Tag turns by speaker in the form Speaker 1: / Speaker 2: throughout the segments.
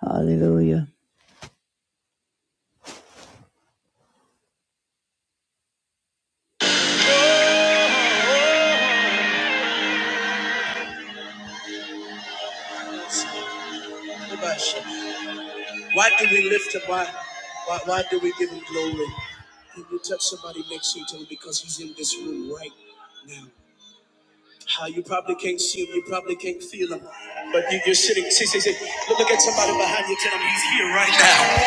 Speaker 1: Hallelujah. Why do we lift him? Why, why, why do we give him glory? If you touch somebody next to you, tell him because he's in this room right now. How you probably can't see him, you probably can't feel him, but you, you're sitting. See, see, see. Look, look at somebody behind you. Tell him he's here right now,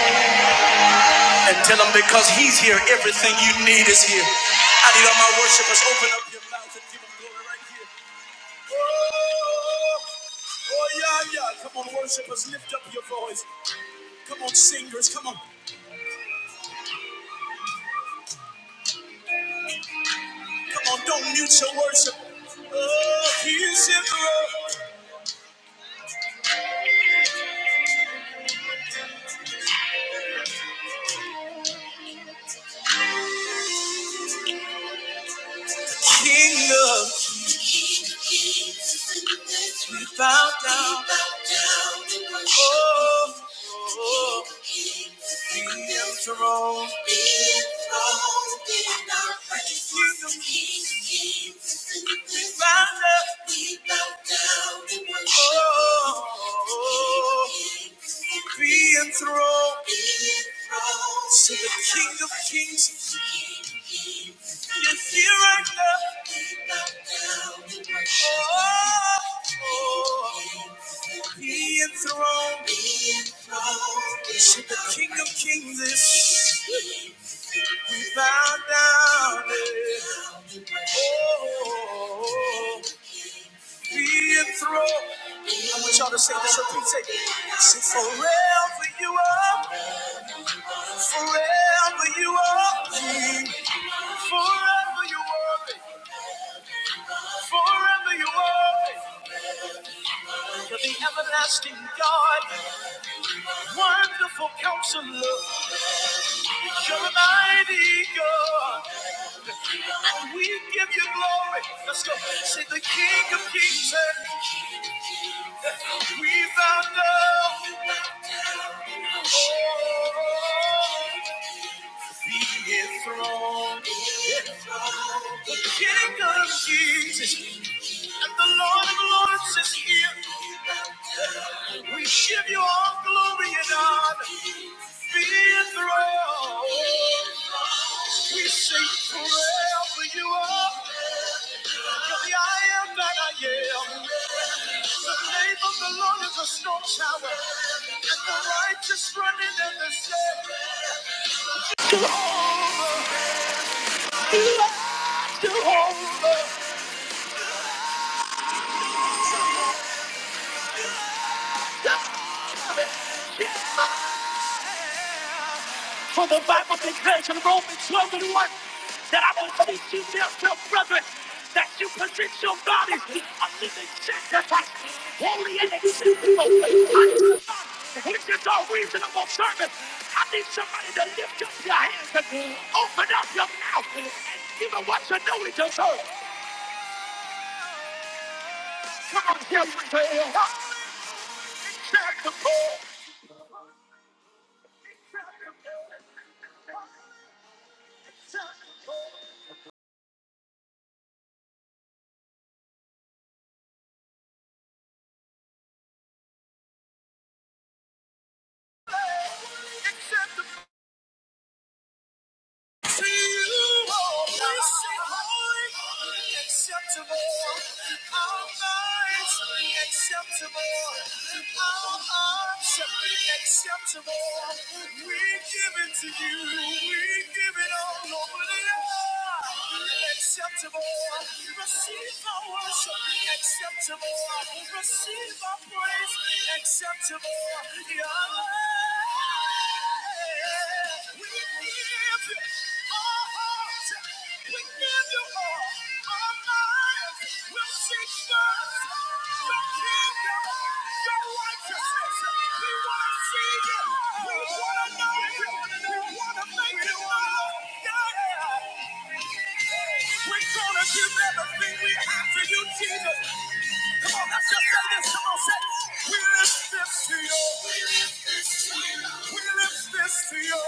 Speaker 1: and tell him because he's here, everything you need is here. I need all my worshipers. Open up your mouth and give him glory right here. Oh yeah, yeah. Come on, worshipers, lift up your voice. Come on, singers. Come on. Come on, don't mute your worship. Oh, he is in the room. King of kings, we bow down. Oh. enthroned. Be enthroned in our praise. King, King, we bow down. We bow down in worship. Oh, be enthroned. Be enthroned to the King of Kings. King, King, Yes, here I come. We bow down in worship. Oh, oh, should the King of Kings is be bowed down. eh. Oh, be enthroned. I want y'all to say this repeat. Say, say forever you are, forever you are, King. forever you are, forever you are. You're the everlasting God, wonderful counselor. You're a mighty God. We give you glory. Let's go. Say the King of Kings. and We bow down. Oh, be enthroned. The King of Kings and the Lord of Lords is here. We give you all glory and honor. Be enthroned. We sing forever you are. You're the I am that I am. The name of the Lord is a strong tower. And the righteous run in and they say, "You are Jehovah. For the Bible declares in Romans 12 and 1 that I will you therefore, brethren, that you present your bodies a living sacrifice, holy and acceptable unto God, which is our reasonable service. I need somebody to lift up your hands and open up your mouth and give it what you know it deserves. Come on, here we go.
Speaker 2: Acceptable. We give it to you. We give it all over the earth. Acceptable, receive our worship. Acceptable, receive our praise. Acceptable, yeah. We give you our hearts. We give you all our lives. We'll seek first your kingdom, your righteousness. We want to see you. We want to know you. We want to make you know. Yeah. We're gonna give everything we have to you, Jesus. Come on, let's just say this. Come on, say, we lift this to you. We lift this to you. We lift this to you.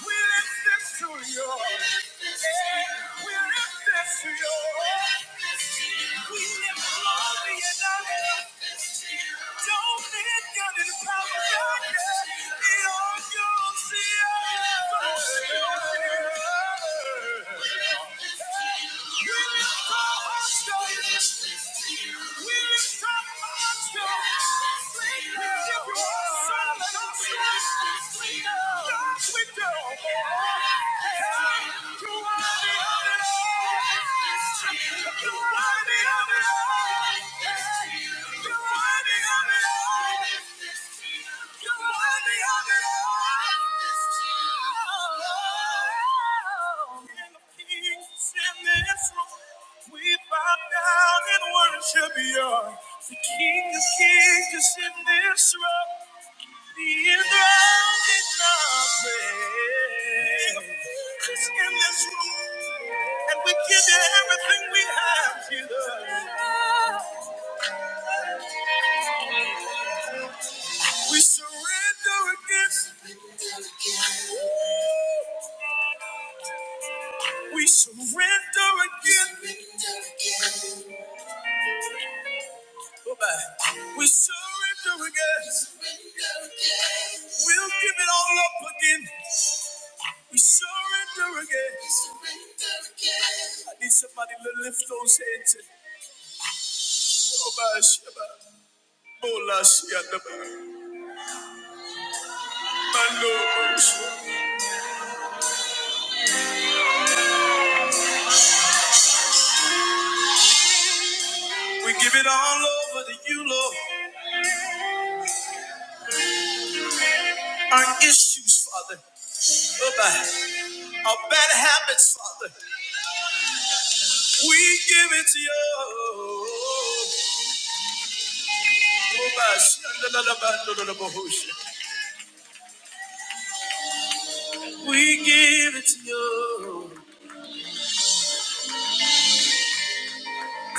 Speaker 2: We lift this to you. We lift this to you. Yeah, We lift this to you. We lift glory and honor. Don't let down in the power. Yeah. You are the honor. Should be yours. The King of Kings is in this room. The enthroned in our praise. is in this room, and we give you everything we have, Jesus. We surrender against. We surrender again. Goodbye. We surrender again. We'll give it all up again. We surrender again. I need somebody to lift those hands and Goodbye, Shabbat. Bola, My Lord, we give it all over to you, Lord. Our issues, Father. Goodbye. Our bad habits, Father. We give it to you. We give it to you.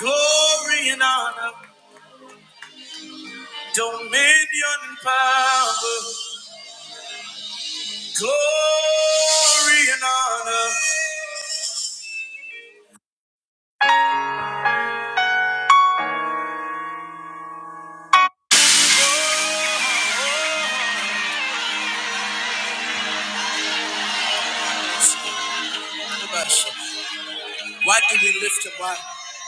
Speaker 2: Glory and honor, dominion and power. Glory and honor. Why do we lift him? Why,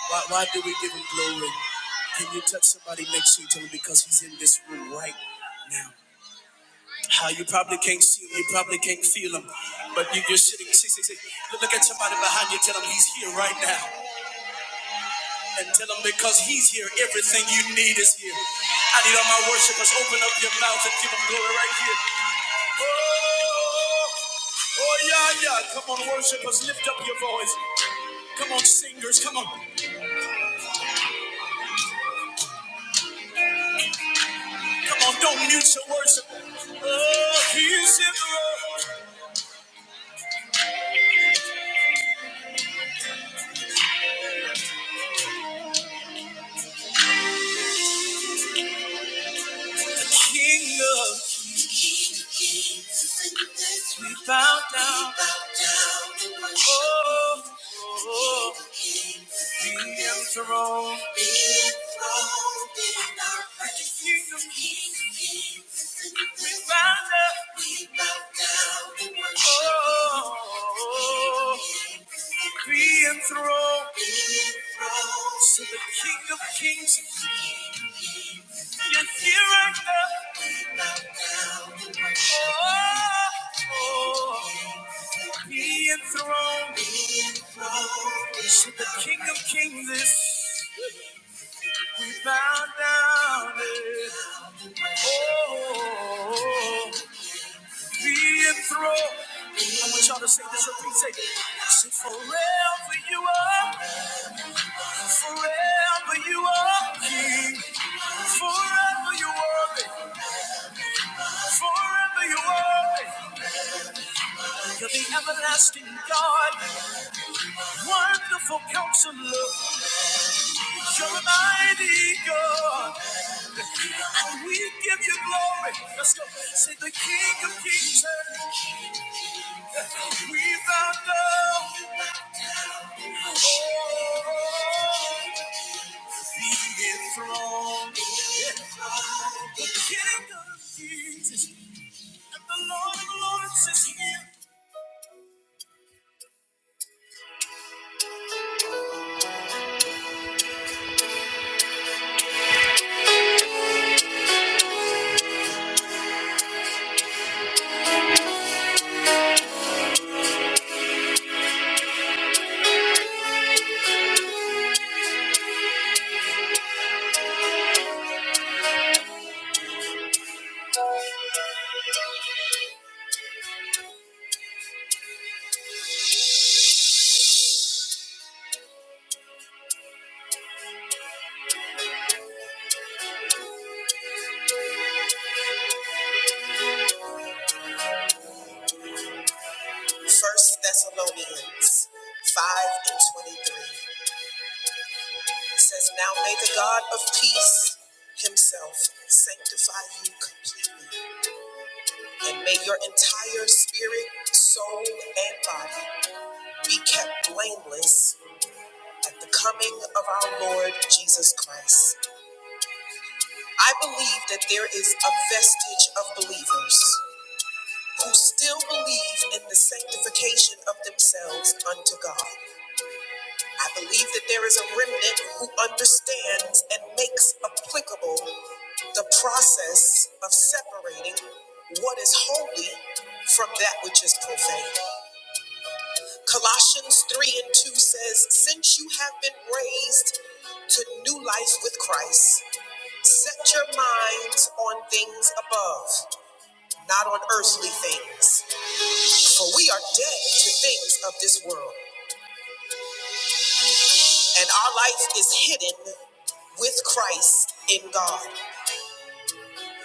Speaker 2: why, why do we give him glory? Can you touch somebody next to you? Tell them because he's in this room right now. How you probably can't see him, you probably can't feel him, but you, you're sitting. See, see, see. Look look at somebody behind you, tell him he's here right now, and tell him because he's here, everything you need is here. I need all my worshipers, open up your mouth and give him glory right here. Oh, oh yeah, yeah. Come on, worshipers, lift up your voice. Come on, singers, come on, come on, don't mute your worship. Oh, he's in the room. King of Kings, we bow down. Oh, oh, oh. be enthroned. in our praise. King of kings, we bow down. Oh, oh, oh. be enthroned. be enthroned To the King of Kings, Yes, here I come. Oh, oh, be enthroned. To the King of Kings is we bow down. Oh, be enthroned. I want y'all to say this repeat. Say, say "So forever you are, forever you are King. Forever you are, forever you are. You're the everlasting God, wonderful counselor. You're a mighty God. And we give you glory. Let's go. Say the King of Kings. and We bow down. Enthroned. King of Kings. is here. The Lord of Lords is here. First Thessalonians 5 and 23. It says, Now may the God of peace himself sanctify you completely, and may your entire spirit, soul, and body be kept blameless at the coming of our Lord Jesus Christ. I believe that there is a vestige of believers who still believe in the sanctification of themselves unto God. I believe that there is a remnant who understands and makes applicable the process of separating what is holy from that which is profane. Colossians 3 and 2 says, Since you have been raised to new life with Christ, set your minds on things above, not on earthly things. For we are dead to things of this world, and our life is hidden with Christ in God.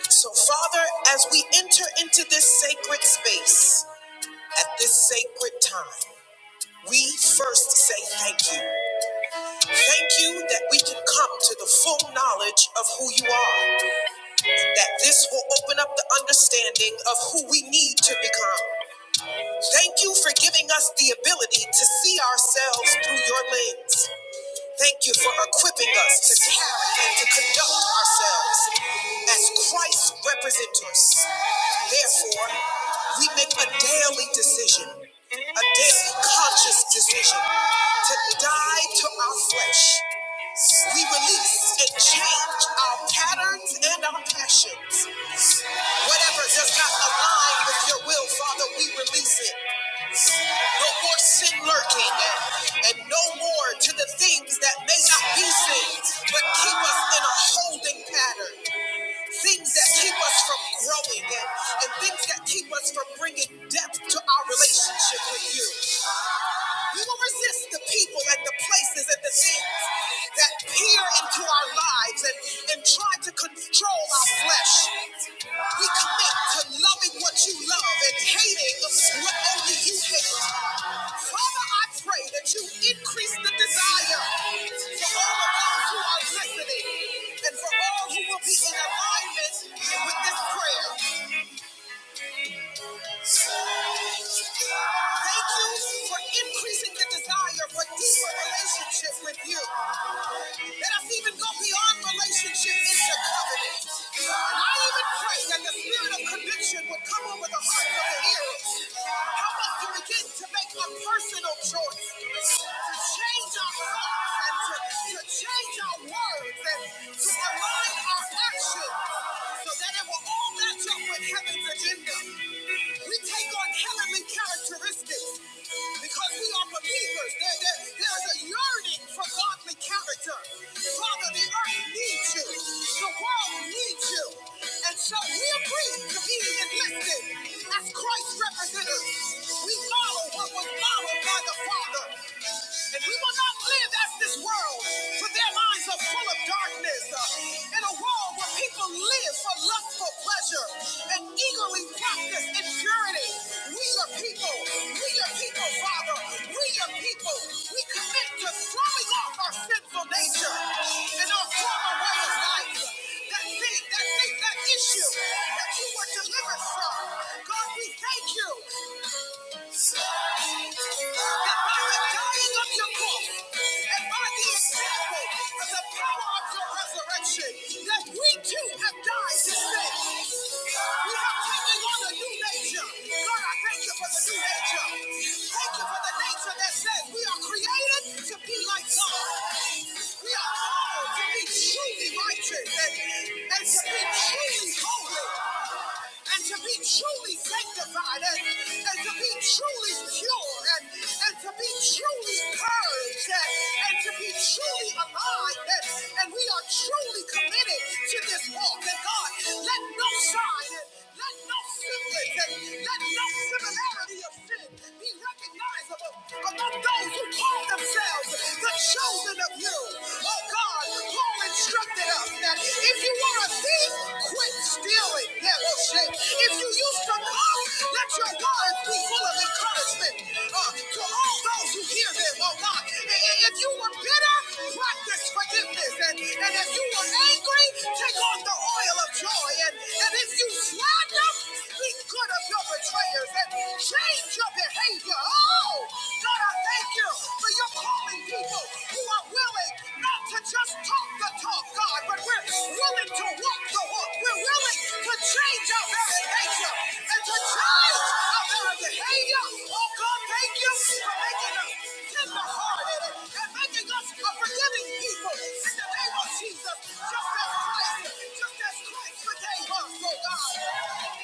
Speaker 2: So, Father, as we enter into this sacred space, At this sacred time, we first say thank you. Thank you that we can come to the full knowledge of who you are, that this will open up the understanding of who we need to become. Thank you for giving us the ability to see ourselves through your lens. Thank you for equipping us to carry and to conduct ourselves as Christ representers. Therefore, we make a daily decision, a daily conscious decision to die to our flesh we release and change our patterns and our passions. Whatever does not align with your will, Father, we release it. No more sin lurking, and no more to the things that may not be sins, but keep us in a holding pattern. Things that keep us from growing, and, and things that keep us from bringing depth to our relationship with you. We will resist the people and the places and the things that peer into our lives and, and try to control our flesh. We commit to loving what you love and hating what only you can. Father, I pray that you increase the desire for all of those who are listening and for all who will be in alignment with this prayer. Thank you for increasing the desire for deeper relationship with you. Let us even go beyond relationship into covenant. And I even pray that the spirit of conviction would come over the hearts of the hearers. Help us to begin to make a personal choice to change our thoughts and to, to change our words and to align our actions so that it will will all match up with heaven's agenda. We take on heavenly characteristics because we are believers. There, there, there's a yearning for godly character. Father, the earth needs you. The world needs you. And so we agree to be enlisted as Christ's representatives. We follow what was modeled by the Father. And we will not live as this world, for their minds are full of darkness. Uh, in a world where people live for lustful pleasure and eagerly practice impurity, we are people. We are people, Father. We are people. We commit to throwing off our sinful nature and our former way of life. That thing, that thing, that issue that you were delivered from. God, we thank you Truly holy and to be truly sanctified. God and, and to be truly pure and, and to be truly purged and, and to be truly aligned. And, and we are truly committed to this walk. And God, let no sign and let no semblance and let no similarity of sin be recognizable among those who call themselves the chosen of you. Oh God, Paul instructed us that if you want to thief, quit stealing. Yeah, we'll shake. If you used to mock, let your words be full of encouragement uh, to all those who hear them, oh God. If you were bitter, practice forgiveness. And, and if you were angry, take on the oil of joy. And, and if you slander, be good of your betrayers and change your behavior. Oh, God, I thank you for your calling people who are willing not to just talk the talk, God, but we're willing to walk the walk. We're willing to change our very nature and to change our very behavior. Oh God, thank you for making us tenderhearted and making us a forgiving people in the name of Jesus. Just as Christ, just as Christ forgave us, oh God.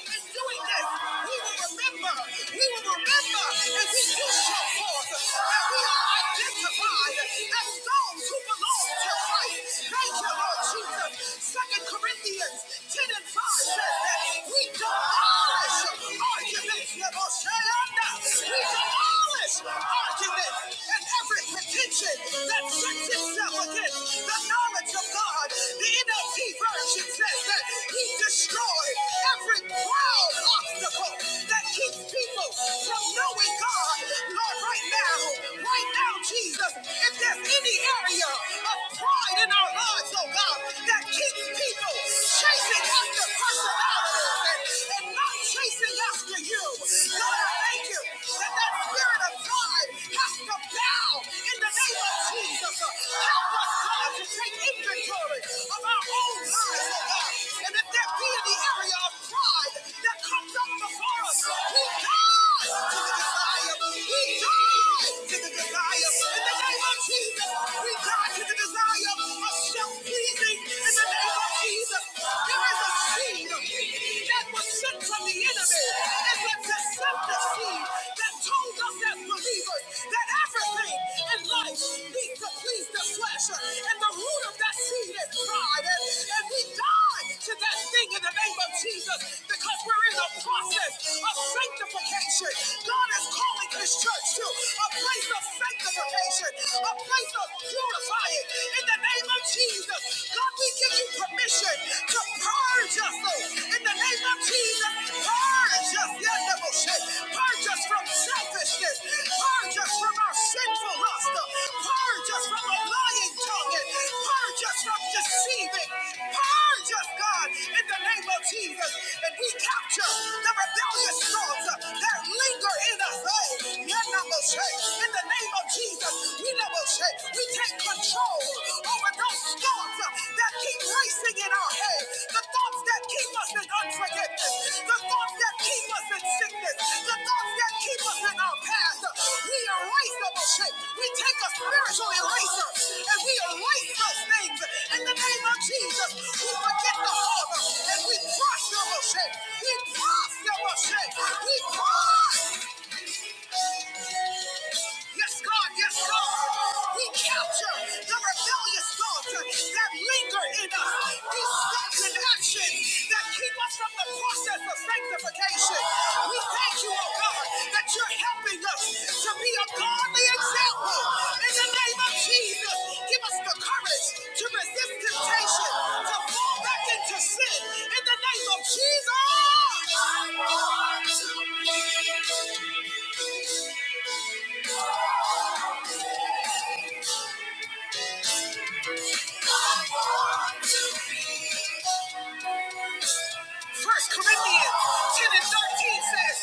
Speaker 2: In doing this, we will remember, we will remember as we do show forth that we are identified as those who belong to Christ. Thank you, Lord Jesus. Second Corinthians 10 and 5 says that we demolish arguments. We demolish arguments and every pretension that sets itself against the knowledge of God. The NLT version says that he destroyed every proud obstacle that keeps people from knowing God. Lord, right now, right now, Jesus, if there's any area of pride in our our lives, oh God, that keeps people chasing after personalities and, and not chasing after you. Lord, I thank you that that spirit of pride has to bow in the name of Jesus. Help us, God, to take inventory of our own lives, oh God. And if there be any area of pride that comes up before us, we die to the desire. We die to the desire. In the name of Jesus. We call you the desire of self-pleasing in the name of Jesus. There is a seed that was sent from the enemy. It was the deceptive seed that told us as believers that everything in life needs to please the flesh. And the root of that seed is pride. And, and we die to that thing in the name of Jesus because we're in a process of sanctification. God is calling his church to a place of sanctification purification, a place of purifying in the name of Jesus. God, we give you permission to purge us Lord. in the name of Jesus. Purge us, yes, that Purge us from selfishness. Purge us from our sinful lust. Purge us from a lying tongue. and Purge us from deceiving. Purge us, God, in the name of Jesus. And we capture the rebellious thoughts that linger in us. Oh, yeah, will shake. In the name of Jesus, we never shake. We take control over those thoughts that keep racing in our head. The thoughts that keep us in unforgiveness. The thoughts that keep us in sickness. The thoughts that keep us in our past. We erase them, oh shake. We take a spiritual eraser and we erase those things. In the name of Jesus, we forget the harm and we crush them, oh shake. We crush them, oh shake. We crush. Yes, God, yes, God. We capture the rebellious thoughts that linger in us, these thoughts and actions that keep us from the process of sanctification. We thank you, oh God, that you're helping us to be a godly example in the name of Jesus, give us the courage to resist temptation, to fall back into sin. In the name of Jesus. I want to be. First Corinthians 10 and 13 says,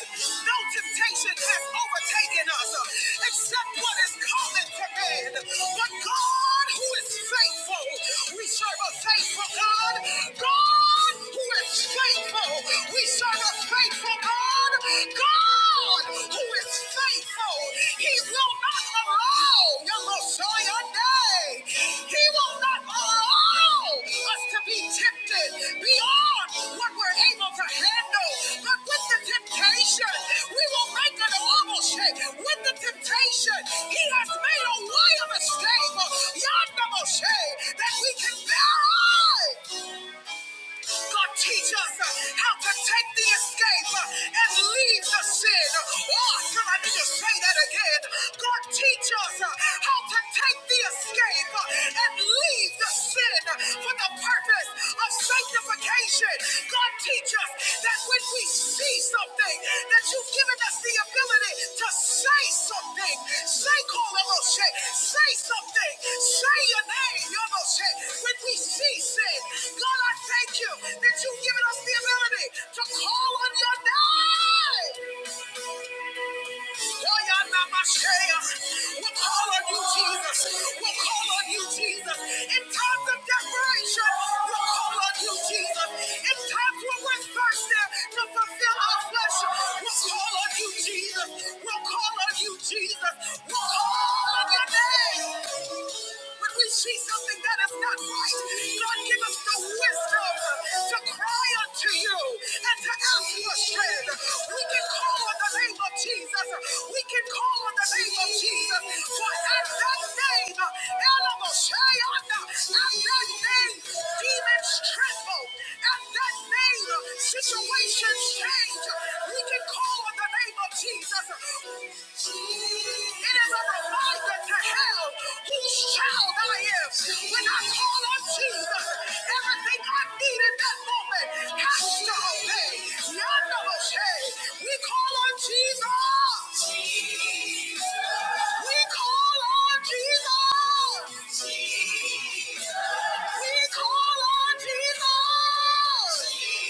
Speaker 2: No temptation has overtaken us uh, except what is common to man. But God, who is faithful, we serve a faithful God. God, who is faithful, we serve a faithful God. God, who is faithful, He will will not allow Yamashoyande. He will not allow us to be tempted beyond what we're able to handle. But with the temptation, we will make an oval shape. With the temptation, he has made a way of escape. Yandamashe, that we can bear on. God, teach us uh, how to take the escape uh, and leave the sin. Oh, can I need to say that again? God, teach us uh, how to take the escape uh, and leave the sin for the purpose of sanctification. God, teach us that that when we see something, that you've given us the ability to say something. Say, call Kolomoshe, say something. Say your name, your Yomoshe. When we see sin, God, I thank you that you've given us the ability to call on your name. We'll call on you, Jesus. We'll call on you, Jesus. In times of desperation, we'll call on you, Jesus. In times when we're thirsty to fulfill our flesh, we'll call on you, Jesus. We'll call on you, Jesus. We'll call on your name when we see something that is not right, God give us the wisdom to cry unto you and to ask for strength. We can can call on the name of Jesus. We can call on the name of Jesus. For at that name, Elamosheanda, at that name, demons tremble. At that name, situations change. We can call on the name of Jesus. It is a reminder to hell whose child I am. When I call on Jesus, everything I need in that moment has to obey. None of us, hey, we call on Jesus. We call on Jesus. We call on Jesus.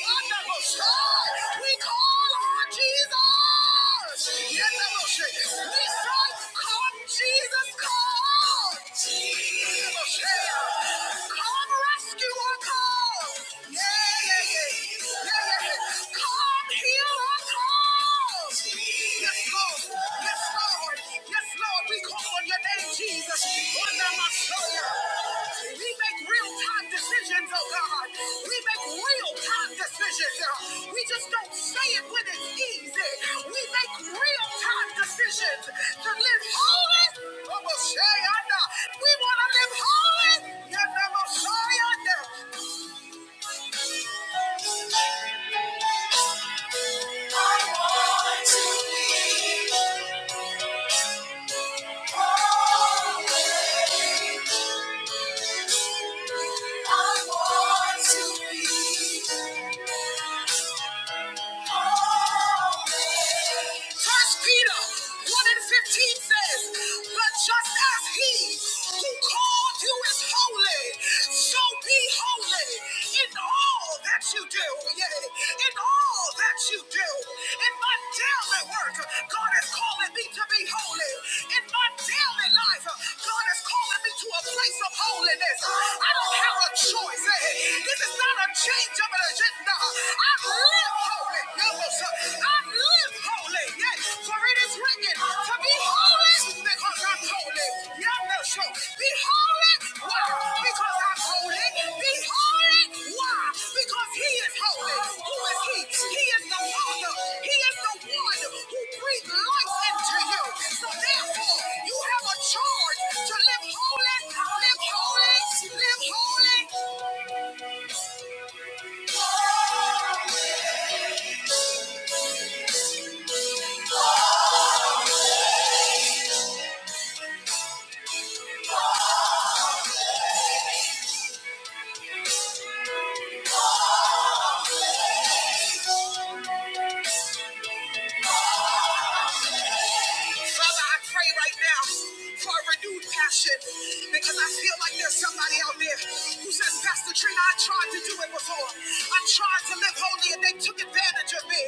Speaker 2: None of hey, we call on Jesus. None of hey, we say, come Jesus, come. None hey, come rescue our call. Yeah. We just don't say it when it's easy. We make real time decisions to live holy. We want to live holy. I want to be. First Peter 1 and 15 says, But just as he who called you is holy, so be holy in all that you do. Yeah, in all that you do. In my daily work, God is calling me to be holy. In my daily life, God is calling me to a place of holiness. I don't have a choice. eh. This is not a change of an agenda. I Charge to live holy, live holy, live holy. Father, I pray right now for a renewed passion because I feel like there's somebody out there who says, Pastor Trina, I tried to do it before. I tried to live holy and they took advantage of me.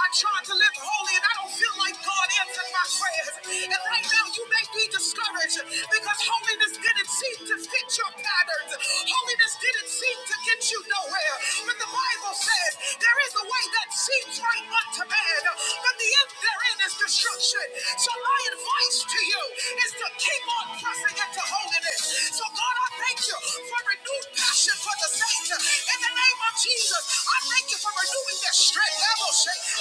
Speaker 2: I tried to live holy and I don't feel like God answered my prayers. And right now you make me discouraged because holiness didn't seem to fit your patterns. Holiness didn't seem to get you nowhere. But the Bible says there is a way that seems right unto man, but the end thereof they're in is destruction. So my advice to you is to keep on pressing into holiness. So God, I thank you for renewed passion for the saints. In the name of Jesus, I thank you for renewing their strength.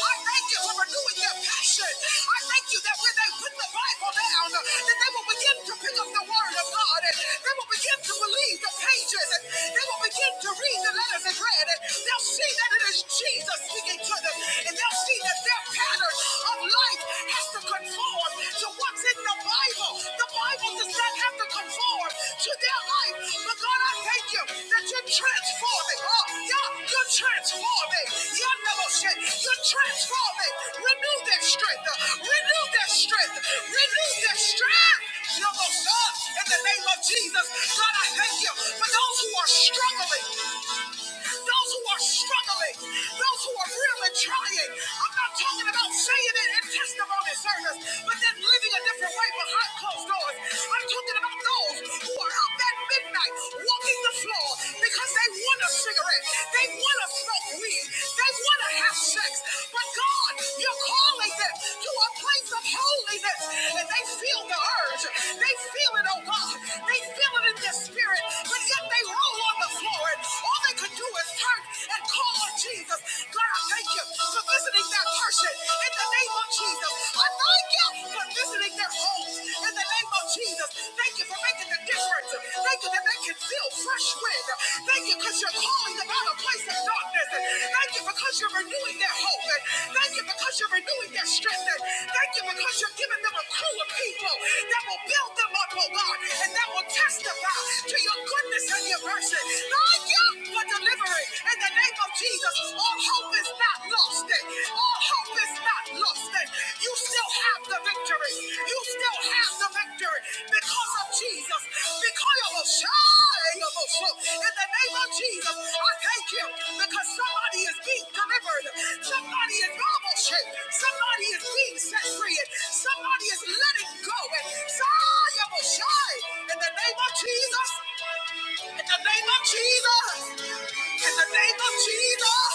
Speaker 2: I thank you for renewing their passion. I thank you that when they put the Bible down, that they will begin to pick up the word of God and they will begin to believe the pages and they will begin to read the letters and read and they'll see that it is Jesus speaking to them and they'll see that their pattern of life has to conform to what's in the Bible. The Bible does not have to conform to their life. But God, I thank you that you're transforming. Oh, yeah, you're transforming. Yeah, never said you're transforming. Renew their strength. Renew their strength. Renew their strength. Never God, in the name of Jesus, God, I thank you for those who are struggling those who are struggling, Those those who are really trying. I'm not talking about saying it in testimony service, but then living a different way behind closed doors. I'm talking about those who are up at midnight walking the floor because they want a cigarette, they want to smoke weed, they want to have sex. But God, you're calling them to a place of holiness, and they feel the urge. They feel it, oh God. They feel it in their spirit, but yet they roll on the floor, and all they could do is turn hurt and call on Jesus. God, I thank you for visiting that person in the name of Jesus. I thank you for visiting their homes in the name of Jesus. Thank you for making the difference. Thank you that they can feel fresh wind. Thank you because you're calling them out of a place of darkness. Thank you because you're renewing their hope. Thank you because you're renewing their strength. Thank you because you're giving them a crew of people that will build them up, oh God, and that will testify to your goodness and your mercy not you for deliverance in the name of Jesus. All hope is not lost. All hope is not lost. You still have the victory. You still have the victory because of Jesus. Because of Shai, in the name of Jesus, I thank you because somebody is being delivered. Somebody is normal shape. Somebody is being set free. somebody is letting go. And Shai, Shai, in the name of Jesus. In the name of Jesus. In the name of Jesus.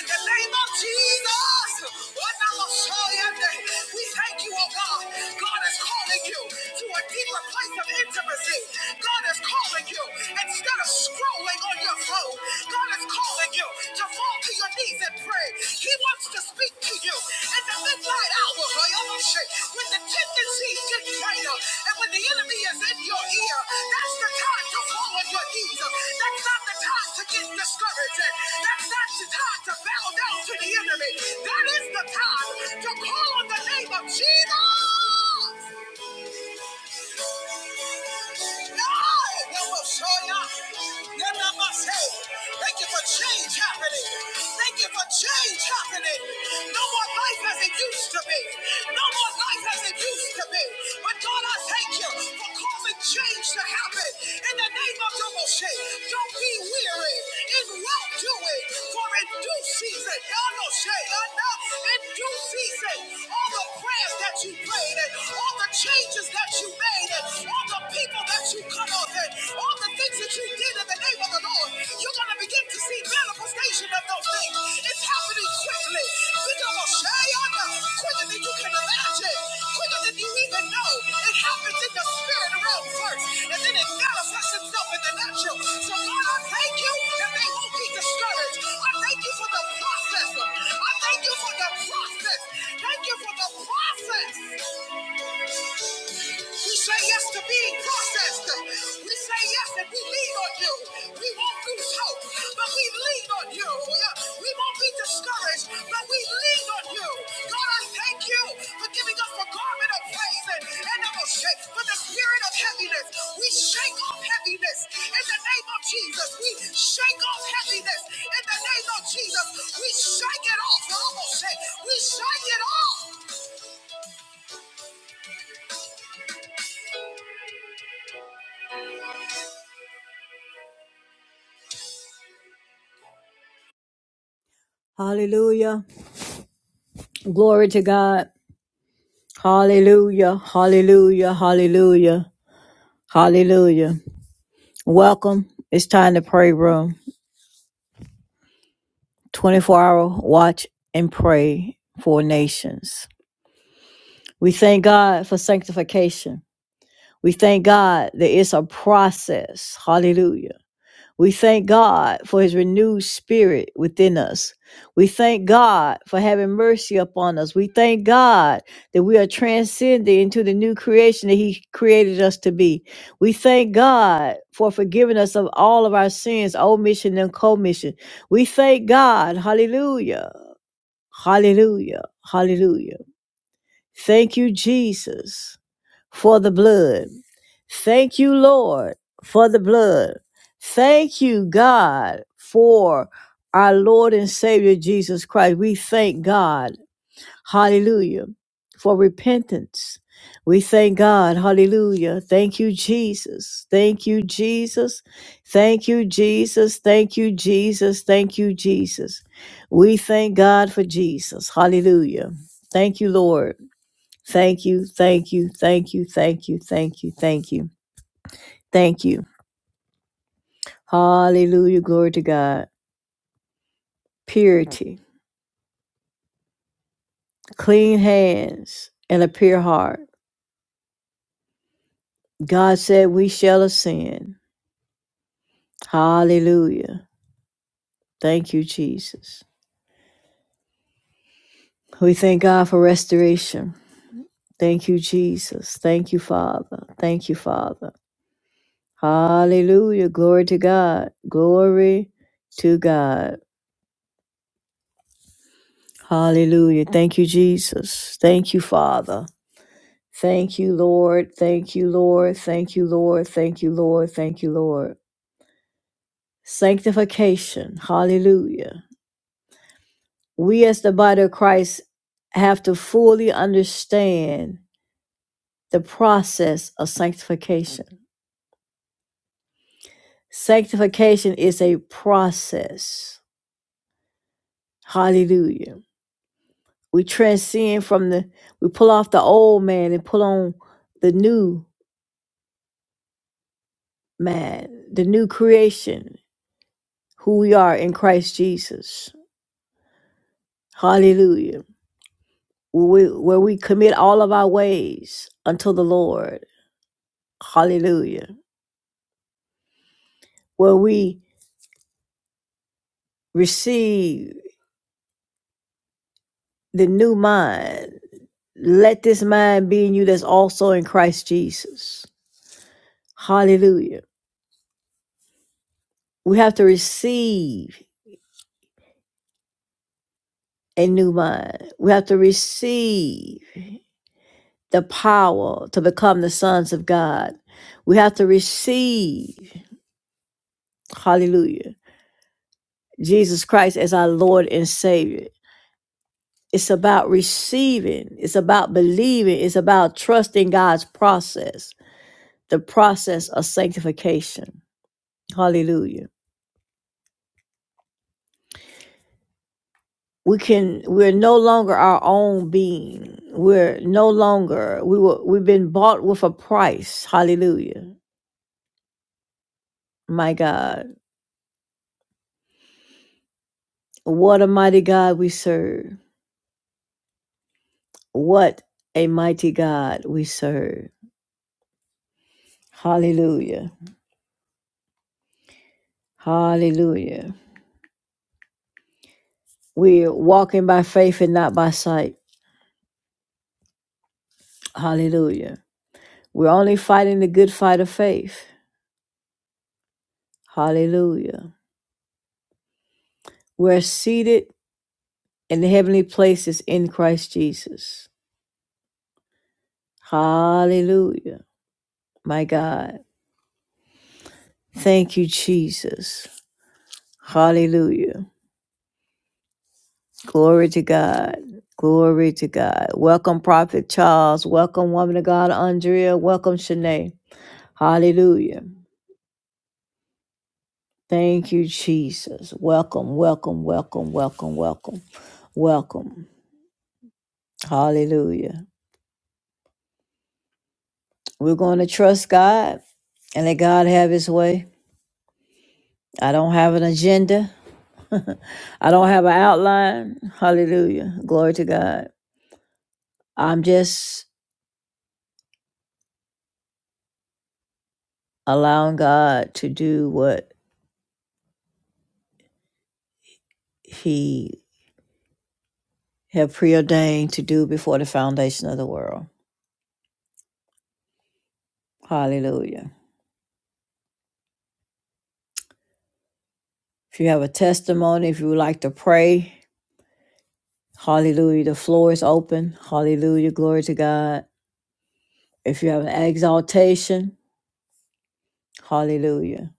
Speaker 2: In the name of Jesus. What I will show you today. We thank you, oh God. God is calling you to a deeper place of intimacy. God is calling you instead of scrolling on your phone. God is calling you to fall to your knees and pray word. He wants to speak to you in the midnight hour. When the tendencies get greater and when the enemy is in your ear, that's the time to fall on your knees. That's not the time to get discouraged. That's not the time to bow down to the enemy. That is the time to call on the name of Jesus. Thank you for change happening. Thank you for change happening. No more life as it used to be. No more life as it used to be. But God, I thank you for causing change to happen. In the name of your Moshe. don't be weary in well doing, for in due season, Yahweh, in due season all the prayers that you prayed and all the changes that you made and all the people that you cut off and all the things that you did in the name of the Lord, you're going to begin to see manifestation of those things. It's happening quickly. We're going to share quicker than you can imagine, quicker than you even know. It happens in the spirit realm first, and then it manifests itself in the natural. So Lord, I thank you that they won't be discouraged. I thank you for the process. I thank you for the process. Thank you for the process. We say yes to being processed. We say yes and we lean on you. We won't lose hope, but we lean on you. We won't be discouraged, but we lean on you. God, I thank you for giving us the garment of praise and, and of a shake for the spirit of heaviness. We shake off heaviness in the name of Jesus. We shake off heaviness in the name of Jesus. We shake it off. Almost shake. We shake it off. Hallelujah. Glory to God. Hallelujah. Hallelujah. Hallelujah. Hallelujah. Welcome. It's time to pray room. 24 hour watch and pray for nations. We thank God for sanctification. We thank God that it's a process. Hallelujah. We thank God for his renewed spirit within us. We thank God for having mercy upon us. We thank God that we are transcended into the new creation that he created us to be. We thank God for forgiving us of all of our sins, omission and commission. We thank God. Hallelujah. Hallelujah. Hallelujah. Thank you, Jesus for the blood. Thank you, Lord, for the blood. Thank you, God, for our Lord and Savior Jesus Christ. We thank God, hallelujah, for repentance. We thank God, hallelujah. Thank you, Jesus. Thank you, Jesus. Thank you, Jesus. Thank you, Jesus. Thank you, Jesus. We thank God for Jesus, hallelujah. Thank you, Lord. Thank you, thank you, thank you, thank you, thank you, thank you, thank you. Hallelujah, glory to God. Purity, clean hands, and a pure heart. God said, We shall ascend. Hallelujah. Thank you, Jesus. We thank God for restoration. Thank you, Jesus. Thank you, Father. Thank you, Father. Hallelujah. Glory to God. Glory to God. Hallelujah. Thank you, Jesus. Thank you, Father. Thank you, Lord. Thank you, Lord. Thank you, Lord. Thank you, Lord. Thank you, Lord. Sanctification. Hallelujah. We as the body of Christ have to fully understand the process of sanctification. Sanctification is a process. Hallelujah. We transcend from the, we pull off the old man and pull on the new man, the new creation, who we are in Christ Jesus. Hallelujah. where we, where we commit all of our ways unto the Lord. Hallelujah. Where we receive the new mind. Let this mind be in you that's also in Christ Jesus. Hallelujah. We have to receive a new mind. We have to receive the power to become the sons of God. We have to receive, hallelujah, Jesus Christ as our Lord and Savior. It's about receiving, it's about believing, it's about trusting God's process, the process of sanctification. Hallelujah. We can we're no longer our own being. We're no longer we were we've been bought with a price. Hallelujah. My God. What a mighty God we serve. What a mighty God we serve. Hallelujah. Hallelujah. We're walking by faith and not by sight. Hallelujah. We're only fighting the good fight of faith. Hallelujah. We're seated in the heavenly places in Christ Jesus. Hallelujah. My God. Thank you, Jesus. Hallelujah. Glory to God. Glory to God. Welcome, Prophet Charles. Welcome, woman of God, Andrea. Welcome, Shanae. Hallelujah. Thank you, Jesus. Welcome, welcome, welcome, welcome, welcome, welcome. Hallelujah. We're going to trust God and let God have his way. I don't have an agenda. I don't have an outline. Hallelujah. Glory to God. I'm just allowing God to do what he have preordained to do before the foundation of the world. Hallelujah. If you have a testimony, if you would like to pray, hallelujah, the floor is open. Hallelujah. Glory to God. If you have an exaltation, hallelujah.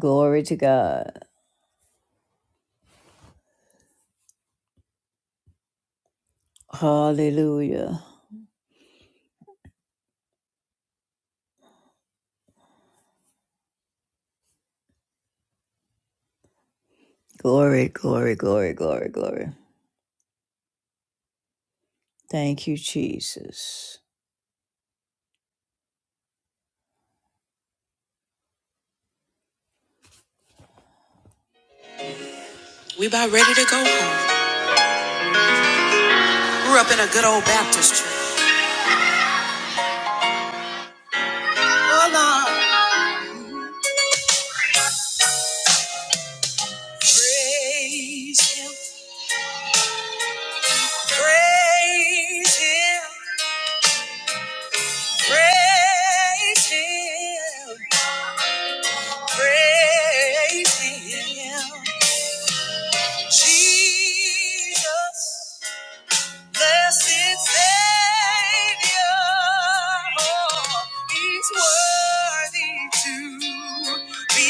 Speaker 2: Glory to God. Hallelujah. Glory, glory, glory, glory, glory. Thank you, Jesus. We about ready to go home. Grew up in a good old Baptist church. Praise, praise him, praise him, praise him. Jesus, Blessed Savior, oh, He's worthy to be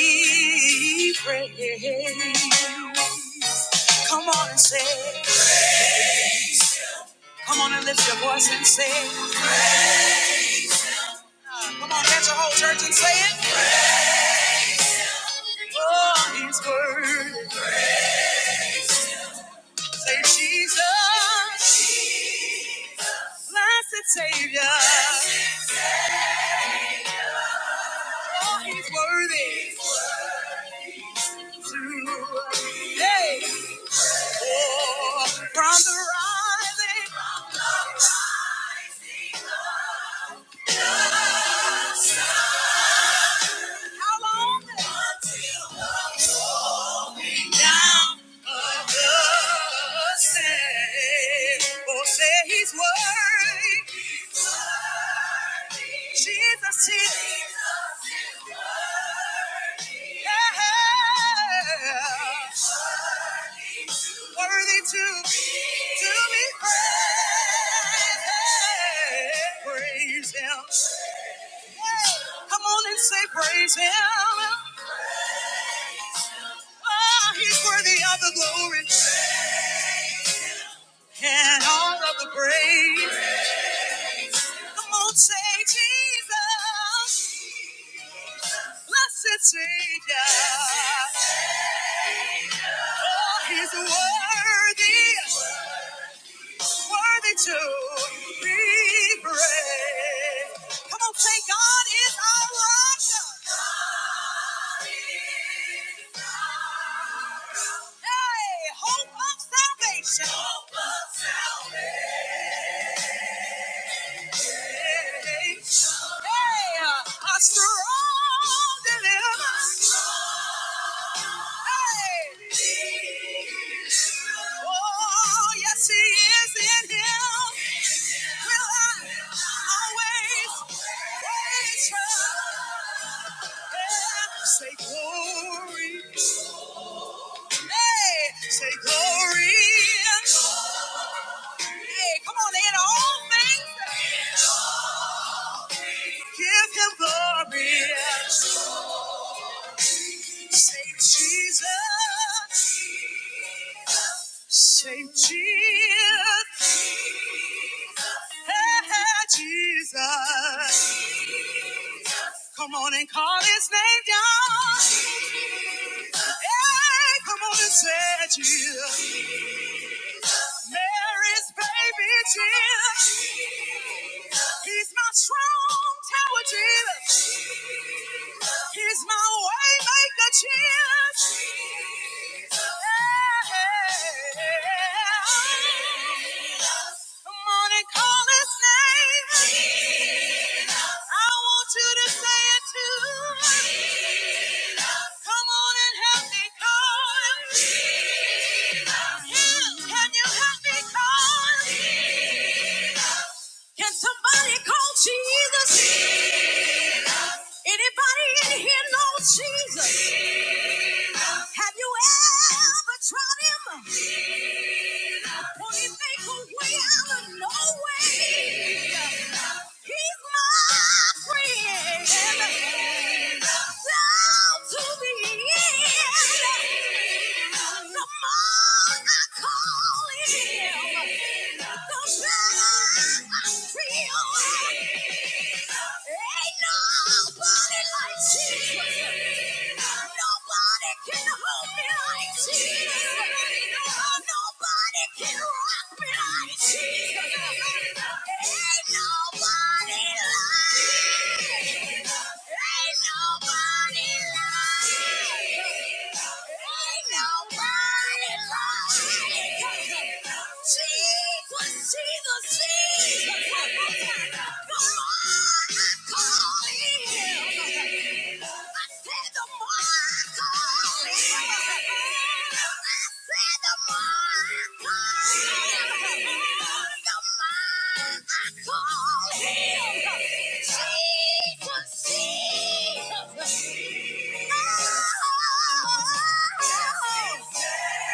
Speaker 2: praised. Come on and say, it. come on and lift your voice and say, it. come on, get your whole church and say it. Oh, He's worthy. Say Jesus. He's worthy of the glory and all of the praise. Come on, say Jesus, blessed Savior. He's worthy, worthy to be praised. Come on, say God is al- always. Hey, hey, Jesus. Come on and call his name down. Hey, come on and say Jesus. Mary's baby Jesus. He's my strong tower Jesus. He's my way maker Jesus. Hey, hey, hey. Jesus. Have you ever tried him? Will he make a way out of no way? He's my friend. Down to the end. The more I call him, the better I feel. Ain't nobody like Jesus. Nobody can hold me like Jesus. Nobody can rock me like Jesus. Ain't nobody like. Ain't nobody like. Ain't nobody like. Jesus. Jesus, Jesus. Come on, I call him. I said the more I call him. the more I call him. The more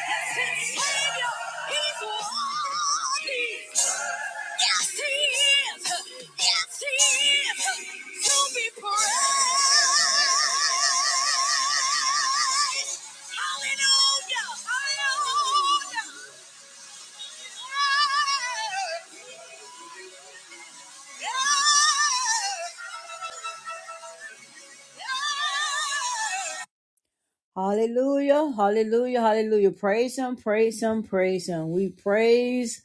Speaker 2: Oh, Hallelujah, hallelujah, hallelujah. Praise him, praise him, praise him. We praise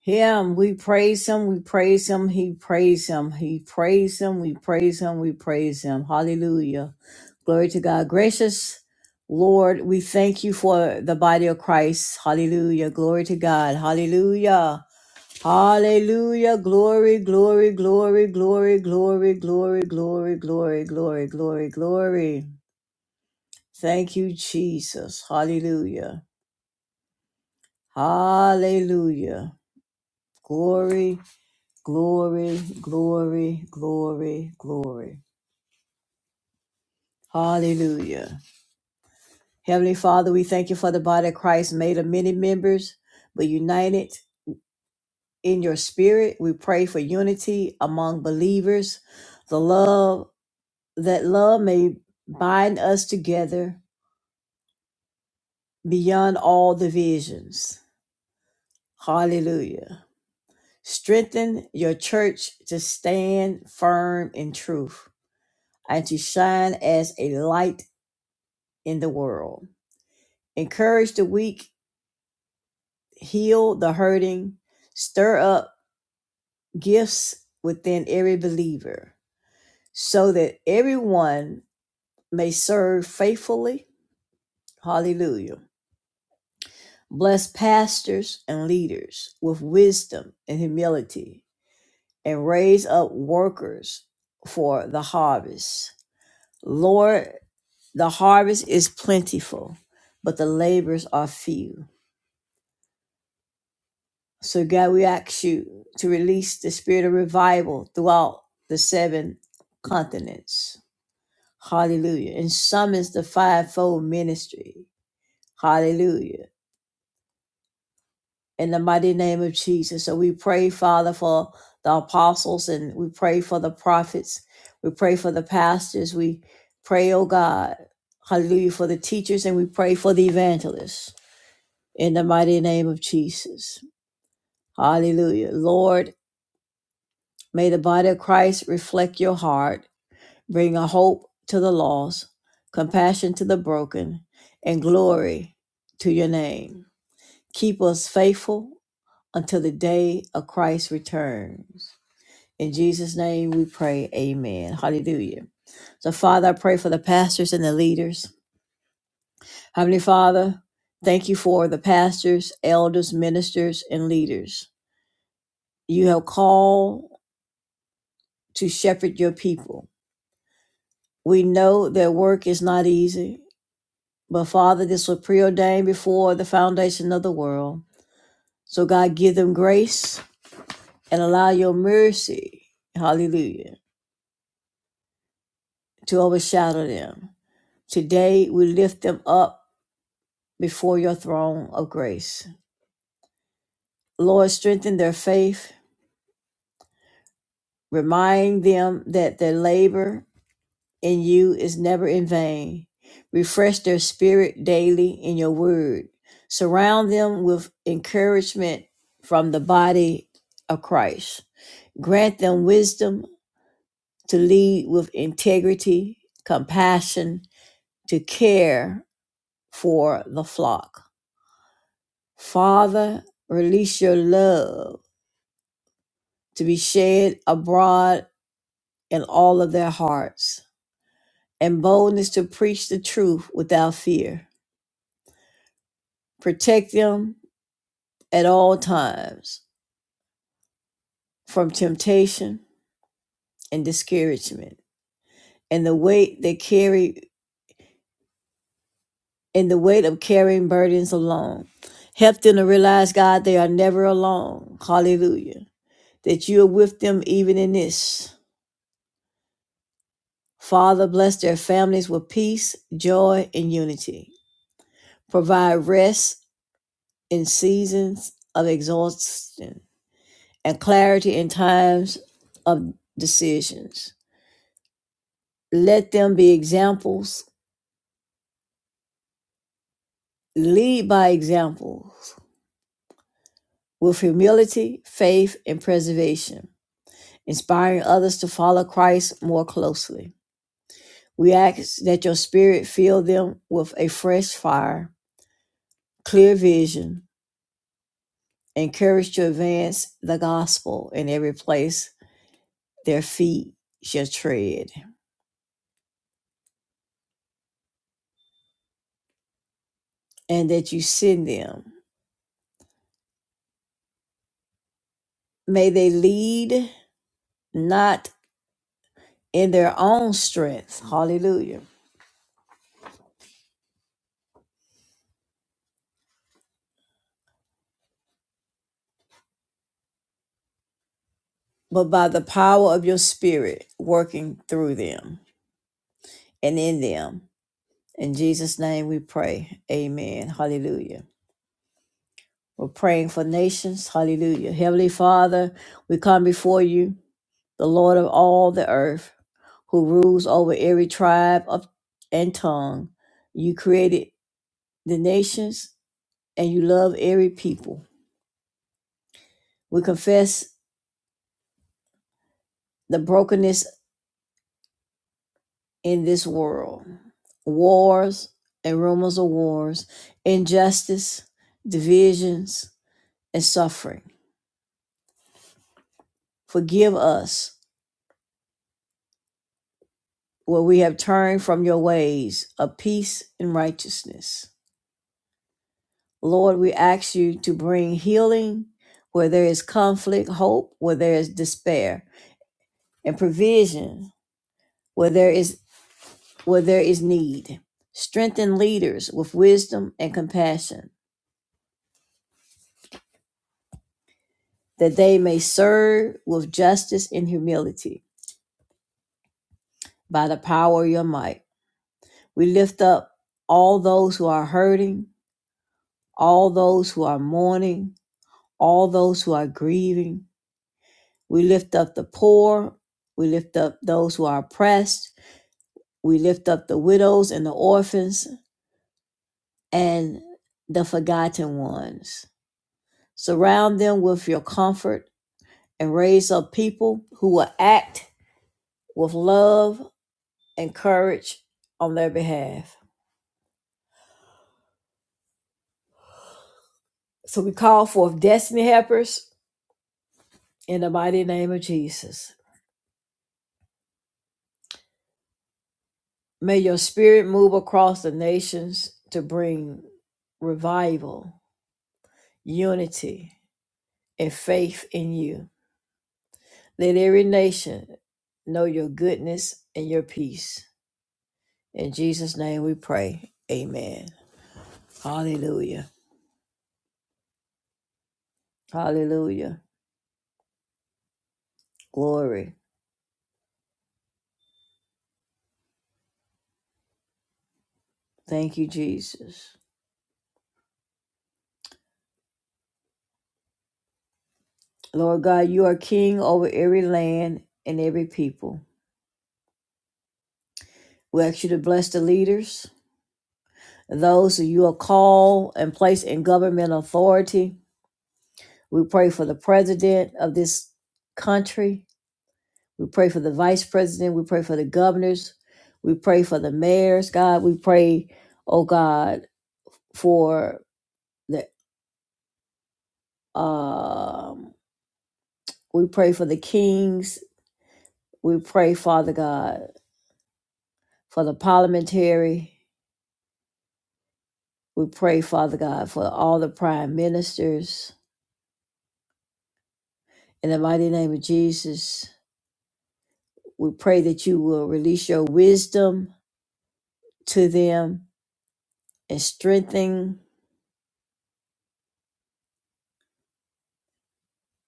Speaker 2: him, we praise him, we praise him, he praise him, he praise him, we praise him, we praise him. Hallelujah. Glory to God. Gracious Lord, we thank you for the body of Christ. Hallelujah. Glory to God. Hallelujah. Hallelujah. Glory, glory, glory, glory, glory, glory, glory, glory, glory, glory, glory. Thank you, Jesus. Hallelujah. Hallelujah. Glory, glory, glory, glory, glory. Hallelujah. Heavenly Father, we thank you for the body of Christ made of many members, but united in your spirit. We pray for unity among believers, the love that love may bind us together beyond all divisions. Hallelujah. Strengthen your church to stand firm in truth and to shine as a light in the world. Encourage the weak, heal the hurting, stir up gifts within every believer so that everyone may serve faithfully. Hallelujah. Bless pastors and leaders with wisdom and humility and raise up workers for the harvest. Lord, The harvest is plentiful, but the labors are few. So, God, we ask you to release the spirit of revival throughout the seven continents. Hallelujah. And summons the fivefold ministry. Hallelujah. In the mighty name of Jesus. So, we pray, Father, for the apostles and we pray for the prophets. We pray for the pastors. We pray, oh God. Hallelujah. For the teachers and we pray for the evangelists. in the mighty name of Jesus. Hallelujah. Lord, may the body of Christ reflect your heart, bring a hope to the lost, compassion to the broken, and glory to your name. Keep us faithful until the day of Christ returns. In Jesus' name we pray. Amen. Hallelujah. So, Father, I pray for the pastors and the leaders. Heavenly Father, thank you for the pastors, elders, ministers, and leaders you have called to shepherd your people. We know their work is not easy, but Father, this was preordained before the foundation of the world. So, God, give them grace and allow your mercy, hallelujah, to overshadow them. Today, we lift them up before your throne of grace. Lord, strengthen their faith. Remind them that their labor in you is never in vain. Refresh their spirit daily in your word. Surround them with encouragement from the body of Christ. Grant them wisdom to lead with integrity, compassion, to care for the flock. Father, release your love to be shed abroad in all of their hearts and boldness to preach the truth without fear. Protect them at all times from temptation and discouragement and the weight they carry and the weight of carrying burdens alone. Help them to realize, God, they are never alone. Hallelujah. That you are with them even in this. Father, bless their families with peace, joy, and unity. Provide rest in seasons of exhaustion and clarity in times of decisions. Let them be examples Lead by examples with humility, faith, and preservation, inspiring others to follow Christ more closely. We ask that your spirit fill them with a fresh fire, clear vision, and courage to advance the gospel in every place their feet shall tread, and that you send them. May they lead not in their own strength, hallelujah, but by the power of your spirit working through them. and in them. In Jesus' name we pray. Amen. Hallelujah. We're praying for nations. Hallelujah. Heavenly Father, we come before you, the Lord of all the earth, who rules over every tribe of, and tongue. You created the nations and you love every people. We confess the brokenness in this world, wars and rumors of wars, injustice, divisions, and suffering. Forgive us where we have turned from your ways of peace and righteousness. Lord, we ask you to bring healing where there is conflict, hope where there is despair, and provision where there is where there is need. Strengthen leaders with wisdom and compassion, that they may serve with justice and humility by the power of your might. We lift up all those who are hurting, all those who are mourning, all those who are grieving. We lift up the poor. We lift up those who are oppressed. We lift up the widows and the orphans and the forgotten ones. Surround them with your comfort and raise up people who will act with love and courage on their behalf. So we call forth destiny helpers in the mighty name of Jesus. May your spirit move across the nations to bring revival unity, and faith in you. Let every nation know your goodness and your peace. In Jesus' name we pray. Amen. Hallelujah. Hallelujah. Glory. Thank you, Jesus. Lord God, you are king over every land and every people. We ask you to bless the leaders, those who you are called and placed in government authority. We pray for the president of this country. We pray for the vice president. We pray for the governors. We pray for the mayors, God. We pray, oh God, for the um we pray for the kings. We pray, Father God, for the parliamentary. We pray, Father God, for all the prime ministers. In the mighty name of Jesus, we pray that you will release your wisdom to them and strengthen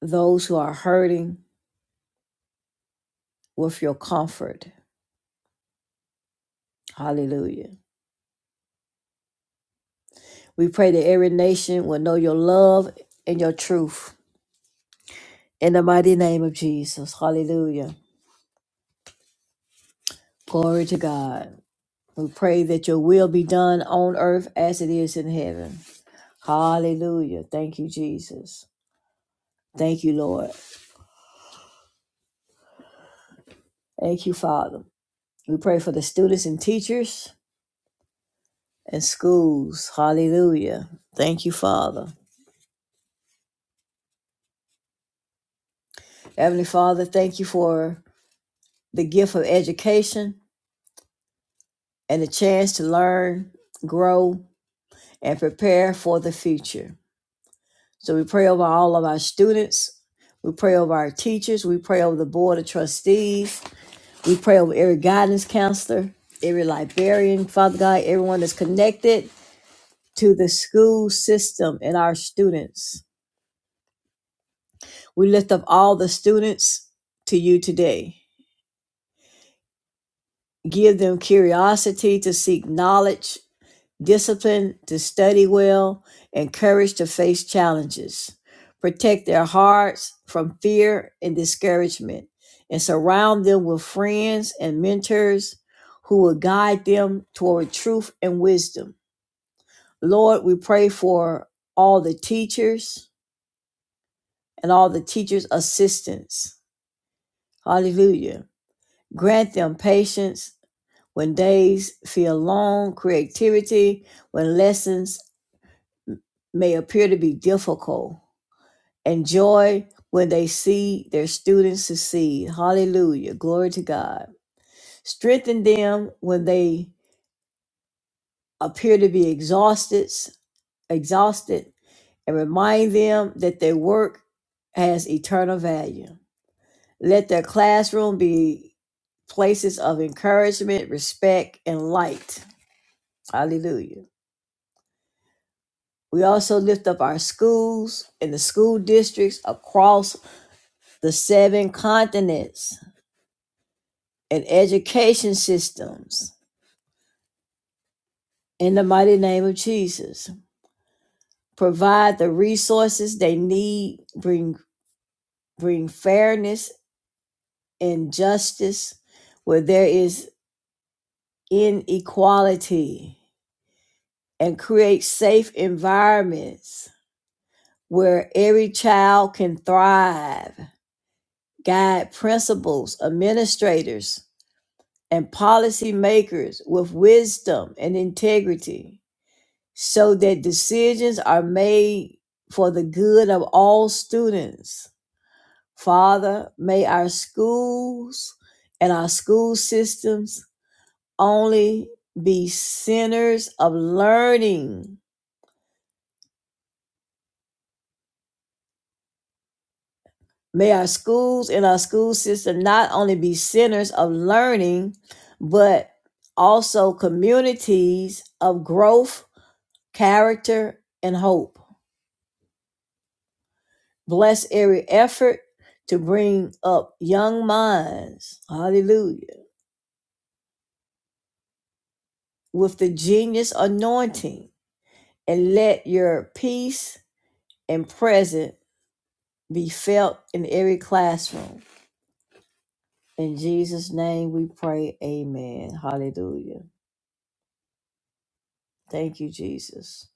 Speaker 2: those who are hurting with your comfort. Hallelujah. We pray that every nation will know your love and your truth. In the mighty name of Jesus. Hallelujah. Glory to God. We pray that your will be done on earth as it is in heaven. Hallelujah. Thank you, Jesus. Thank you, Lord. Thank you, Father. We pray for the students and teachers and schools. Hallelujah. Thank you, Father. Heavenly Father, thank you for the gift of education and the chance to learn, grow, and prepare for the future. So we pray over all of our students. We pray over our teachers. We pray over the board of trustees. We pray over every guidance counselor, every librarian, Father God, everyone that's connected to the school system and our students. We lift up all the students to you today. Give them curiosity to seek knowledge discipline to study well, and courage to face challenges. Protect their hearts from fear and discouragement, and surround them with friends and mentors who will guide them toward truth and wisdom. Lord, we pray for all the teachers and all the teachers' assistants. Hallelujah. Grant them patience when days feel long, creativity when lessons may appear to be difficult and joy when they see their students succeed. Hallelujah. Glory to God. Strengthen them when they appear to be exhausted, exhausted, and remind them that their work has eternal value. Let their classroom be places of encouragement, respect, and light. Hallelujah. We also lift up our schools and the school districts across the seven continents and education systems in the mighty name of Jesus. Provide the resources they need, bring bring fairness and justice where there is inequality and create safe environments where every child can thrive. Guide principals, administrators, and policymakers with wisdom and integrity so that decisions are made for the good of all students Father, may our schools and our school systems only be centers of learning. May our schools and our school system not only be centers of learning, but also communities of growth, character, and hope. Bless every effort to bring up young minds, hallelujah, with the genius anointing, and let your peace and present be felt in every classroom. In Jesus' name we pray, amen. Hallelujah. Thank you, Jesus.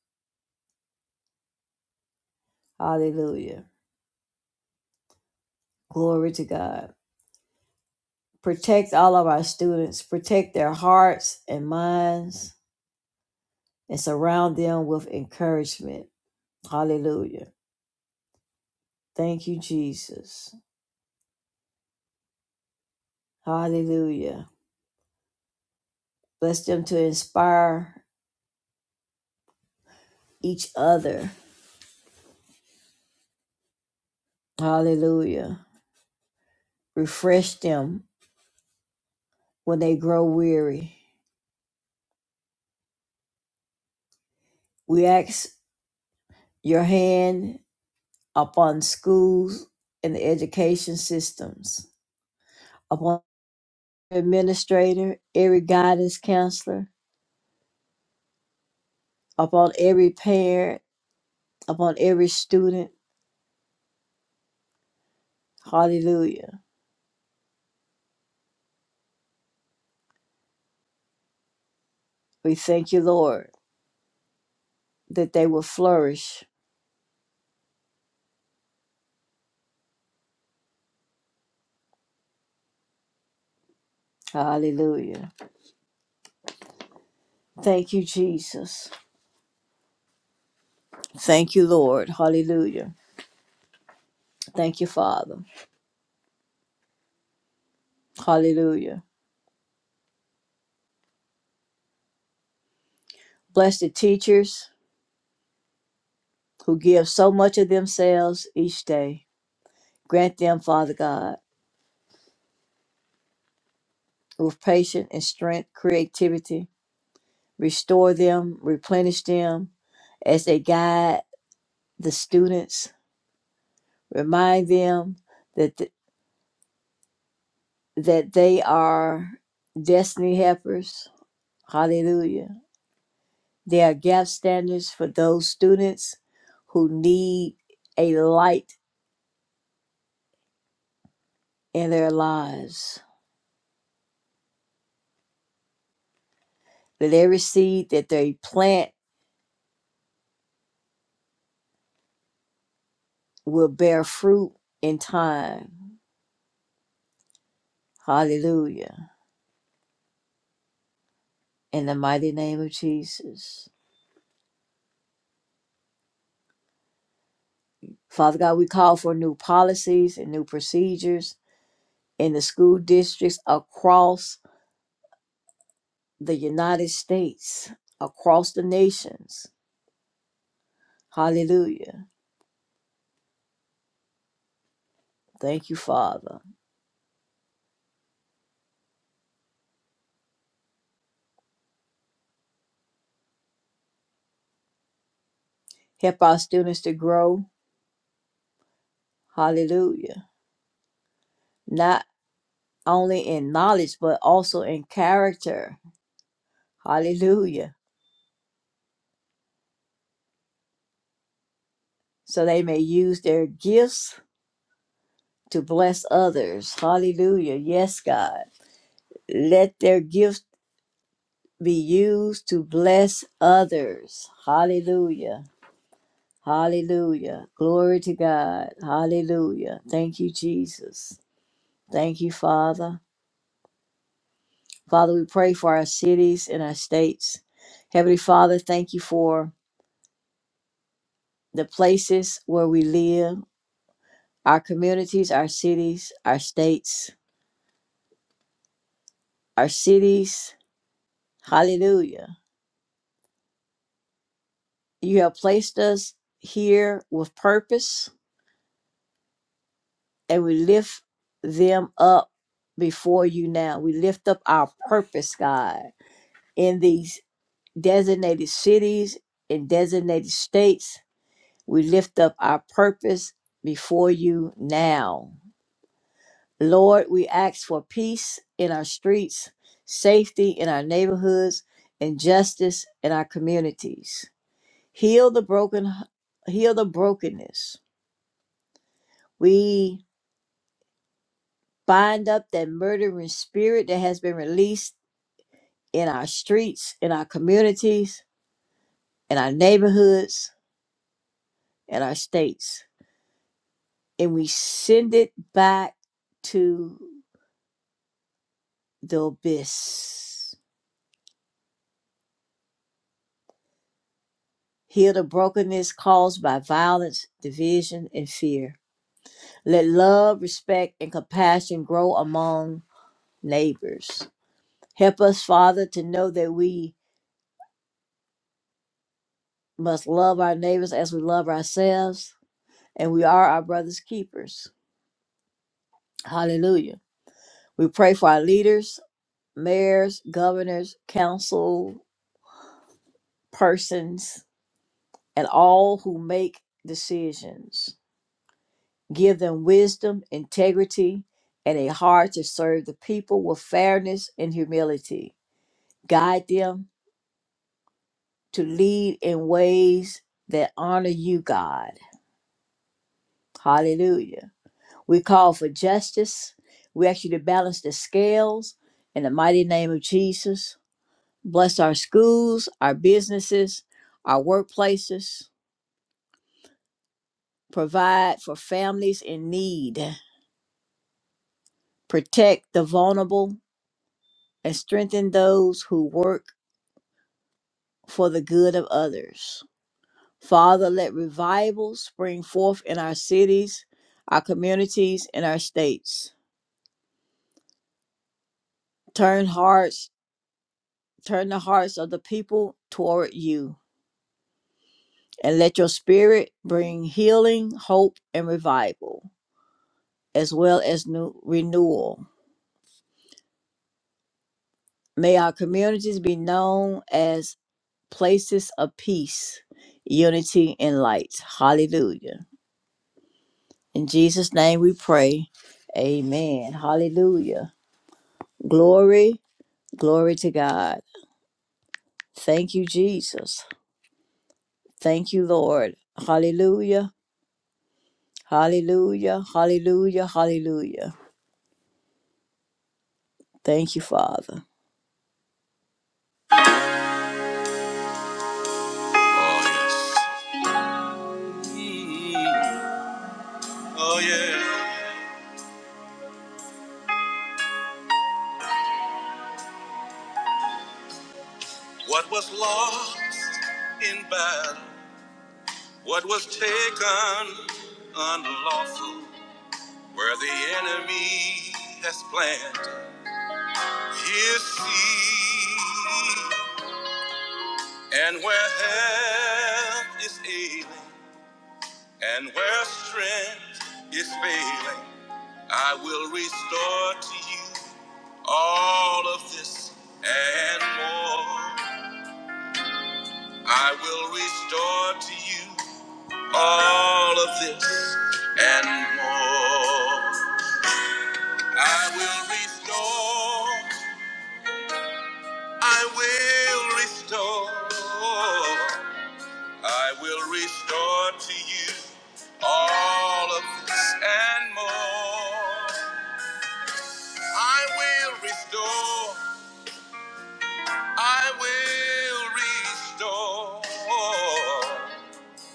Speaker 2: Hallelujah. Glory to God. Protect all of our students, protect their hearts and minds, and surround them with encouragement. Hallelujah. Thank you, Jesus. Hallelujah. Bless them to inspire each other. Hallelujah. Refresh them when they grow weary. We ask your hand upon schools and the education systems, upon every administrator, every guidance counselor, upon every parent, upon every student. Hallelujah. We thank you, Lord, that they will flourish. Hallelujah. Thank you, Jesus. Thank you, Lord. Hallelujah. Thank you, Father. Hallelujah. Bless the teachers who give so much of themselves each day. Grant them, Father God, with patience and strength, creativity. Restore them, replenish them as they guide the students. Remind them that th- that they are destiny helpers. Hallelujah. They are gap standards for those students who need a light in their lives. That every seed that they plant will bear fruit in time. Hallelujah in the mighty name of Jesus. Father God, we call for new policies and new procedures in the school districts across the United States, across the nations. Hallelujah. Thank you, Father. Help our students to grow. Hallelujah. Not only in knowledge, but also in character. Hallelujah. So they may use their gifts to bless others. Hallelujah. Yes, God. Let their gifts be used to bless others. Hallelujah. Hallelujah. Glory to God. Hallelujah. Thank you, Jesus. Thank you, Father. Father, we pray for our cities and our states. Heavenly Father, thank you for the places where we live, our communities, our cities, our states, our cities. Hallelujah. You have placed us here with purpose and we lift them up before you now. We lift up our purpose, God, in these designated cities and designated states. We lift up our purpose before you now. Lord, we ask for peace in our streets, safety in our neighborhoods, and justice in our communities. Heal the broken heal the brokenness. We bind up that murdering spirit that has been released in our streets, in our communities, in our neighborhoods, in our states, and we send it back to the abyss. Heal the brokenness caused by violence, division, and fear. Let love, respect, and compassion grow among neighbors. Help us, Father, to know that we must love our neighbors as we love ourselves, and we are our brother's keepers. Hallelujah. We pray for our leaders, mayors, governors, council persons, and all who make decisions. Give them wisdom, integrity, and a heart to serve the people with fairness and humility. Guide them to lead in ways that honor you, God. Hallelujah. We call for justice. We ask you to balance the scales in the mighty name of Jesus. Bless our schools, our businesses, our workplaces provide for families in need, protect the vulnerable, and strengthen those who work for the good of others. Father, let revival spring forth in our cities, our communities, and our states. Turn hearts, turn the hearts of the people toward you, and let your spirit bring healing, hope, and revival, as well as new renewal. May our communities be known as places of peace, unity, and light. Hallelujah. In Jesus' name we pray. Amen. Hallelujah. Glory, glory to God. Thank you, Jesus. Thank you, Lord. Hallelujah. Hallelujah. Hallelujah. Hallelujah. Thank you, Father. Oh, yeah. What was lost in battle? What was taken unlawful? Where the enemy has planted his seed, and where health is ailing, and where strength is failing, I will restore to you all of this and more. I will restore to you all of this and more. I will restore I will restore, I will restore to you all of this and more. I will restore, I will restore,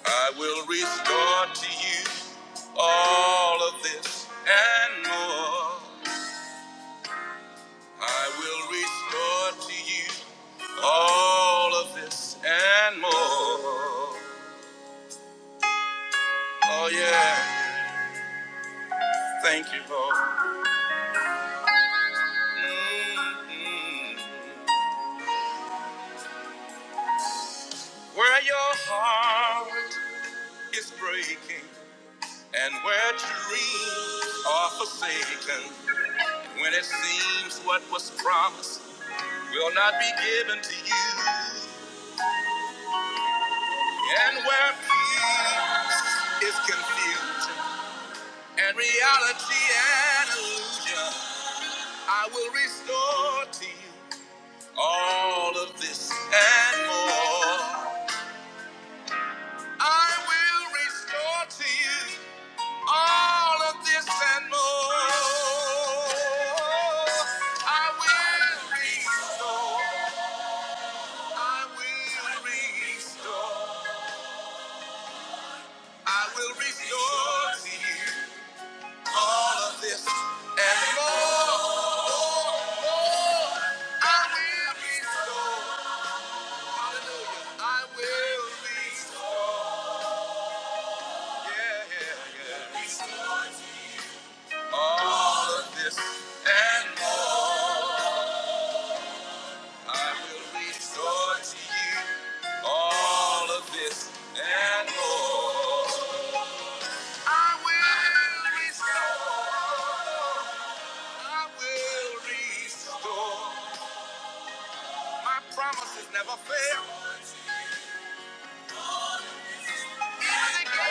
Speaker 2: I will restore to you all of this and more. I will restore to you all of this and more. Oh, yeah. Thank you, Lord. Mm-hmm. Where your heart is breaking and where dreams are forsaken, when it seems what was promised will not be given to you, and where peace is confused and reality an illusion, I will restore to you all of this and more. I will restore to you all of this and more. I will restore. I will restore. I will restore to you all of this and more. I will restore. Hallelujah. I will restore. Yeah, yeah, yeah. All of this and more. I will restore to you all of this and more. I will restore. I will restore. My promises never fail. Even the gates of hell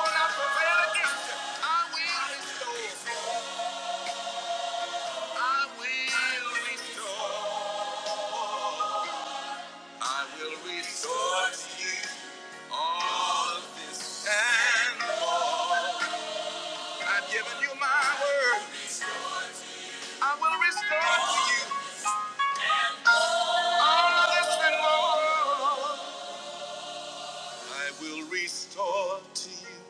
Speaker 2: will not prevail against them. I will restore. I will restore. I will restore to you all of this and more. I've given you my word. I will restore to you all this and more. I will restore to you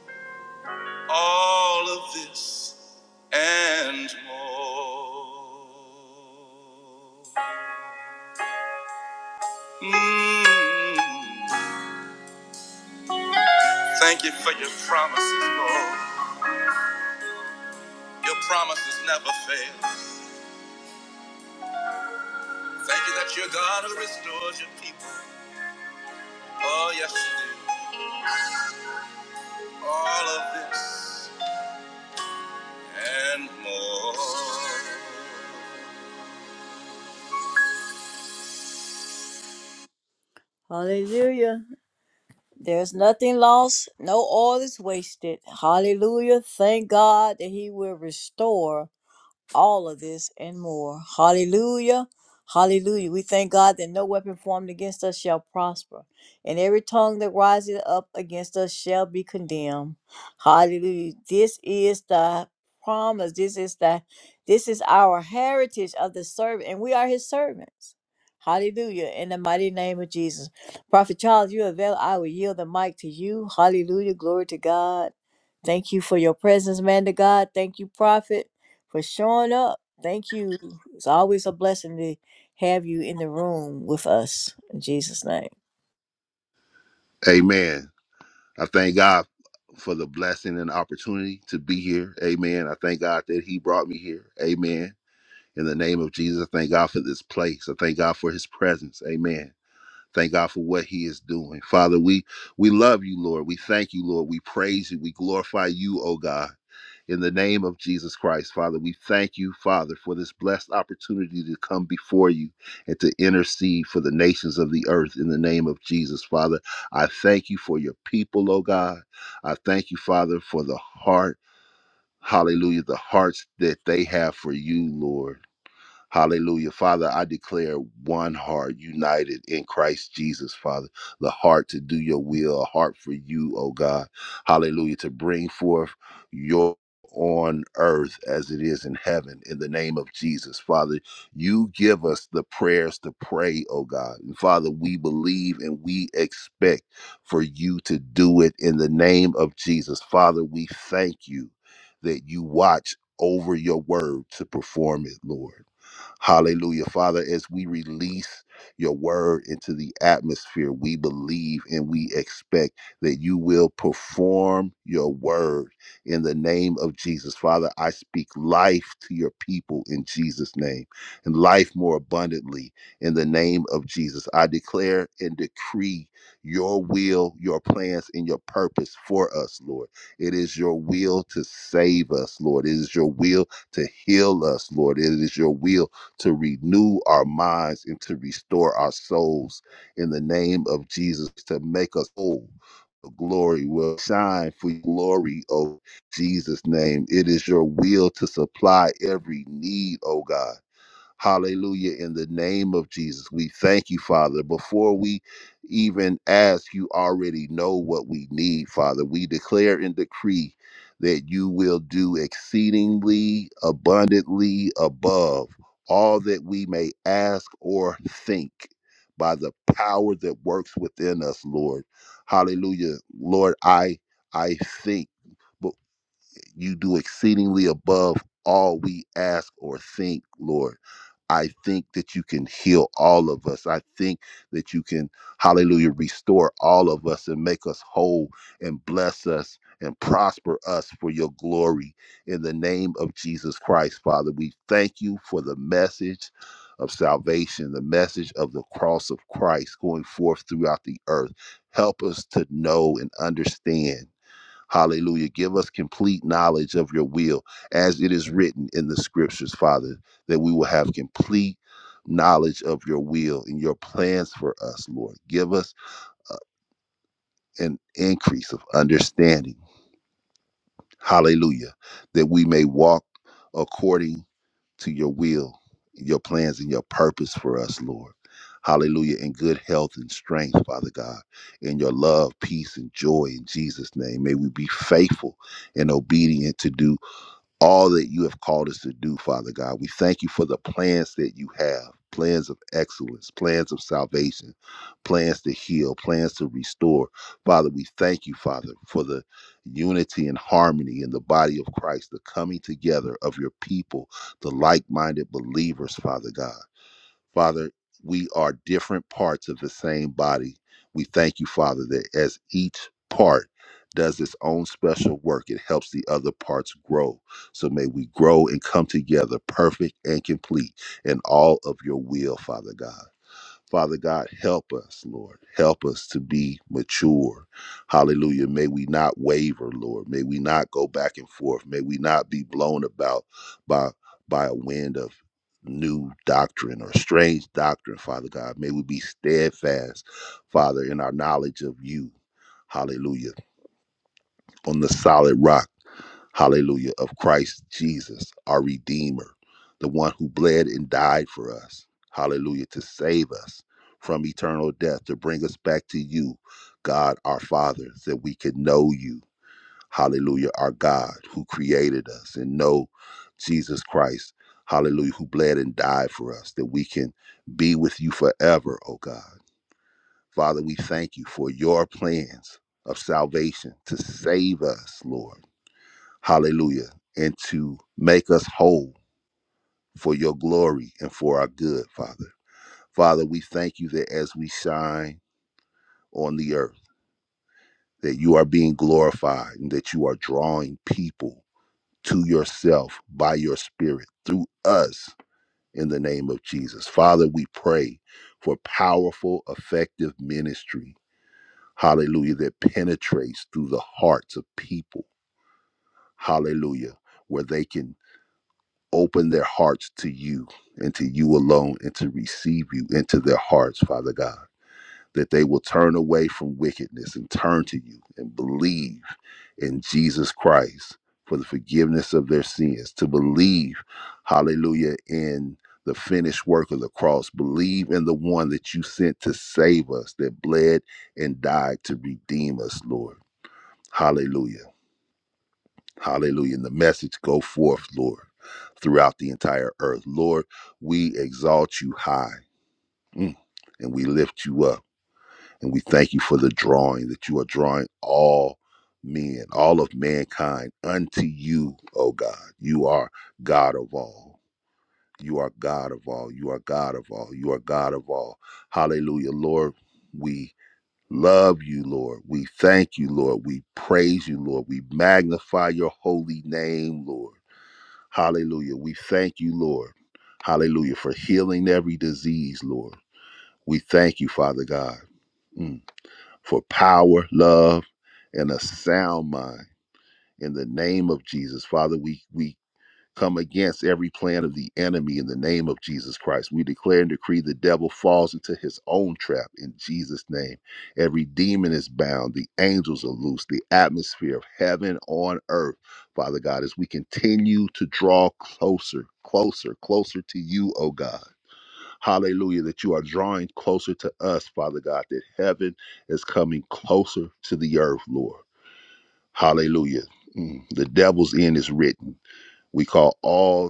Speaker 2: all of this and more. Mm. Thank you for your promises, Lord. Your promises never fail. Thank you that you're God who restores your people. Oh, yes, you do. All of this and more. Hallelujah. There's nothing lost, no oil is wasted. Hallelujah. Thank God that He will restore all of this and more. Hallelujah. Hallelujah. We thank God that no weapon formed against us shall prosper, and every tongue that rises up against us shall be condemned. Hallelujah. This is the promise. This is the this is our heritage of the servant, and we are his servants. Hallelujah. In the mighty name of Jesus. Prophet Charles, you avail. I will yield the mic to you. Hallelujah. Glory to God. Thank you for your presence, man to God. Thank you, Prophet for showing up. Thank you. It's always a blessing to have you in the room with us. In Jesus' name.
Speaker 3: Amen. I thank God for the blessing and opportunity to be here. Amen. I thank God that He brought me here. Amen. In the name of Jesus, I thank God for this place. I thank God for His presence. Amen. Thank God for what He is doing. Father, we we love you, Lord. We thank you, Lord. We praise you. We glorify you, oh God. In the name of Jesus Christ, Father, we thank you, Father, for this blessed opportunity to come before you and to intercede for the nations of the earth in the name of Jesus, Father. I thank you for your people, oh God. I thank you, Father, for the heart, hallelujah, the hearts that they have for you, Lord. Hallelujah. Father, I declare one heart united in Christ Jesus, Father. The heart to do your will, a heart for you, oh God. Hallelujah. To bring forth your on earth as it is in heaven in the name of Jesus. Father, you give us the prayers to pray, oh God. And Father, we believe and we expect for you to do it in the name of Jesus. Father, we thank you that you watch over your word to perform it, Lord. Hallelujah. Father, as we release your word into the atmosphere, we believe and we expect that you will perform your word in the name of Jesus. Father, I speak life to your people in Jesus' name and life more abundantly in the name of Jesus. I declare and decree your will, your plans, and your purpose for us, Lord. It is your will to save us, Lord. It is your will to heal us, Lord. It is your will to renew our minds and to restore our souls in the name of Jesus to make us whole. The Glory will shine for your glory, O Jesus' name. It is your will to supply every need, O God. Hallelujah. In the name of Jesus, we thank you, Father. Before we even ask, you already know what we need, Father. We declare and decree that you will do exceedingly abundantly above all that we may ask or think by the power that works within us, Lord. Hallelujah. Lord, I I think you do exceedingly above all we ask or think, Lord. I think that you can heal all of us. I think that you can, hallelujah, restore all of us and make us whole and bless us and prosper us for your glory. In the name of Jesus Christ, Father, we thank you for the message of salvation, the message of the cross of Christ going forth throughout the earth. Help us to know and understand. Hallelujah. Give us complete knowledge of your will as it is written in the scriptures, Father, that we will have complete knowledge of your will and your plans for us, Lord. Give us uh, an increase of understanding. Hallelujah. That we may walk according to your will, your plans, and your purpose for us, Lord. Hallelujah. In good health and strength, Father God. In your love, peace, and joy in Jesus' name. May we be faithful and obedient to do all that you have called us to do, Father God. We thank you for the plans that you have plans of excellence, plans of salvation, plans to heal, plans to restore. Father, we thank you, Father, for the unity and harmony in the body of Christ, the coming together of your people, the like minded believers, Father God. Father, we are different parts of the same body. We thank you, Father, that as each part does its own special work, it helps the other parts grow. So may we grow and come together perfect and complete in all of your will, Father God. Father God, help us, Lord. Help us to be mature. Hallelujah. May we not waver, Lord. May we not go back and forth. May we not be blown about by by a wind of new doctrine or strange doctrine, Father God. May we be steadfast, Father, in our knowledge of you. Hallelujah. On the solid rock hallelujah, of Christ Jesus, our Redeemer, the one who bled and died for us, hallelujah, to save us from eternal death, to bring us back to you, God our Father, so that we could know you, hallelujah, our God who created us and know Jesus Christ, hallelujah, who bled and died for us, that we can be with you forever, oh God. Father, we thank you for your plans of salvation to save us, Lord. Hallelujah. And to make us whole for your glory and for our good, Father. Father, we thank you that as we shine on the earth, that you are being glorified and that you are drawing people to yourself by your spirit through us in the name of Jesus. Father, we pray for powerful, effective ministry. Hallelujah, that penetrates through the hearts of people. Hallelujah, where they can open their hearts to you and to you alone and to receive you into their hearts, Father God. That they will turn away from wickedness and turn to you and believe in Jesus Christ for the forgiveness of their sins, to believe, hallelujah, in the finished work of the cross, believe in the one that you sent to save us, that bled and died to redeem us, Lord. Hallelujah. Hallelujah. And the message go forth, Lord, throughout the entire earth. Lord, we exalt you high mm, and we lift you up. And we thank you for the drawing that you are drawing all men, all of mankind unto you, O God. You are God of all. You are God of all. You are God of all. You are God of all. Hallelujah. Lord, we love you, Lord. We thank you, Lord. We praise you, Lord. We magnify your holy name, Lord. Hallelujah. We thank you, Lord. Hallelujah. For healing every disease, Lord. We thank you, Father God, mm, for power, love, and a sound mind. In the name of Jesus, Father, we, we come against every plan of the enemy in the name of Jesus Christ. We declare and decree the devil falls into his own trap in Jesus' name. Every demon is bound, the angels are loose, the atmosphere of heaven on earth, Father God, as we continue to draw closer, closer, closer to you, oh God. Hallelujah, that you are drawing closer to us, Father God, that heaven is coming closer to the earth, Lord. Hallelujah. Mm. The devil's end is written. We call all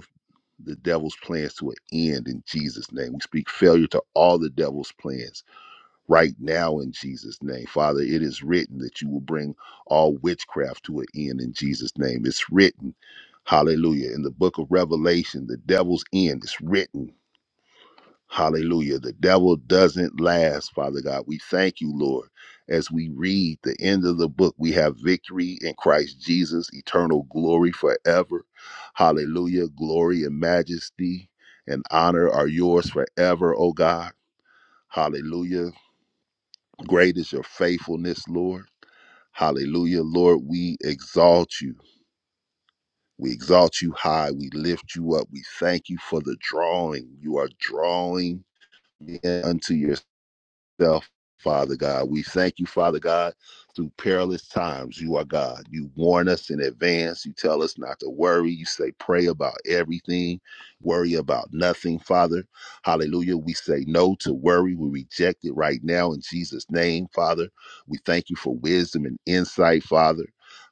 Speaker 3: the devil's plans to an end in Jesus' name. We speak failure to all the devil's plans right now in Jesus' name. Father, it is written that you will bring all witchcraft to an end in Jesus' name. It's written, hallelujah, in the book of Revelation, the devil's end. It's written. Hallelujah. The devil doesn't last, Father God. We thank you, Lord. As we read the end of the book, we have victory in Christ Jesus, eternal glory forever. Hallelujah. Glory and majesty and honor are yours forever, O God. Hallelujah. Great is your faithfulness, Lord. Hallelujah. Lord, we exalt you. We exalt you high. We lift you up. We thank you for the drawing. You are drawing unto your. yourself, Father God. We thank you, Father God, through perilous times. You are God. You warn us in advance. You tell us not to worry. You say, pray about everything, worry about nothing, Father. Hallelujah. We say no to worry. We reject it right now in Jesus' name, Father. We thank you for wisdom and insight, Father.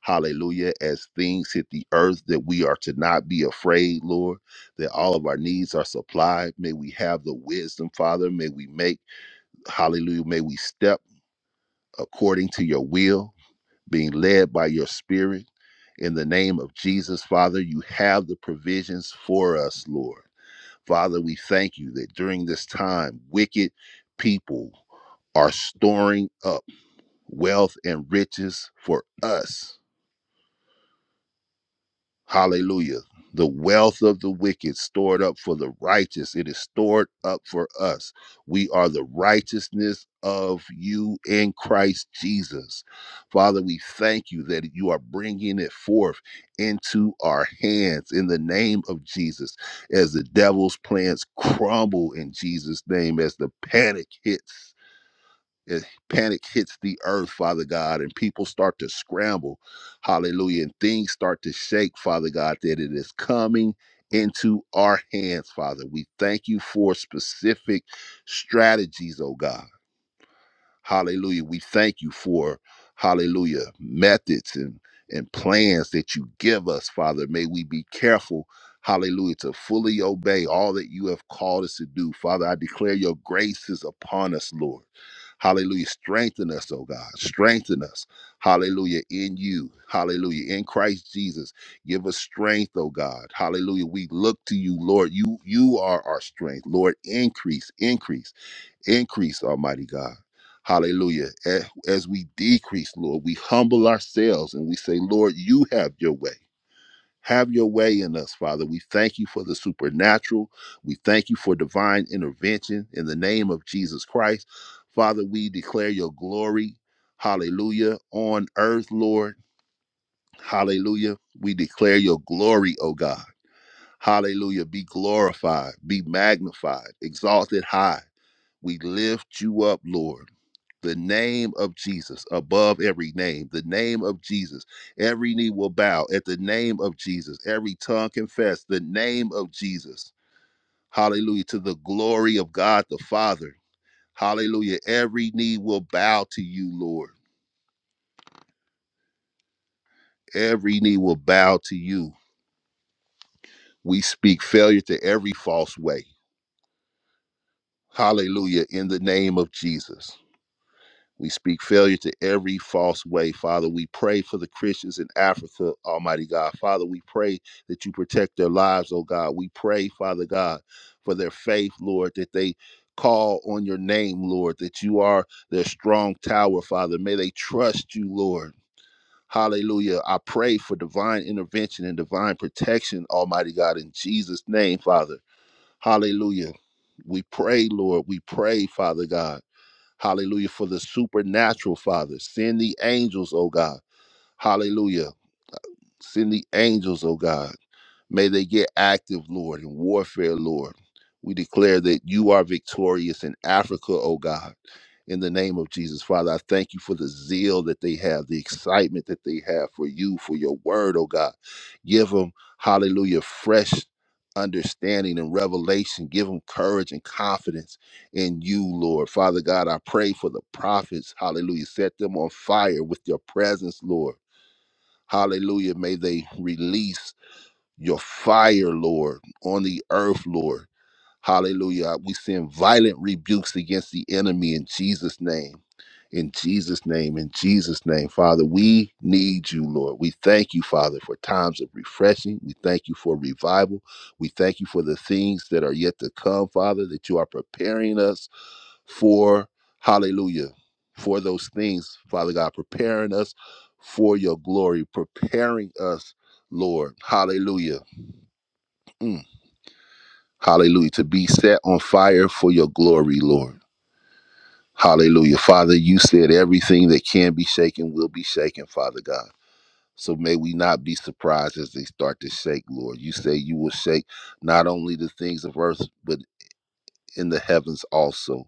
Speaker 3: Hallelujah. As things hit the earth, that we are to not be afraid, Lord, that all of our needs are supplied. May we have the wisdom, Father. May we make Hallelujah. May we step according to your will, being led by your spirit. In the name of Jesus, Father, you have the provisions for us, Lord. Father, we thank you that during this time, wicked people are storing up wealth and riches for us. Hallelujah. The wealth of the wicked stored up for the righteous. It is stored up for us. We are the righteousness of you in Christ Jesus. Father, we thank you that you are bringing it forth into our hands in the name of Jesus as the devil's plans crumble in Jesus' name, as the panic hits and panic hits the earth, Father God, and people start to scramble, hallelujah, and things start to shake, Father God, that it is coming into our hands, Father. We thank you for specific strategies, oh God. Hallelujah. We thank you for, hallelujah, methods and, and plans that you give us, Father. May we be careful, hallelujah, to fully obey all that you have called us to do. Father, I declare your grace is upon us, Lord. Hallelujah. Strengthen us, oh God. Strengthen us. Hallelujah. In you. Hallelujah. In Christ Jesus. Give us strength, oh God. Hallelujah. We look to you, Lord. You you are our strength. Lord, increase, increase. Increase, Almighty God. Hallelujah. A- As we decrease, Lord, we humble ourselves and we say, Lord, you have your way. Have your way in us, Father. We thank you for the supernatural. We thank you for divine intervention in the name of Jesus Christ. Father, we declare your glory. Hallelujah. On earth, Lord. Hallelujah. We declare your glory, O God. Hallelujah. Be glorified, be magnified, exalted high. We lift you up, Lord the name of Jesus above every name, the name of Jesus. Every knee will bow at the name of Jesus, every tongue confess the name of Jesus. Hallelujah. To the glory of God the Father. Hallelujah. Every knee will bow to you, Lord. Every knee will bow to you. We speak failure to every false way. Hallelujah. In the name of Jesus. We speak failure to every false way. Father, we pray for the Christians in Africa, Almighty God. Father, we pray that you protect their lives, oh God. We pray, Father God, for their faith, Lord, that they call on your name, Lord, that you are their strong tower, Father. May they trust you, Lord. Hallelujah. I pray for divine intervention and divine protection, Almighty God, in Jesus' name, Father. Hallelujah. We pray, Lord. We pray, Father God. Hallelujah. For the supernatural, Father. Send the angels, oh God. Hallelujah. Send the angels, oh God. May they get active, Lord, in warfare, Lord. We declare that you are victorious in Africa, oh God. In the name of Jesus, Father, I thank you for the zeal that they have, the excitement that they have for you, for your word, oh God. Give them, hallelujah, fresh understanding and revelation. Give them courage and confidence in you, Lord. Father God, I pray for the prophets, hallelujah. Set them on fire with your presence, Lord. Hallelujah. May they release your fire, Lord, on the earth, Lord. Hallelujah. We send violent rebukes against the enemy in Jesus' name. In Jesus' name, in Jesus' name, Father, we need you, Lord. We thank you, Father, for times of refreshing. We thank you for revival. We thank you for the things that are yet to come, Father, that you are preparing us for. Hallelujah. For those things, Father God, preparing us for your glory, preparing us, Lord. Hallelujah Mm. Hallelujah. To be set on fire for your glory, Lord. Hallelujah. Father, you said everything that can be shaken will be shaken, Father God. So may we not be surprised as they start to shake, Lord. You say you will shake not only the things of earth, but in the heavens also,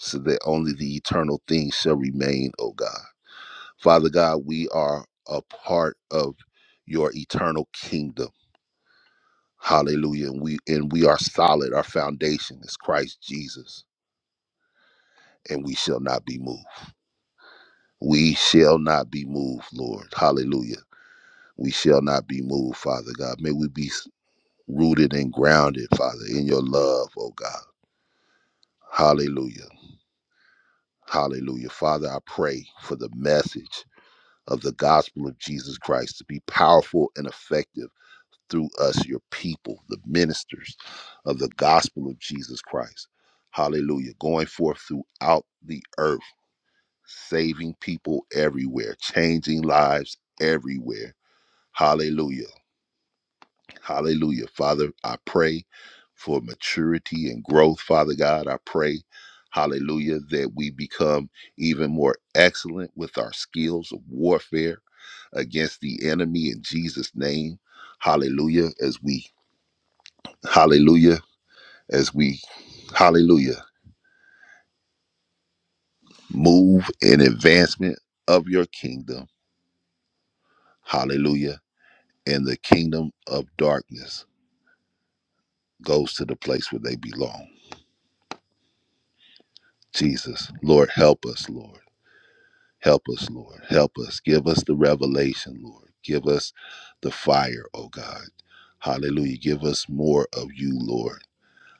Speaker 3: so that only the eternal things shall remain, O God. Father God, we are a part of your eternal kingdom. Hallelujah. And we and we are solid. Our foundation is Christ Jesus. and we shall not be moved. We shall not be moved, Lord. Hallelujah. We shall not be moved, Father God. May we be rooted and grounded, Father, in your love, oh God. Hallelujah. Hallelujah. Father, I pray for the message of the gospel of Jesus Christ to be powerful and effective through us, your people, the ministers of the gospel of Jesus Christ. Hallelujah. Going forth throughout the earth saving people everywhere, changing lives everywhere. Hallelujah. Hallelujah. Father, I pray for maturity and growth, Father God. I pray, hallelujah, that we become even more excellent with our skills of warfare against the enemy in Jesus' name. Hallelujah. As we, hallelujah, as we, hallelujah, move in advancement of your kingdom. Hallelujah and the kingdom of darkness goes to the place where they belong. Jesus, Lord, help us, Lord. Help us, Lord. Help us. Give us the revelation, Lord. Give us the fire, oh God. Hallelujah. Give us more of you, Lord.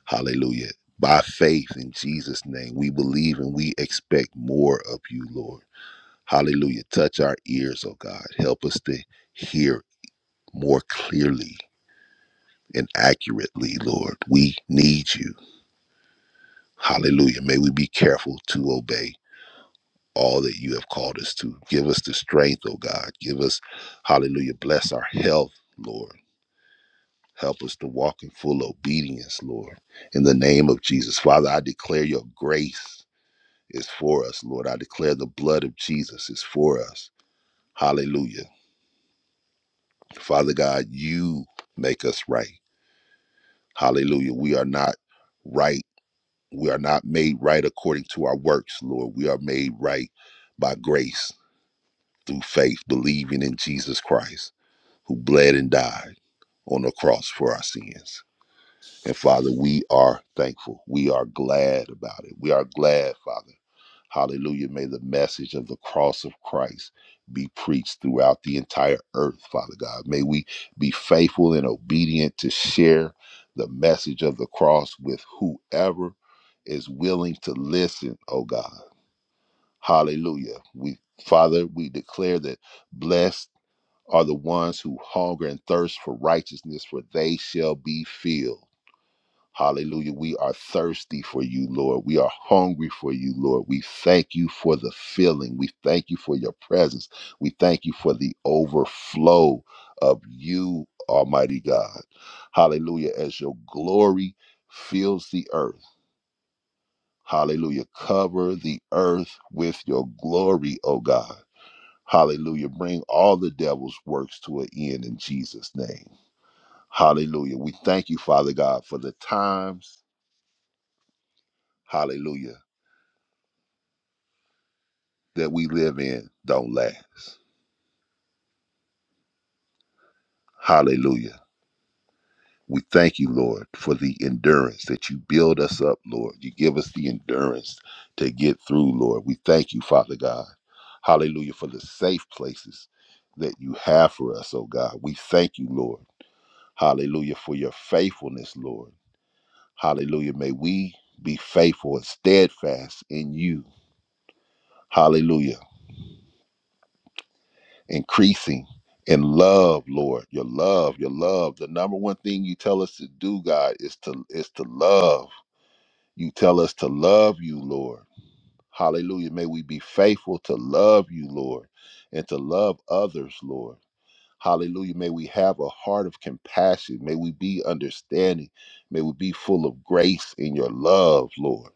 Speaker 3: Hallelujah. By faith in Jesus' name, we believe and we expect more of you, Lord. Hallelujah. Touch our ears, oh God. Help us to hear more clearly and accurately, Lord. We need you. Hallelujah. May we be careful to obey all that you have called us to. Give us the strength, oh God. Give us, hallelujah, bless our health, Lord. Help us to walk in full obedience, Lord. In the name of Jesus, Father, I declare your grace is for us, Lord. I declare the blood of Jesus is for us. Hallelujah. Father God, you make us right. Hallelujah. We are not right. We are not made right according to our works, Lord. We are made right by grace. through faith, believing in Jesus Christ, who bled and died on the cross for our sins. And Father, we are thankful. We are glad about it. We are glad, Father. Hallelujah. May the message of the cross of Christ be preached throughout the entire earth, Father God. May we be faithful and obedient to share the message of the cross with whoever is willing to listen, oh God. Hallelujah. We Father, we declare that blessed are the ones who hunger and thirst for righteousness, for they shall be filled. Hallelujah. We are thirsty for you, Lord. We are hungry for you, Lord. We thank you for the filling. We thank you for your presence. We thank you for the overflow of you, Almighty God. Hallelujah. As your glory fills the earth. Hallelujah. Cover the earth with your glory, O God. Hallelujah. Bring all the devil's works to an end in Jesus' name. Hallelujah. We thank you, Father God, for the times, hallelujah, that we live in don't last. Hallelujah. We thank you, Lord, for the endurance that you build us up, Lord. You give us the endurance to get through, Lord. We thank you, Father God. Hallelujah, for the safe places that you have for us, oh God. We thank you, Lord. Hallelujah, for your faithfulness, Lord. Hallelujah. May we be faithful and steadfast in you. Hallelujah increasing in love, Lord. Your love, your love. The number one thing you tell us to do, God, is to is to love. You tell us to love you, Lord. Hallelujah. May we be faithful to love you, Lord, and to love others, Lord. Hallelujah. May we have a heart of compassion. May we be understanding. May we be full of grace in your love, Lord.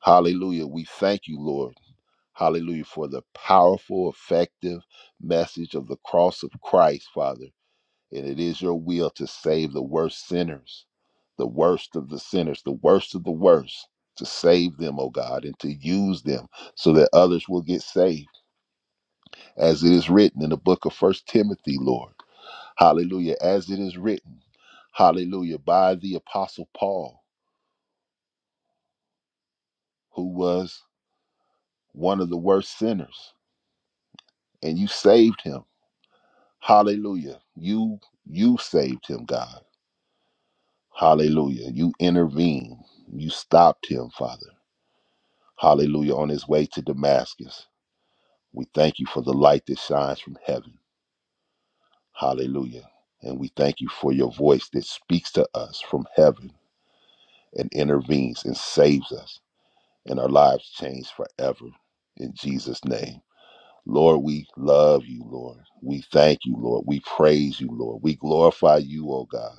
Speaker 3: Hallelujah. We thank you, Lord. Hallelujah. For the powerful, effective message of the cross of Christ, Father. And it is your will to save the worst sinners, the worst of the sinners, the worst of the worst, to save them, O God, and to use them so that others will get saved. As it is written in the book of First Timothy, Lord. Hallelujah. As it is written, hallelujah, by the apostle Paul, who was one of the worst sinners, and you saved him Hallelujah. You you saved him, God. Hallelujah. You intervened. You stopped him, Father. Hallelujah. On his way to Damascus. We thank you for the light that shines from heaven. Hallelujah. And we thank you for your voice that speaks to us from heaven and intervenes and saves us. And our lives change forever. In Jesus' name. Lord, we love you, Lord. We thank you, Lord. We praise you, Lord. We glorify you, oh God.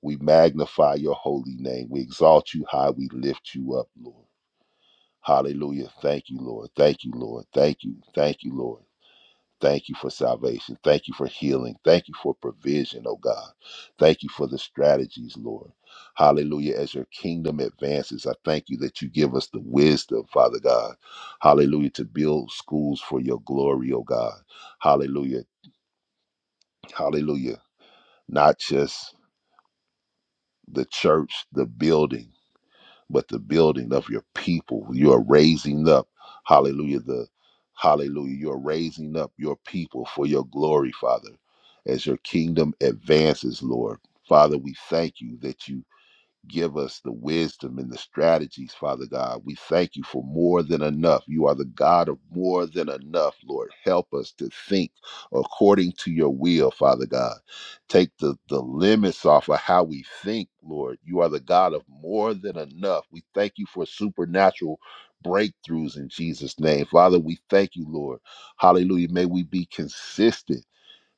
Speaker 3: We magnify your holy name. We exalt you high. We lift you up, Lord. Hallelujah. Thank you, Lord. Thank you, Lord. Thank you. Thank you, Lord. Thank you for salvation. Thank you for healing. Thank you for provision, oh God. Thank you for the strategies, Lord. Hallelujah. As your kingdom advances, I thank you that you give us the wisdom, Father God. Hallelujah. To build schools for your glory, oh God. Hallelujah. Hallelujah. Not just the church, the building but the building of your people. You are raising up, hallelujah, the hallelujah. You are raising up your people for your glory, Father, as your kingdom advances, Lord. Father, we thank you that you Give us the wisdom and the strategies, Father God. We thank you for more than enough. You are the God of more than enough, Lord. Help us to think according to your will, Father God. Take the, the limits off of how we think, Lord. You are the God of more than enough. We thank you for supernatural breakthroughs in Jesus' name. Father, we thank you, Lord. Hallelujah. May we be consistent.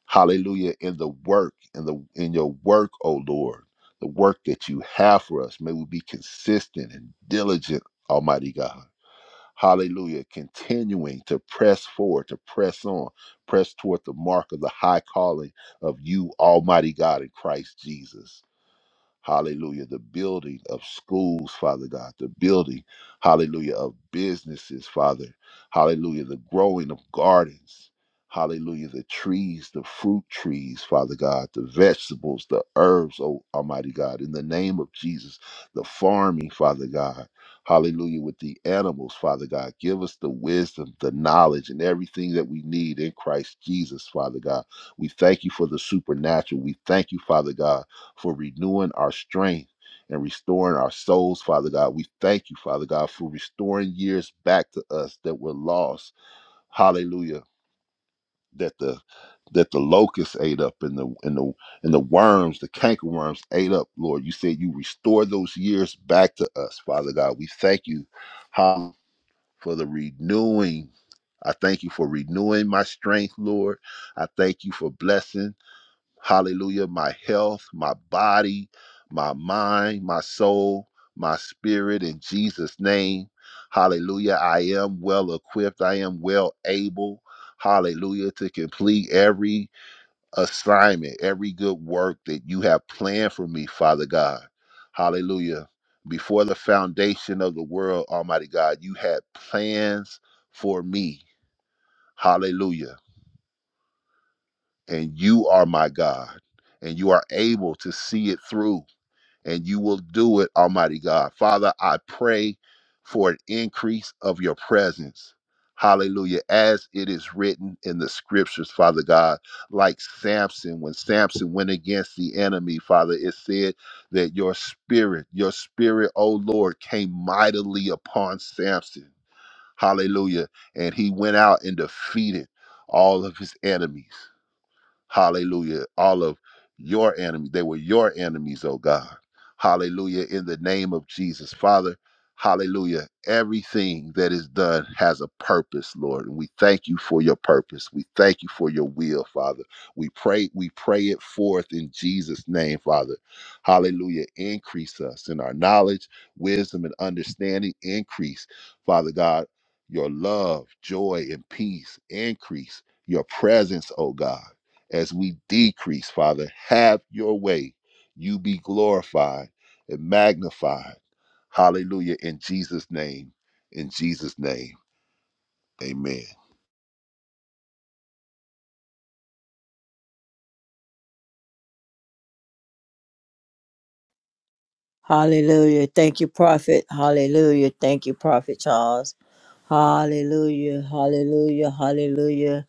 Speaker 3: Hallelujah. In the work, in the in your work, oh Lord, the work that you have for us. May we be consistent and diligent, Almighty God. Hallelujah. Continuing to press forward, to press on, press toward the mark of the high calling of you, Almighty God in Christ Jesus. Hallelujah. The building of schools, Father God. The building, hallelujah, of businesses, Father. Hallelujah. The growing of gardens. Hallelujah. The trees, the fruit trees, Father God. The vegetables, the herbs, oh Almighty God. In the name of Jesus, the farming, Father God. Hallelujah. With the animals, Father God. Give us the wisdom, the knowledge, and everything that we need in Christ Jesus, Father God. We thank you for the supernatural. We thank you, Father God for renewing our strength and restoring our souls, Father God. We thank you, Father God, for restoring years back to us that were lost. Hallelujah. That the that the locusts ate up and the and the and the worms, the canker worms ate up, Lord. You said you restore those years back to us, Father God. We thank you hallelujah, for the renewing. I thank you for renewing my strength, Lord. I thank you for blessing. Hallelujah. My health, my body, my mind, my soul, my spirit in Jesus' name. Hallelujah. I am well equipped. I am well able. Hallelujah. To complete every assignment, every good work that you have planned for me, Father God. Hallelujah. Before the foundation of the world, Almighty God, you had plans for me. Hallelujah and you are my God, and you are able to see it through, and you will do it, Almighty God. Father, I pray for an increase of your presence. Hallelujah. As it is written in the scriptures, Father God, like Samson, when Samson went against the enemy, Father, it said that your spirit, your spirit, O Lord, came mightily upon Samson. Hallelujah. And he went out and defeated all of his enemies. Hallelujah. All of your enemies, they were your enemies, oh God. Hallelujah. In the name of Jesus, Father, hallelujah. Everything that is done has a purpose, Lord. And we thank you for your purpose. We thank you for your will, Father. We pray, we pray it forth in Jesus' name, Father. Hallelujah. Increase us in our knowledge, wisdom, and understanding. Increase, Father God, your love, joy, and peace. Increase your presence, oh God as we decrease, Father. Have your way. You be glorified and magnified. Hallelujah. In Jesus' name. In Jesus' name. Amen.
Speaker 2: Hallelujah. Thank you, Prophet. Hallelujah. Thank you, Prophet Charles. Hallelujah. Hallelujah. Hallelujah.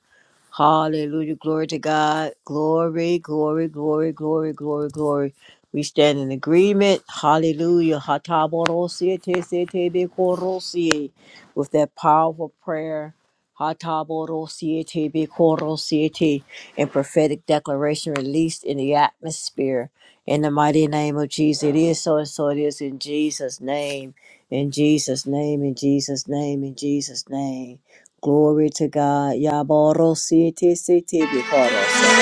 Speaker 2: Hallelujah. Glory to God. Glory, glory, glory, glory, glory, glory. We stand in agreement. Hallelujah. Hatabodosia tesitebekorosia. With that powerful prayer. Hatabodosia tebekorosia te, And prophetic declaration released in the atmosphere. In the mighty name of Jesus. It is so and so it is in Jesus' name. In Jesus' name. In Jesus' name. In Jesus' name. Glory to God. Yaborositi siti bikoros.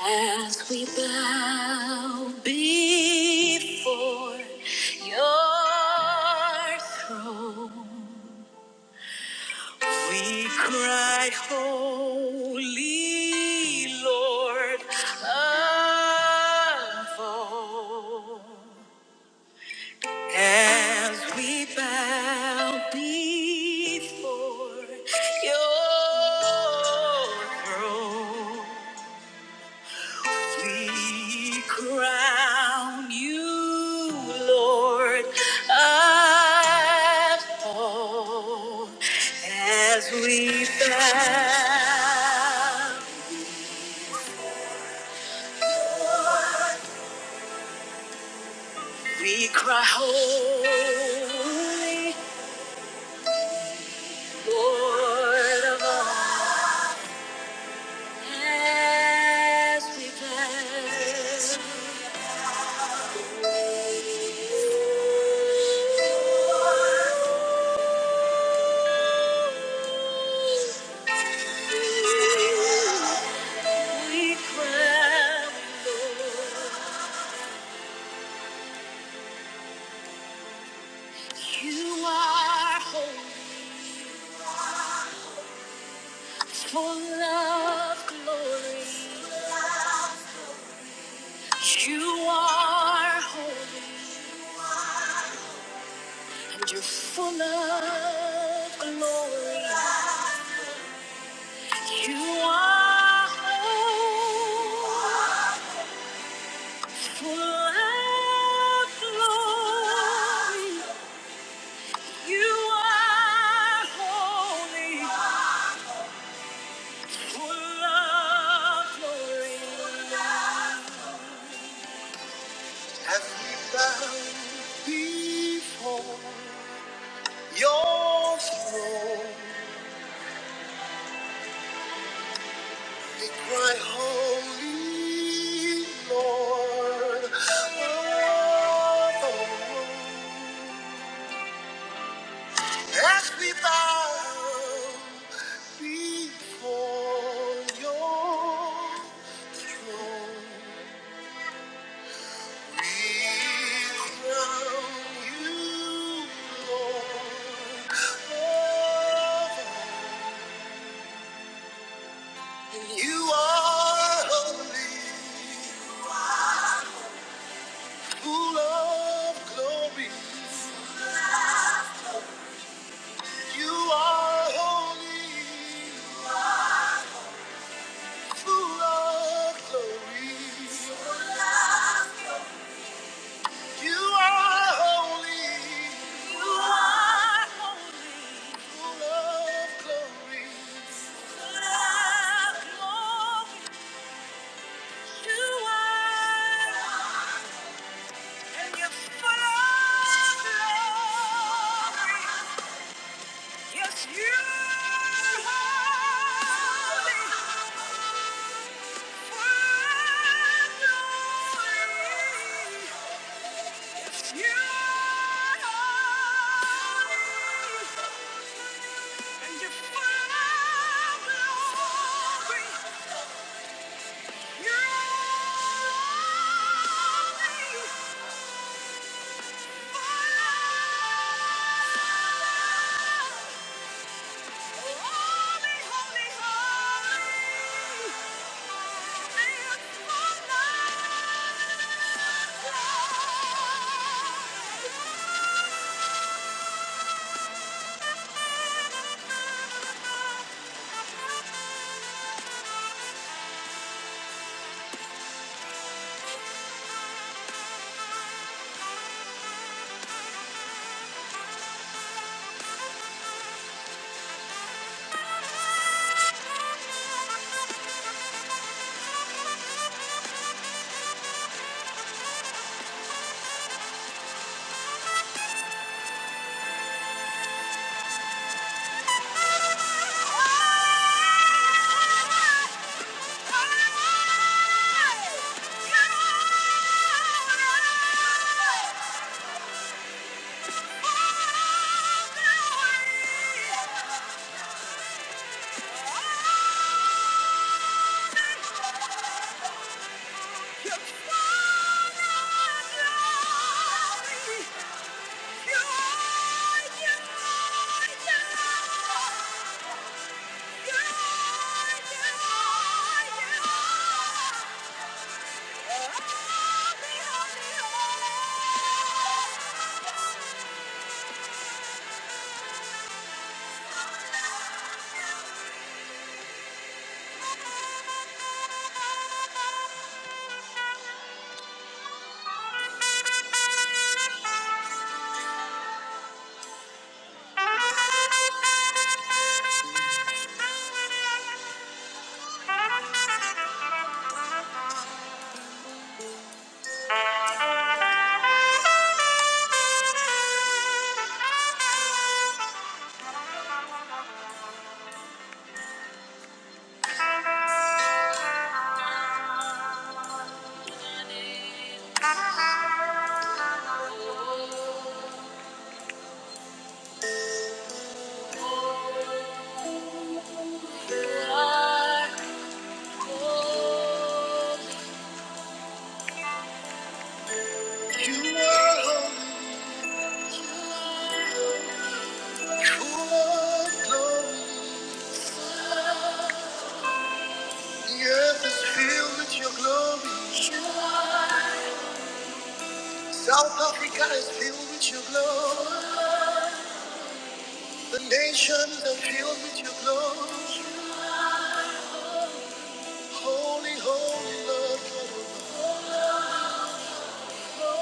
Speaker 2: As we bow before your throne, we cry, Holy Lord of all. As we bow before your throne, be crowned. Ooh, Lord, I- we cry holy Lord of hosts. As we bow before your throne, we crown you, Lord. You are holy, Lord. You are holy, full of glory. You are holy. You are holy, full of glory. You are. You are holy, full of glory. The earth is filled with your glory. South Africa is filled with your glory. The nations are filled with your glory. Holy, holy Lord God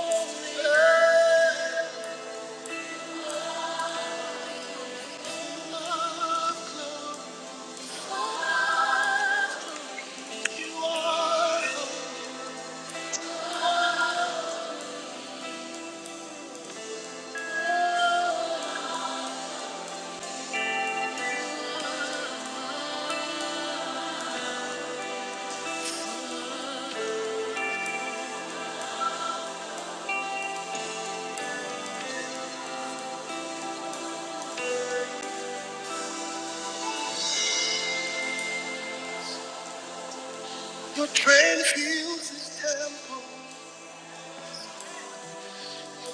Speaker 2: Your train fills His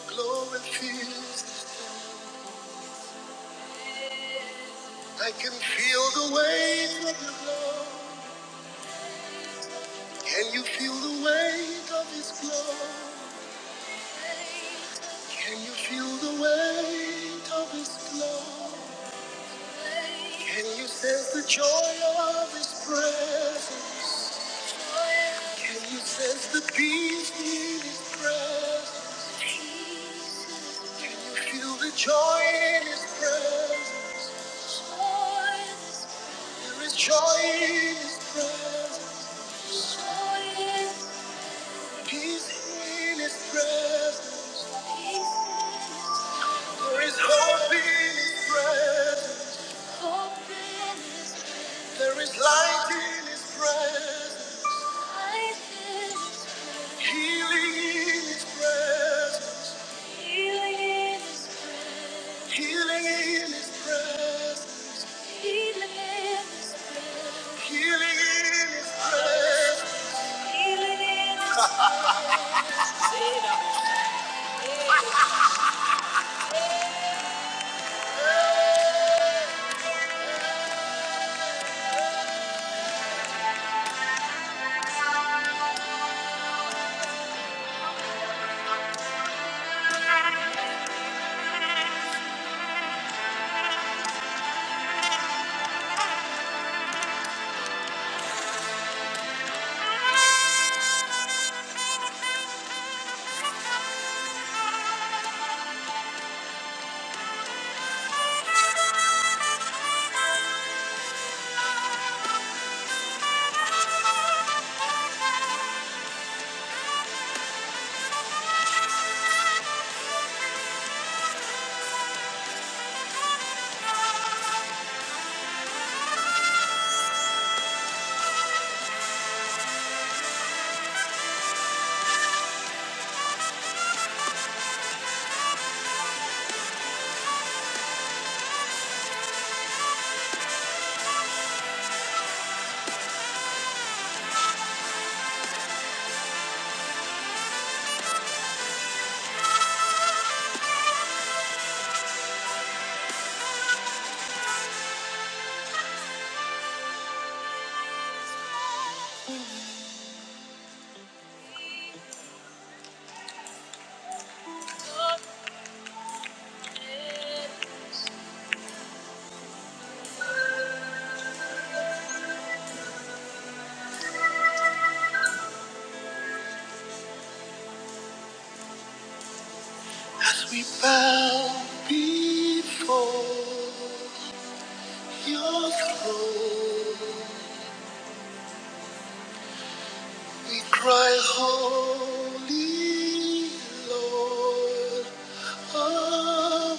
Speaker 2: glory fills. Can you feel the weight of His glory? Can you feel the weight of His glory? Can you sense the joy of His presence? Can you sense the peace in His presence? Can you feel the joy in His presence? There is joy in His presence. We bow before Your throne. We cry, Holy Lord, Holy.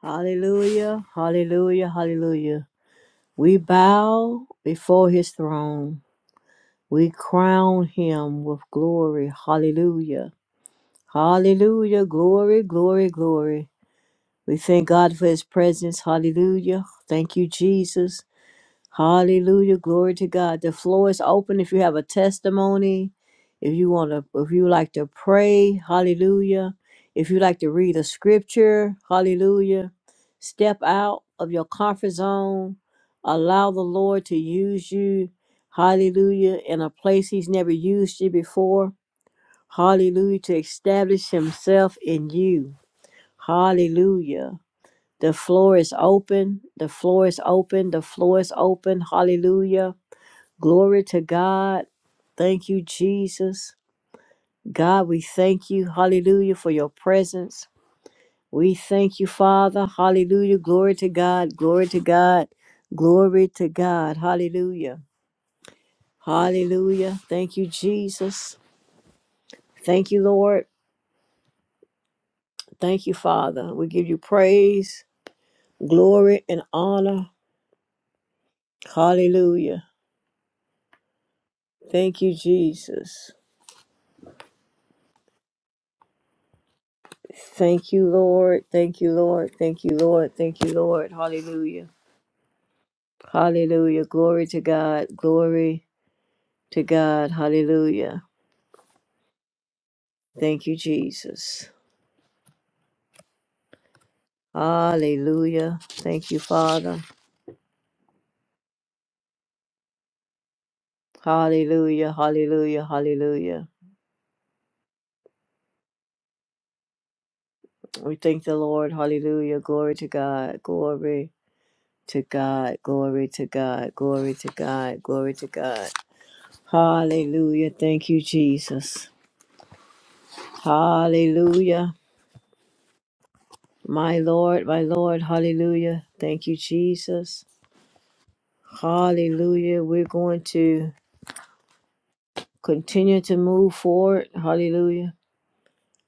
Speaker 2: Hallelujah, hallelujah, hallelujah. We bow before his throne. We crown him with glory. Hallelujah. Hallelujah, glory, glory, glory. We thank God for his presence. Hallelujah. Thank you, Jesus. Hallelujah. Glory to God. The floor is open if you have a testimony, if you want to, if you like to pray, hallelujah. If you like to read a scripture, hallelujah. Step out of your comfort zone. Allow the Lord to use you, hallelujah, in a place He's never used you before, hallelujah, to establish Himself in you, hallelujah. The floor is open. The floor is open. The floor is open. Hallelujah. Glory to God. Thank you, Jesus. God, we thank you, hallelujah, for your presence. We thank you, Father, hallelujah. Glory to God, glory to God, glory to God, hallelujah, hallelujah. Thank you, Jesus. Thank you, Lord. Thank you, Father. We give you praise, glory, and honor, hallelujah. Thank you, Jesus. Thank you, Lord. Thank you, Lord. Thank you, Lord. Thank you, Lord. Hallelujah. Hallelujah. Glory to God. Glory to God. Hallelujah. Thank you, Jesus. Hallelujah. Thank you, Father. Hallelujah. Hallelujah. Hallelujah. We thank the Lord. Hallelujah. Glory to God. Glory to God. Glory to God. Glory to God. Glory to God. Hallelujah. Thank you, Jesus. Hallelujah. My Lord, my Lord. Hallelujah. Thank you, Jesus. Hallelujah. We're going to continue to move forward. Hallelujah.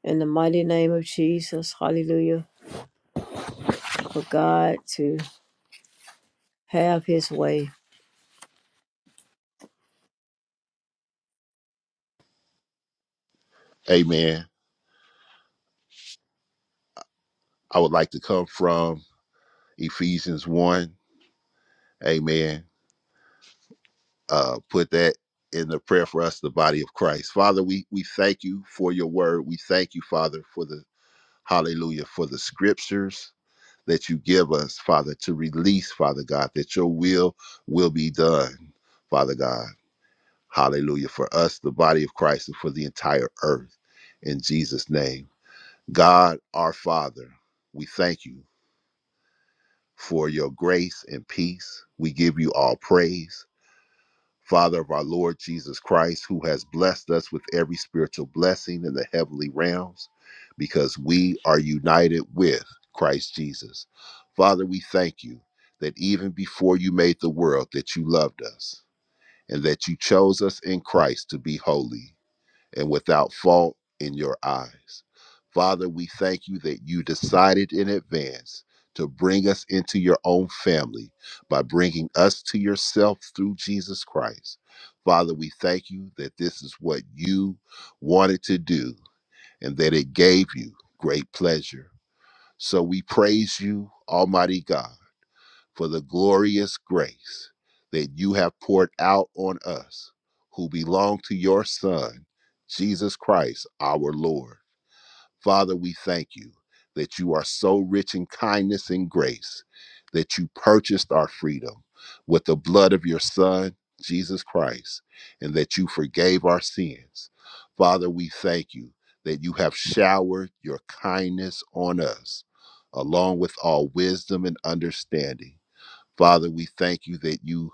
Speaker 2: In the mighty name of Jesus. Hallelujah. For God to have his way.
Speaker 3: Amen. I would like to come from Ephesians 1. Amen. Uh, put that in the prayer for us, the body of Christ. Father, we, we thank you for your word. We thank you, Father, for the hallelujah, for the scriptures that you give us, Father, to release, Father God, that your will will be done. Father God. Hallelujah. For us, the body of Christ, and for the entire earth. In Jesus' name. God, our Father, we thank you for your grace and peace. We give you all praise. Father of our Lord Jesus Christ, who has blessed us with every spiritual blessing in the heavenly realms, because we are united with Christ Jesus. Father, we thank you that even before you made the world, that you loved us and that you chose us in Christ to be holy and without fault in your eyes. Father, we thank you that you decided in advance to bring us into your own family by bringing us to yourself through Jesus Christ. Father, we thank you that this is what you wanted to do and that it gave you great pleasure. So we praise you, Almighty God for the glorious grace that you have poured out on us who belong to your Son, Jesus Christ, our Lord. Father, we thank you that you are so rich in kindness and grace that you purchased our freedom with the blood of your Son, Jesus Christ, and that you forgave our sins. Father, we thank you that you have showered your kindness on us, along with all wisdom and understanding Father, we thank you that you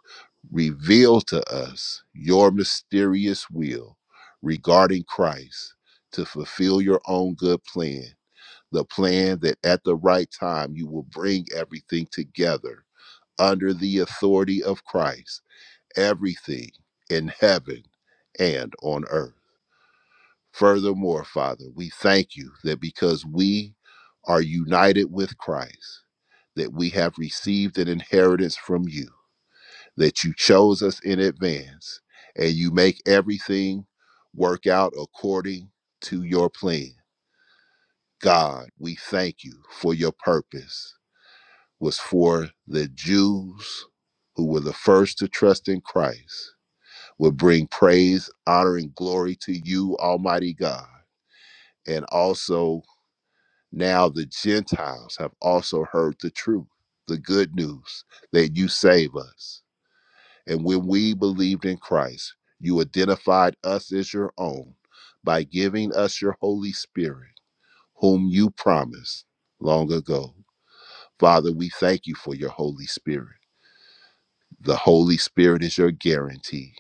Speaker 3: reveal to us your mysterious will regarding Christ to fulfill your own good plan, the plan that at the right time you will bring everything together under the authority of Christ, everything in heaven and on earth. Furthermore, Father, we thank you that because we are united with Christ, that we have received an inheritance from you that you chose us in advance and you make everything work out according to your plan. God, we thank you for your purpose was for the Jews who were the first to trust in Christ would bring praise, honor and glory to you, almighty God. And also now the Gentiles have also heard the truth, the good news that you save us. And when we believed in Christ, you identified us as your own by giving us your Holy Spirit, whom you promised long ago. Father, we thank you for your Holy Spirit. The Holy Spirit is your guarantee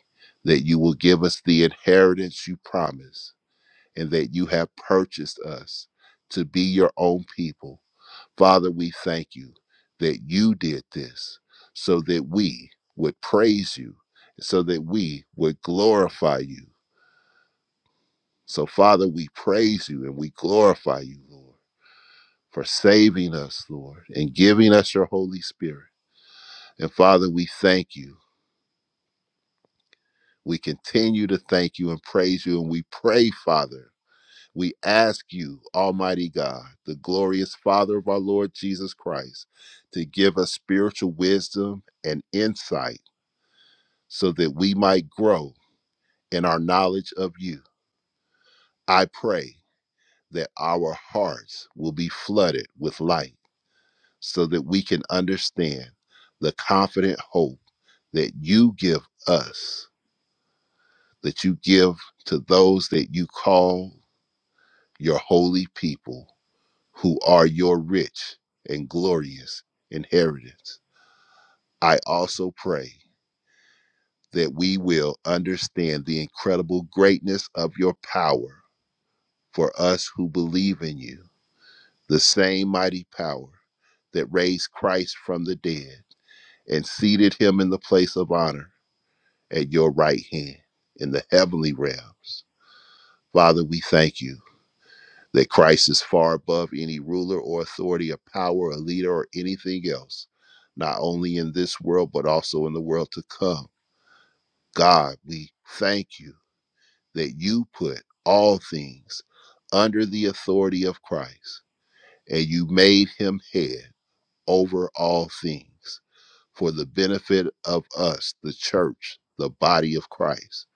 Speaker 3: that you will give us the inheritance you promised and that you have purchased us to be your own people Father, we thank you that you did this so that we would praise you, so that we would glorify you. So, Father, we praise you and we glorify you, Lord, for saving us, Lord, and giving us your Holy Spirit. And, Father, we thank you. We continue to thank you and praise you. And we pray, Father, we ask you, Almighty God, the glorious Father of our Lord Jesus Christ, to give us spiritual wisdom and insight so that we might grow in our knowledge of you. I pray that our hearts will be flooded with light so that we can understand the confident hope that you give us, that you give to those that you call your holy people, who are your rich and glorious inheritance. I also pray that we will understand the incredible greatness of your power for us who believe in you, the same mighty power that raised Christ from the dead and seated him in the place of honor at your right hand in the heavenly realms. Father, we thank you that Christ is far above any ruler or authority or power or leader or anything else, not only in this world, but also in the world to come. God, we thank you that you put all things under the authority of Christ and you made him head over all things for the benefit of us, the church, the body of Christ.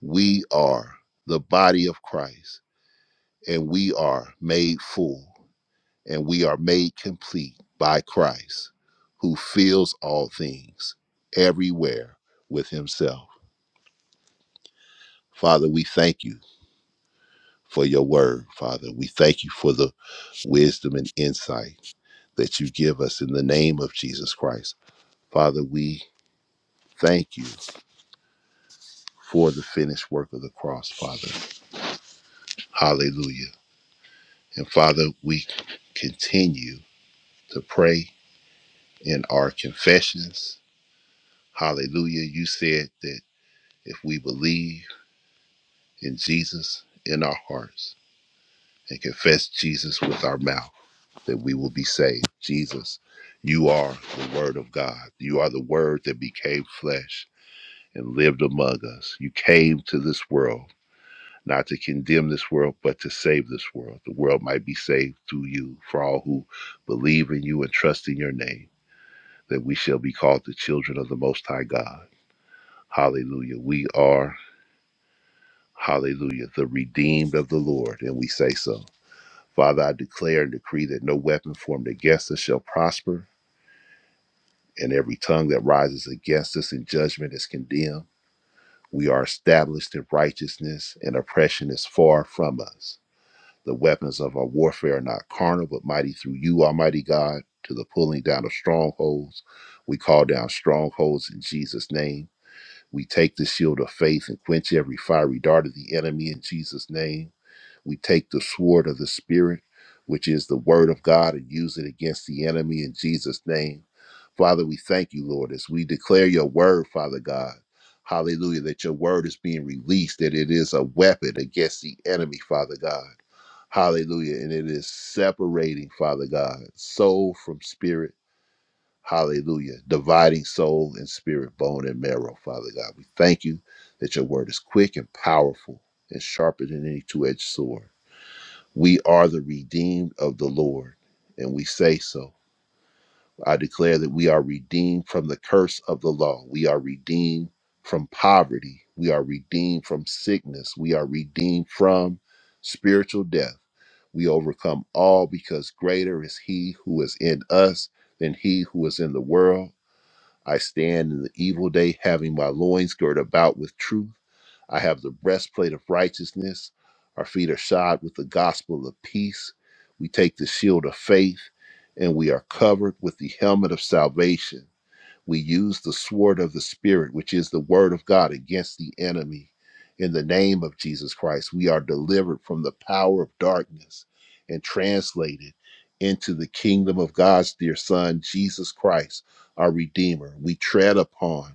Speaker 3: We are the body of Christ, and we are made full, and we are made complete by Christ, who fills all things everywhere with himself. Father, we thank you for your word, Father. We thank you for the wisdom and insight that you give us in the name of Jesus Christ. Father, we thank you for the finished work of the cross, Father. Hallelujah. And Father, we continue to pray in our confessions. Hallelujah. You said that if we believe in Jesus in our hearts and confess Jesus with our mouth, that we will be saved. Jesus, you are the Word of God. You are the Word that became flesh and lived among us. You came to this world not to condemn this world, but to save this world. The world might be saved through you, for all who believe in you and trust in your name, that we shall be called the children of the Most High God. Hallelujah. We are, hallelujah, the redeemed of the Lord, and we say so. Father, I declare and decree that no weapon formed against us shall prosper, and every tongue that rises against us in judgment is condemned. We are established in righteousness, and oppression is far from us. The weapons of our warfare are not carnal, but mighty through you, Almighty God, to the pulling down of strongholds. We call down strongholds in Jesus' name. We take the shield of faith and quench every fiery dart of the enemy in Jesus' name. We take the sword of the Spirit, which is the word of God, and use it against the enemy in Jesus' name. Father, we thank you, Lord, as we declare your word, Father God. Hallelujah, that your word is being released, that it is a weapon against the enemy, Father God. Hallelujah. And it is separating, Father God, soul from spirit. Hallelujah. Dividing soul and spirit, bone and marrow, Father God. We thank you that your word is quick and powerful and sharper than any two edged sword. We are the redeemed of the Lord, and we say so. I declare that we are redeemed from the curse of the law. We are redeemed from poverty. We are redeemed from sickness. We are redeemed from spiritual death. We overcome all because greater is He who is in us than He who is in the world. I stand in the evil day, having my loins girt about with truth. I have the breastplate of righteousness. Our feet are shod with the gospel of peace. We take the shield of faith and we are covered with the helmet of salvation. We use the sword of the Spirit, which is the word of God, against the enemy. In the name of Jesus Christ, we are delivered from the power of darkness and translated into the kingdom of God's dear Son, Jesus Christ, our Redeemer. We tread upon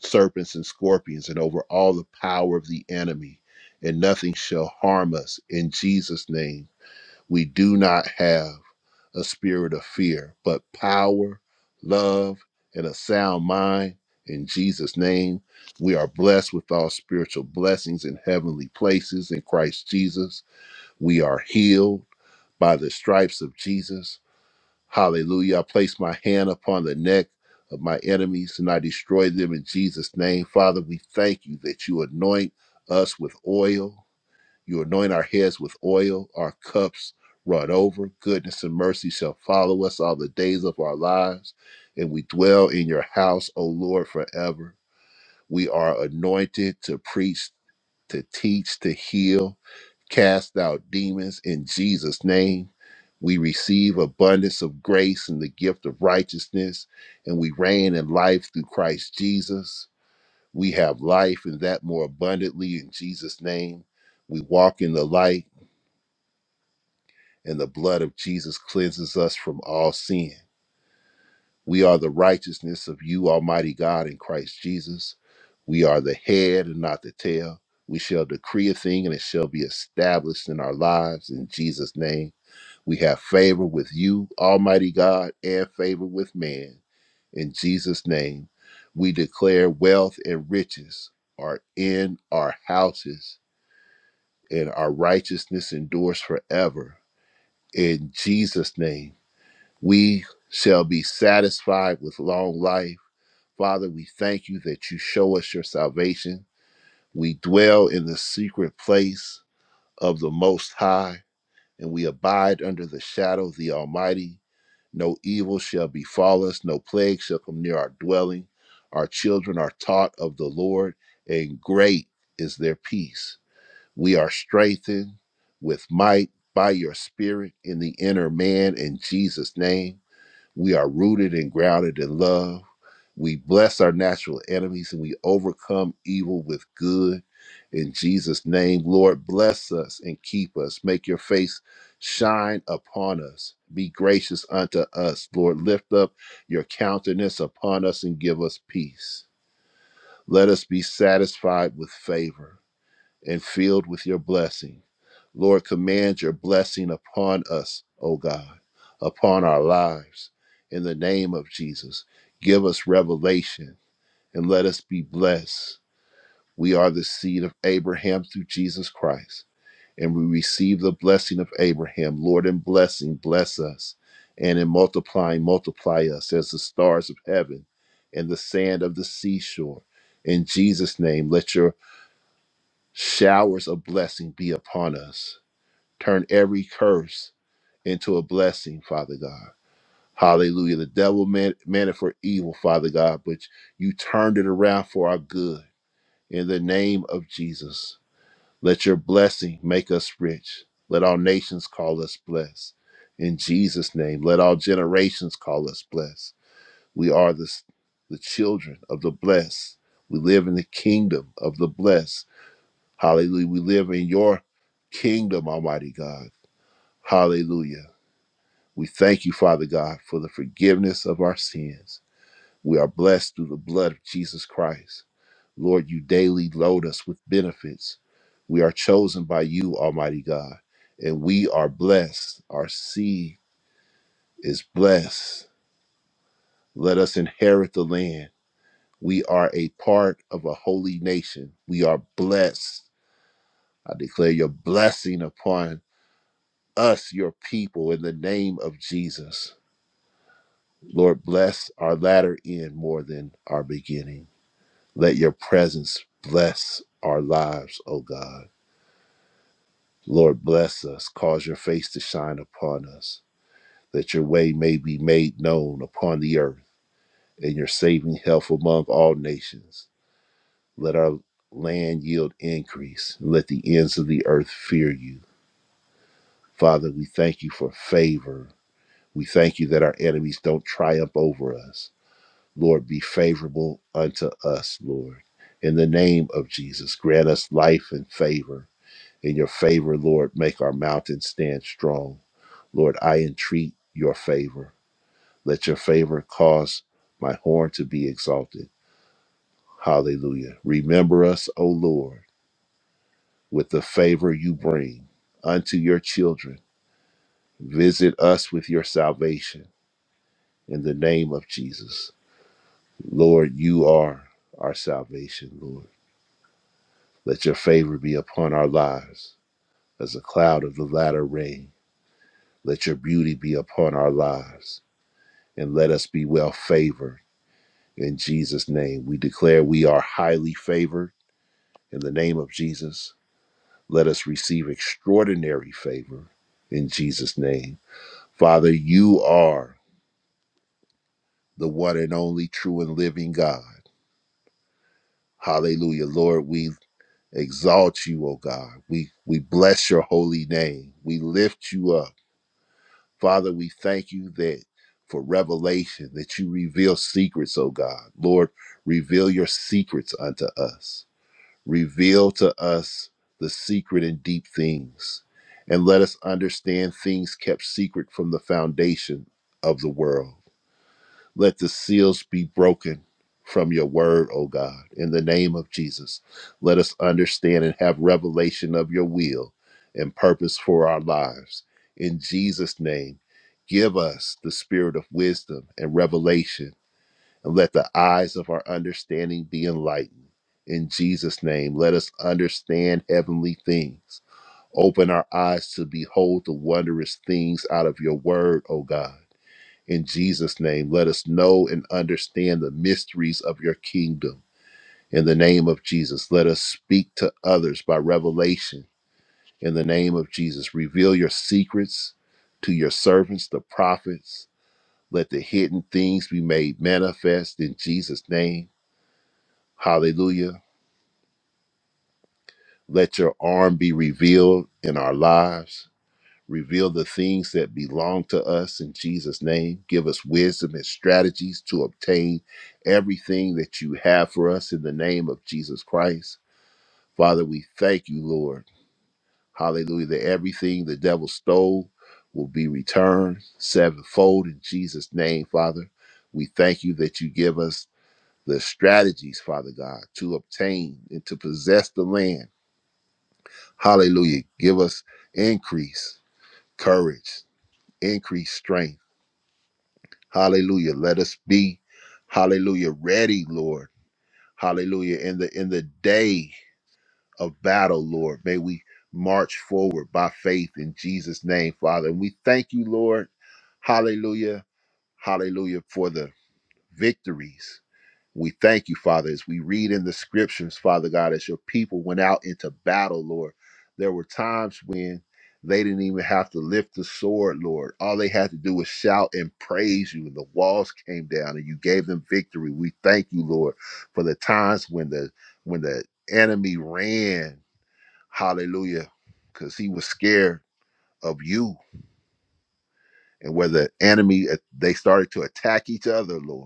Speaker 3: serpents and scorpions and over all the power of the enemy, and nothing shall harm us. In Jesus' name, we do not have a spirit of fear, but power, love, and a sound mind. In Jesus' name, we are blessed with all spiritual blessings in heavenly places in Christ Jesus. We are healed by the stripes of Jesus. Hallelujah. I place my hand upon the neck of my enemies and I destroy them in Jesus' name. Father, we thank you that you anoint us with oil. You anoint our heads with oil, our cups run over. Goodness and mercy shall follow us all the days of our lives, and we dwell in your house, O Lord, forever. We are anointed to preach to teach, to heal, cast out demons in Jesus' name. We receive abundance of grace and the gift of righteousness, and we reign in life through Christ Jesus. We have life and that more abundantly in Jesus' name. We walk in the light, and the blood of Jesus cleanses us from all sin. We are the righteousness of you, Almighty God, in Christ Jesus. We are the head and not the tail. We shall decree a thing and it shall be established in our lives in Jesus' name. We have favor with you, Almighty God, and favor with man. In Jesus' name, we declare wealth and riches are in our houses, and our righteousness endures forever. In Jesus' name, we shall be satisfied with long life Father, we thank you that you show us your salvation. We dwell in the secret place of the Most High, and we abide under the shadow of the Almighty. No evil shall befall us, no plague shall come near our dwelling. Our children are taught of the Lord, and great is their peace. We are strengthened with might by your Spirit in the inner man in Jesus' name. We are rooted and grounded in love. We bless our natural enemies and we overcome evil with good. In Jesus' name, Lord, bless us and keep us. Make your face shine upon us. Be gracious unto us. Lord, lift up your countenance upon us and give us peace. Let us be satisfied with favor and filled with your blessing. Lord, command your blessing upon us, O God, upon our lives. In the name of Jesus, give us revelation and let us be blessed. We are the seed of Abraham through Jesus Christ, and we receive the blessing of Abraham. Lord, in blessing, bless us, and in multiplying, multiply us as the stars of heaven and the sand of the seashore. In Jesus' name, let your Showers of blessing be upon us. Turn every curse into a blessing, Father God. Hallelujah. The devil meant, meant it for evil, Father God, but you turned it around for our good. In the name of Jesus, let your blessing make us rich. Let all nations call us blessed. In Jesus' name, let all generations call us blessed. We are the, the children of the blessed. We live in the kingdom of the blessed Hallelujah. We live in your kingdom, Almighty God. Hallelujah. We thank you, Father God, for the forgiveness of our sins. We are blessed through the blood of Jesus Christ. Lord, you daily load us with benefits. We are chosen by you, Almighty God, and we are blessed. Our seed is blessed. Let us inherit the land. We are a part of a holy nation. We are blessed. I declare your blessing upon us, your people, in the name of Jesus. Lord, bless our latter end more than our beginning. Let your presence bless our lives, O God. Lord, bless us. Cause your face to shine upon us, that your way may be made known upon the earth and your saving health among all nations. Let our land yield increase. and Let the ends of the earth fear you. Father, we thank you for favor. We thank you that our enemies don't triumph over us. Lord, be favorable unto us, Lord. In the name of Jesus, grant us life and favor. In your favor, Lord, make our mountain stand strong. Lord, I entreat your favor. Let your favor cause my horn to be exalted. Hallelujah. Remember us, O Lord, with the favor you bring unto your children. Visit us with your salvation in the name of Jesus. Lord, you are our salvation, Lord. Let your favor be upon our lives as a cloud of the latter rain. Let your beauty be upon our lives and let us be well favored. In Jesus' name, we declare we are highly favored. In the name of Jesus, let us receive extraordinary favor. In Jesus' name. Father, you are the one and only true and living God. Hallelujah. Lord, we exalt you, O God. We, we bless your holy name. We lift you up. Father, we thank you that for revelation, that you reveal secrets, O God. Lord, reveal your secrets unto us. Reveal to us the secret and deep things, and let us understand things kept secret from the foundation of the world. Let the seals be broken from your word, O God, in the name of Jesus. Let us understand and have revelation of your will and purpose for our lives. In Jesus' name, give us the spirit of wisdom and revelation, and let the eyes of our understanding be enlightened. In Jesus' name, let us understand heavenly things. Open our eyes to behold the wondrous things out of your word, O God in Jesus' name, let us know and understand the mysteries of your kingdom. In the name of Jesus, let us speak to others by revelation. In the name of Jesus, reveal your secrets to your servants, the prophets. Let the hidden things be made manifest in Jesus' name. Hallelujah. Let your arm be revealed in our lives. Reveal the things that belong to us in Jesus' name. Give us wisdom and strategies to obtain everything that you have for us in the name of Jesus Christ. Father, we thank you, Lord. Hallelujah. That everything the devil stole will be returned sevenfold in Jesus' name, Father. We thank you that you give us the strategies, Father God, to obtain and to possess the land. Hallelujah. Give us increase, courage, increase strength Hallelujah. Let us be, hallelujah, ready, Lord. Hallelujah. In the in the day of battle, Lord, may we march forward by faith in Jesus' name, Father. And we thank you, Lord. Hallelujah. Hallelujah for the victories. We thank you, Father, as we read in the scriptures, Father God, as your people went out into battle, Lord. There were times when they didn't even have to lift the sword, Lord. All they had to do was shout and praise you, and the walls came down and you gave them victory. We thank you, Lord, for the times when the when the enemy ran. Hallelujah. Because he was scared of you. And where the enemy uh, they started to attack each other, Lord.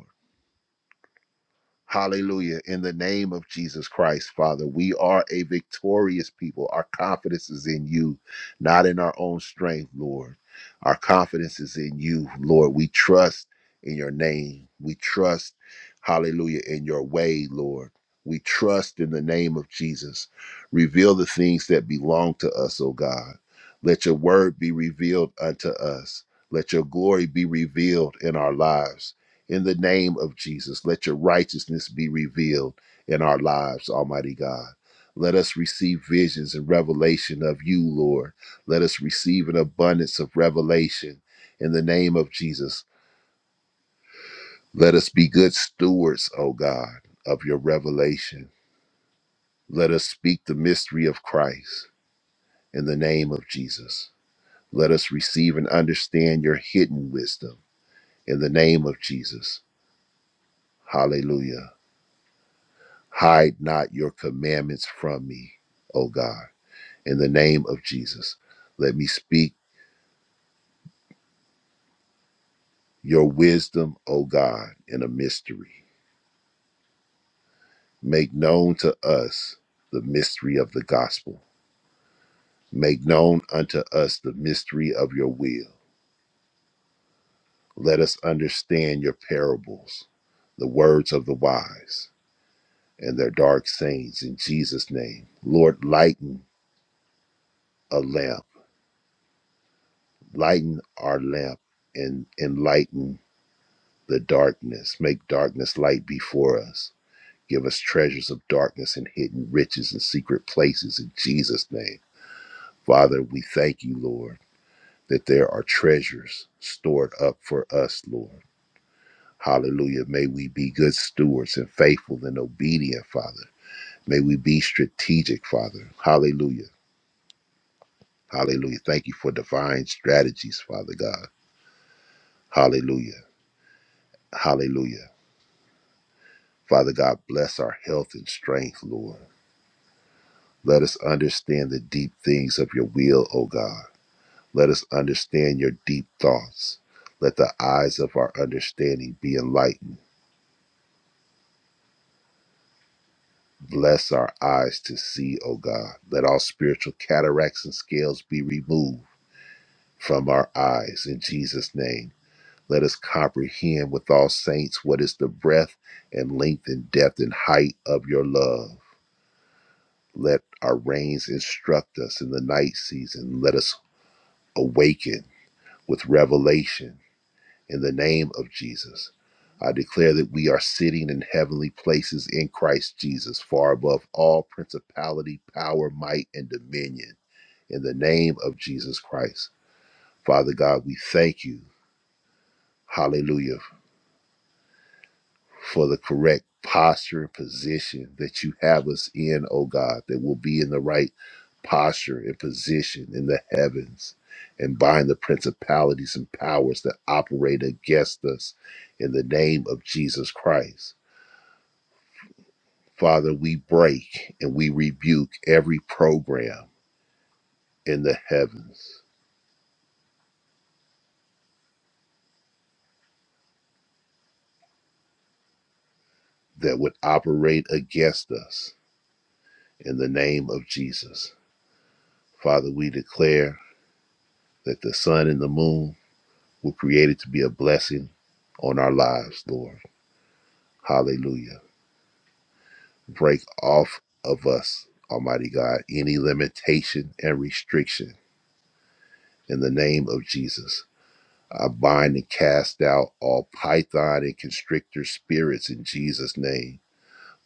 Speaker 3: Hallelujah. In the name of Jesus Christ, Father, we are a victorious people. Our confidence is in you, not in our own strength, Lord. Our confidence is in you, Lord. We trust in your name. We trust, hallelujah, in your way, Lord. We trust in the name of Jesus. Reveal the things that belong to us, O God. Let your word be revealed unto us. Let your glory be revealed in our lives. In the name of Jesus, let your righteousness be revealed in our lives, Almighty God. Let us receive visions and revelation of you, Lord. Let us receive an abundance of revelation in the name of Jesus. Let us be good stewards, O God, of your revelation. Let us speak the mystery of Christ in the name of Jesus. Let us receive and understand your hidden wisdom in the name of Jesus. Hallelujah. Hide not your commandments from me, O God. In the name of Jesus, let me speak your wisdom, O God, in a mystery. Make known to us the mystery of the gospel. Make known unto us the mystery of your will. Let us understand your parables, the words of the wise, and their dark sayings in Jesus' name. Lord, lighten a lamp, lighten our lamp, and enlighten the darkness. Make darkness light before us. Give us treasures of darkness and hidden riches and secret places in Jesus' name. Father, we thank you, Lord, that there are treasures stored up for us, Lord. Hallelujah. May we be good stewards and faithful and obedient, Father. May we be strategic, Father. Hallelujah. Hallelujah. Thank you for divine strategies, Father God. Hallelujah. Hallelujah. Father God, bless our health and strength, Lord. Let us understand the deep things of your will, O God. Let us understand your deep thoughts. Let the eyes of our understanding be enlightened. Bless our eyes to see, O God. Let all spiritual cataracts and scales be removed from our eyes in Jesus' name. Let us comprehend with all saints what is the breadth and length and depth and height of your love. Let our reins instruct us in the night season. Let us awaken with revelation In the name of Jesus, I declare that we are sitting in heavenly places in Christ Jesus, far above all principality, power, might, and dominion. In the name of Jesus Christ. Father God, we thank you, hallelujah, for the correct posture and position that you have us in, oh God, that will be in the right posture and position in the heavens and bind the principalities and powers that operate against us in the name of Jesus Christ. Father, we break and we rebuke every program in the heavens that would operate against us in the name of Jesus. Father, we declare that the sun and the moon were created to be a blessing on our lives, Lord. Hallelujah. Break off of us, Almighty God, any limitation and restriction in the name of Jesus. I bind and cast out all python and constrictor spirits in Jesus' name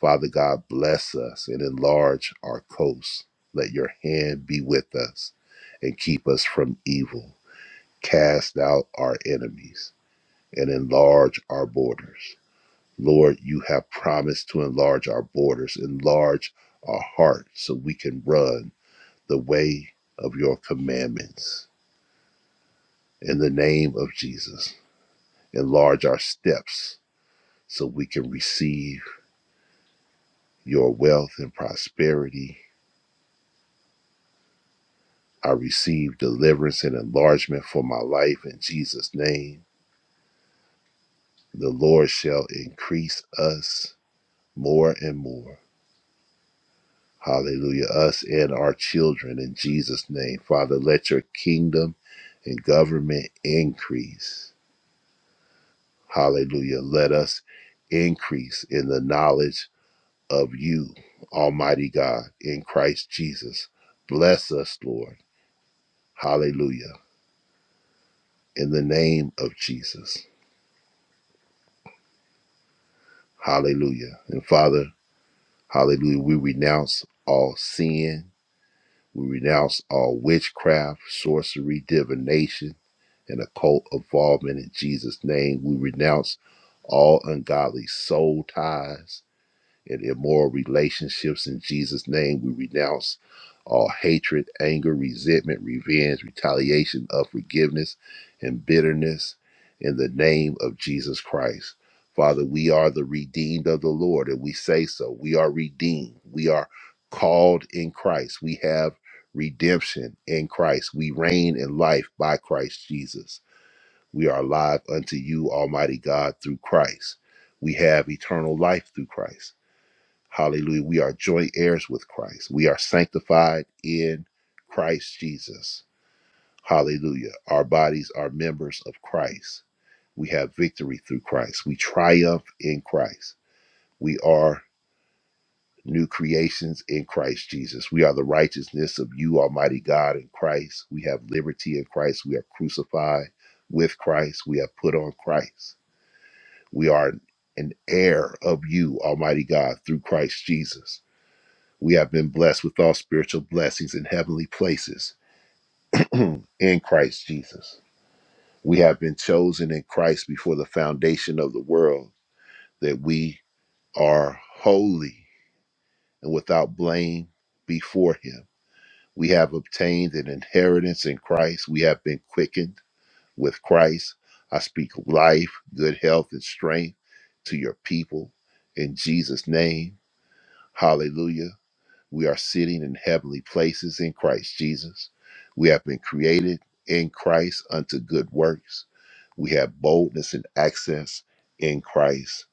Speaker 3: Father God, bless us and enlarge our coast. Let your hand be with us and keep us from evil. Cast out our enemies and enlarge our borders. Lord, you have promised to enlarge our borders, enlarge our heart so we can run the way of your commandments. In the name of Jesus, enlarge our steps so we can receive your wealth and prosperity I receive deliverance and enlargement for my life in Jesus' name. The Lord shall increase us more and more. Hallelujah. Us and our children in Jesus' name. Father, let your kingdom and government increase. Hallelujah. Let us increase in the knowledge of you, Almighty God, in Christ Jesus. Bless us, Lord. Hallelujah. In the name of Jesus. Hallelujah. And Father, Hallelujah. We renounce all sin. We renounce all witchcraft, sorcery, divination, and occult involvement in Jesus' name. We renounce all ungodly soul ties and immoral relationships. In Jesus' name, we renounce all hatred, anger, resentment, revenge, retaliation, unforgiveness, and bitterness in the name of Jesus Christ. Father, we are the redeemed of the Lord, and we say so. We are redeemed. We are called in Christ. We have redemption in Christ. We reign in life by Christ Jesus. We are alive unto you, Almighty God, through Christ. We have eternal life through Christ. Hallelujah. We are joint heirs with Christ. We are sanctified in Christ Jesus. Hallelujah. Our bodies are members of Christ. We have victory through Christ. We triumph in Christ. We are new creations in Christ Jesus. We are the righteousness of you, Almighty God, in Christ. We have liberty in Christ. We are crucified with Christ. We have put on Christ. We are an heir of you, Almighty God, through Christ Jesus. We have been blessed with all spiritual blessings in heavenly places in Christ Jesus. We have been chosen in Christ before the foundation of the world that we are holy and without blame before Him. We have obtained an inheritance in Christ. We have been quickened with Christ. I speak life, good health, and strength to your people in Jesus' name. Hallelujah. We are sitting in heavenly places in Christ Jesus. We have been created in Christ unto good works. We have boldness and access in Christ.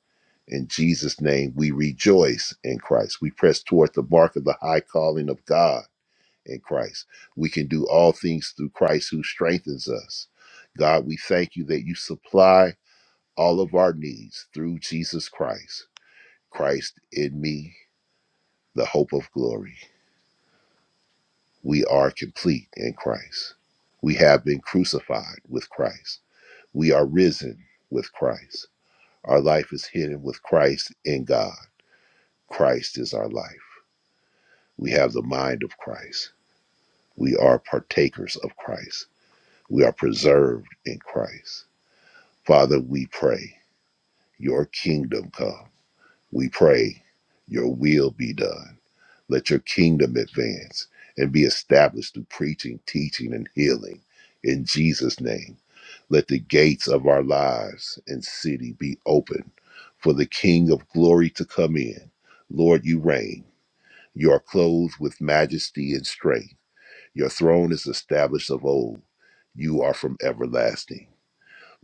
Speaker 3: In Jesus' name, we rejoice in Christ. We press toward the mark of the high calling of God in Christ. We can do all things through Christ who strengthens us. God, we thank you that you supply all of our needs through Jesus Christ. Christ in me, the hope of glory. We are complete in Christ. We have been crucified with Christ. We are risen with Christ. Our life is hidden with Christ in God. Christ is our life. We have the mind of Christ. We are partakers of Christ. We are preserved in Christ. Father, we pray, your kingdom come. We pray, your will be done. Let your kingdom advance and be established through preaching, teaching, and healing. In Jesus' name. Let the gates of our lives and city be open for the King of glory to come in. Lord, you reign. You are clothed with majesty and strength. Your throne is established of old. You are from everlasting.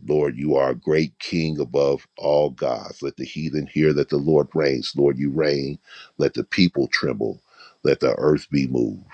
Speaker 3: Lord, you are a great king above all gods. Let the heathen hear that the Lord reigns. Lord, you reign. Let the people tremble. Let the earth be moved.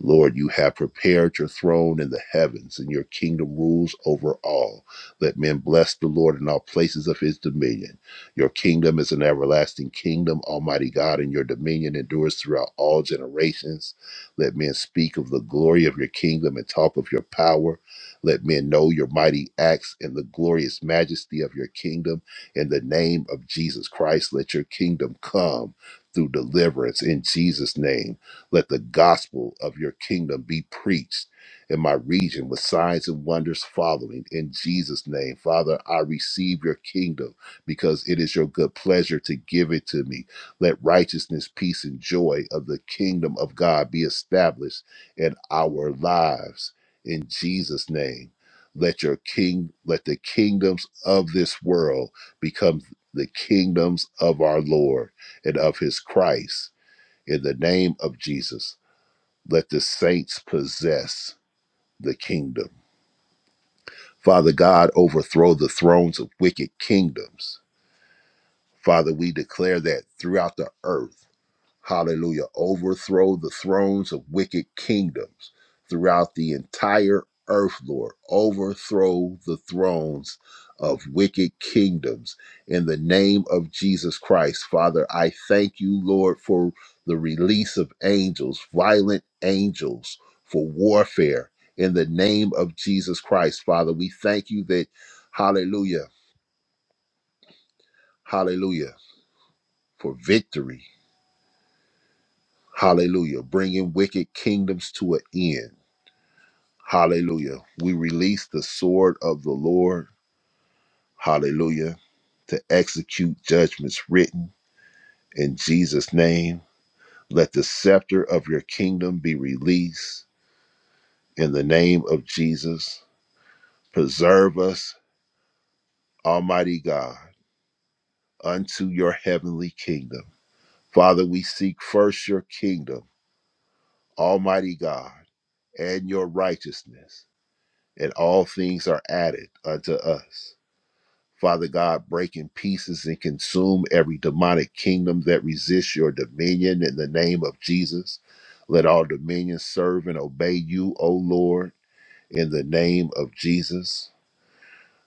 Speaker 3: Lord, you have prepared your throne in the heavens, and your kingdom rules over all. Let men bless the Lord in all places of his dominion. Your kingdom is an everlasting kingdom, Almighty God, and your dominion endures throughout all generations. Let men speak of the glory of your kingdom and talk of your power. Let men know your mighty acts and the glorious majesty of your kingdom. In the name of Jesus Christ, let your kingdom come through deliverance in Jesus' name. Let the gospel of your kingdom be preached in my region with signs and wonders following. In Jesus' name, Father, I receive your kingdom because it is your good pleasure to give it to me. Let righteousness, peace, and joy of the kingdom of God be established in our lives. In Jesus' name, let your king, let the kingdoms of this world become the kingdoms of our Lord and of his Christ in the name of Jesus, let the saints possess the kingdom. Father God, overthrow the thrones of wicked kingdoms. Father, we declare that throughout the earth. Hallelujah. Overthrow the thrones of wicked kingdoms throughout the entire earth, Lord. Overthrow the thrones of wicked kingdoms in the name of Jesus Christ. Father, I thank you, Lord, for the release of angels, violent angels for warfare in the name of Jesus Christ. Father, we thank you that, hallelujah, hallelujah, for victory. Hallelujah, bringing wicked kingdoms to an end. Hallelujah. We release the sword of the Lord. Hallelujah. To execute judgments written in Jesus' name. Let the scepter of your kingdom be released in the name of Jesus. Preserve us, Almighty God, unto your heavenly kingdom. Father, we seek first your kingdom, Almighty God, and your righteousness, and all things are added unto us. Father God, break in pieces and consume every demonic kingdom that resists your dominion in the name of Jesus. Let all dominions serve and obey you, O Lord, in the name of Jesus.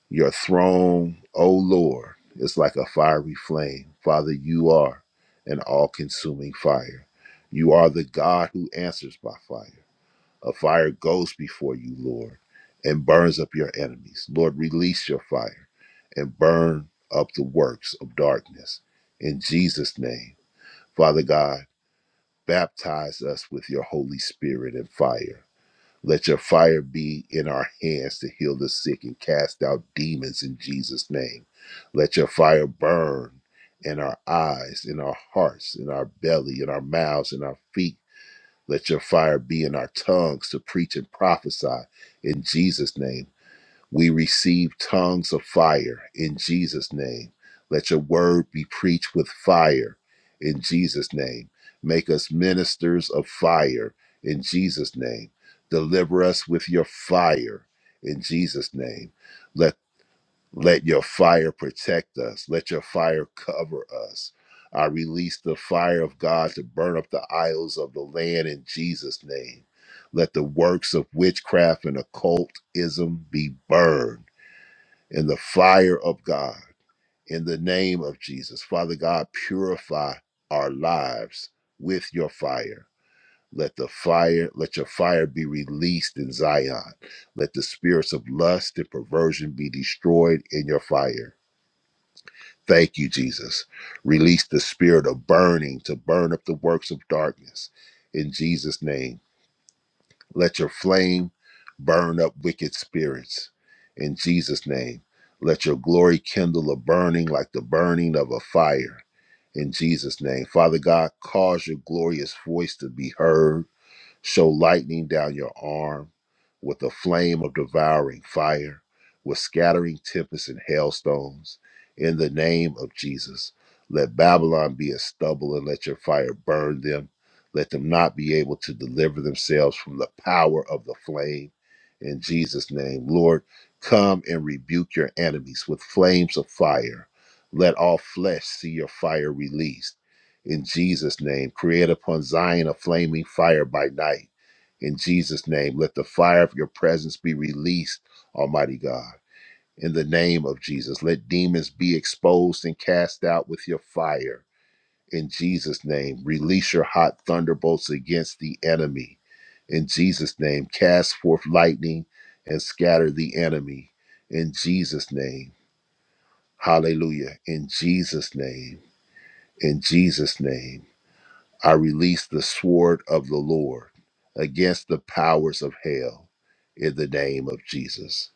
Speaker 3: Your throne, O Lord, is like a fiery flame. Father, you are an all consuming fire. You are the God who answers by fire. A fire goes before you, Lord, and burns up your enemies. Lord, release your fire and burn up the works of darkness. In Jesus' name, Father God, baptize us with your Holy Spirit and fire. Let your fire be in our hands to heal the sick and cast out demons in Jesus' name. Let your fire burn in our eyes, in our hearts, in our belly, in our mouths, in our feet let your fire be in our tongues to preach and prophesy in Jesus' name. We receive tongues of fire in Jesus' name. Let your word be preached with fire in Jesus' name. Make us ministers of fire in Jesus' name. Deliver us with your fire in Jesus' name. let. Let your fire protect us. Let your fire cover us. I release the fire of God to burn up the idols of the land in Jesus' name. Let the works of witchcraft and occultism be burned in the fire of God. In the name of Jesus, Father God, purify our lives with your fire. Let the fire, let your fire be released in Zion. Let the spirits of lust and perversion be destroyed in your fire. Thank you, Jesus. Release the spirit of burning to burn up the works of darkness. In Jesus' name, let your flame burn up wicked spirits. In Jesus' name, let your glory kindle a burning like the burning of a fire. In Jesus' name, Father God, cause your glorious voice to be heard Show lightning down your arm with a flame of devouring fire, with scattering tempests and hailstones. In the name of Jesus, let Babylon be as stubble and let your fire burn them. Let them not be able to deliver themselves from the power of the flame. In Jesus' name, Lord, come and rebuke your enemies with flames of fire. Let all flesh see your fire released in Jesus' name. Create upon Zion a flaming fire by night. In Jesus' name, let the fire of your presence be released, Almighty God. In the name of Jesus, let demons be exposed and cast out with your fire. In Jesus' name, release your hot thunderbolts against the enemy. In Jesus' name, cast forth lightning and scatter the enemy. In Jesus' name, hallelujah. In Jesus' name, in Jesus' name. I release the sword of the Lord against the powers of hell in the name of Jesus.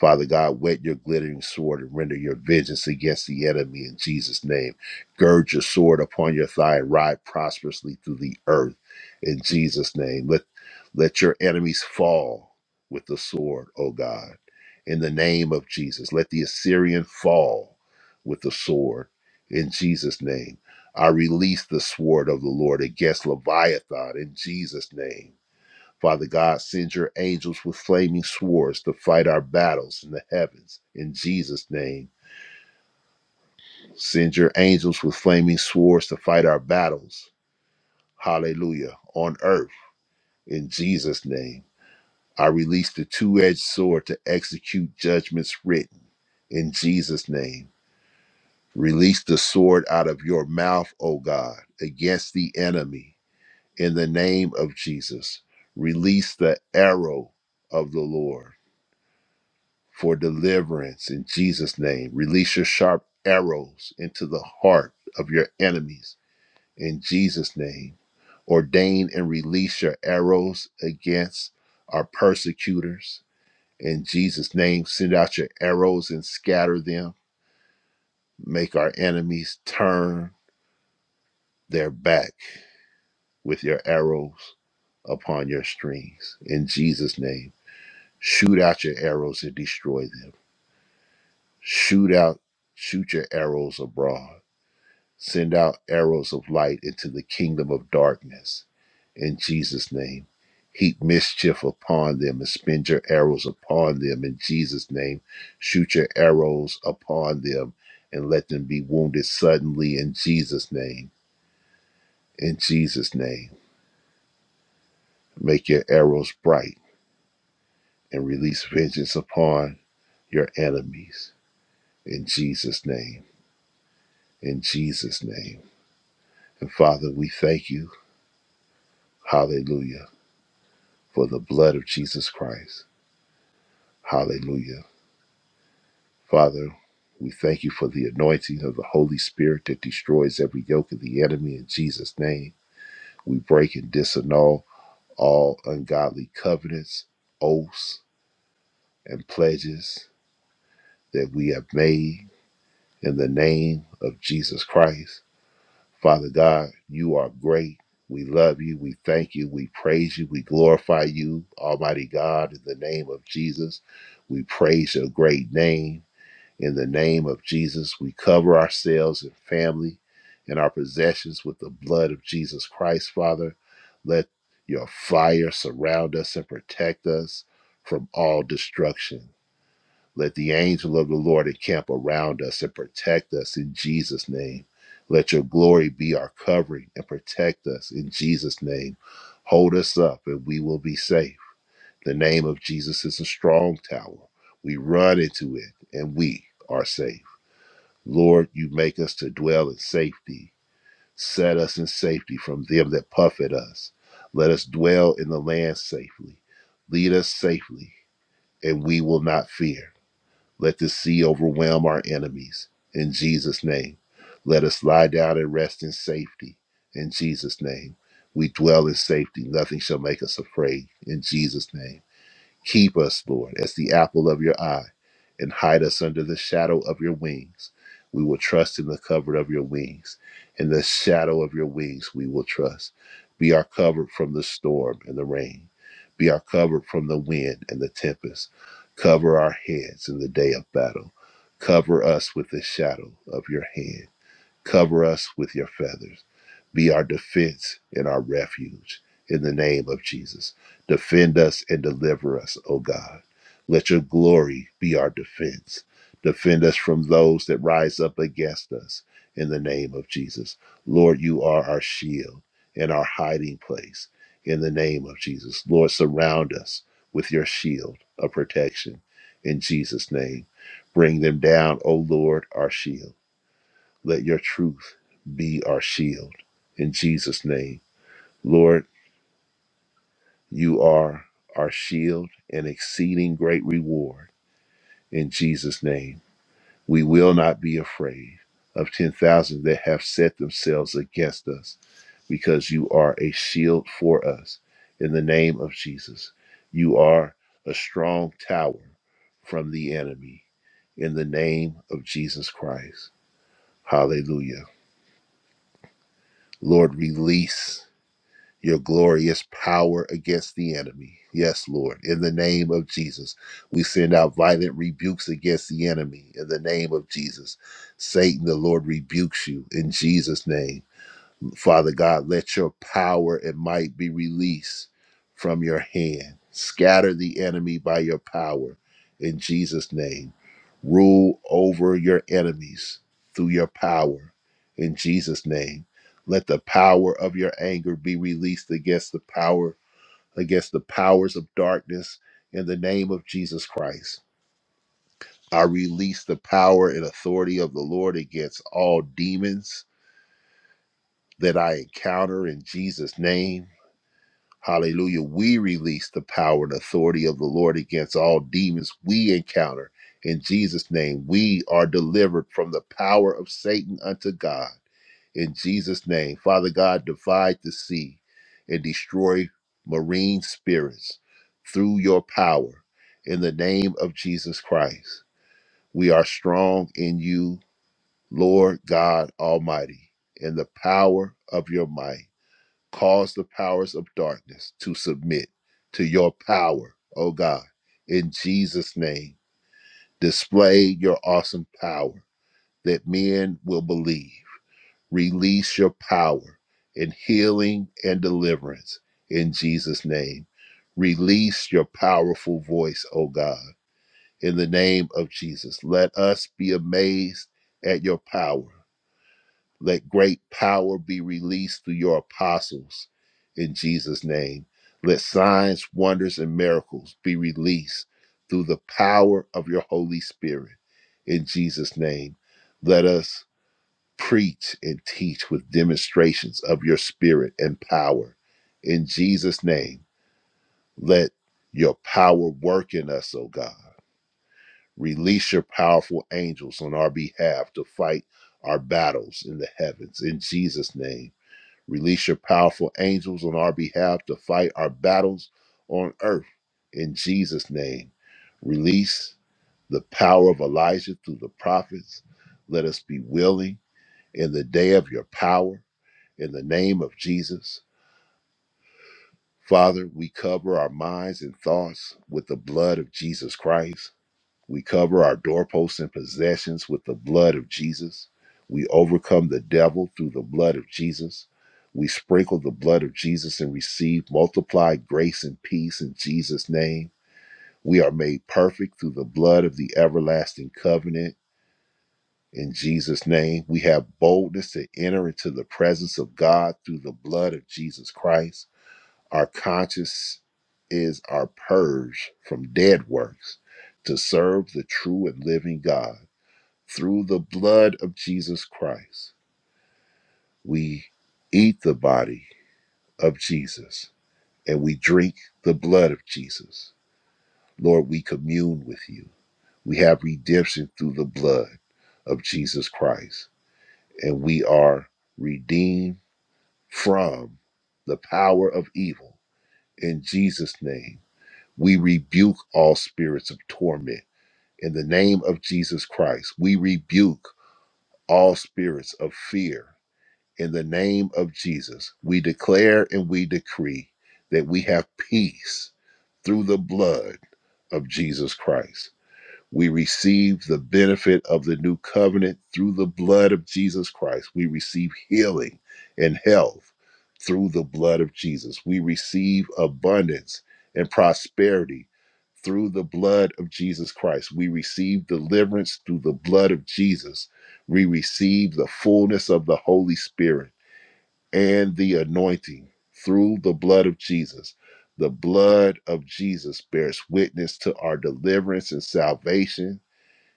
Speaker 3: Father God, wet your glittering sword and render your vengeance against the enemy in Jesus' name. Gird your sword upon your thigh and ride prosperously through the earth in Jesus' name. Let, let your enemies fall with the sword, O God, in the name of Jesus. Let the Assyrian fall with the sword in Jesus' name. I release the sword of the Lord against Leviathan in Jesus' name Father God, send your angels with flaming swords to fight our battles in the heavens. In Jesus' name, send your angels with flaming swords to fight our battles. Hallelujah. On earth, in Jesus' name. I release the two edged sword to execute judgments written. In Jesus' name. Release the sword out of your mouth, O God, against the enemy. In the name of Jesus, release the arrow of the Lord for deliverance in Jesus' name. Release your sharp arrows into the heart of your enemies in Jesus' name. Ordain and release your arrows against our persecutors in Jesus' name. Send out your arrows and scatter them. Make our enemies turn their back with your arrows upon your strings in Jesus' name. Shoot out your arrows and destroy them. Shoot out, shoot your arrows abroad Send out arrows of light into the kingdom of darkness. In Jesus' name, heap mischief upon them and spend your arrows upon them. In Jesus' name, shoot your arrows upon them and let them be wounded suddenly. In Jesus' name, in Jesus' name, make your arrows bright and release vengeance upon your enemies. In Jesus' name, in Jesus' name. And Father, we thank you. Hallelujah. For the blood of Jesus Christ. Hallelujah. Father, we thank you for the anointing of the Holy Spirit that destroys every yoke of the enemy in Jesus' name. We break and disannul all ungodly covenants, oaths, and pledges that we have made in the name of Jesus Christ. Father God, you are great. We love you. We thank you. We praise you. We glorify you, Almighty God, in the name of Jesus. We praise your great name. In the name of Jesus, we cover ourselves and family and our possessions with the blood of Jesus Christ, Father. Let your fire surround us and protect us from all destruction. Let the angel of the Lord encamp around us and protect us in Jesus' name. Let your glory be our covering and protect us in Jesus' name. Hold us up and we will be safe. The name of Jesus is a strong tower. We run into it and we are safe. Lord, you make us to dwell in safety. Set us in safety from them that puff at us. Let us dwell in the land safely. Lead us safely, and we will not fear. Let the sea overwhelm our enemies. In Jesus' name, let us lie down and rest in safety. In Jesus' name, we dwell in safety. Nothing shall make us afraid. In Jesus' name. Keep us, Lord, as the apple of your eye, and hide us under the shadow of your wings. We will trust in the cover of your wings. In the shadow of your wings, we will trust. Be our cover from the storm and the rain. Be our cover from the wind and the tempest. Cover our heads in the day of battle. Cover us with the shadow of your hand. Cover us with your feathers. Be our defense and our refuge in the name of Jesus. Defend us and deliver us, O God. Let your glory be our defense. Defend us from those that rise up against us in the name of Jesus. Lord, you are our shield and our hiding place in the name of Jesus. Lord, surround us with your shield of protection in Jesus' name. Bring them down, O Lord, our shield. Let your truth be our shield. In Jesus' name, Lord, you are our shield and exceeding great reward. In Jesus' name, we will not be afraid of 10,000 that have set themselves against us because you are a shield for us. In the name of Jesus, you are a strong tower from the enemy. In the name of Jesus Christ. Hallelujah. Lord, release. your glorious power against the enemy. Yes, Lord. In the name of Jesus, we send out violent rebukes against the enemy. In the name of Jesus, Satan, the Lord rebukes you in Jesus' name. Father God, let your power and might be released from your hand. Scatter the enemy by your power in Jesus' name. Rule over your enemies through your power in Jesus' name. Let the power of your anger be released against the power, against the powers of darkness in the name of Jesus Christ. I release the power and authority of the Lord against all demons that I encounter in Jesus' name. Hallelujah. We release the power and authority of the Lord against all demons we encounter. In Jesus' name, we are delivered from the power of Satan unto God. In Jesus' name, Father God, divide the sea and destroy marine spirits through your power. In the name of Jesus Christ, we are strong in you, Lord God Almighty, in the power of your might. Cause the powers of darkness to submit to your power, O God. In Jesus' name, display your awesome power that men will believe. Release your power in healing and deliverance in Jesus' name. Release your powerful voice, O God, in the name of Jesus. Let us be amazed at your power. Let great power be released through your apostles in Jesus' name. Let signs, wonders, and miracles be released through the power of your Holy Spirit in Jesus' name. Let us preach and teach with demonstrations of your spirit and power in Jesus' name. Let your power work in us, O God. Release your powerful angels on our behalf to fight our battles in the heavens in Jesus' name Release your powerful angels on our behalf to fight our battles on earth in Jesus' name. Release the power of Elijah through the prophets. Let us be willing in the day of your power in the name of Jesus. Father, we cover our minds and thoughts with the blood of Jesus Christ. We cover our doorposts and possessions with the blood of Jesus. We overcome the devil through the blood of Jesus. We sprinkle the blood of Jesus and receive multiplied grace and peace in Jesus' name. We are made perfect through the blood of the everlasting covenant in Jesus' name. We have boldness to enter into the presence of God through the blood of Jesus Christ. Our conscience is our purge from dead works to serve the true and living God. Through the blood of Jesus Christ, we eat the body of Jesus and we drink the blood of Jesus. Lord, we commune with you. We have redemption through the blood of Jesus Christ, and we are redeemed from the power of evil. In Jesus' name, we rebuke all spirits of torment. In the name of Jesus Christ, we rebuke all spirits of fear In the name of Jesus, we declare and we decree that we have peace through the blood of Jesus Christ. We receive the benefit of the new covenant through the blood of Jesus Christ. We receive healing and health through the blood of Jesus. We receive abundance and prosperity through the blood of Jesus Christ. We receive deliverance through the blood of Jesus. We receive the fullness of the Holy Spirit and the anointing through the blood of Jesus. The blood of Jesus bears witness to our deliverance and salvation.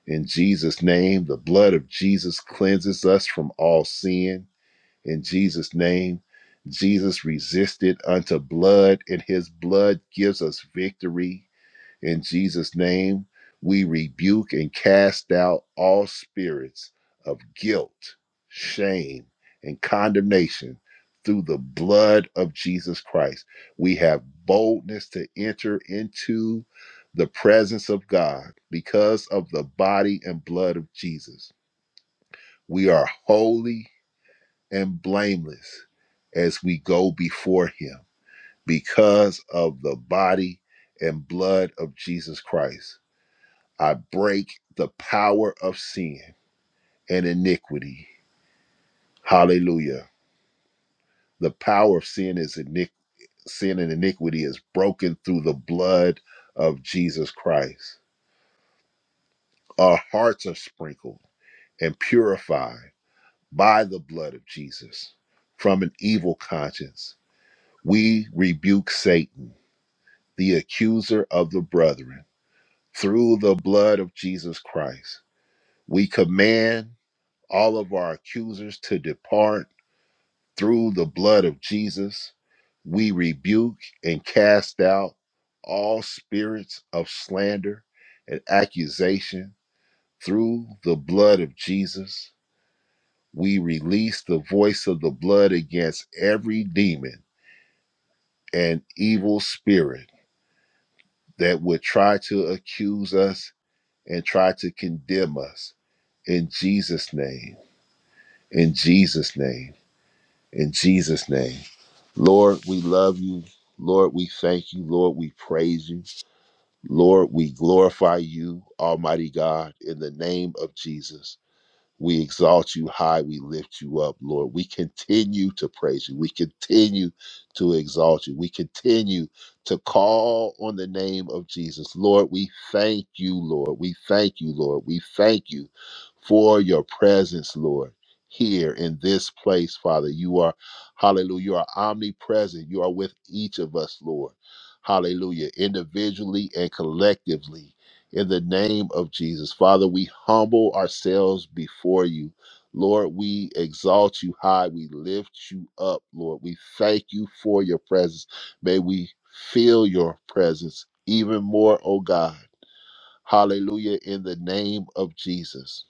Speaker 3: In Jesus' name, the blood of Jesus cleanses us from all sin. In Jesus' name, Jesus resisted unto blood, and his blood gives us victory. In Jesus' name, we rebuke and cast out all spirits of guilt, shame, and condemnation through the blood of Jesus Christ. We have boldness to enter into the presence of God because of the body and blood of Jesus. We are holy and blameless as we go before Him because of the body and blood of Jesus Christ. I break the power of sin and iniquity. Hallelujah. The power of sin is iniquity. Sin and iniquity is broken through the blood of Jesus Christ. Our hearts are sprinkled and purified by the blood of Jesus from an evil conscience. We rebuke Satan, the accuser of the brethren, through the blood of Jesus Christ. We command all of our accusers to depart Through the blood of Jesus, we rebuke and cast out all spirits of slander and accusation. Through the blood of Jesus, we release the voice of the blood against every demon and evil spirit that would try to accuse us and try to condemn us. In Jesus' name, in Jesus' name, in Jesus' name. Lord, we love you. Lord, we thank you. Lord, we praise you. Lord, we glorify you, Almighty God, in the name of Jesus. We exalt you high. We lift you up, Lord. We continue to praise you. We continue to exalt you. We continue to call on the name of Jesus. Lord, we thank you, Lord. We thank you, Lord. We thank you for your presence, Lord. Here in this place, Father, you are, hallelujah, you are omnipresent. You are with each of us, Lord. Hallelujah, individually and collectively. In the name of Jesus, Father, we humble ourselves before you. Lord, we exalt you high. We lift you up, Lord. We thank you for your presence. May we feel your presence even more, oh God. Hallelujah, in the name of Jesus.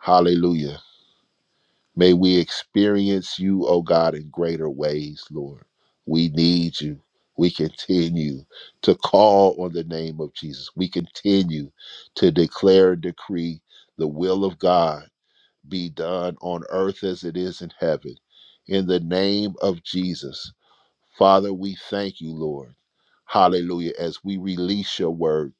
Speaker 3: Hallelujah. May we experience you, O God, in greater ways, Lord. We need you. We continue to call on the name of Jesus. We continue to declare and decree the will of God be done on earth as it is in heaven. In the name of Jesus, Father, we thank you, Lord. Hallelujah. As we release your word,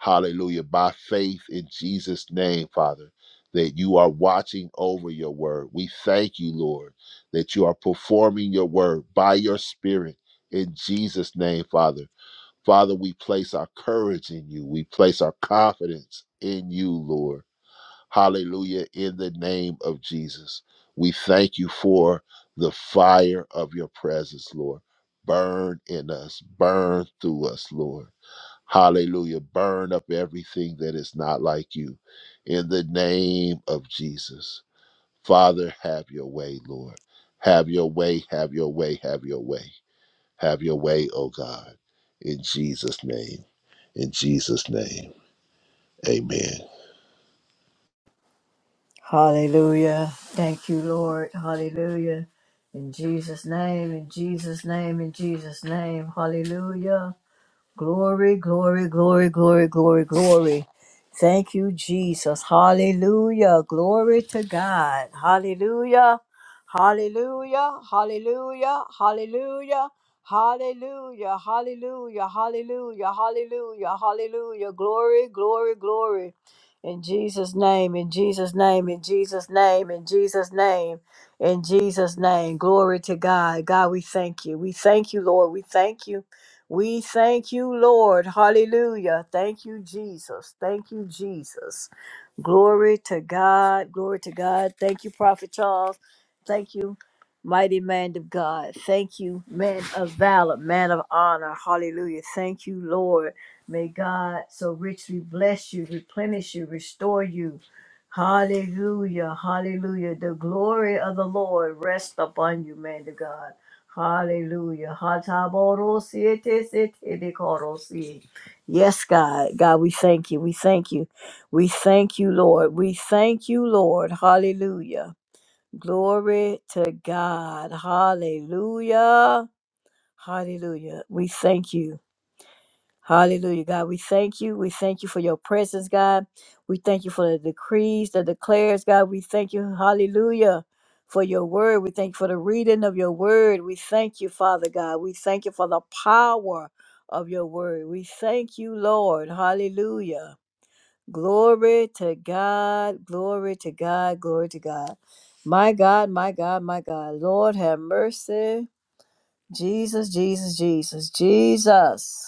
Speaker 3: hallelujah, by faith in Jesus' name, Father, that you are watching over your word. We thank you, Lord, that you are performing your word by your spirit in Jesus' name, Father. Father, we place our courage in you, we place our confidence in you, Lord. Hallelujah. In the name of Jesus, we thank you for the fire of your presence, Lord. Burn in us, burn through us, Lord. Hallelujah. Burn up everything that is not like you. In the name of Jesus. Father, have your way, Lord. Have your way, have your way, have your way. Have your way, oh God. In Jesus' name. In Jesus' name. Amen.
Speaker 2: Hallelujah. Thank you, Lord. Hallelujah. In Jesus' name, in Jesus' name, in Jesus' name. Hallelujah. Glory, glory, glory, glory, glory, glory. Thank you, Jesus. Hallelujah. Glory to God. Hallelujah. Hallelujah. Hallelujah. Hallelujah. Hallelujah. Hallelujah. Hallelujah. Hallelujah. Hallelujah. Glory, glory, glory. In Jesus' name, in Jesus' name, in Jesus' name, in Jesus' name, in Jesus' name. Glory to God. God, we thank you. We thank you, Lord. We thank you. We thank you, Lord. Hallelujah. Thank you, Jesus. Thank you, Jesus. Glory to God. Glory to God. Thank you, Prophet Charles. Thank you, mighty man of God. Thank you, man of valor, man of honor. Hallelujah. Thank you, Lord. May God so richly bless you, replenish you, restore you. Hallelujah. Hallelujah. The glory of the Lord rest upon you, man of God. Hallelujah. Hataboro-siete-sete-de-koro-si. Yes, God. God, we thank you. We thank you. We thank you, Lord. We thank you, Lord. Hallelujah. Glory to God. Hallelujah. Hallelujah. We thank you. Hallelujah, God. We thank you. We thank you for your presence, God. We thank you for the decrees, the declares, God. We thank you, hallelujah, for your word. We thank you for the reading of your word. We thank you, Father God. We thank you for the power of your word. We thank you, Lord. Hallelujah. Glory to God. Glory to God. Glory to God. My God, my God, my God. Lord, have mercy. Jesus, Jesus, Jesus, Jesus.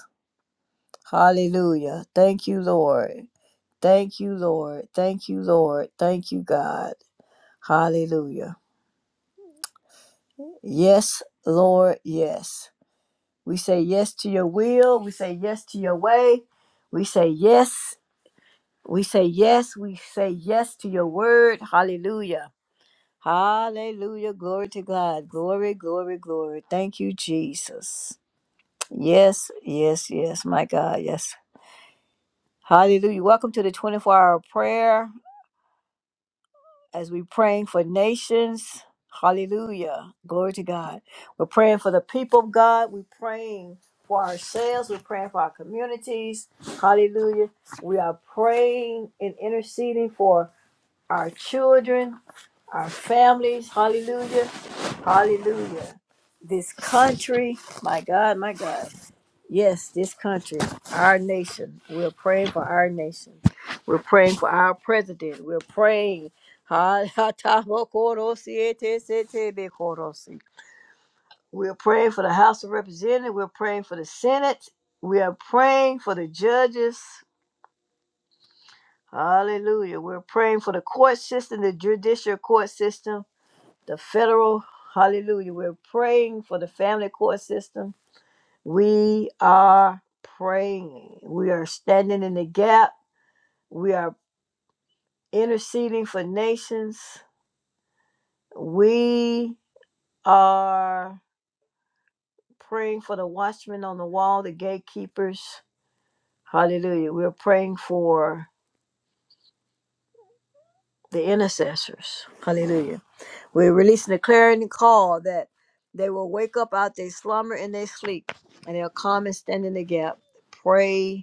Speaker 2: Hallelujah. Thank you, Lord. Thank you, Lord. Thank you, Lord. Thank you, God. Hallelujah. Yes, Lord. Yes. We say yes to your will. We say yes to your way. We say yes. We say yes. We say yes to your word. Hallelujah. Hallelujah. Glory to God. Glory, glory, glory. Thank you, Jesus. Yes, yes, yes, my God. Yes. Hallelujah. Welcome to the 24 hour prayer. as we're praying for nations. Hallelujah. Glory to God. We're praying for the people of God. We're praying for ourselves. We're praying for our communities. Hallelujah. We are praying and interceding for our children, our families. Hallelujah. Hallelujah. This country, my God, my God. Yes, this country, our nation. We're praying for our nation. We're praying for our president. We're praying. Ha- ha- ta- mo- koro- si- e- te- se- te- be- koro- si. We're praying for the House of Representatives. We're praying for the Senate. We are praying for the judges. Hallelujah. We're praying for the court system, the judicial court system, the federal. Hallelujah. We're praying for the family court system. We are praying. We are standing in the gap. We are interceding for nations. We are praying for the watchmen on the wall, the gatekeepers. Hallelujah. We're praying for the intercessors. Hallelujah. We're releasing a clarion call that they will wake up out their slumber and their sleep, and they'll come and stand in the gap. Pray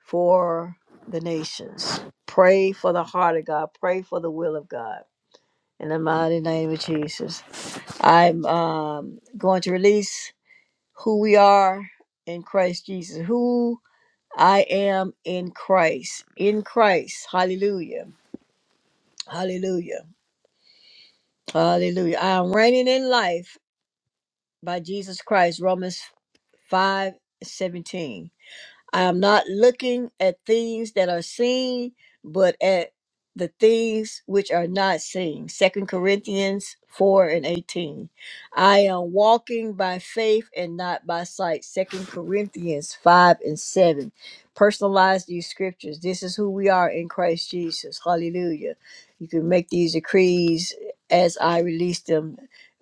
Speaker 2: for the nations. Pray for the heart of God. Pray for the will of God. In the mighty name of Jesus. I'm um, going to release who we are in Christ Jesus, who I am in Christ. In Christ. Hallelujah. Hallelujah. Hallelujah. I am reigning in life by Jesus Christ. Romans 5 17. I'm not looking at things that are seen, but at the things which are not seen. Second Corinthians 4 and 18. I am walking by faith and not by sight. Second Corinthians 5 and 7. Personalize these scriptures. This is who we are in Christ Jesus. Hallelujah. You can make these decrees as I release them.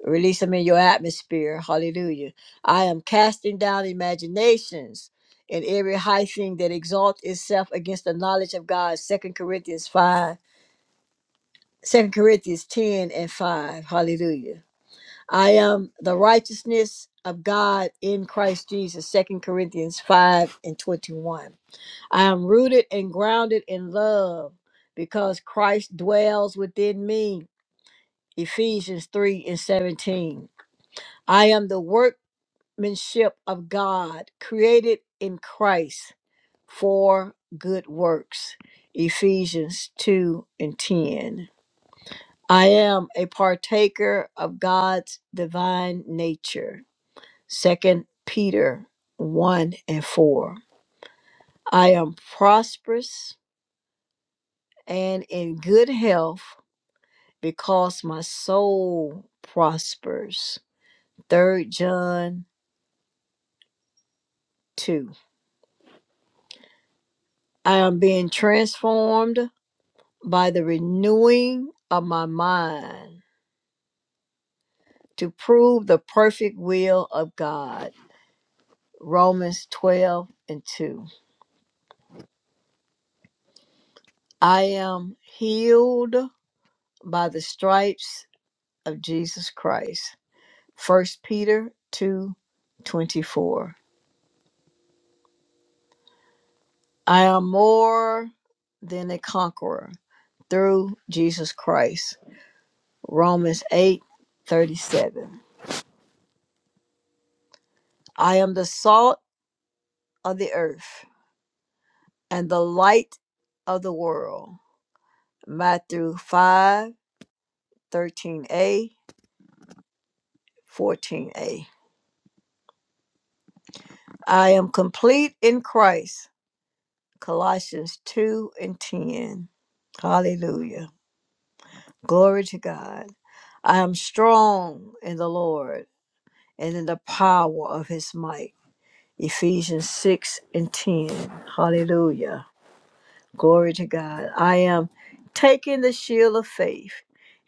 Speaker 2: Release them in your atmosphere. Hallelujah. I am casting down imaginations and every high thing that exalts itself against the knowledge of God. Second Corinthians 5, Second Corinthians 10 and 5. Hallelujah. I am the righteousness of God in Christ Jesus. Second Corinthians 5 and 21. I am rooted and grounded in love because Christ dwells within me. Ephesians 3 and 17. I am the workmanship of God created in Christ. for good works. Ephesians 2 and 10. I am a partaker of God's divine nature. Second Peter 1 and 4. I am prosperous and in good health because my soul prospers. Third John 2. I am being transformed by the renewing of my mind to prove the perfect will of God. Romans 12 and 2. I am healed by the stripes of Jesus Christ. First Peter 2 24. I am more than a conqueror through Jesus Christ. Romans 8 37. I am the salt of the earth and the light of the world. Matthew five thirteen a 14a. I am complete in Christ. Colossians 2 and 10. Hallelujah. Glory to God. I am strong in the Lord and in the power of his might. Ephesians 6 and 10. Hallelujah. Glory to God. I am taking the shield of faith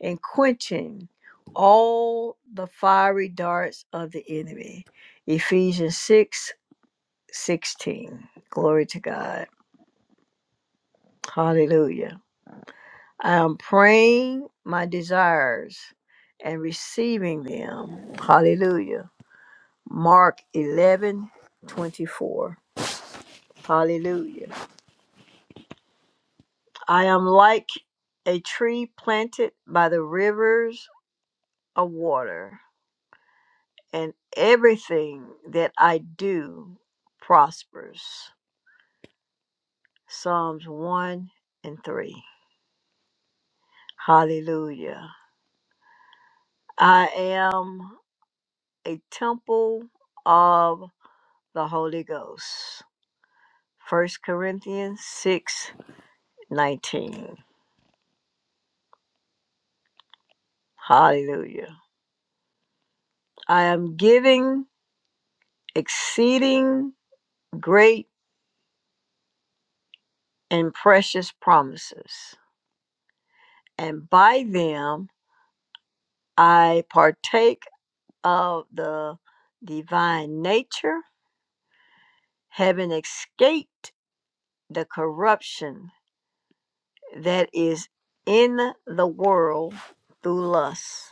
Speaker 2: and quenching all the fiery darts of the enemy. Ephesians 6 16. Glory to God. Hallelujah. I am praying my desires and receiving them. Hallelujah. Mark 11 24, Hallelujah. I am like a tree planted by the rivers of water, and everything that I do prospers. Psalms 1 and 3. Hallelujah. I am. a temple of the Holy Ghost. First Corinthians 6 19. Hallelujah. I am giving exceeding great and precious promises, and by them I partake of the divine nature, having escaped the corruption that is in the world through lust.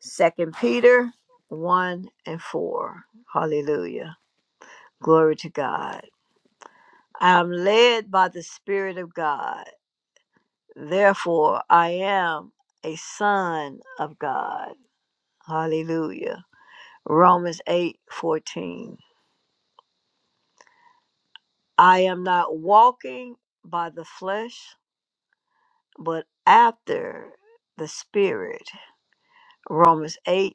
Speaker 2: Second Peter 1 and 4. Hallelujah. Glory to God. I am led by the Spirit of God. Therefore, I am a son of God. Hallelujah. Romans 8 14. I am not walking by the flesh, but after the Spirit. Romans 8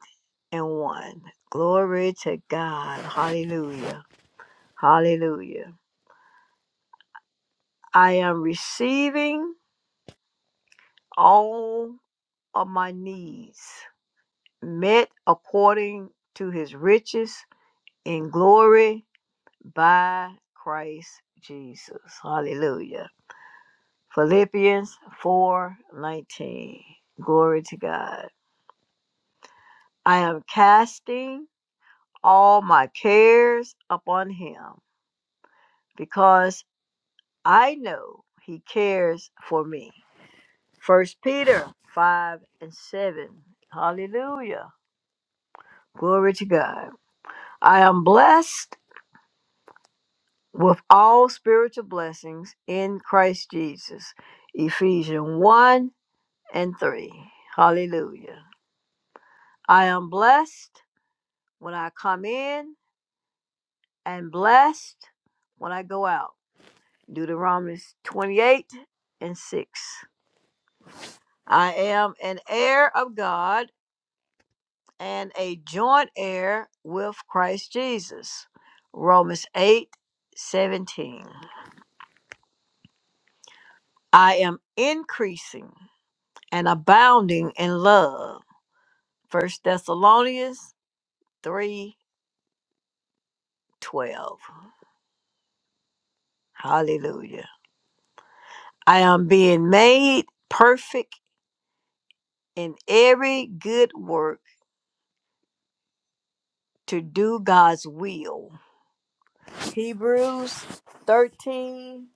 Speaker 2: and 1. Glory to God. Hallelujah. Hallelujah. I am receiving all of my needs met according to his riches in glory by Christ Jesus. Hallelujah. Philippians 4:19. Glory to God. I am casting all my cares upon him because I know he cares for me. First Peter 5 and 7. Hallelujah. Glory to God. I am blessed with all spiritual blessings in Christ Jesus. Ephesians 1 and 3. Hallelujah. I am blessed when I come in and blessed when I go out. Deuteronomy 28 and 6. I am an heir of God and a joint heir with Christ Jesus. Romans 8 17. I am increasing and abounding in love. First Thessalonians 3 12. Hallelujah. I am being made perfect in every good work to do God's will. Hebrews 13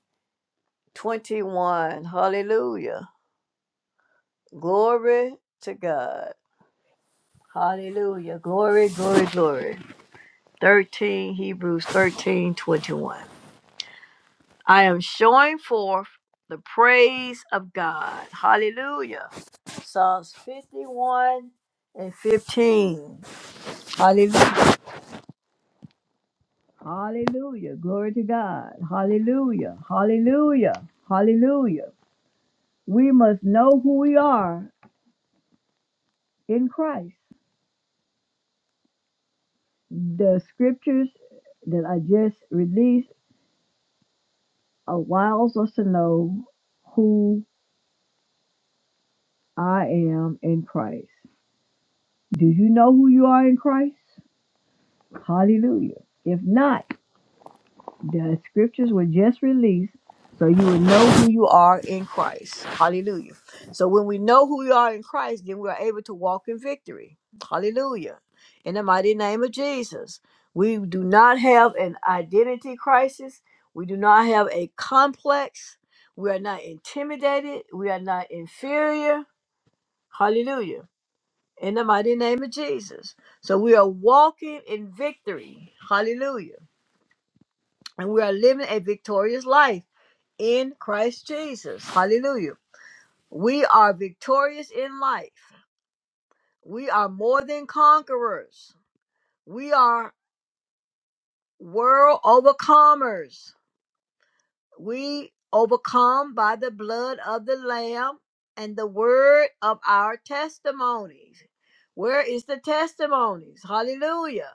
Speaker 2: 21. Hallelujah. Glory to God. Hallelujah. Glory, glory, glory. 13, Hebrews 13 21. I am showing forth the praise of God. Hallelujah. Psalms 51 and 15. Hallelujah. Hallelujah. Glory to God. Hallelujah. Hallelujah. Hallelujah. We must know who we are in Christ. The scriptures that I just released allows us to know who I am in Christ. Do you know who you are in Christ? Hallelujah. If not, The scriptures were just released so you would know who you are in Christ. Hallelujah. So when we know who we are in Christ, then we are able to walk in victory. Hallelujah. In the mighty name of Jesus. We do not have an identity crisis. We do not have a complex. We are not intimidated. We are not inferior. Hallelujah. In the mighty name of Jesus. So we are walking in victory. Hallelujah. And we are living a victorious life in Christ Jesus. Hallelujah. We are victorious in life. We are more than conquerors. We are world overcomers. We overcome by the blood of the Lamb and the word of our testimonies. Where is the testimonies? Hallelujah.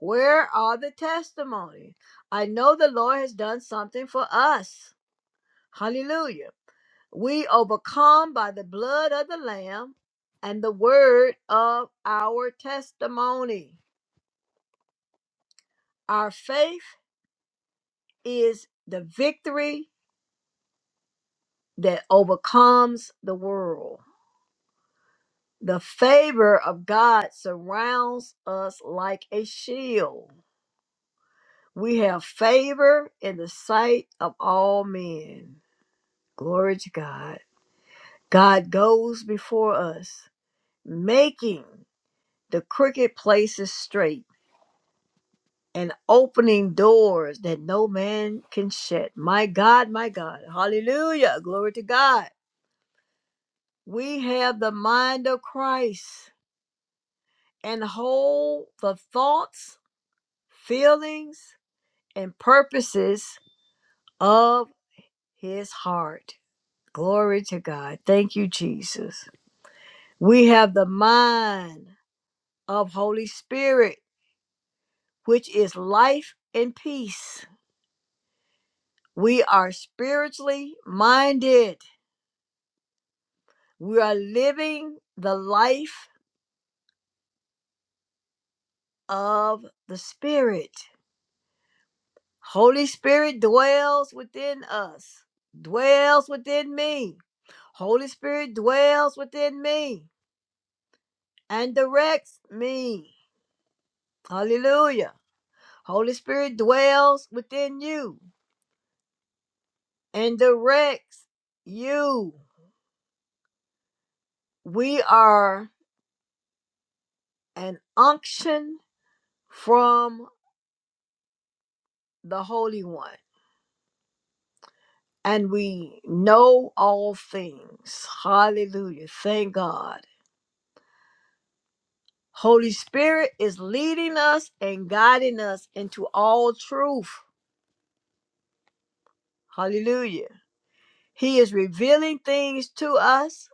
Speaker 2: Where are the testimonies? I know the Lord has done something for us. Hallelujah. We overcome by the blood of the Lamb and the word of our testimony. Our faith is the victory that overcomes the world. The favor of God surrounds us like a shield. We have favor in the sight of all men. Glory to God. God goes before us, making the crooked places straight and opening doors that no man can shut. My God, my God. Hallelujah. Glory to God. We have the mind of Christ and hold the thoughts, feelings, and purposes of his heart. Glory to God. Thank you, Jesus. We have the mind of Holy Spirit, which is life and peace. We are spiritually minded We are living the life of the Spirit. Holy Spirit dwells within us, dwells within me. Holy Spirit dwells within me and directs me. Hallelujah. Holy Spirit dwells within you and directs you. We are an unction from the Holy One. and we know all things. Hallelujah. Thank God. Holy Spirit is leading us and guiding us into all truth. Hallelujah. He is revealing things to us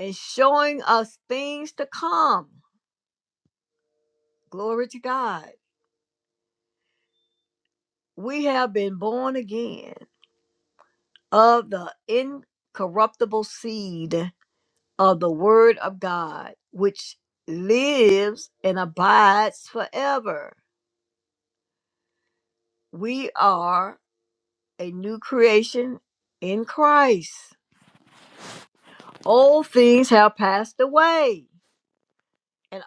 Speaker 2: and showing us things to come. Glory to God. We have been born again of the incorruptible seed of the Word of God, which lives and abides forever. We are a new creation in Christ. Old things have passed away, and,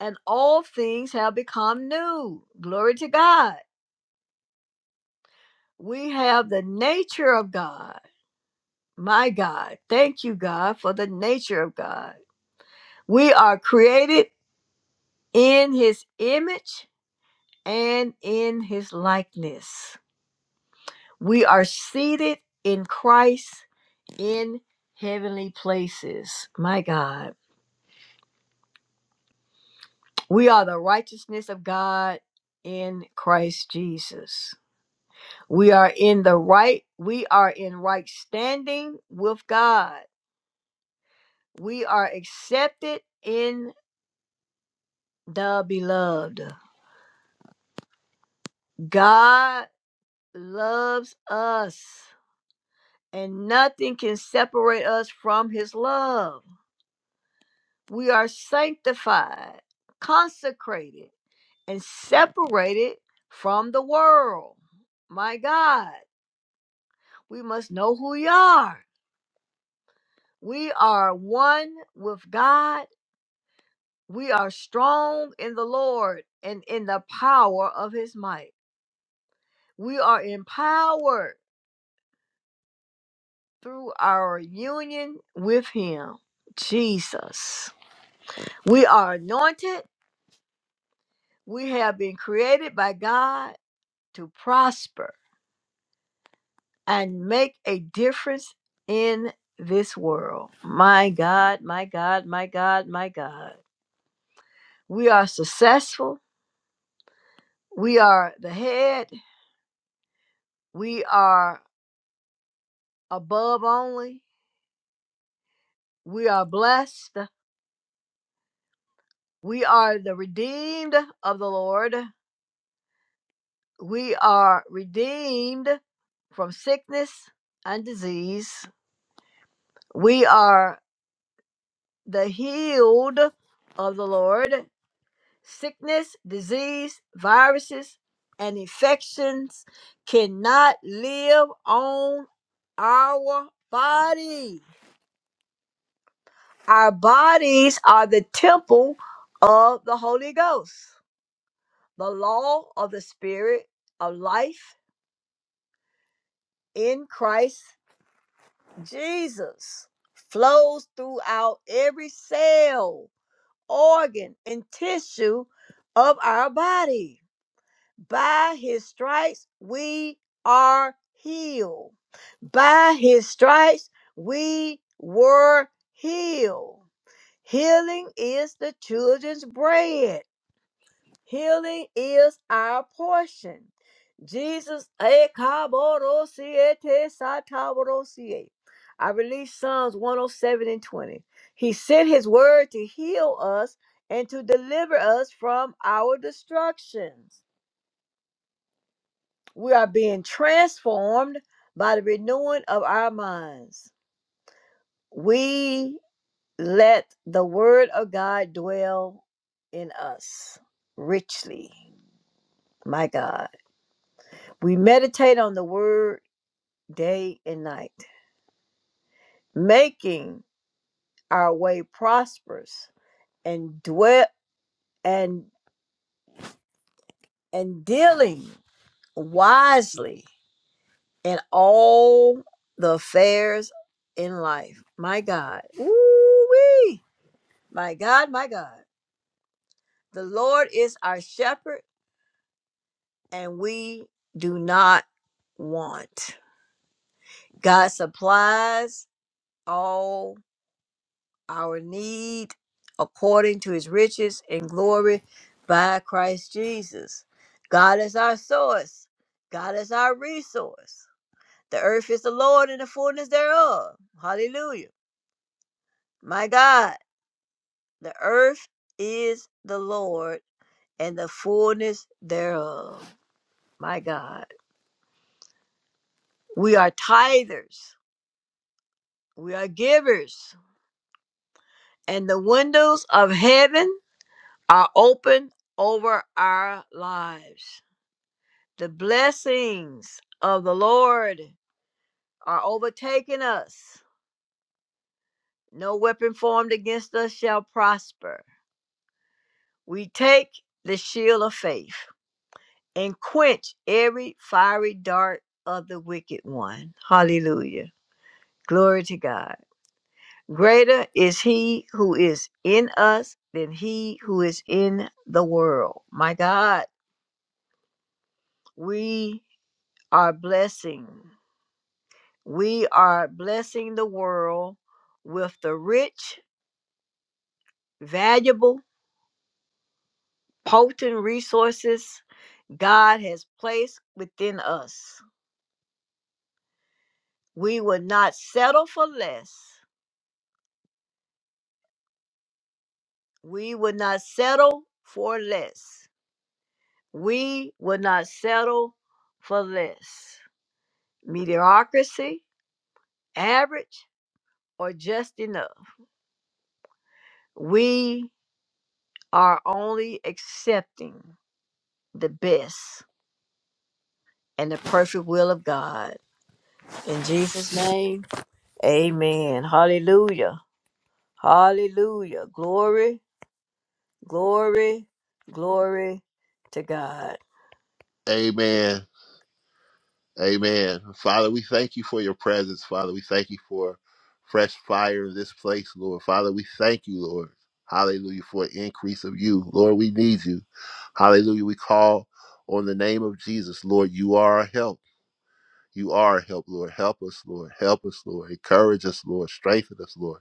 Speaker 2: and all things have become new. Glory to God. We have the nature of God. My God, thank you, God, for the nature of God. We are created in His image and in His likeness. We are seated in Christ in heavenly places. My God. We are the righteousness of God in Christ Jesus. We are in the right, we are in right standing with God. We are accepted in the beloved. God loves us, and nothing can separate us from his love. We are sanctified, consecrated, and separated from the world. My God, we must know who we are We are one with God. We are strong in the Lord and in the power of his might. We are empowered through our union with him, Jesus. We are anointed. We have been created by God to prosper and make a difference in this world. My God, my God, my God, my God. We are successful. We are the head We are above only. We are blessed. We are the redeemed of the Lord. We are redeemed from sickness and disease. We are the healed of the Lord. Sickness, disease, viruses, and infections cannot live on our body. Our bodies are the temple of the Holy Ghost, the law of the Spirit of life in Christ Jesus flows throughout every cell, organ, and tissue of our body. By his stripes, we are healed. By his stripes, we were healed. Healing is the children's bread. Healing is our portion. Jesus, eh, kaborosiete, satavorosie. I release Psalms 107 and 20. He sent his word to heal us and to deliver us from our destructions. We are being transformed by the renewing of our minds. We let the word of God dwell in us richly. My God. We meditate on the word day and night, making our way prosperous and dwell and and dealing wisely in all the affairs in life. My God. Woo-wee. My God, my God. The Lord is our shepherd and we do not want. God supplies all. our need according to his riches and glory by Christ Jesus. God is our source, God is our resource. The earth is the Lord and the fullness thereof. Hallelujah. My God, the earth is the Lord and the fullness thereof. My God. We are tithers, we are givers, and the windows of heaven are open over our lives. The blessings of the Lord are overtaking us. No weapon formed against us shall prosper. We take the shield of faith and quench every fiery dart of the wicked one. Hallelujah. Glory to God. Greater is he who is in us than he who is in the world. My God, we are blessing. We are blessing the world with the rich, valuable, potent resources God has placed within us. We would not settle for less. We would not settle for less. We would not settle for less. Mediocrity, average, or just enough. We are only accepting the best and the perfect will of God. In Jesus' name, amen. Hallelujah. Hallelujah. Glory, glory, glory to God.
Speaker 3: Amen. Amen. Father, we thank you for your presence. Father, we thank you for fresh fire in this place, Lord. Father, we thank you, Lord. Hallelujah, for an increase of you. Lord, we need you. Hallelujah. We call on the name of Jesus. Lord, you are our help. You are help, Lord. Help us, Lord. Help us, Lord. Encourage us, Lord. Strengthen us, Lord.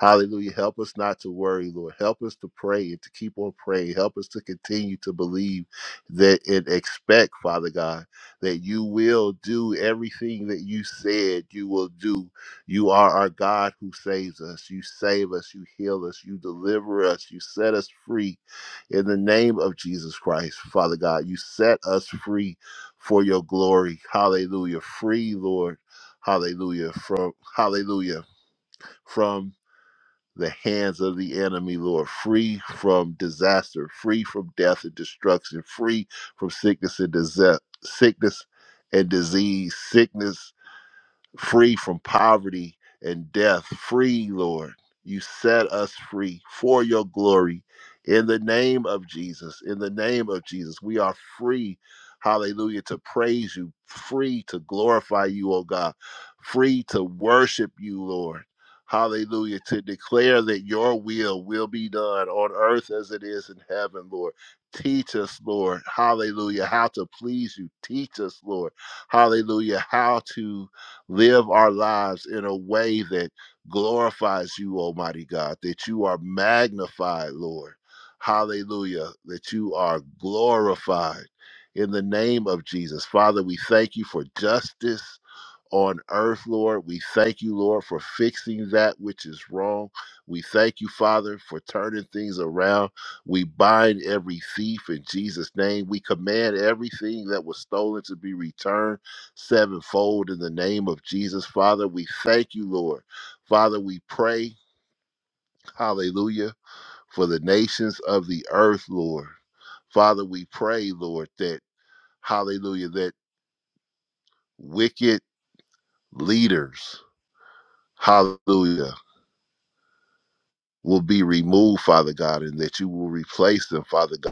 Speaker 3: Hallelujah. Help us not to worry, Lord. Help us to pray and to keep on praying. Help us to continue to believe that and expect, Father God, that you will do everything that you said you will do. You are our God who saves us. You save us. You heal us. You deliver us. You set us free in the name of Jesus Christ, Father God. You set us free for your glory. Hallelujah. Free, Lord. Hallelujah. From hallelujah. From the hands of the enemy, Lord. Free from disaster, free from death and destruction, free from sickness and disease, sickness and disease, sickness free from poverty and death. Free, Lord. You set us free for your glory. In the name of Jesus, in the name of Jesus, we are free, hallelujah, to praise you, free to glorify you, oh God, free to worship you, Lord. Hallelujah, to declare that your will will be done on earth as it is in heaven, Lord. Teach us, Lord, hallelujah, how to please you. Teach us, Lord, hallelujah, how to live our lives in a way that glorifies you, Almighty God, that you are magnified, Lord. Hallelujah, that you are glorified in the name of Jesus. Father, we thank you for justice on earth, Lord. We thank you, Lord, for fixing that which is wrong. We thank you, Father, for turning things around. We bind every thief in Jesus' name. We command everything that was stolen to be returned sevenfold in the name of Jesus, Father. We thank you, Lord. Father, we pray, hallelujah, for the nations of the earth, Lord. Father, we pray, Lord, that, hallelujah, that wicked leaders, hallelujah, will be removed, Father God, and that you will replace them, Father God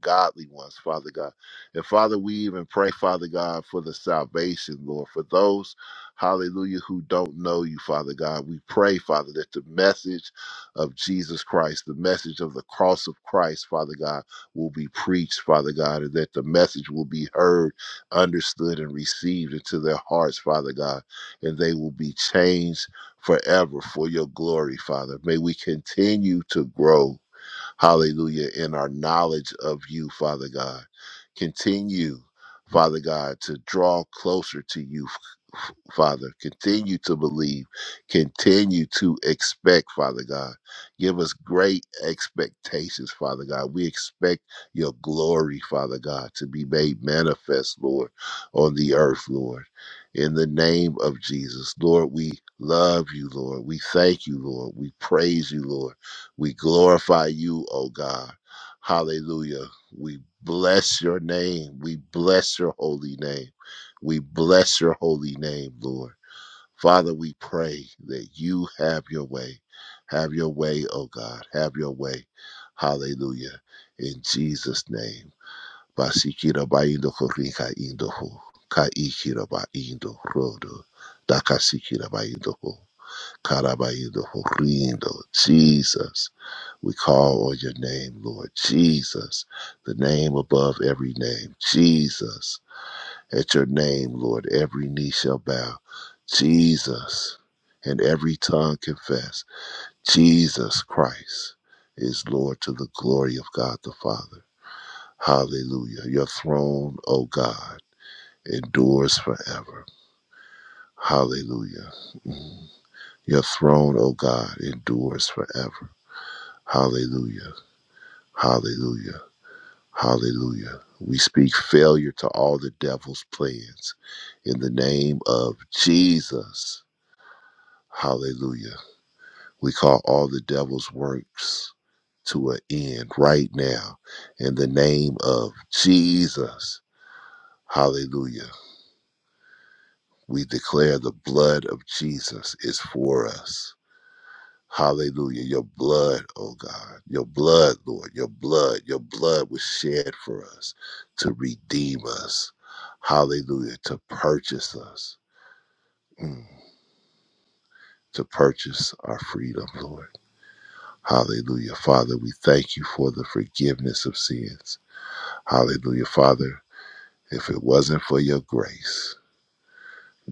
Speaker 3: godly ones, Father God. And Father, we even pray, Father God, for the salvation, Lord, for those, hallelujah, who don't know you, Father God. We pray, Father, that the message of Jesus Christ, the message of the cross of Christ, Father God, will be preached, Father God, and that the message will be heard, understood, and received into their hearts, Father God, and they will be changed forever for your glory, Father. May we continue to grow hallelujah, in our knowledge of you, Father God. Continue, Father God, to draw closer to you, f- Father. Continue to believe. Continue to expect, Father God. Give us great expectations, Father God. We expect your glory, Father God, to be made manifest, Lord, on the earth, Lord. In the name of Jesus, Lord, we love you, Lord. We thank you, Lord. We praise you, Lord. We glorify you, O God. Hallelujah. We bless your name. We bless your holy name. We bless your holy name, Lord. Father, we pray that you have your way. Have your way, O God. Have your way. Hallelujah. In Jesus' name. Basikira baindo korika indo kaikira baindo rodo. Dakasikira baindo ho. Karabaindo ho rindo. Jesus. We call on your name, Lord Jesus, the name above every name. Jesus, at your name, Lord, every knee shall bow. Jesus, and every tongue confess. Jesus Christ is Lord to the glory of God the Father. Hallelujah. Your throne, O God, endures forever. Hallelujah. Your throne, O God, endures forever. Hallelujah. Hallelujah. Hallelujah. We speak failure to all the devil's plans in the name of Jesus. Hallelujah. We call all the devil's works to an end right now in the name of Jesus. Hallelujah. We declare the blood of Jesus is for us. Hallelujah. Your blood, oh God. Your blood, Lord. Your blood. Your blood was shed for us to redeem us. Hallelujah. To purchase us. Mm. To purchase our freedom, Lord. Hallelujah. Father, we thank you for the forgiveness of sins. Hallelujah. Father, if it wasn't for your grace,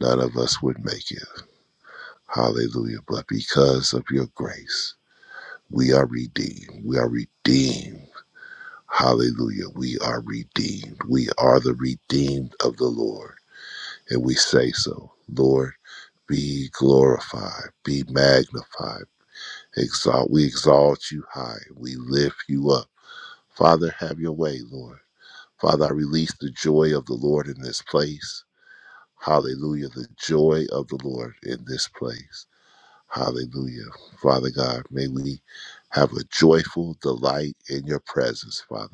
Speaker 3: none of us would make it. Hallelujah. But because of your grace, we are redeemed. We are redeemed Hallelujah. We are redeemed. We are the redeemed of the Lord. And we say so. Lord, be glorified, be magnified. Exalt, we exalt you high. We lift you up. Father, have your way, Lord. Father, I release the joy of the Lord in this place. Hallelujah. The joy of the Lord in this place. Hallelujah. Father God, may we have a joyful delight in your presence, Father.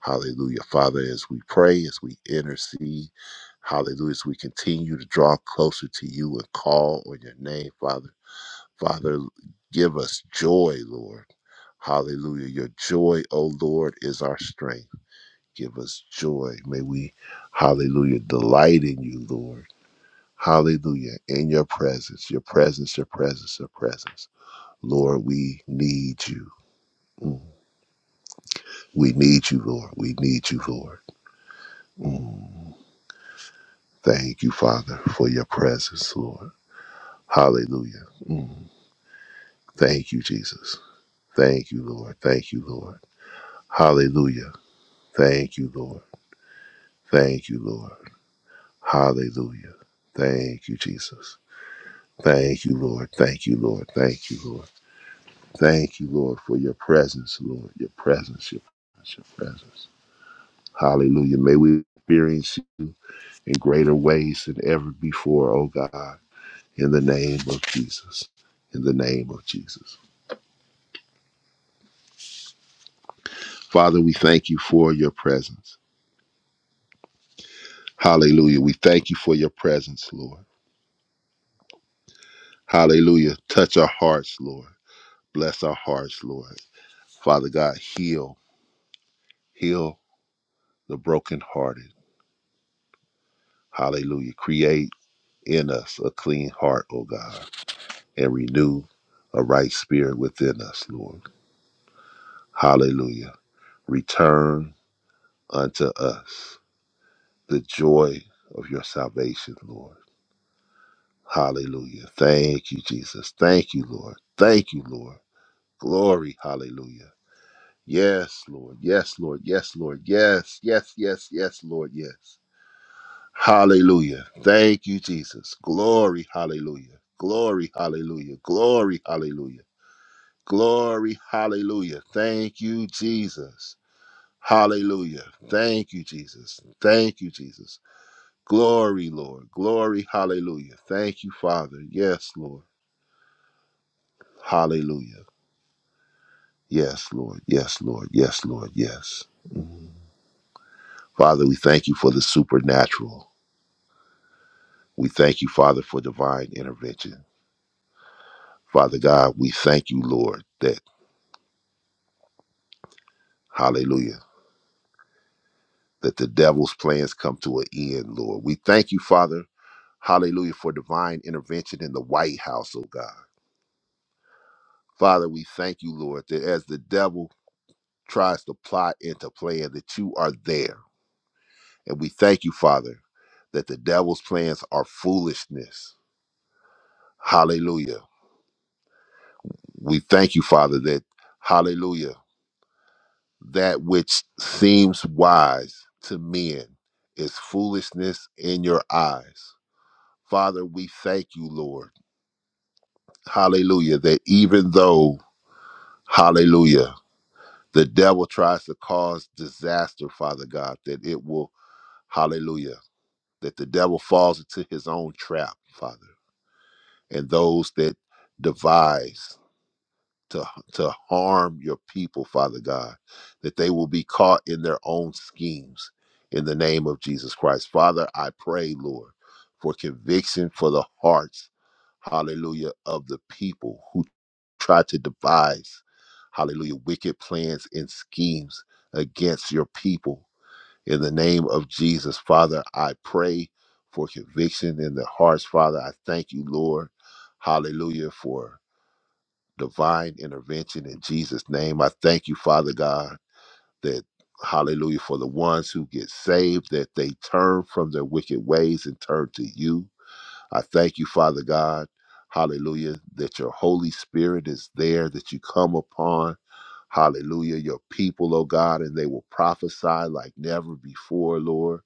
Speaker 3: Hallelujah. Father, as we pray, as we intercede, hallelujah, as we continue to draw closer to you and call on your name, Father. Father, give us joy, Lord. Hallelujah. Your joy, O Lord, is our strength. Give us joy. May we, hallelujah, delight in you, Lord. Hallelujah. In your presence, your presence, your presence, your presence. Lord, we need you. Mm. We need you, Lord. We need you, Lord. Mm. Thank you, Father, for your presence, Lord. Hallelujah. Mm. Thank you, Jesus. Thank you, Lord. Thank you, Lord. Hallelujah. Thank you, Lord. Thank you, Lord. Hallelujah. Thank you, Jesus. Thank you, Lord. Thank you, Lord. Thank you, Lord. Thank you, Lord, for your presence, Lord. Your presence, your presence, your presence. Hallelujah. May we experience you in greater ways than ever before, oh God, in the name of Jesus. In the name of Jesus. Father, we thank you for your presence. Hallelujah. We thank you for your presence, Lord. Hallelujah. Touch our hearts, Lord. Bless our hearts, Lord. Father God, heal, heal the brokenhearted. Hallelujah. Create in us a clean heart, O God, and renew a right spirit within us, Lord. Hallelujah. Return unto us the joy of your salvation, Lord. Hallelujah. Thank you, Jesus. Thank you, Lord. Thank you, Lord. Glory. Hallelujah. Yes, Lord. Yes, Lord. Yes, Lord. Yes, yes, yes, yes, Lord. Yes. Hallelujah. Thank you, Jesus. Glory. Hallelujah. Glory. Hallelujah. Glory. Hallelujah. Glory. Hallelujah. Thank you, Jesus. Hallelujah. Thank you, Jesus. Thank you, Jesus. Glory, Lord. Glory. Hallelujah. Thank you, Father. Yes, Lord. Hallelujah. Yes, Lord. Yes, Lord. Yes, Lord. Yes. Mhm. Father, we thank you for the supernatural. We thank you, Father, for divine intervention. Father God, we thank you, Lord, that, hallelujah, that the devil's plans come to an end, Lord. We thank you, Father, hallelujah, for divine intervention in the White House, oh God. Father, we thank you, Lord, that as the devil tries to plot and to plan, that you are there. And we thank you, Father, that the devil's plans are foolishness. Hallelujah. We thank you, Father, that, hallelujah, that which seems wise to men is foolishness in your eyes. Father, we thank you, Lord. Hallelujah. That even though, hallelujah, the devil tries to cause disaster, Father God, that it will, hallelujah, that the devil falls into his own trap, Father, and those that devise. to to harm your people, Father God, that they will be caught in their own schemes in the name of Jesus Christ. Father, I pray, Lord, for conviction for the hearts, hallelujah, of the people who try to devise, hallelujah, wicked plans and schemes against your people. In the name of Jesus, Father, I pray for conviction in their hearts, Father. I thank you, Lord. Hallelujah, for divine intervention in Jesus' name. I thank you, Father God, that hallelujah, for the ones who get saved, that they turn from their wicked ways and turn to you. I thank you, Father God. Hallelujah. That your Holy Spirit is there, that you come upon. Hallelujah. Your people, oh God, and they will prophesy like never before, Lord.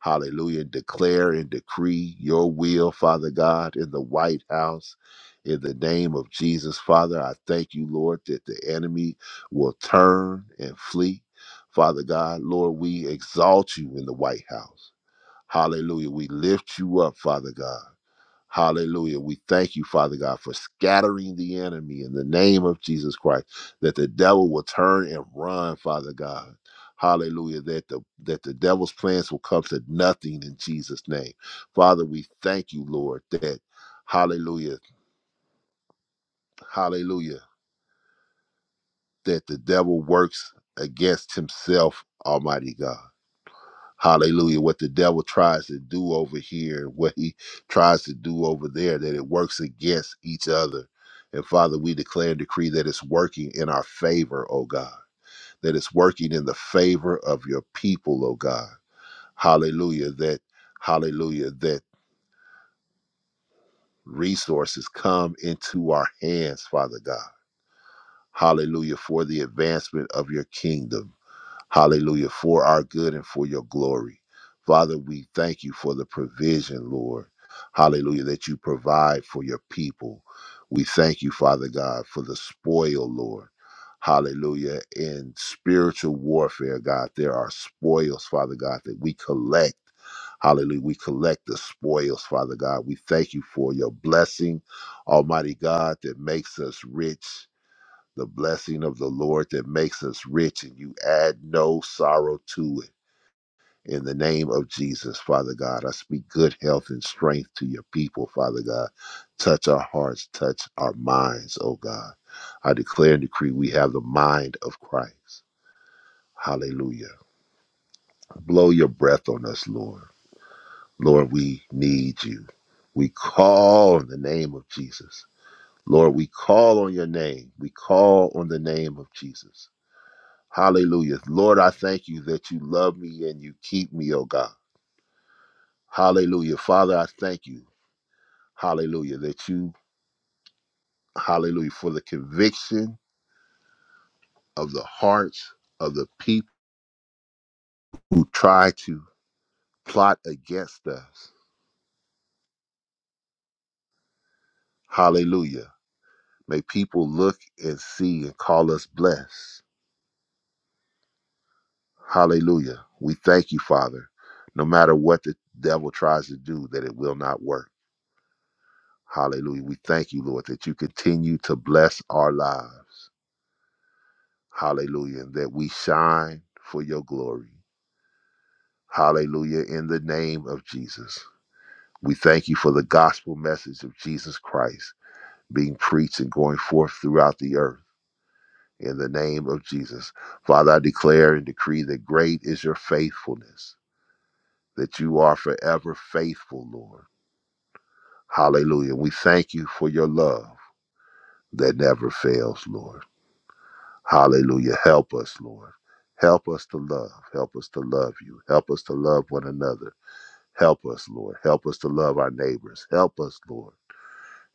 Speaker 3: Hallelujah. Declare and decree your will, Father God, in the White House. In the name of Jesus, Father, I thank you, Lord, that the enemy will turn and flee. Father God, Lord, we exalt you in the White House. Hallelujah. We lift you up, Father God. Hallelujah. We thank you, Father God, for scattering the enemy in the name of Jesus Christ, that the devil will turn and run, Father God. Hallelujah. That the that the devil's plans will come to nothing in Jesus' name. Father, we thank you, Lord, that hallelujah, hallelujah, that the devil works against himself, Almighty God. Hallelujah. What the devil tries to do over here, what he tries to do over there, that it works against each other. And Father, we declare and decree that it's working in our favor, oh God, that it's working in the favor of your people, oh God. Hallelujah. That, hallelujah, that resources come into our hands, Father God. Hallelujah, for the advancement of your kingdom. Hallelujah. For our good and for your glory. Father, we thank you for the provision, Lord. Hallelujah, that you provide for your people. We thank you, Father God, for the spoil, Lord. Hallelujah. In spiritual warfare, God, there are spoils, Father God, that we collect. Hallelujah. We collect the spoils, Father God. We thank you for your blessing, Almighty God, that makes us rich the blessing of the Lord that makes us rich, and you add no sorrow to it. In the name of Jesus, Father God, I speak good health and strength to your people, Father God. Touch our hearts, touch our minds, oh God. I declare and decree we have the mind of Christ. Hallelujah. Blow your breath on us, Lord. Lord, we need you. We call on the name of Jesus. Lord, we call on your name. We call on the name of Jesus. Hallelujah. Lord, I thank you that you love me and you keep me, oh God. Hallelujah. Father, I thank you. Hallelujah. That you, hallelujah, for the conviction of the hearts of the people who try to plot against us. Hallelujah. May people look and see and call us blessed. Hallelujah. We thank you, Father. No matter what the devil tries to do, that it will not work. Hallelujah. We thank you, Lord, that you continue to bless our lives. Hallelujah. That we shine for your glory. Hallelujah. In the name of Jesus. We thank you for the gospel message of Jesus Christ being preached and going forth throughout the earth. In the name of Jesus. Father, I declare and decree that great is your faithfulness, that you are forever faithful, Lord. Hallelujah. We thank you for your love that never fails, Lord. Hallelujah. Help us, Lord. Help us to love. Help us to love you. Help us to love one another. Help us, Lord. Help us to love our neighbors. Help us, Lord.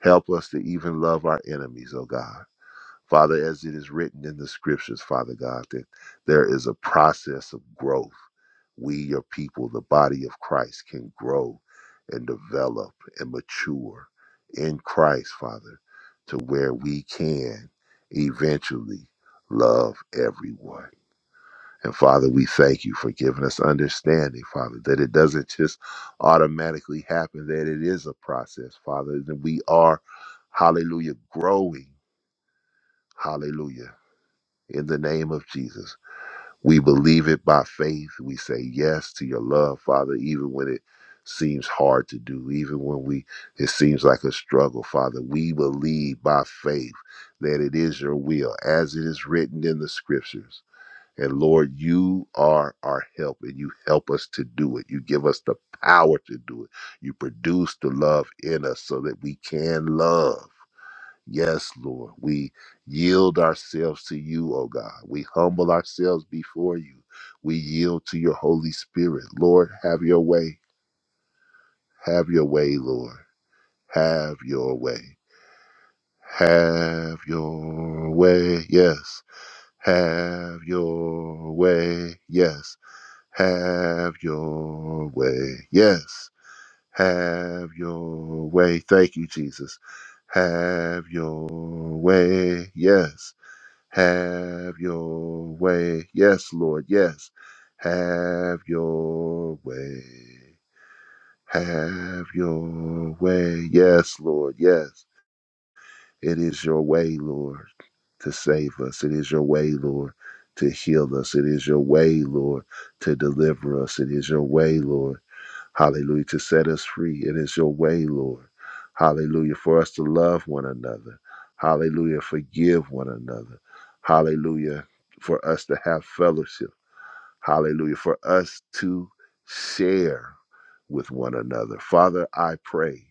Speaker 3: Help us to even love our enemies, oh God. Father, as it is written in the scriptures, Father God, that there is a process of growth. We, your people, the body of Christ, can grow and develop and mature in Christ, Father, to where we can eventually love everyone. And Father, we thank you for giving us understanding, Father, that it doesn't just automatically happen, that it is a process, Father, that we are, hallelujah, growing, hallelujah, in the name of Jesus. We believe it by faith. We say yes to your love, Father, even when it seems hard to do, even when we it seems like a struggle, Father. We believe by faith that it is your will, as it is written in the scriptures. And Lord, you are our help and you help us to do it. You give us the power to do it. You produce the love in us so that we can love. Yes, Lord, we yield ourselves to you, O God. We humble ourselves before you. We yield to your Holy Spirit. Lord, have your way. Have your way, Lord. Have your way. Have your way. Yes. Have your way. Yes Have your way. Yes. Have your way. Thank you, Jesus. Have your way. Yes. Have your way. Yes, Lord. Yes. Have your way. Have your way. Yes, Lord. Yes. It is your way, Lord, to save us. It is your way, Lord, to heal us. It is your way, Lord, to deliver us. It is your way, Lord Hallelujah. To set us free. It is your way, Lord. Hallelujah. For us to love one another. Hallelujah. Forgive one another. Hallelujah. For us to have fellowship. Hallelujah. For us to share with one another. Father, I pray.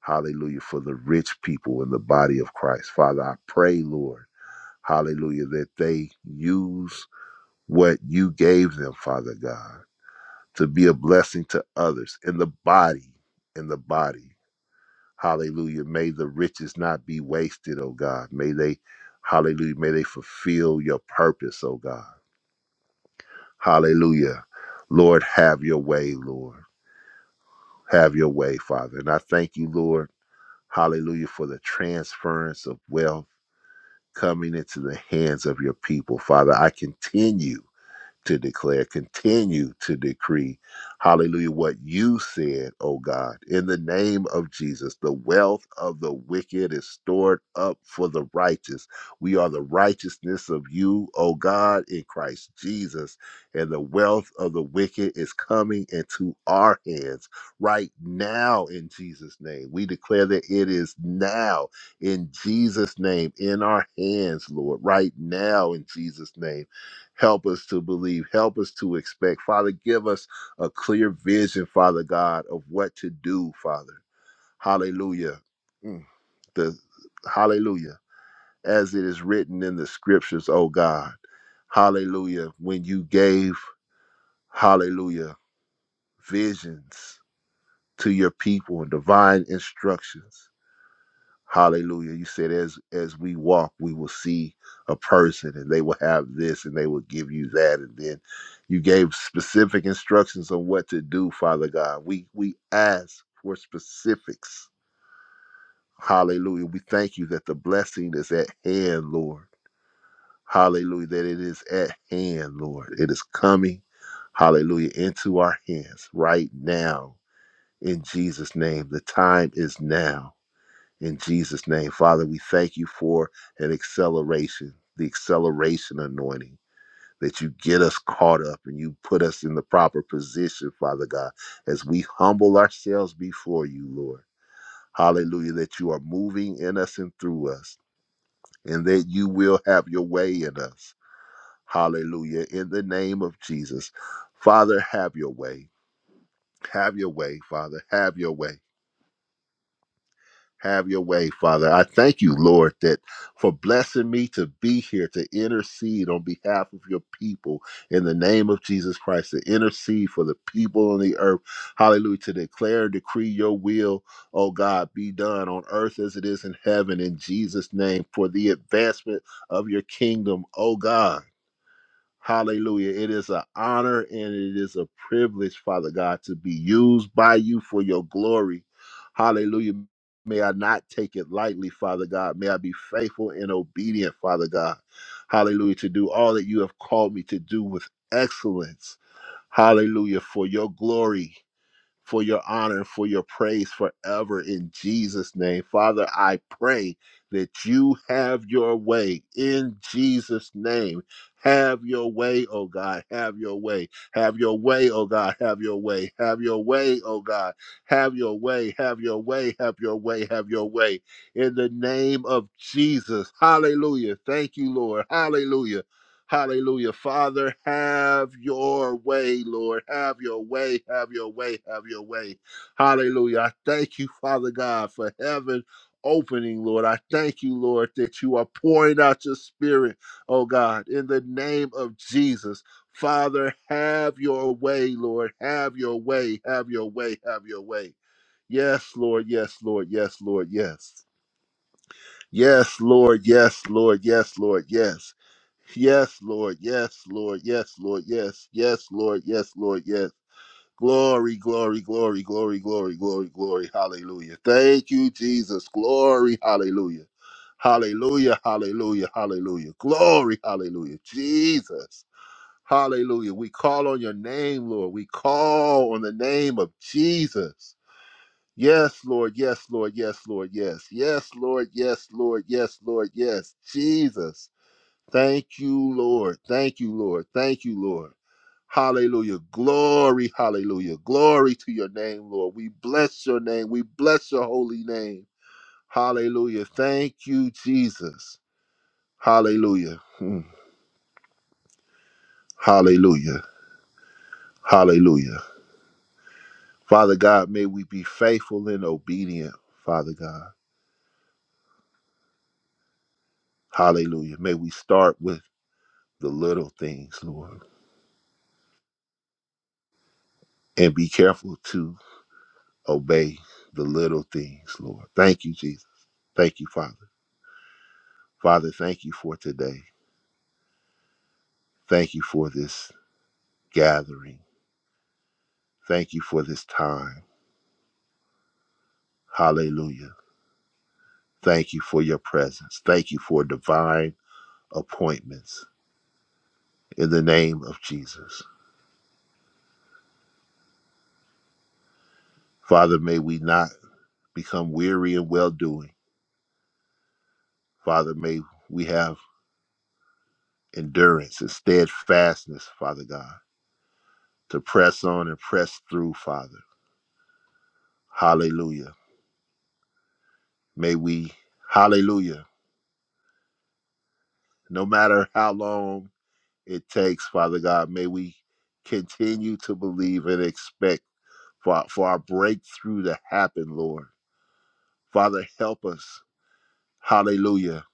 Speaker 3: Hallelujah. For the rich people in the body of Christ. Father, I pray, Lord. Hallelujah. That they use what you gave them, Father God to be a blessing to others in the body, in the body. Hallelujah. May the riches not be wasted, oh God. May they, hallelujah, may they fulfill your purpose, oh God. Hallelujah. Lord, have your way, Lord. Have your way, Father. And I thank you, Lord, hallelujah, for the transference of wealth coming into the hands of your people, Father. I continue. to declare, continue to decree, hallelujah, what you said, oh God, in the name of Jesus. The wealth of the wicked is stored up for the righteous. We are the righteousness of you, oh God, in Christ Jesus. And the wealth of the wicked is coming into our hands right now in Jesus' name. We declare that it is now in Jesus' name in our hands, Lord, right now in Jesus' name Help us to believe. Help us to expect. Father, give us a clear vision, Father God, of what to do, Father. Hallelujah. Mm, The hallelujah. As it is written in the scriptures, oh God. Hallelujah. When you gave, hallelujah, visions to your people and divine instructions. Hallelujah. You said as as we walk, we will see a person and they will have this and they will give you that. And then you gave specific instructions on what to do, Father God. We we ask for specifics. Hallelujah. We thank you that the blessing is at hand, Lord. Hallelujah. That it is at hand, Lord. It is coming, hallelujah, into our hands right now. In Jesus' name. The time is now. In Jesus' name, Father, we thank you for an acceleration, the acceleration anointing, that you get us caught up and you put us in the proper position, Father God, as we humble ourselves before you, Lord. Hallelujah, that you are moving in us and through us, and that you will have your way in us. Hallelujah, in the name of Jesus. Father, have your way. Have your way, Father. Have your way. Have your way, Father. I thank you, Lord, that for blessing me to be here to intercede on behalf of your people in the name of Jesus Christ, to intercede for the people on the earth. Hallelujah. To declare and decree your will, oh God, be done on earth as it is in heaven in Jesus' name for the advancement of your kingdom, oh God. Hallelujah. It is an honor and it is a privilege, Father God, to be used by you for your glory. Hallelujah. May I not take it lightly, Father God. May I be faithful and obedient, Father God. Hallelujah. To do all that you have called me to do with excellence. Hallelujah. For your glory for your honor, for your praise forever in Jesus' name. Father, I pray that you have your way in Jesus' name. Have your way, oh God. Have your way. Have your way, oh God. Have your way. Have your way, oh God. Have your way. Have your way. Have your way. Have your way. In the name of Jesus. Hallelujah. Thank you, Lord. Hallelujah. Hallelujah. Father, have your way, Lord. Have your way, have your way, have your way. Hallelujah. I thank you, Father God, for heaven opening, Lord. I thank you, Lord, that you are pouring out your spirit, oh God, in the name of Jesus. Father, have your way, Lord. Have your way, have your way, have your way. Yes, Lord. Yes, Lord. Yes, Lord. Yes. Yes, Lord. Yes, Lord. Yes, Lord. Yes. Yes, Lord. Yes, Lord. Yes, Lord. Yes. Yes, Lord. Yes, Lord. Yes. Glory, glory, glory, glory, glory, glory, glory. Hallelujah. Thank you, Jesus. Glory. Hallelujah. Hallelujah. Hallelujah. Hallelujah. Glory. Hallelujah. Jesus. Hallelujah. We call on your name, Lord. We call on the name of Jesus. Yes, Lord. Yes, Lord. Yes, Lord. Yes. Yes, Lord. Yes, Lord. Yes, Lord. Yes. Jesus. Thank you, Lord. Thank you, Lord. Thank you, Lord. Hallelujah. Glory, hallelujah. Glory to your name, Lord. We bless your name. We bless your holy name. Hallelujah. Thank you, Jesus. Hallelujah. Hmm. Hallelujah. Hallelujah. Father God, may we be faithful and obedient, Father God. Hallelujah. May we start with the little things, Lord, and be careful to obey the little things, Lord. Thank you, Jesus. Thank you, Father. Father, thank you for today. Thank you for this gathering. Thank you for this time. Hallelujah. Thank you for your presence. Thank you for divine appointments in the name of Jesus. Father, may we not become weary in well doing. Father, may we have endurance and steadfastness, Father God, to press on and press through, Father. Hallelujah. May we, hallelujah, no matter how long it takes, Father God. May we continue to believe and expect for, for our breakthrough to happen, Lord. Father, help us, hallelujah,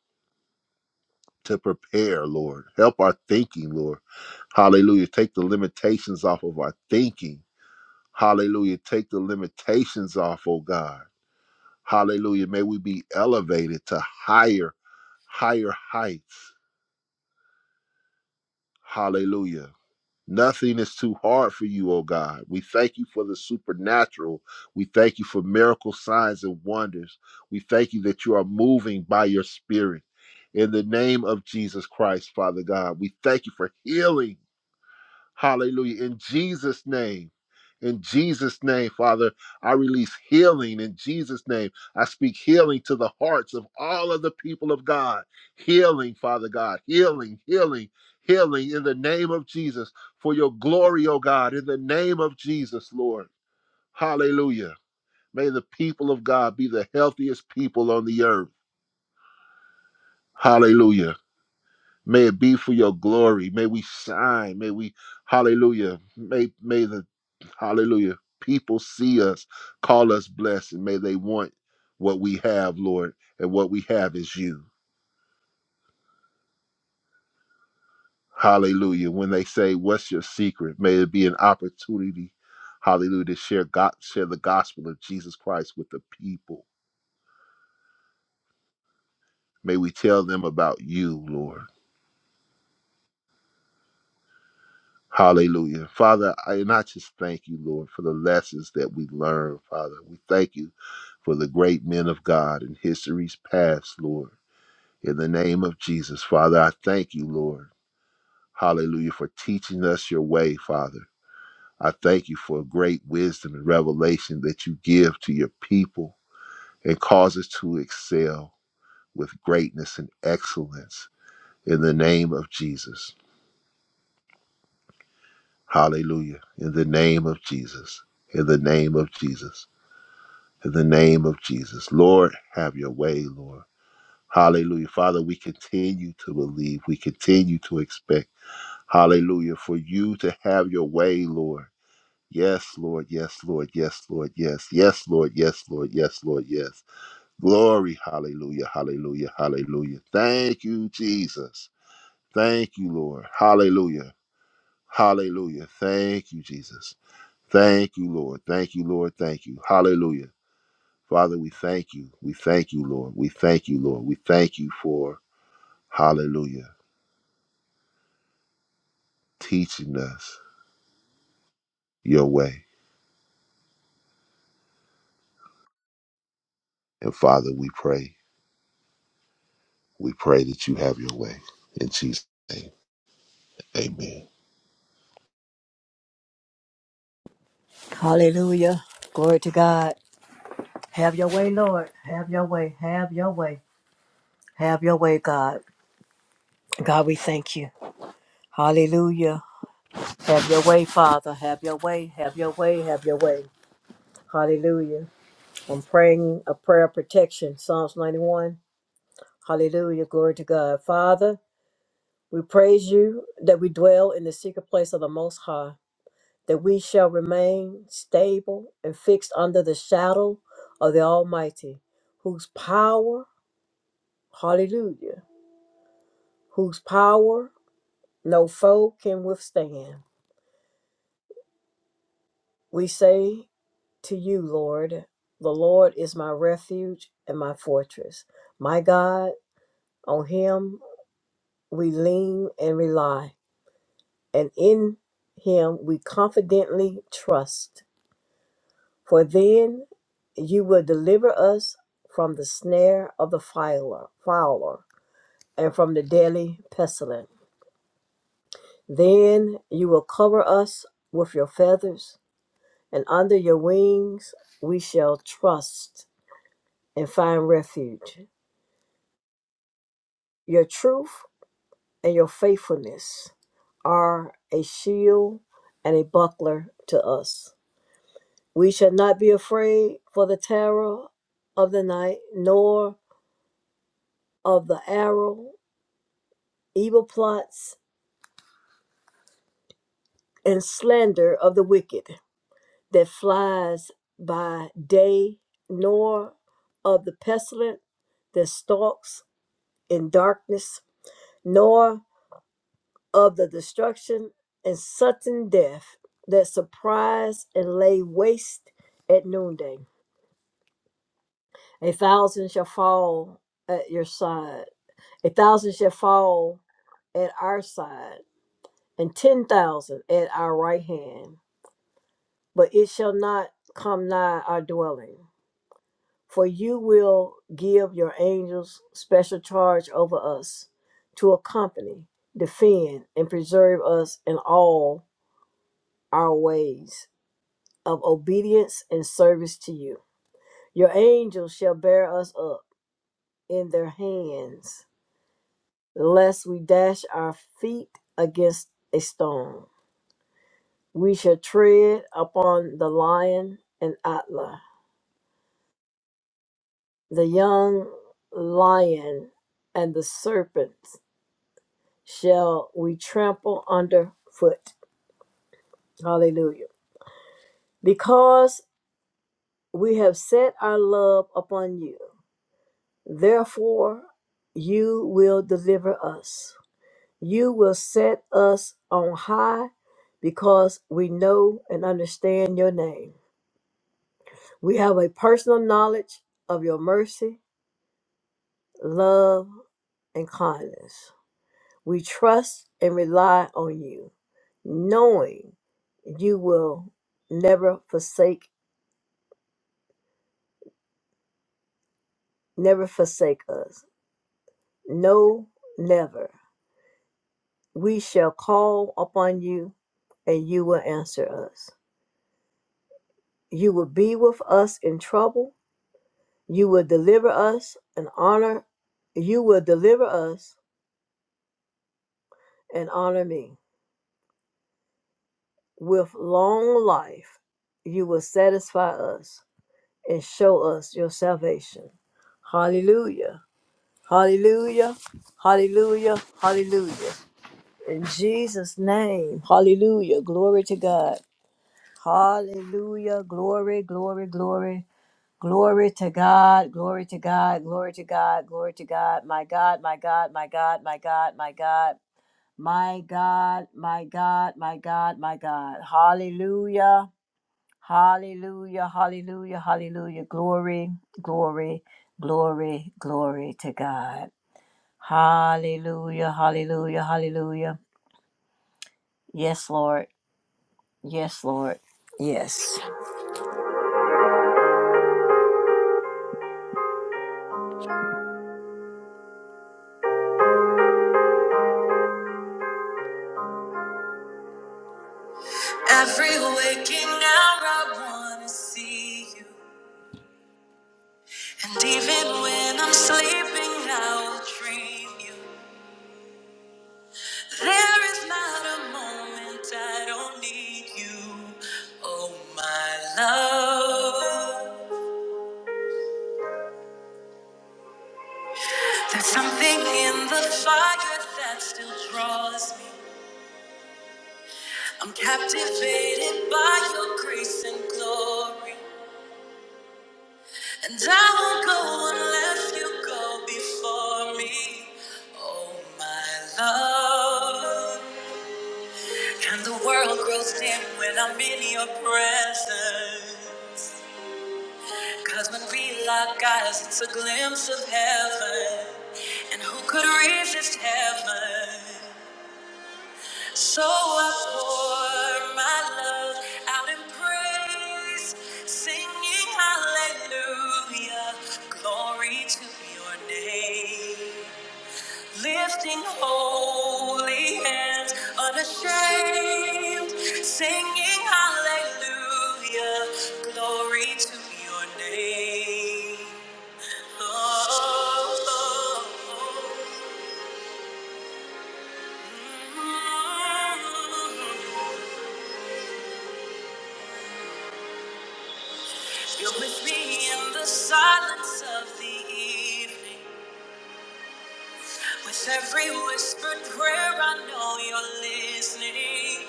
Speaker 3: to prepare, Lord. Help our thinking, Lord. Hallelujah. Take the limitations off of our thinking. Hallelujah. Take the limitations off, oh God. Hallelujah. May we be elevated to higher, higher heights. Hallelujah Nothing is too hard for you, O God. We thank you for the supernatural. We thank you for miracle signs and wonders. We thank you that you are moving by your spirit. In the name of Jesus Christ, Father God, we thank you for healing Hallelujah. In Jesus' name. In Jesus' name, Father, I release healing in Jesus' name. I speak healing to the hearts of all of the people of God. Healing, Father God. Healing, healing, healing in the name of Jesus for your glory, O God, in the name of Jesus, Lord. Hallelujah. May the people of God be the healthiest people on the earth. Hallelujah. May it be for your glory. May we shine. May we, hallelujah. May, may the, hallelujah, people see us, call us blessed, and may they want what we have, Lord. And what we have is you. Hallelujah. When they say, What's your secret? May it be an opportunity, hallelujah, to share, God, share the gospel of Jesus Christ with the people. May we tell them about you, Lord. Hallelujah. Father, I, and I just thank you, Lord, for the lessons that we learned, Father. We thank you for the great men of God in history's past, Lord. In the name of Jesus, Father, I thank you, Lord. Hallelujah, for teaching us your way, Father. I thank you for great wisdom and revelation that you give to your people and cause us to excel with greatness and excellence in the name of Jesus. Hallelujah. In the name of Jesus. In the name of Jesus. in the name of Jesus. Lord, have your way, Lord. Hallelujah. Father, we continue to believe. We continue to expect. Hallelujah. For you to have your way, Lord. Yes, Lord. Yes, Lord. Yes, Lord. Yes. Yes, Lord. Yes, Lord. Yes, Lord. Yes. Glory. Hallelujah. Hallelujah. Hallelujah. Thank you, Jesus. Thank you, Lord. Hallelujah. Hallelujah. Thank you, Jesus. Thank you, Lord. Thank you, Lord. Thank you. Hallelujah. Father, we thank you. We thank you, Lord. We thank you, Lord. We thank you for, hallelujah, teaching us your way. And Father, we pray, we pray that you have your way. In Jesus' name, amen.
Speaker 2: Hallelujah. Glory to God. Have your way, Lord. Have your way. Have your way. Have your way, God. God, we thank you. Hallelujah. Have your way, Father. Have your way. Have your way. Have your way. Hallelujah. I'm praying a prayer of protection. Psalms 91. Hallelujah. Glory to God. Father. We praise you that we dwell in the secret place of the Most High, that we shall remain stable and fixed under the shadow of the Almighty, whose power, hallelujah, whose power no foe can withstand. We say to you, Lord, the Lord is my refuge and my fortress. My God, on him we lean and rely, and in him we confidently trust. For then you will deliver us from the snare of the fowler, fowler and from the deadly pestilence. Then you will cover us with your feathers, and under your wings we shall trust and find refuge. Your truth and your faithfulness are a shield and a buckler to us. We shall not be afraid for the terror of the night, nor of the arrow evil plots and slander of the wicked that flies by day, nor of the pestilent that stalks in darkness, nor of the destruction and sudden death that surprise and lay waste at noonday. A thousand shall fall at your side, a thousand shall fall at our side, and ten thousand at our right hand but it shall not come nigh our dwelling. For you will give your angels special charge over us to accompany, defend, and preserve us in all our ways of obedience and service to you. Your angels shall bear us up in their hands, lest we dash our feet against a stone. We shall tread upon the lion and atla the young lion and the serpents shall we trample under foot. Hallelujah. Because we have set our love upon you, therefore you will deliver us. You will set us on high because we know and understand your name. We have a personal knowledge of your mercy, love, and kindness. We trust and rely on you. knowing you will never forsake never forsake us no never we shall call upon you and you will answer us you will be with us in trouble you will deliver us and honor you will deliver us and honor me with long life you will satisfy us and show us your salvation hallelujah hallelujah hallelujah hallelujah In Jesus' name. Hallelujah. Glory to God. Hallelujah. Glory, glory, glory. Glory to God. Glory to God. Glory to God. Glory to God. My God, my God, my God, my God, my God. My God, my God, my God, my God. Hallelujah. Hallelujah. Hallelujah. Hallelujah. Glory, glory, glory, glory to God. Hallelujah. Hallelujah. Hallelujah. Yes, Lord. Yes, Lord. Yes. Waking hour, and even there is my need you, oh my love. There's something in the fire that still draws me. I'm captivated by your grace and glory, and I won't go unless you go before me, oh my love. And the world grows dim when I'm in your presence. Cause when we lock eyes, it's a glimpse of heaven. And who could resist heaven? Oh, mm You're with me in the silence of the evening. With every whispered prayer, I know you're listening.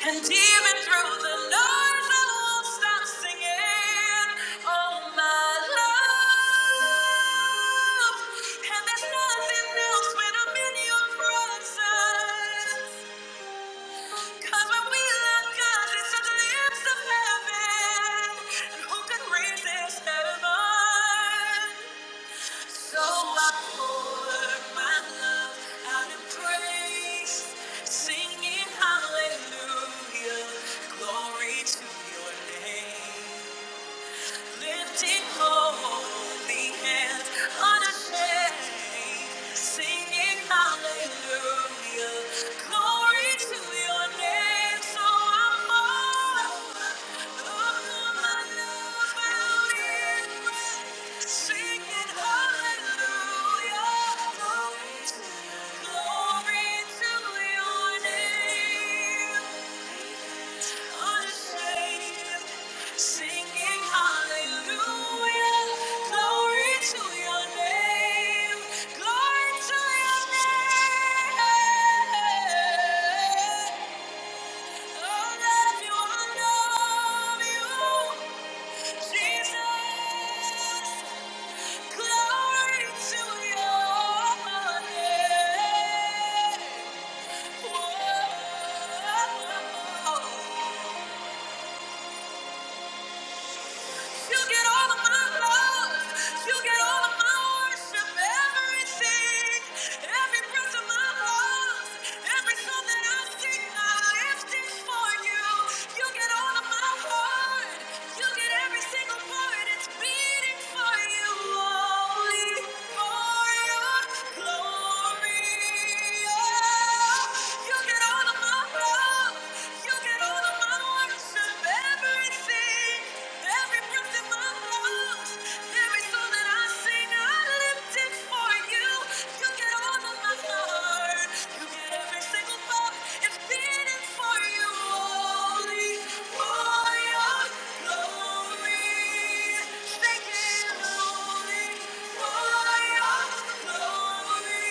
Speaker 2: And even through the noise, I won't stop singing. Oh, my love. And there's nothing else when I'm in your presence. Cause when we love God, it's the lips of heaven. And who can resist heaven? So I pour my love out in praise, singing hallelujah, glory to your name. Lifting holy hands unashamed, singing hallelujah. Glory to your name. So I'm all up on my knees, bowed in prayer, singing hallelujah. Jesus. Glory to your name. Whoa. You get all of my love. You get all of my worship. Everything. Every breath of my lungs. Every song that I sing, I lift it for you. You get all of my heart. You get every single part. It's beating for you. Only for your glory. Oh, you get all of my love. You get all of my worship. Everything. Every breath in my lungs, every song that I sing, I lift it for you. You get all of my heart, you get every single thought. It's beating for you, only for your glory. Sing only for your glory.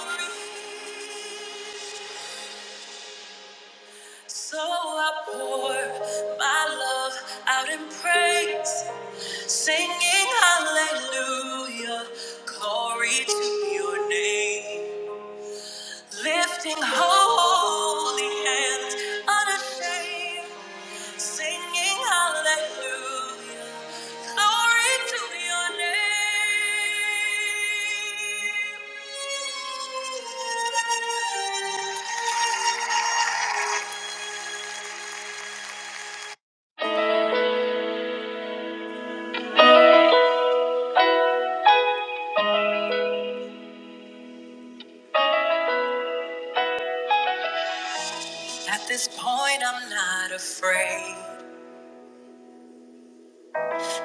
Speaker 2: Only for your glory. So I pour my love out in praise, singing hallelujah, glory to your name. Lifting holy hands unashamed, singing hallelujah, glory to your name. At this point, I'm not afraid.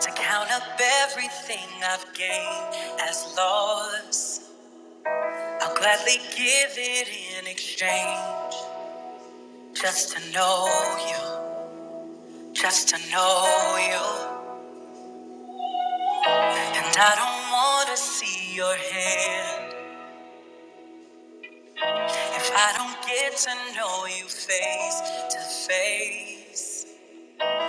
Speaker 2: To count up everything I've gained as loss, I'll gladly give it in exchange. Just to know you, just to know you. And I don't want to see your hand if I don't get to know you face to face.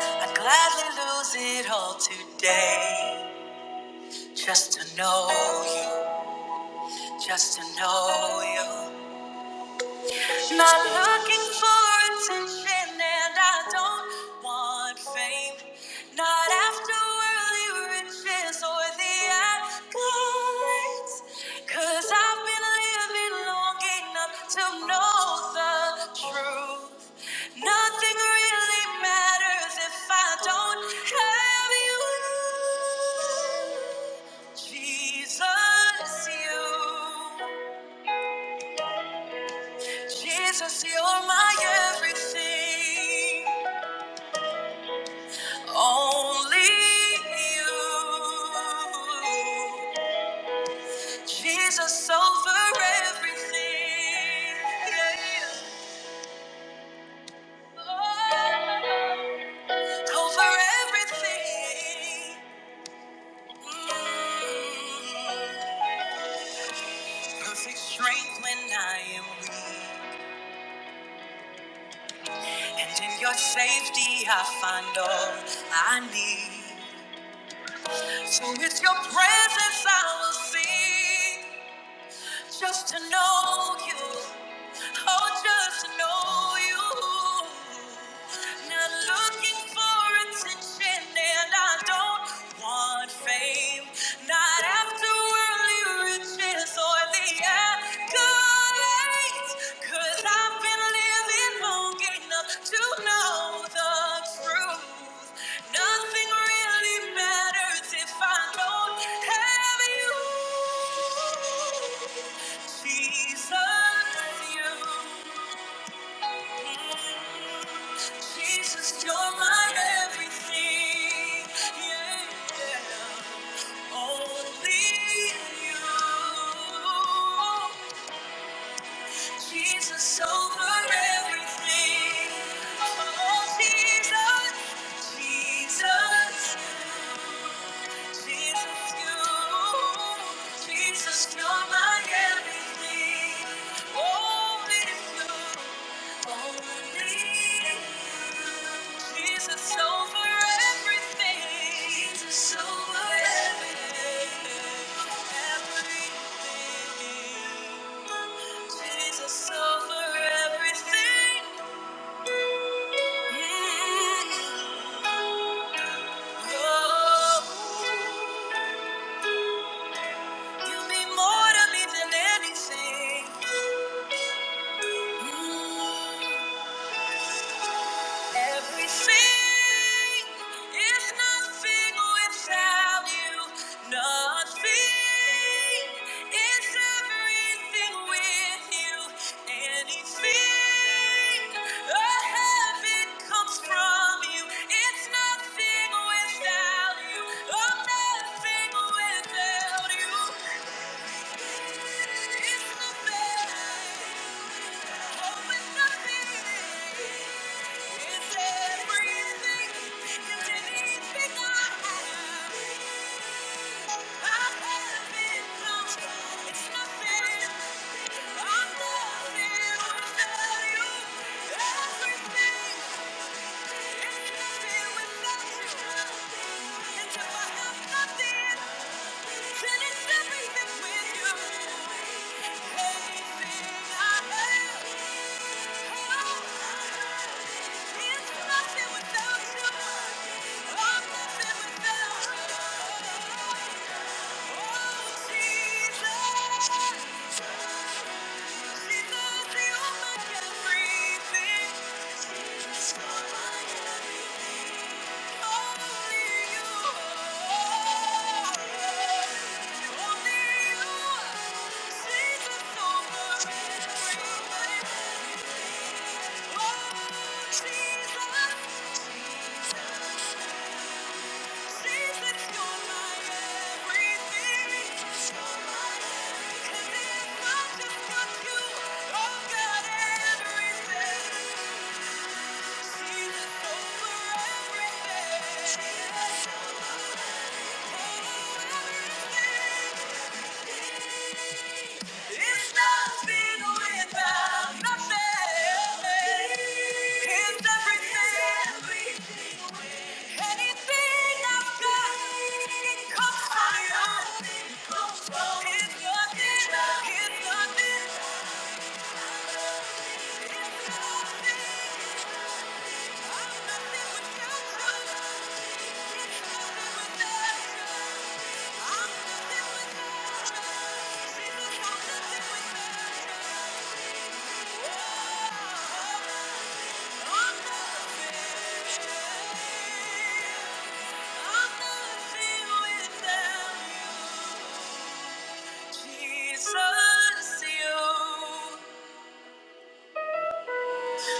Speaker 2: I'd gladly lose it all today. Just to know you, just to know you. Not looking for attention, and I don't want fame. Not after worldly riches or the accolades. Cause I've been living long enough to know the truth. Nothing really matters if I don't have you. Jesus, you. Jesus, you're my everything. Only you. Jesus over everything. Yeah. Oh, over everything. Mm. Perfect strength when I am weak. And in your safety, I find all I need. So it's your presence I will sing, just to know you, oh, just to know you. Not looking for attention, and I don't want fame, not after worldly riches or the accolades. i have been living long enough to know. the truth. Nothing really matters if I don't have you. Jesus, you. Jesus, you're my everything. Yeah. yeah. Only you. Jesus over everything. Oh, Jesus, Jesus, Jesus, you, Jesus, you're my everything. Oh, it's you. Jesus over everything. Jesus over everything. Jesus over everything. Mm. Oh, you mean more to me than anything. Mm. Everything is nothing without you. Nothing is everything with you. Anything a heaven comes from you. It's nothing without you. Oh, nothing without you. Thank you nothing nothing, without you. I I'm nothing without you. Oh, Jesus, Thank you. It's nothing without nothing. It's everything. Anything I've got comes from you. It's nothing. It's nothing. It's nothing.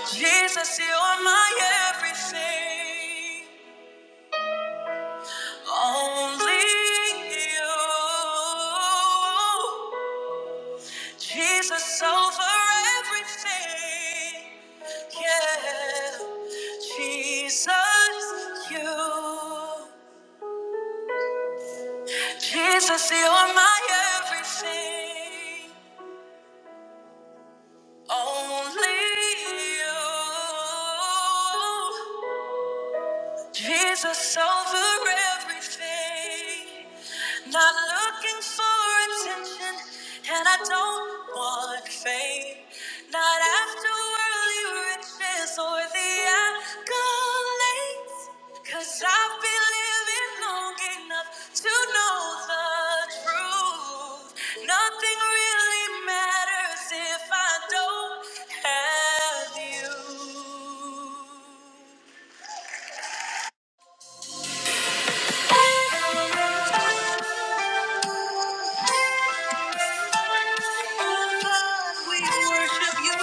Speaker 2: Jesus, you are my everything. Only you, Jesus over everything. Yeah, Jesus, you, Jesus, you're my everything. Only you. Jesus over everything. Not looking for attention, and I don't want fame. Not after worldly riches or the accolades. Cause I've been living long enough to know the truth. Nothing really matters if I don't have you. We worship you.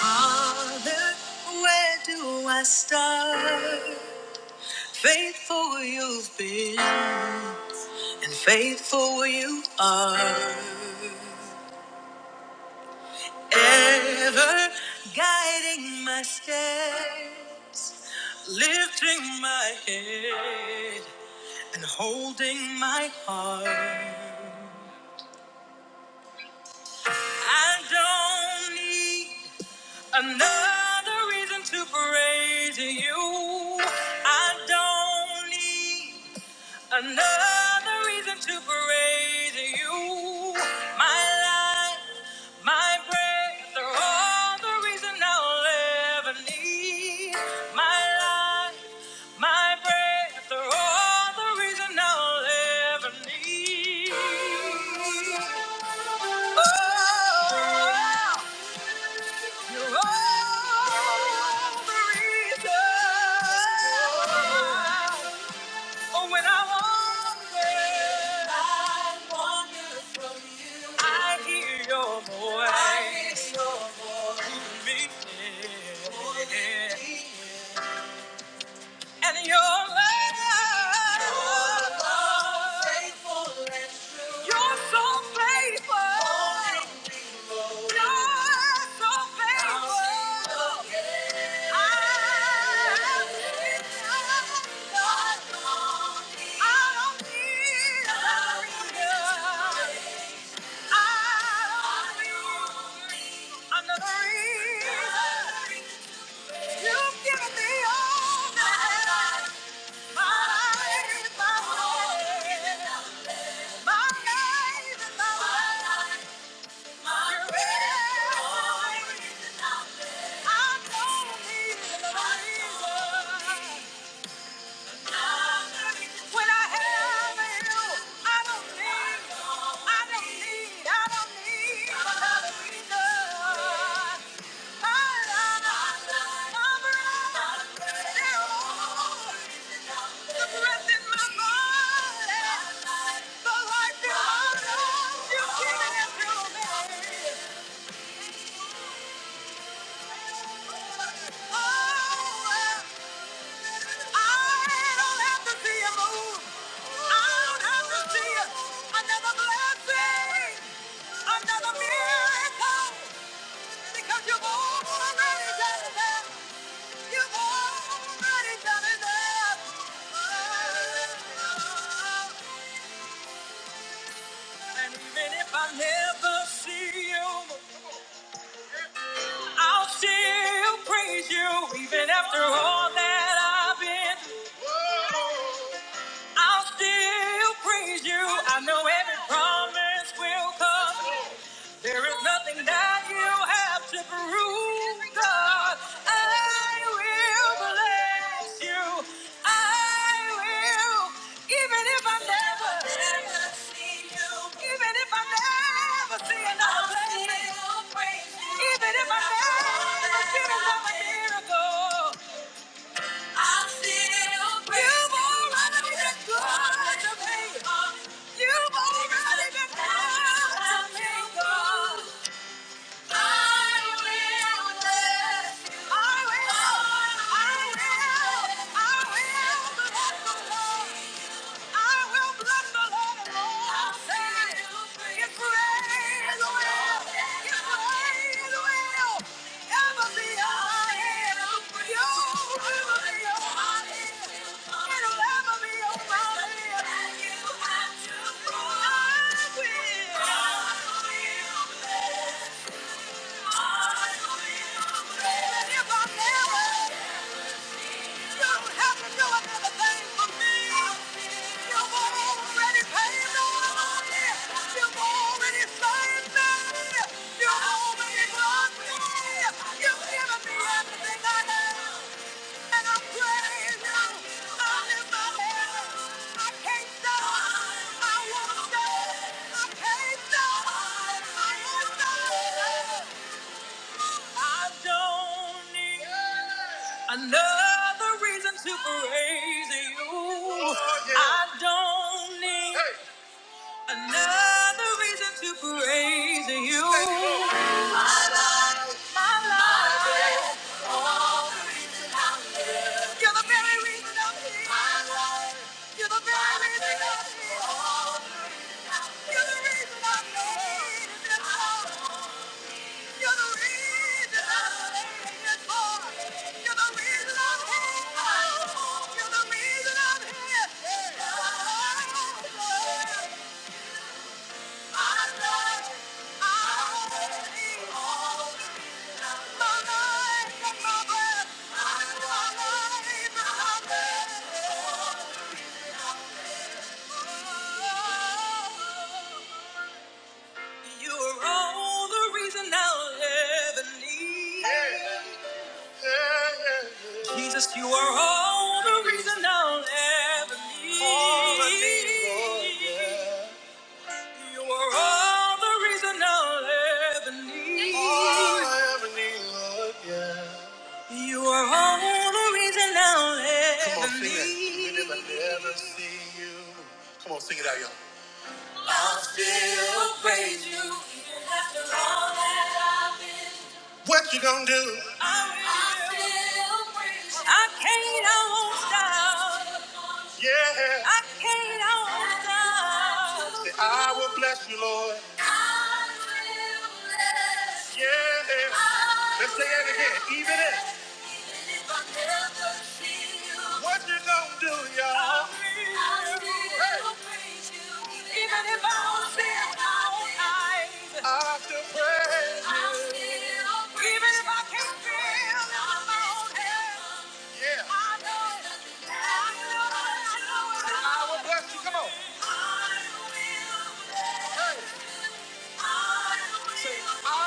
Speaker 2: Father, where do I start? Faithful you've been, and faithful you are. Ever guiding my steps, lifting my head. and holding my heart. I don't need another reason to praise you. I don't need Another reason to praise you, my life, my breath, are all the reason I'll ever need. My life, my breath, are all the reason I'll ever need. Oh, you're all the reason. Oh, when I'm alone, I hear your voice. Another reason you've given me all my life, my life is my way, my life is my way. You're everything. Thank you. I don't have to see you move. I don't have to see Another blessing, another miracle. Because you've already done it. You've already done it. And even if I never see you, I'll still praise you. Even after all that I've been through, I know every promise will come. There is nothing that you have to prove, God. I will bless you. I will, even if I never, never see you, even if I never see another blessing, I'll still praise even if I never see another miracle, i still praise you. you've already been good to me. You've already been good to me, God. I will. I can't stop. I won't stop. I won't stop. I don't need another reason to praise you. Oh, yeah. I don't need Hey. another reason to praise you. My life, you're the very reason I'm here. My life, you're the very reason I'm here. You're the reason I'm here. You're all the reason I'll ever need. Jesus, you are all the reason I'll ever need. All I need, Lord, yeah. You are all the reason I'll ever need. All I ever need, Lord, yeah. You are all the reason I'll ever Come on, sing that. need. if I never see you. Come on, sing it out, y'all. Still praise you even after all that. What you gonna do? I will. I still- I can't, I won't stop. Yeah. I can't stop. Say, I will bless you, Lord. Yeah. Let's say that again. Even if what you gonna do, y'all. Even if I don't see it all, I won't hide. Even if I can't feel my own hand. Yeah. Say, I will bless you. Come on. Hey. Say, I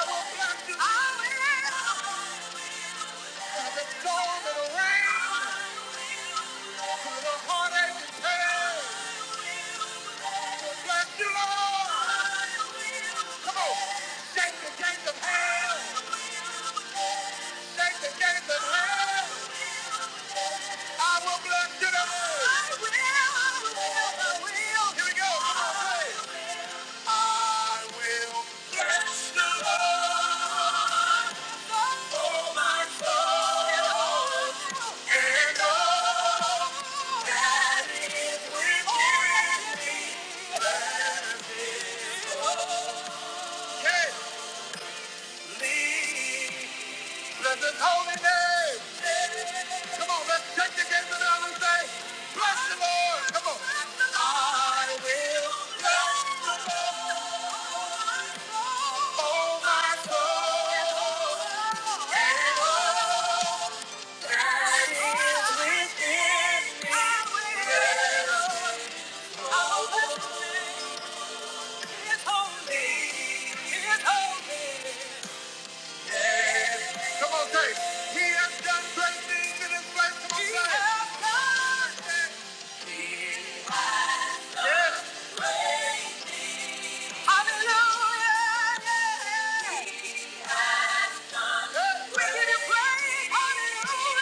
Speaker 2: I will.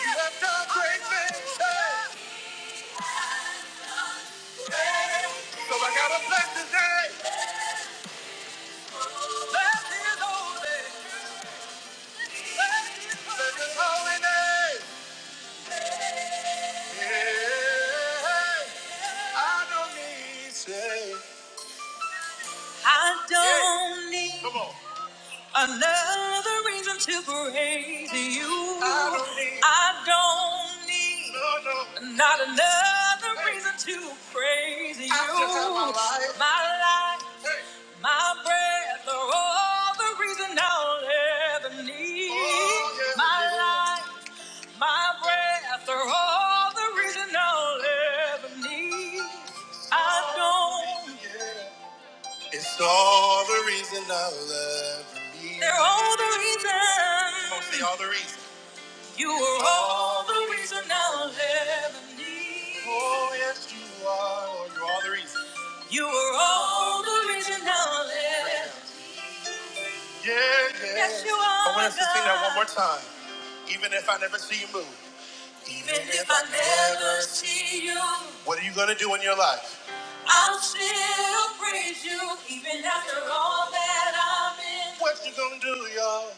Speaker 2: Come on. Another reason to praise you. I don't need. I don't need. No, no. Not another Hey. reason to praise you. i just had my you. life. My life. Hey. My breath are all the reason I'll ever need. Oh, yes, my it is. life, my breath are all the reason I'll ever need. I don't. It's so. They're all the reason. You are all the reason I'll ever need. Oh, yes, you are. Oh, you are the reason. You are all the reason I'll ever Yeah, yeah. Yes, you are. I want us to sing that one more time. Let's see you move. Even if I never see you, what are you going to do in your life? I'll still praise you, even after all that I've been. What you going to do, y'all?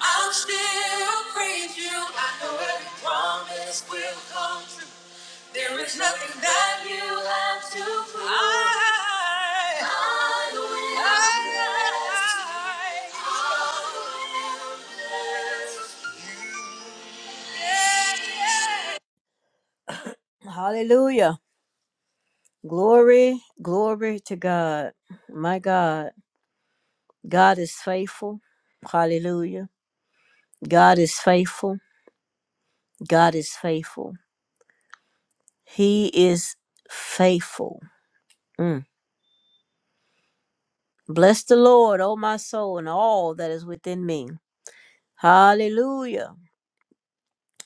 Speaker 2: I'll still praise you. I know every promise will come true. There is nothing that you have to prove. I, I will I, I, I, I. Hallelujah. Glory, glory to God. My God, God is faithful. Hallelujah. God is faithful. God is faithful. He is faithful. Mm. Bless the Lord, O my soul, and all that is within me. Hallelujah.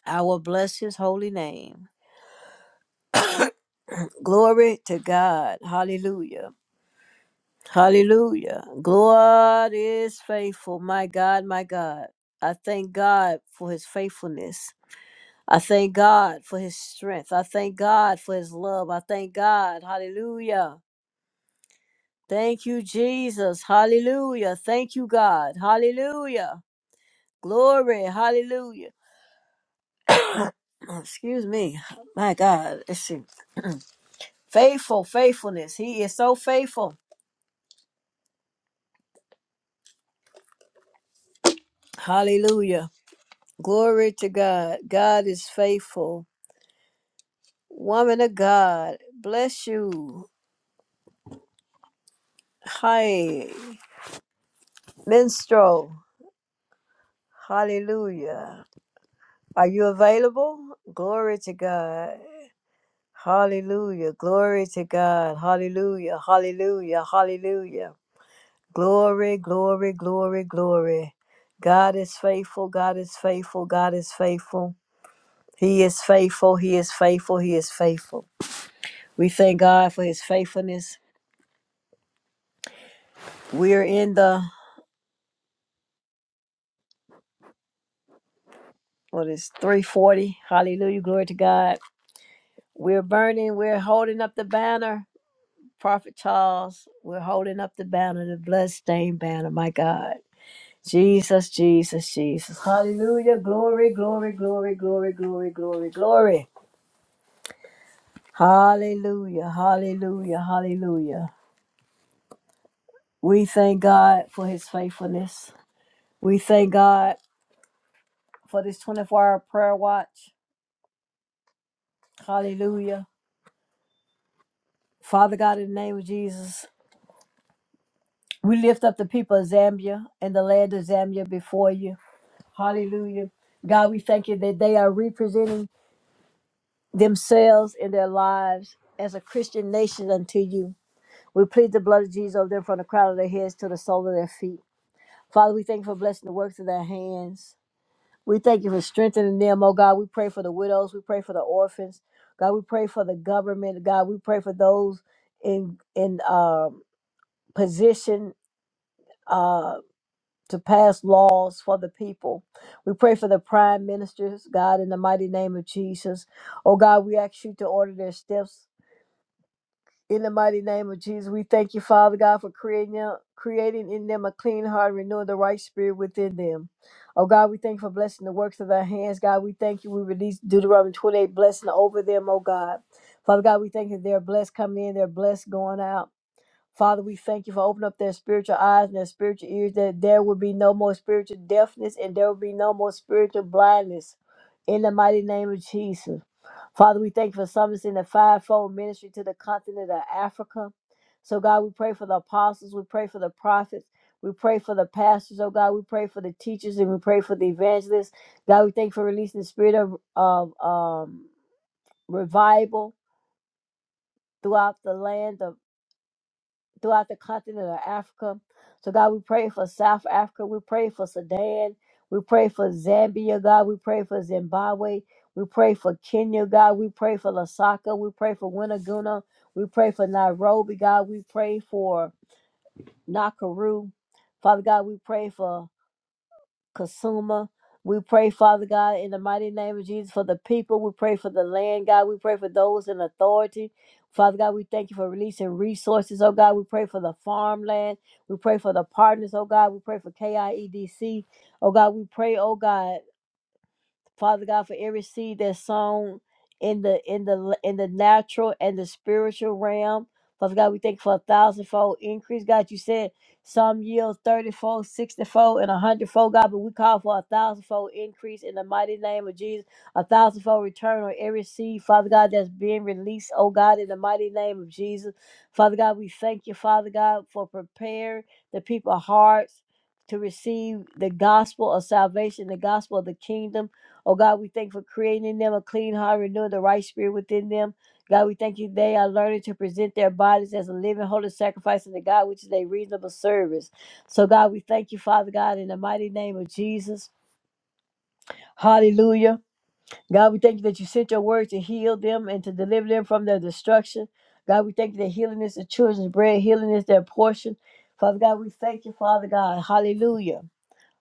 Speaker 2: I will bless his holy name. Glory to God. Hallelujah. Hallelujah. God is faithful. My God, my God. I thank God for his faithfulness. I thank God for his strength. I thank God for his love. I thank God. Hallelujah. Thank you, Jesus. Hallelujah. Thank you, God. Hallelujah. Glory. Hallelujah. Excuse me. My God. Let's see. Faithful, faithfulness. He is so faithful. Hallelujah. Glory to God. God is faithful. Woman of God, bless you. Hi, minstrel. Hallelujah. Are you available? Glory to God. Hallelujah. Glory to God. Hallelujah. Hallelujah. Hallelujah. Glory, glory, glory, glory. God is faithful. God is faithful. God is faithful. He is faithful. He is faithful. He is faithful. We thank God for his faithfulness. We're in the, what is 340. Hallelujah. Glory to God. We're burning. We're holding up the banner. Prophet Charles, we're holding up the banner, the bloodstained banner. My God. Jesus, Jesus, Jesus. Hallelujah. Glory, glory, glory, glory, glory, glory, glory. Hallelujah. Hallelujah. Hallelujah. We thank God for his faithfulness. We thank God for this 24 hour prayer watch. Hallelujah. Father God, in the name of Jesus, we lift up the people of Zambia and the land of Zambia before you. Hallelujah. God, we thank you that they are representing themselves in their lives as a Christian nation unto you. We plead the blood of Jesus over them from the crown of their heads to the sole of their feet. Father, we thank you for blessing the works of their hands. We thank you for strengthening them, oh God. We pray for the widows. We pray for the orphans. God, we pray for the government. God, we pray for those in in um, position to pass laws for the people. We pray for the prime ministers, God, in the mighty name of Jesus. Oh God, we ask you to order their steps In the mighty name of Jesus, we thank you, Father God, for creating them, creating in them a clean heart, renewing the right spirit within them. Oh God, we thank you for blessing the works of their hands. God, we thank you. We release Deuteronomy 28 blessing over them, oh God. Father God, we thank you they're blessed coming in, they're blessed going out. Father, we thank you for opening up their spiritual eyes and their spiritual ears that there will be no more spiritual deafness and there will be no more spiritual blindness. In the mighty name of Jesus. Father, we thank you for summoning the fivefold ministry to the continent of Africa. So, God, we pray for the apostles, we pray for the prophets, we pray for the pastors, oh God, we pray for the teachers, and we pray for the evangelists. God, we thank you for releasing the spirit of, of um, revival throughout the land of throughout the continent of Africa. So, God, we pray for South Africa. We pray for Sudan. We pray for Zambia, God. We pray for Zimbabwe. We pray for Kenya, God. We pray for Lusaka. We pray for Winnaguna. We pray for Nairobi, God. We pray for Nakuru. Father God, we pray for consumer. We pray, Father God, in the mighty name of Jesus for the people. We pray for the land, God. We pray for those in authority. Father God, we thank you for releasing resources, oh God. We pray for the farmland. We pray for the partners, oh God. We pray for KIEDC. Oh God, we pray, oh God. Father God, for every seed that's sown in the in the in the natural and the spiritual realm. Father God, we thank you for a thousandfold increase. God, you said some yield 30-fold, 60-fold, and a hundredfold, God, but we call for a thousandfold increase in the mighty name of Jesus, a thousandfold return on every seed, Father God, that's being released, oh God, in the mighty name of Jesus. Father God, we thank you, Father God, for preparing the people's hearts to receive the gospel of salvation, the gospel of the kingdom. Oh God, we thank you for creating in them a clean heart, renewing the right spirit within them. God, we thank you they are learning to present their bodies as a living, holy sacrifice unto God, which is a reasonable service. So, God, we thank you, Father God, in the mighty name of Jesus. Hallelujah. God, we thank you that you sent your word to heal them and to deliver them from their destruction. God, we thank you that healing is the children's bread, healing is their portion. Father God, we thank you, Father God. Hallelujah.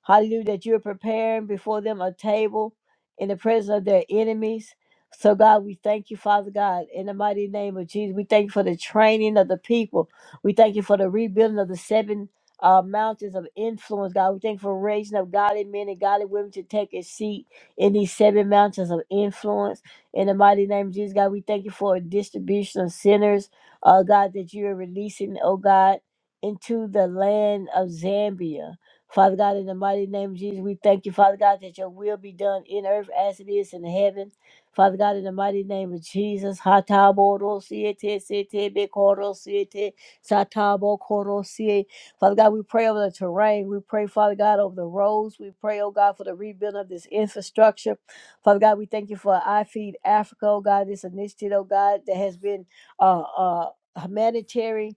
Speaker 2: Hallelujah, that you're preparing before them a table in the presence of their enemies. So, God, we thank you, Father God, in the mighty name of Jesus. We thank you for the training of the people. We thank you for the rebuilding of the seven uh, mountains of influence, God. We thank you for raising up godly men and godly women to take a seat in these seven mountains of influence. In the mighty name of Jesus, God, we thank you for a distribution of sinners, uh, God, that you are releasing, oh God, into the land of Zambia. Father God, in the mighty name of Jesus, we thank you, Father God, that your will be done in earth as it is in heaven. Father God, in the mighty name of Jesus, Hatabodosiete, Sete, Bekorosiete, Satabokorosie. Father God, we pray over the terrain. We pray, Father God, over the roads. We pray, oh God, for the rebuild of this infrastructure. Father God, we thank you for I Feed Africa, oh God, this initiative, oh God, that has been uh, uh, humanitarian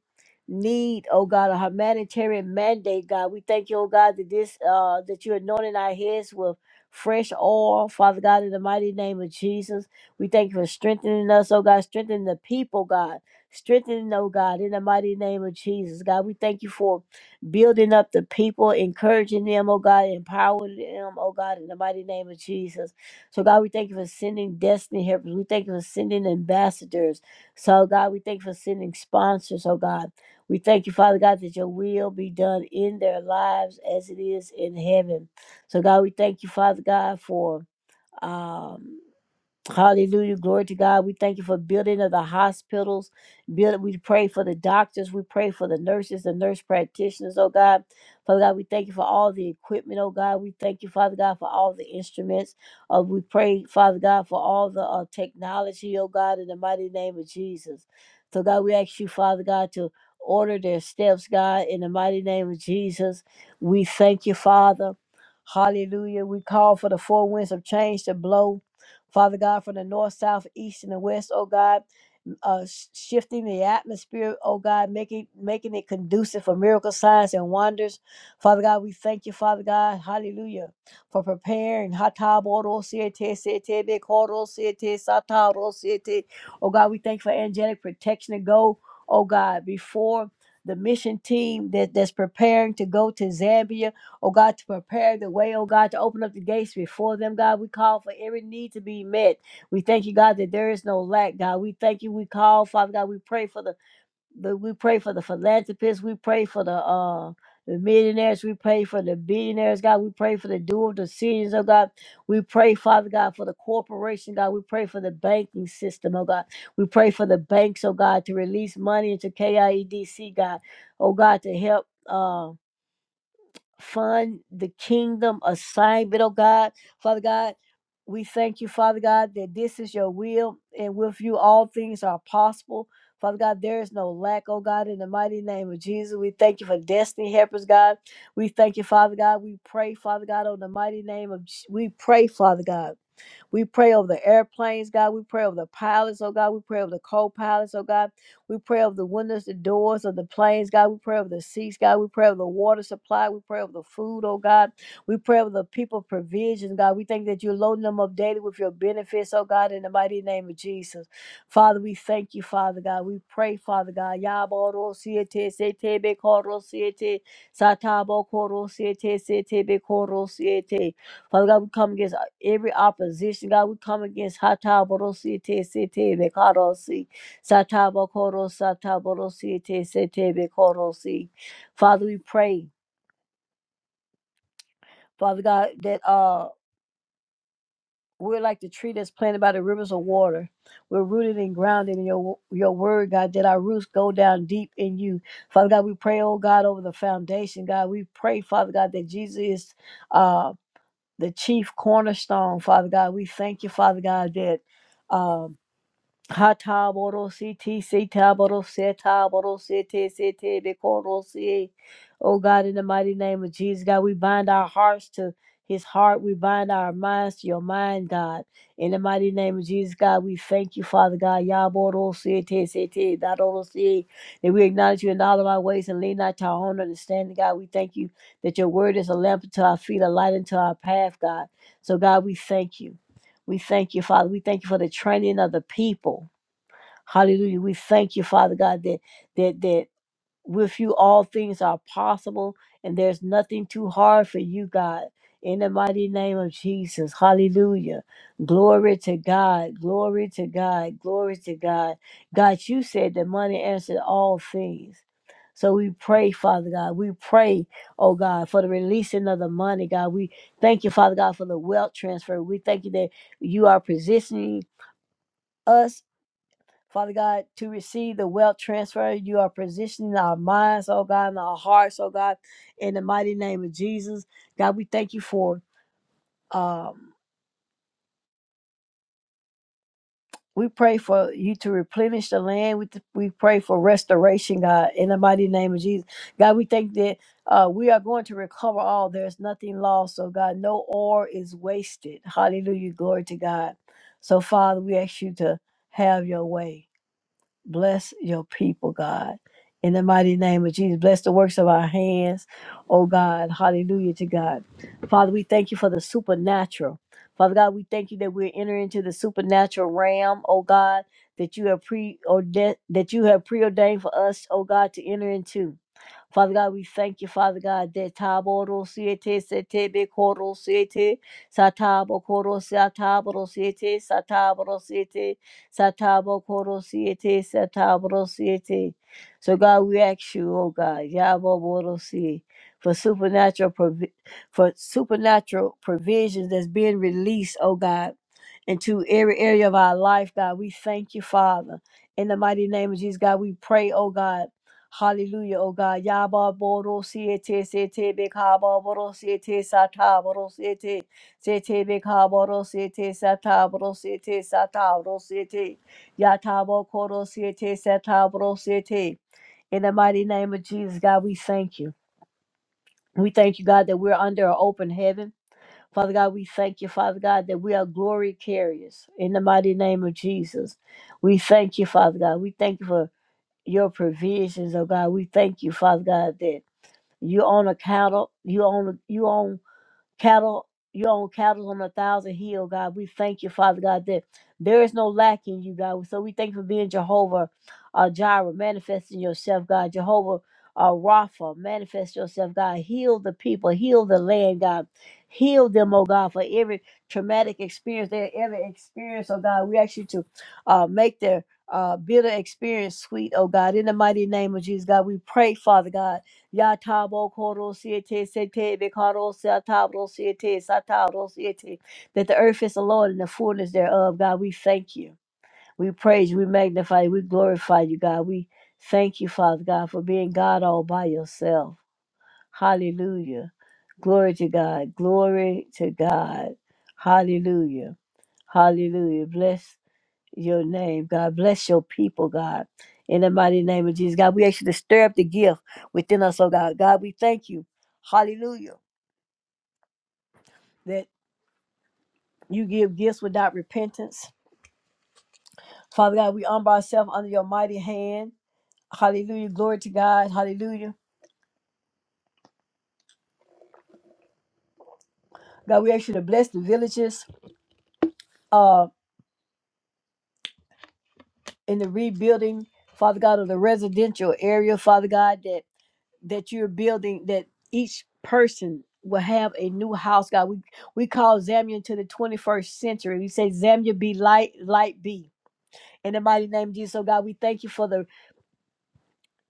Speaker 2: need, oh God, a humanitarian mandate, God. We thank you, oh God, that this uh that you're anointing our heads with fresh oil, Father God, in the mighty name of Jesus. We thank you for strengthening us, oh God, strengthening the people, God. Strengthening, oh God, in the mighty name of Jesus. God, we thank you for building up the people, encouraging them, oh God, empowering them, oh God, in the mighty name of Jesus. So, God, we thank you for sending destiny helpers. We thank you for sending ambassadors. So, God, we thank you for sending sponsors, oh God. We thank you, Father God, that your will be done in their lives as it is in heaven. So, God, we thank you, Father God, for. Um, Hallelujah. Glory to God. We thank you for building of the hospitals. Build, we pray for the doctors. We pray for the nurses, the nurse practitioners, oh God. Father God, we thank you for all the equipment, oh God. We thank you, Father God, for all the instruments. Uh, we pray, Father God, for all the uh, technology, oh God, in the mighty name of Jesus. So, God, we ask you, Father God, to order their steps, God, in the mighty name of Jesus. We thank you, Father. Hallelujah. We call for the four winds of change to blow. Father God, from the north, south, east, and the west, oh God uh, sh- shifting the atmosphere, oh God, making making it conducive for miracle signs and wonders. Father God, we thank you, Father God, hallelujah, for preparing. Oh God, we thank you for angelic protection to go, oh God, before the mission team that, that's preparing to go to Zambia, oh God, to prepare the way, oh God, to open up the gates before them, God. We call for every need to be met. We thank you, God, that there is no lack, God. We thank you. We call, Father God. We pray for the, the we pray for the philanthropists. We pray for the uh the millionaires. We pray for the billionaires, God. We pray for the dual decisions, oh God. We pray, Father God, for the corporation, God. We pray for the banking system, oh God. We pray for the banks, oh God, to release money into KIEDC, God. Oh God, to help. uh fund the kingdom assignment, oh God. Father God, we thank you, Father God, that this is your will, and with you all things are possible. Father God, there is no lack, oh God, in the mighty name of Jesus. We thank you for destiny helpers, God. We thank you, Father God. We pray, Father God, on the mighty name of, Je- we pray, Father God. We pray over the airplanes, God. We pray over the pilots, oh God. We pray over the co pilots, oh God. We pray over the windows, the doors of the planes, God. We pray over the seats, God. We pray over the water supply. We pray over the food, oh God. We pray over the people provisions, God. We thank that you're loading them up daily with your benefits, oh God, in the mighty name of Jesus. Father, we thank you, Father God. We pray, Father God. Yaboro siete sete be koro siete satabo koro siete sete be koro siete. Father God, we come against every opposition, God, we come against Hataborosi Te Sete Bekorosi, Satabokoro Sataborosi Te Sete Bekorosi. Father, we pray, Father God, that uh we're like the tree that's planted by the rivers of water. We're rooted and grounded in your your word, God, that our roots go down deep in you. Father God, we pray, oh God, over the foundation, God. We pray, Father God, that Jesus is uh the chief cornerstone, Father God. We thank you, Father God, that um. Hata boro siti sita boro seta boro sete sete bekoro si. Oh God, in the mighty name of Jesus, God, we bind our hearts to His heart. We bind our minds to Your mind, God. In the mighty name of Jesus, God, we thank You, Father God. Ya boro sete sete da boro si. That we acknowledge You in all of our ways and lean not to our own understanding, God. We thank You that Your Word is a lamp unto our feet, a light unto our path, God. So God, we thank You. We thank you, Father. We thank you for the training of the people. Hallelujah. We thank you, Father God, that that that with you all things are possible and there's nothing too hard for you, God. In the mighty name of Jesus. Hallelujah. Glory to God. Glory to God. Glory to God. God, you said that money answered all things. So we pray, Father God. We pray, oh God, for the releasing of the money, God. We thank you, Father God, for the wealth transfer. We thank you that you are positioning us Father God, to receive the wealth transfer, you are positioning our minds, oh God, and our hearts, oh God, in the mighty name of Jesus. God, we thank you for, um, we pray for you to replenish the land. We, we pray for restoration, God, in the mighty name of Jesus. God, we thank that uh, we are going to recover all. There's nothing lost, oh God. No ore is wasted. Hallelujah. Glory to God. So, Father, we ask you to have your way. Bless your people, God. In the mighty name of Jesus, bless the works of our hands. Oh God, hallelujah to God. Father, we thank you for the supernatural. Father God, we thank you that we're entering into the supernatural realm, oh God, that you have preordained that you have preordained for us, oh God, to enter into. Father God, we thank you, Father God, that Taboro Siete Setebe Koro Siete Satabo Koro Satabro Siete Satabro Siete Satabo Koro Siete Satabro Siete. So God, we ask you, oh God, Yabo Boro Sie, for supernatural provi- for supernatural provisions that's being released, oh God, into every area of our life, God. We thank you, Father. In the mighty name of Jesus, God, we pray, oh God. Hallelujah, oh God. Yaba boro siete sete bekaba boro siete sata boro siete sete bekaba boro siete sata boro siete sata boro siete yatabo koro siete sata boro siete. In the mighty name of Jesus, God, we thank you. We thank you, God, that we're under an open heaven. Father God, we thank you, Father God, that we are glory carriers. In the mighty name of Jesus, we thank you, Father God. We thank you for your provisions, oh God. We thank you, Father God, that you own account you own you own cattle, you own cattle on a thousand hill, God. We thank you, Father God, that there is no lack in you, God. So we thank you for being Jehovah uh, Jireh, manifesting yourself, God. Jehovah uh, Rapha, manifest yourself, God. Heal the people, heal the land, God. Heal them, oh God, for every traumatic experience they ever experienced, oh God. We ask you to uh, make their uh, bitter experience sweet, oh God. In the mighty name of Jesus, God, we pray, Father God Yatabo koro siete sete bekaro satabo siete satabo siete. That the earth is the Lord and the fullness thereof. God, we thank you. We praise you. We magnify you. We glorify you, God. We thank you, Father God, for being God all by yourself. Hallelujah. Glory to God. Glory to God. Hallelujah. Hallelujah. Bless your name, God. Bless your people, God. In the mighty name of Jesus, God, we ask you to stir up the gift within us, oh God. God, we thank you. Hallelujah. That you give gifts without repentance. Father God, we humble ourselves under your mighty hand. Hallelujah. Glory to God. Hallelujah. God, we ask you to bless the villages uh, in the rebuilding, Father God, of the residential area, Father God, that. that you're building that each person will have a new house god we we call zambia into the 21st century we say zambia be light light be in the mighty name of jesus so god we thank you for the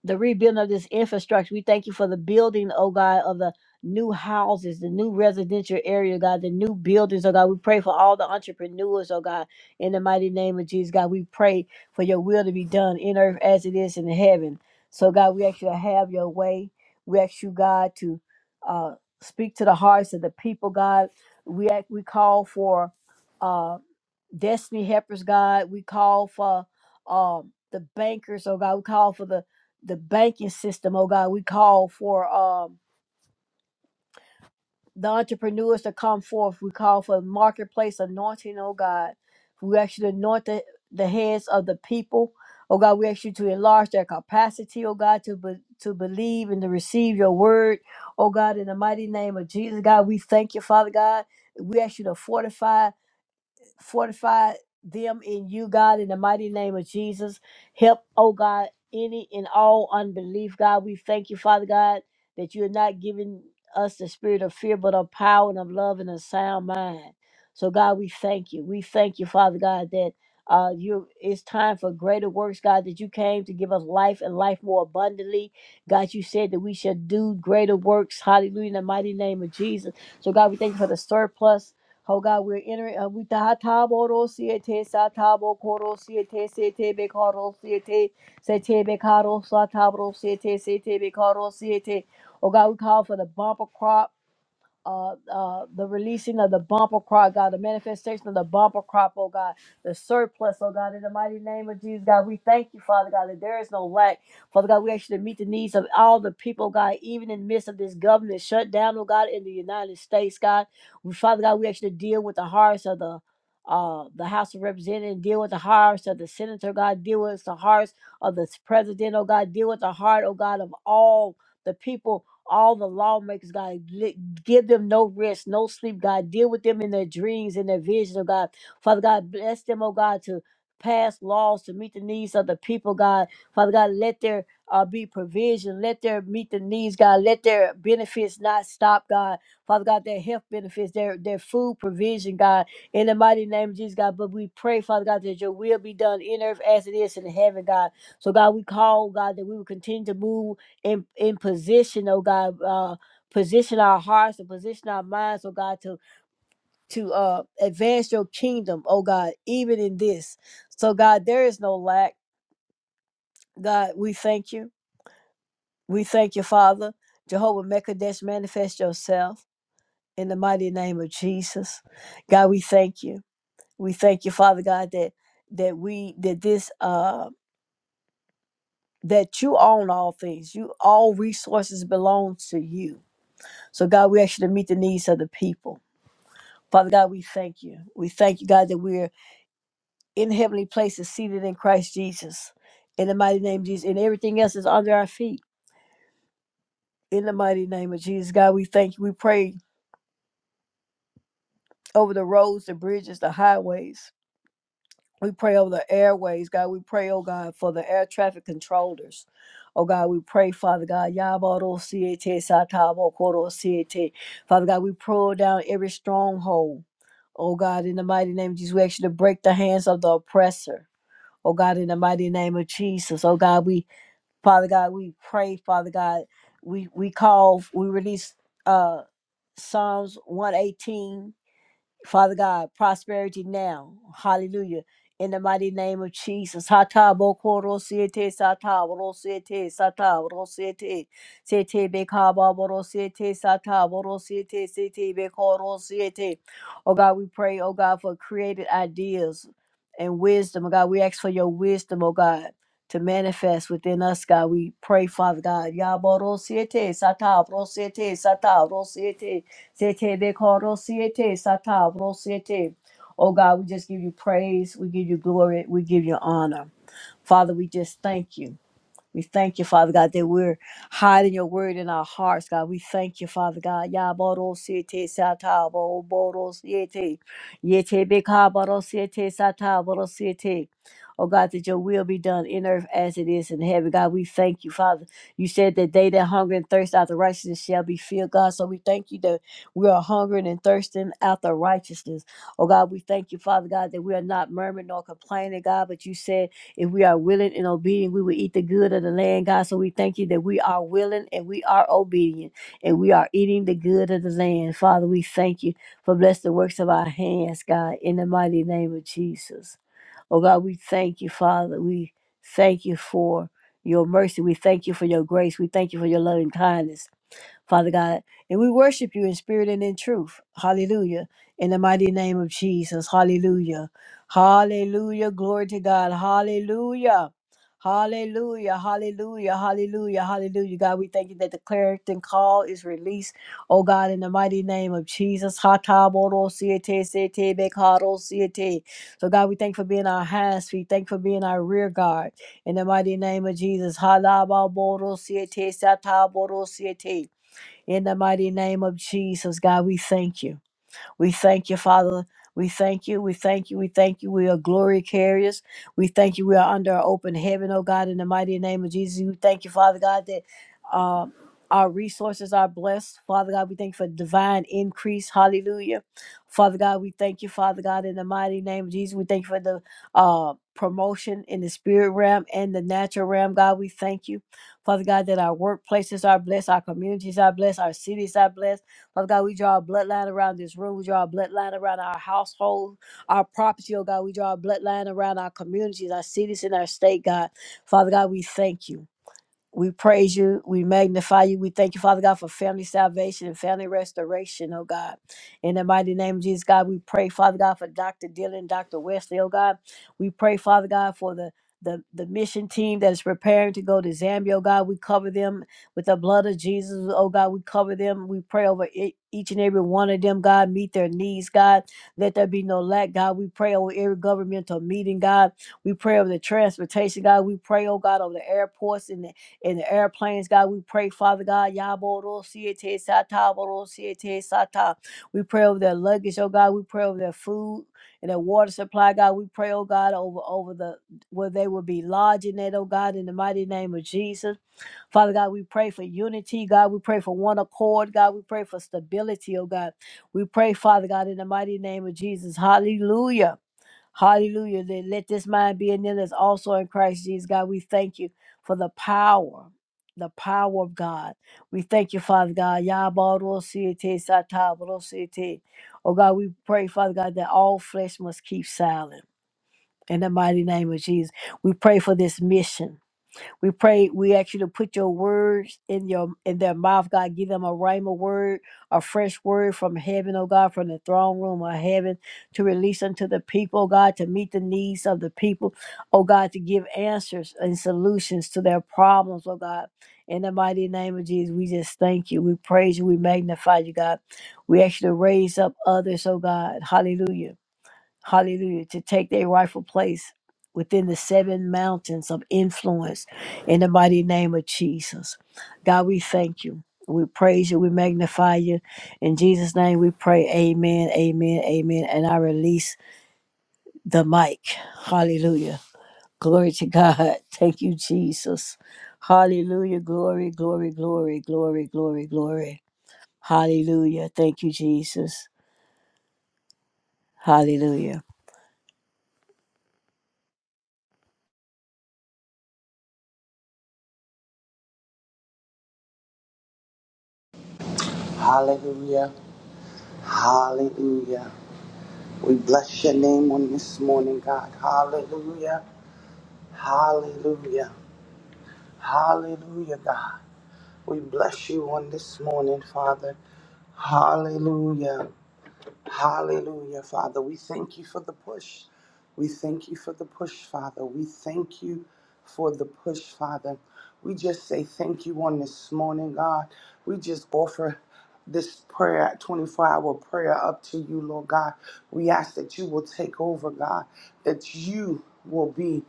Speaker 2: the rebuilding of this infrastructure. We thank you for the building, oh God, of the new houses, the new residential area, God, the new buildings, oh God. We pray for all the entrepreneurs, oh God, in the mighty name of Jesus, God. We pray for your will to be done in earth as it is in heaven. So, God, we actually have your way. We ask you, God, to uh, speak to the hearts of the people, God. We act, we call for uh, destiny helpers, God. We call for um, the bankers, oh God. We call for the the banking system, oh God. We call for um, the entrepreneurs to come forth. We call for marketplace anointing, oh God. We ask you to anoint the, the heads of the people. Oh God, we ask you to enlarge their capacity, oh God, to be, to believe and to receive your word. Oh God, in the mighty name of Jesus, God, we thank you, Father God. We ask you to fortify fortify them in you, God, in the mighty name of Jesus. Help, oh God, any and all unbelief, God. We thank you, Father God, that you are not giving us the spirit of fear, but of power and of love and a sound mind. So, God, we thank you. We thank you, Father God, that uh, you it's time for greater works, God, that you came to give us life and life more abundantly. God, you said that we shall do greater works. Hallelujah, in the mighty name of Jesus. So, God, we thank you for the surplus. Oh God, we're entering. Uh, we tahatabo rosiete satabo koro siete sete bekaro siete sete bekaro satabro siete sete bekaro siete. Oh God, we call for the bumper crop uh, uh, the releasing of the bumper crop, God, the manifestation of the bumper crop, oh God, the surplus, oh God, in the mighty name of Jesus, God, we thank you, Father God, that there is no lack. Father God, we ask you to meet the needs of all the people, God, even in the midst of this government shutdown, oh God, in the United States, God. We, Father God, we ask you to deal with the hearts of the uh, the House of Representatives, deal with the hearts of the Senator, God, deal with the hearts of the President, oh God, deal with the heart, oh God, of all the people all the lawmakers, God. Li- Give them no rest, no sleep, God. Deal with them in their dreams and their visions, oh God. Father God, bless them, oh God, to pass laws to meet the needs of the people, God. Father God, let there uh, be provision. Let their meet the needs, God. Let their benefits not stop, God. Father God, their health benefits, their their food provision, God. In the mighty name of Jesus, God. But we pray, Father God, that your will be done in earth as it is in heaven, God. So God, we call, God, that we will continue to move in in position, oh God, uh, position our hearts and position our minds, oh God, to to uh advance your kingdom, oh God, even in this. So God, there is no lack. God, we thank you. We thank you, Father. Jehovah Mekadesh, manifest yourself in the mighty name of Jesus. God, we thank you. We thank you, Father God, that that we that this uh that you own all things. You all resources belongs to you. So God, we ask you to meet the needs of the people. Father God, we thank you. We thank you, God, that we're in heavenly places seated in Christ Jesus. In the mighty name of Jesus. And everything else is under our feet. In the mighty name of Jesus, God, we thank you. We pray over the roads, the bridges, the highways. We pray over the airways, God. We pray, oh God, for the air traffic controllers. Oh God, we pray, Father God. Yabaro siete satabo koro siete. Father God, we pull down every stronghold. Oh God, in the mighty name of Jesus, we ask you to break the hands of the oppressor. Oh God, in the mighty name of Jesus. Oh God, we Father God, we pray, Father God. We we call, we release uh Psalms 118 Father God, prosperity now. Hallelujah. In the mighty name of Jesus. Hata boko rosiete sata rosiete sata rosiete sete bekaba rosiete sata rosiete sete beko rosiete. Oh God, we pray, oh God, for creative ideas and wisdom. Oh God, we ask for your wisdom, oh God. To manifest within us, God, we pray, Father God. Yabo rosiete sata rosiete sata rosiete. Sete de coro siete Sata, korosiete, satavrosiete. Oh God, we just give you praise. We give you glory. We give you honor. Father, we just thank you. We thank you, Father God, that we're hiding your word in our hearts, God. We thank you, Father God. Yabarosiete satabo borosiete. Yetebekabarosiete sataborosiete. Oh God, that your will be done in earth as it is in heaven. God, we thank you, Father. You said that they that hunger and thirst after righteousness shall be filled, God. So we thank you that we are hungering and thirsting after righteousness. Oh God, we thank you, Father God, that we are not murmuring nor complaining, God, but you said if we are willing and obedient, we will eat the good of the land, God. So we thank you that we are willing and we are obedient and we are eating the good of the land. Father, we thank you for bless the works of our hands, God, in the mighty name of Jesus. Oh God, we thank you, Father. We thank you for your mercy. We thank you for your grace. We thank you for your loving kindness. Father God. And we worship you in spirit and in truth. Hallelujah. In the mighty name of Jesus. Hallelujah. Hallelujah. Glory to God. Hallelujah. Hallelujah, hallelujah, hallelujah, hallelujah. God, we thank you that the clarion call is released. Oh God, in the mighty name of Jesus. Hatabodo-siete-sete-bekado-siete. So God, we thank you for being our hands, feet. Thank you for being our rear guard. In the mighty name of Jesus. Halababodo-siete-satabodo-siete. In the mighty name of Jesus, God, we thank you. We thank you, Father. We thank you. We thank you. We thank you. We are glory carriers. We thank you. We are under our open heaven, oh God, in the mighty name of Jesus. We thank you, Father God, that um, our resources are blessed. Father God, we thank you for divine increase. Hallelujah. Father God, we thank you, Father God, in the mighty name of Jesus. We thank you for the uh, promotion in the spirit realm and the natural realm. God, we thank you, Father God, that our workplaces are blessed, our communities are blessed, our cities are blessed. Father God, we draw a bloodline around this room. We draw a bloodline around our household, our property, oh God. We draw a bloodline around our communities, our cities, and our state, God. Father God, we thank you. We praise you. We magnify you. We thank you, Father God, for family salvation and family restoration, oh God. In the mighty name of Jesus, God, we pray, Father God, for Dr. Dylan, Dr. Wesley, oh God. We pray, Father God, for the the, the mission team that is preparing to go to Zambia, oh God, we cover them with the blood of Jesus, oh God, we cover them. We pray over e- each and every one of them, God, meet their needs, God. Let there be no lack, God. We pray over every governmental meeting, God. We pray over the transportation, God. We pray, oh God, over the airports and the in the airplanes, God. We pray, Father God, Yaboro Siete Sata, Boro Siete Sata. We pray over their luggage, oh God. We pray over their food and their water supply, God. We pray, oh God, over over the where they will be lodging at, oh God, in the mighty name of Jesus. Father God, we pray for unity, God. We pray for one accord, God. We pray for stability, oh God. We pray, Father God, in the mighty name of Jesus. Hallelujah. Hallelujah. That let this mind be in them that's also in Christ Jesus. God, we thank you for the power, the power of God. We thank you, Father God. Yabarosiete satabarosiete. Oh God, we pray, Father God, that all flesh must keep silent. In the mighty name of Jesus. We pray for this mission. We pray, we ask you to put your words in your in their mouth, God. Give them a rhema word, a fresh word from heaven, oh God, from the throne room of heaven to release unto the people, God, to meet the needs of the people, oh God, to give answers and solutions to their problems, oh God. In the mighty name of Jesus, we just thank you. We praise you. We magnify you, God. We ask you to raise up others, oh God. Hallelujah hallelujah, to take their rightful place within the seven mountains of influence in the mighty name of Jesus. God, we thank you. We praise you. We magnify you. In Jesus' name we pray. Amen, amen, amen. And I release the mic. Hallelujah. Glory to God. Thank you, Jesus. Hallelujah. Glory, glory, glory, glory, glory, glory. Hallelujah. Thank you, Jesus. Hallelujah.
Speaker 4: Hallelujah. Hallelujah. We bless your name on this morning, God. Hallelujah. Hallelujah. Hallelujah, God. We bless you on this morning, Father. Hallelujah. Hallelujah, Father. We thank you for the push. We thank you for the push, Father. We thank you for the push, Father. We just say thank you on this morning, God. We just offer this prayer, 24 hour prayer, up to you, Lord God. We ask that you will take over, God, that you will be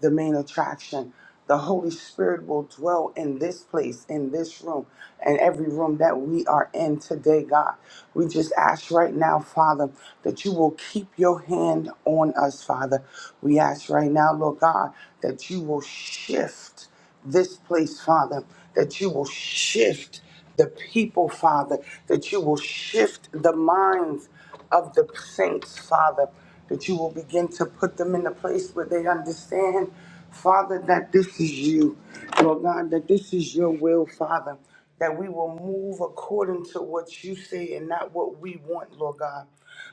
Speaker 4: the main attraction. The Holy Spirit will dwell in this place, in this room, and every room that we are in today, God. We just ask right now, Father, that you will keep your hand on us, Father. We ask right now, Lord God, that you will shift this place, Father, that you will shift the people, Father, that you will shift the minds of the saints, Father, that you will begin to put them in a place where they understand, Father, that this is you, Lord God, that this is your will, Father, that we will move according to what you say and not what we want, Lord God.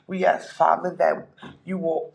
Speaker 4: We ask, Father, that you will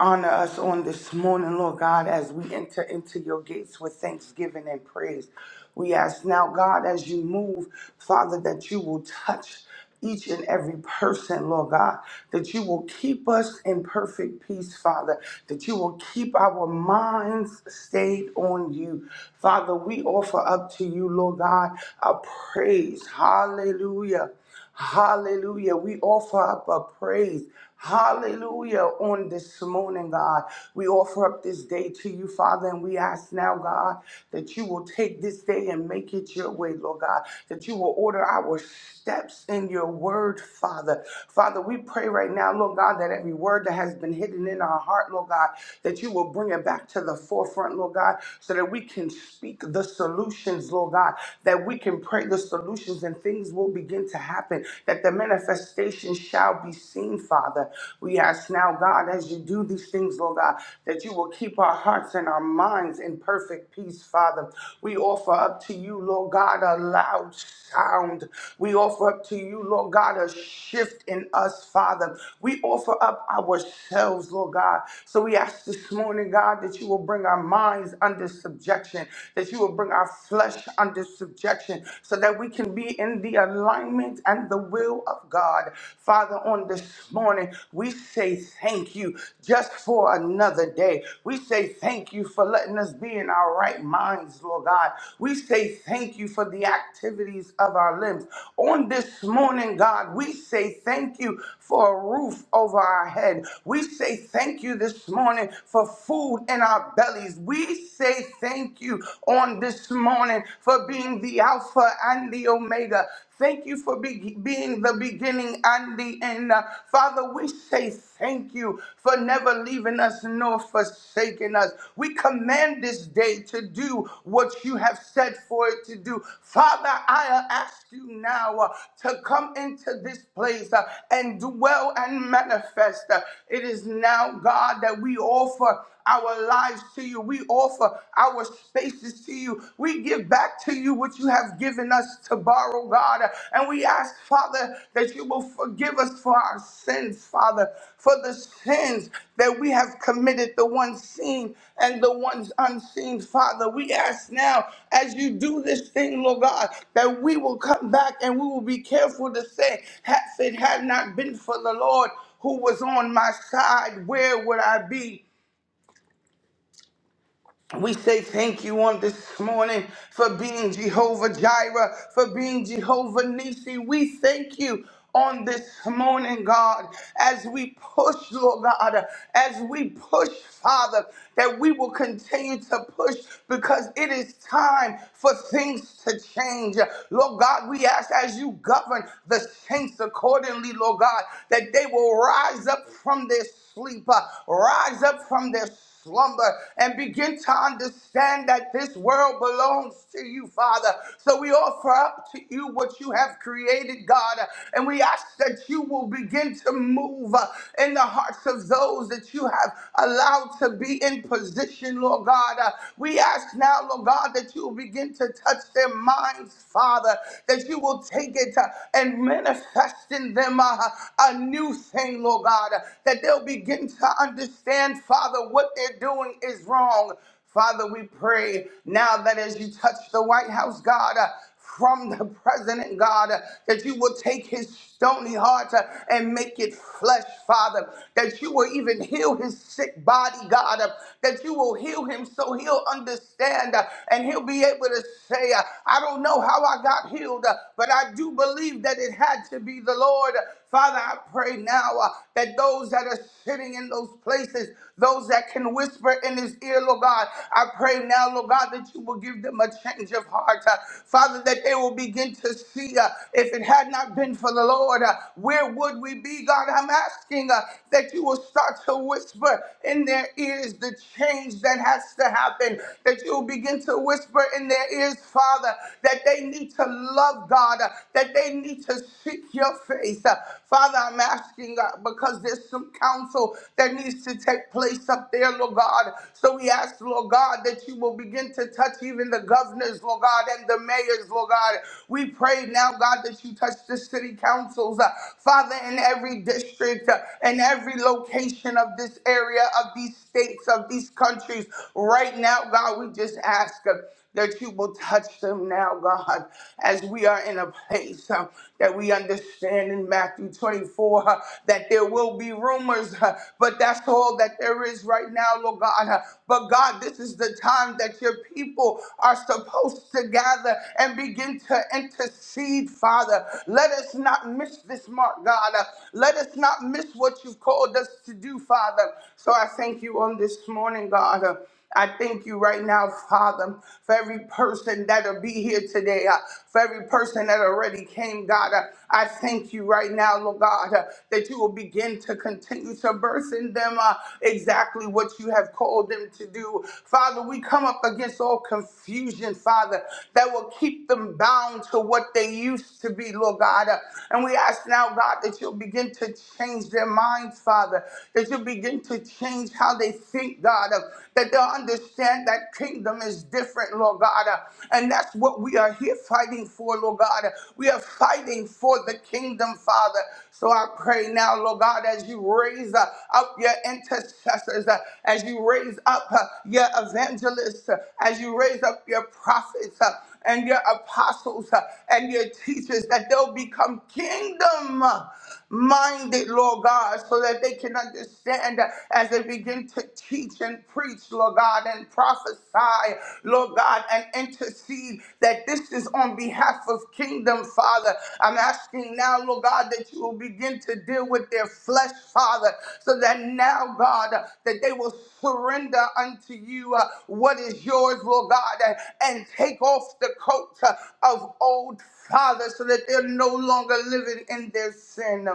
Speaker 4: Honor us on this morning, Lord God, as we enter into your gates with thanksgiving and praise. We ask now, God, as you move, Father, that you will touch each and every person, Lord God, that you will keep us in perfect peace, Father, that you will keep our minds stayed on you. Father, we offer up to you, Lord God, a praise. Hallelujah. Hallelujah. We offer up a praise. Hallelujah. On this morning, God, we offer up this day to you, Father, and we ask now, God, that you will take this day and make it your way, Lord God, that you will order our steps in your word, Father. Father, we pray right now, Lord God, that every word that has been hidden in our heart, Lord God, that you will bring it back to the forefront, Lord God, so that we can speak the solutions, Lord God, that we can pray the solution solutions and things will begin to happen, that the manifestation shall be seen, Father. We ask now, God, as you do these things, Lord God, that you will keep our hearts and our minds in perfect peace, Father. We offer up to you, Lord God, a loud sound. We offer up to you, Lord God, a shift in us, Father. We offer up ourselves, Lord God. So we ask this morning, God, that you will bring our minds under subjection, that you will bring our flesh under under subjection so that we can be in the alignment and the will of God. Father, on this morning, we say thank you just for another day. We say thank you for letting us be in our right minds, Lord God. We say thank you for the activities of our limbs. On this morning, God, we say thank you for a roof over our head. We say thank you this morning for food in our bellies. We say thank you you on this morning for being the Alpha and the Omega. Thank you for be- being the beginning and the end. Uh, Father, we say thank you for never leaving us nor forsaking us. We command this day to do what you have said for it to do. Father, I ask you now uh, to come into this place uh, and dwell and manifest. Uh, It is now, God, that we offer our lives to you. We offer our spaces to you. We give back to you what you have given us to borrow, God. And we ask, Father, that you will forgive us for our sins, Father, for the sins that we have committed, the ones seen and the ones unseen, Father. We ask now, as you do this thing, Lord God, that we will come back and we will be careful to say, if it had not been for the Lord, who was on my side, where would I be? We say thank you on this morning for being Jehovah Jireh, for being Jehovah Nisi. We thank you on this morning, God, as we push, Lord God, as we push, Father, that we will continue to push because it is time for things to change. Lord God, we ask as you govern the saints accordingly, Lord God, that they will rise up from their sleep, uh, rise up from their slumber and begin to understand that this world belongs to you, Father. So we offer up to you what you have created, God, and we ask that you will begin to move uh, in the hearts of those that you have allowed to be in position, Lord God. Uh, We ask now, Lord God, that you will begin to touch their minds, Father, that you will take it uh, and manifest in them uh, a new thing, Lord God, uh, that they'll be begin to understand, Father, what they're doing is wrong. Father, we pray now that as you touch the White House, God, uh, from the president, God, uh, that you will take his stony heart uh, and make it flesh, Father, that you will even heal his sick body, God, uh, that you will heal him so he'll understand uh, and he'll be able to say, uh, I don't know how I got healed, uh, but I do believe that it had to be the Lord. Father, I pray now uh, that those that are sitting in those places, those that can whisper in his ear, Lord God, I pray now, Lord God, that you will give them a change of heart. uh, Father, that they will begin to see uh, if it had not been for the Lord, uh, where would we be, God? I'm asking uh, that you will start to whisper in their ears the change that has to happen, that you will begin to whisper in their ears, Father, that they need to love God, uh, that that they need to seek your face. Uh, Father, I'm asking God because there's some counsel that needs to take place up there, Lord God. So we ask, Lord God, that you will begin to touch even the governors, Lord God, and the mayors, Lord God. We pray now, God, that you touch the city councils, uh, Father, in every district uh, in every location of this area, of these states, of these countries. Right now, God, we just ask. uh, that you will touch them now, God, as we are in a place uh, that we understand in Matthew 24 uh, that there will be rumors, uh, but that's all that there is right now, Lord God. Uh, but God, this is the time that your people are supposed to gather and begin to intercede, Father. Let us not miss this mark, God. Uh, let us not miss what you've called us to do, Father. So I thank you on this morning, God. Uh, I thank you right now, Father, for every person that'll be here today, uh, for every person that already came, God. uh, I thank you right now, Lord God, uh, that you will begin to continue to birth in them uh, exactly what you have called them to do. Father, we come up against all confusion, Father, that will keep them bound to what they used to be, Lord God. uh, and we ask now, God, that you'll begin to change their minds, Father, that you'll begin to change things, how they think, God, uh, that they'll understand that kingdom is different, Lord God. uh, and that's what we are here fighting for, Lord God. Uh, we are fighting for the kingdom, Father. So I pray now, Lord God, as you raise uh, up your intercessors, uh, as you raise up uh, your evangelists, uh, as you raise up your prophets, uh, and your apostles uh, and your teachers that they'll become kingdom minded, Lord God, so that they can understand as they begin to teach and preach, Lord God, and prophesy, Lord God, and intercede that this is on behalf of kingdom, Father. I'm asking now, Lord God, that you will begin to deal with their flesh, Father, so that now, God, that they will surrender unto you uh, what is yours, Lord God, and, and take off the coat uh, of old Father, so that they're no longer living in their sin.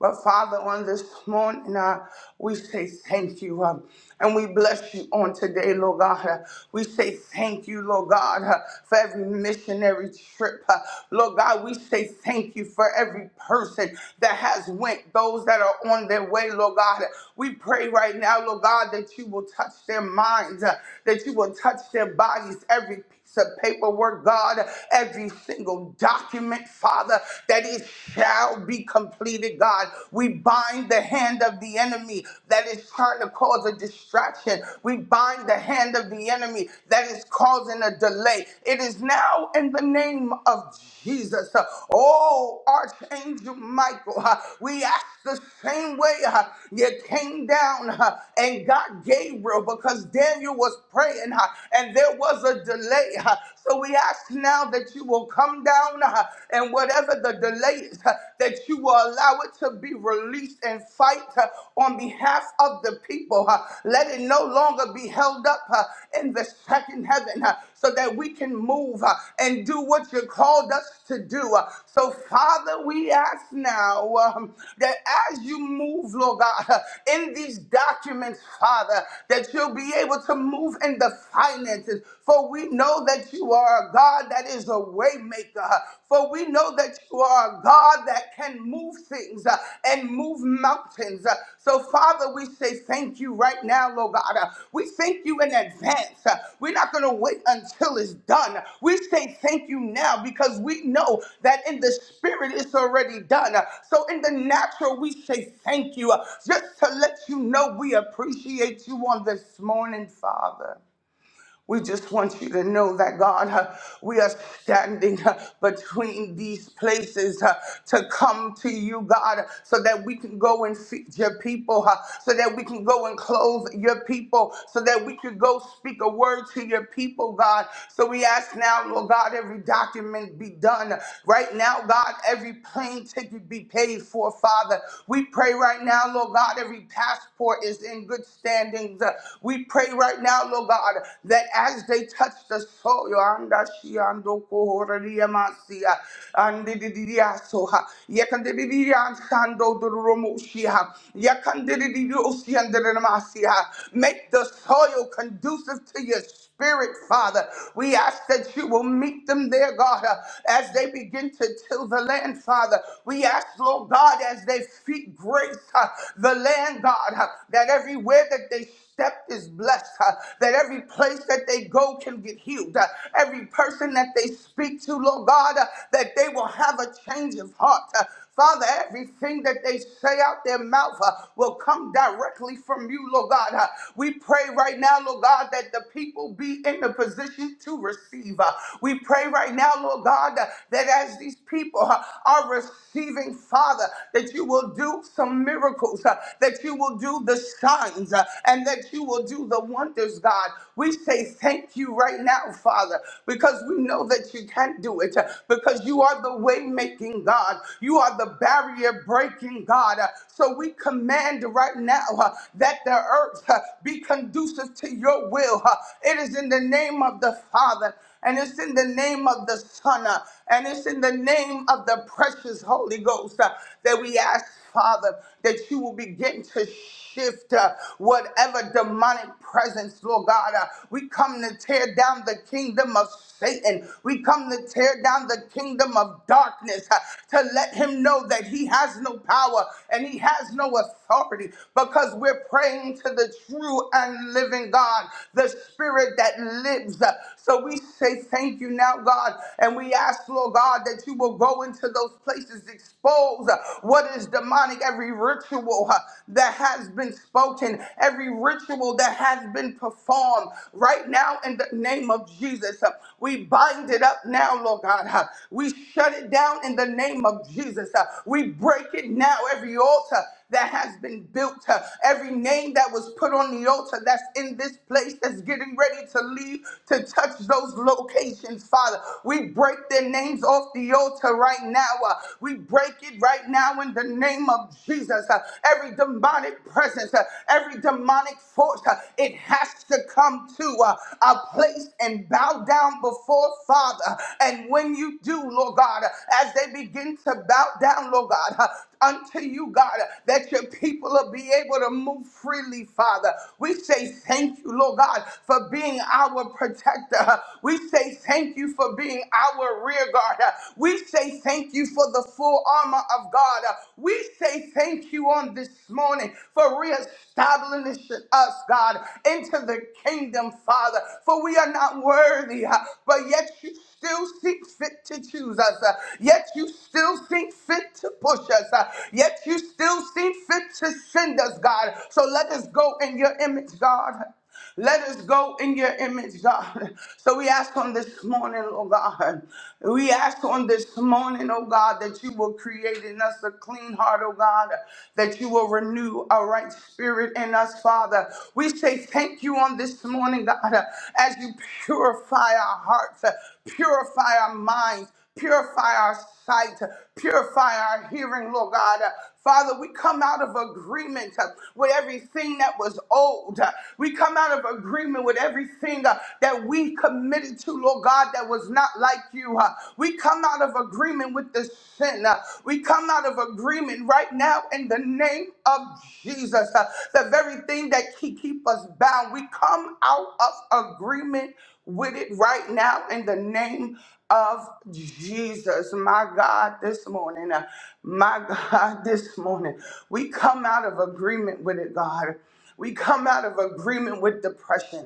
Speaker 4: But Father, on this morning, uh, we say thank you uh, and we bless you on today, Lord God. Uh, we say thank you, Lord God, uh, for every missionary trip. Uh, Lord God, we say thank you for every person that has went, those that are on their way, Lord God. Uh, We pray right now, Lord God, that you will touch their minds, uh, that you will touch their bodies, every piece of paperwork, God, every single document, Father, that it shall be completed, God. We bind the hand of the enemy that is trying to cause a distraction. We bind the hand of the enemy that is causing a delay. It is now in the name of Jesus. Oh, Archangel Michael, uh, we ask the same way uh, you came down uh, and got Gabriel because Daniel was praying uh, and there was a delay. uh, So we ask now that you will come down uh, and whatever the delay is, uh, that you will allow it to be released and fight uh, on behalf of the people. uh, Let it no longer be held up uh, in the second heaven uh, so that we can move uh, and do what you called us to do. uh. So, Father, we ask now um, that as you move, Lord God, uh, in these documents, Father, that you'll be able to move in the finances finances. For we know that you are a God that is a way maker. For we know that you are a God that can move things uh, and move mountains. Uh, So, Father, we say thank you right now, Lord God. Uh, We thank you in advance. Uh, We're not going to wait until it's done. We say thank you now because we know that in the spirit it's already done. Uh, So, in the natural, we say thank you uh, just to let you know we appreciate you on this morning, Father. We just want you to know that, God, uh, we are standing uh, between these places uh, to come to you, God, so that we can go and feed your people, uh, so that we can go and clothe your people, so that we can go speak a word to your people, God. So we ask now, Lord God, every document be done. Right now, God, every plane ticket be paid for, Father. We pray right now, Lord God, every passport is in good standings. Uh, We pray right now, Lord God, that that as they touched the soil, anda shi ando kohoreria masia, andididia soha, yakandididia ansando durumoshia, yakandididio siandidimasia. Make the soil conducive to your spirit, Father. We ask that you will meet them there, God, uh, as they begin to till the land, Father. We ask, Lord God, as they feet grace uh, the land, God, uh, that everywhere that they step is blessed, uh, that every place that they go can get healed, uh, every person that they speak to, Lord God, uh, that they will have a change of heart. uh, Father, everything that they say out their mouth uh, will come directly from you, Lord God. Uh, we pray right now, Lord God, that the people be in the position to receive. Uh, we pray right now, Lord God, uh, that as these people uh, are receiving, Father, that you will do some miracles miracles, uh, that you will do the signs, uh, and that you will do the wonders, God. We say thank you right now, Father, because we know that you can do it, uh, because you are the way making God. You are the barrier breaking God. Uh, so we command right now uh, that the earth uh, be conducive to your will. uh. it is in the name of the Father. And it's in the name of the Son, uh, and it's in the name of the precious Holy Ghost uh, that we ask Father, that you will begin to shift uh, whatever demonic presence, Lord God. Uh, we come to tear down the kingdom of Satan. We come to tear down the kingdom of darkness uh, to let him know that he has no power and he has no authority because we're praying to the true and living God, the spirit that lives. Uh, so we say thank you now, God, and we ask, Lord God, that you will go will go into those places, expose uh, what is demonic, every ritual uh, that has been spoken, every ritual that has been performed. Right now, in the name of Jesus, uh, we bind it up now, Lord God. uh, We shut it down in the name of Jesus. uh, We break it now, every altar that has been built, uh, every name that was put on the altar that's in this place that's getting ready to leave to touch those locations, Father. We break their names off the altar right now. uh, we break it right now in the name of Jesus. uh, every demonic presence, uh, every demonic force, uh, it has to come to uh, a place and bow down before Father. And when you do, Lord God, as they begin to bow down, Lord God, God, uh, unto you, God, uh, that your people will be able to move freely, Father. We say thank you, Lord God, for being our protector. Uh, We say thank you for being our rear guard. Uh, We say thank you for the full armor of God. Uh, We say thank you on this morning for reestablishing us, God, into the kingdom, Father. For we are not worthy, uh, but yet you still see fit to choose us. Uh, Yet you still see fit to push us. Uh, Yet you still see fit to send us, God. So let us go in your image, God. Let us go in your image, God. So we ask on this morning, oh God. We ask on this morning, oh God, that you will create in us a clean heart, oh God, that you will renew a right spirit in us, Father. We say thank you on this morning, God, as you purify our hearts. Purify our minds, purify our sight, purify our hearing, Lord God. Father, we come out of agreement uh, with everything that was old. We come out of agreement with everything uh, that we committed to, Lord God, that was not like you. uh. We come out of agreement with the sin. uh. We come out of agreement right now in the name of Jesus. uh, The very thing that ke- keep us bound, we come out of agreement with it right now in the name of Jesus. My God, this morning, uh, my God, this morning, we come out of agreement with it, God. We come out of agreement with depression.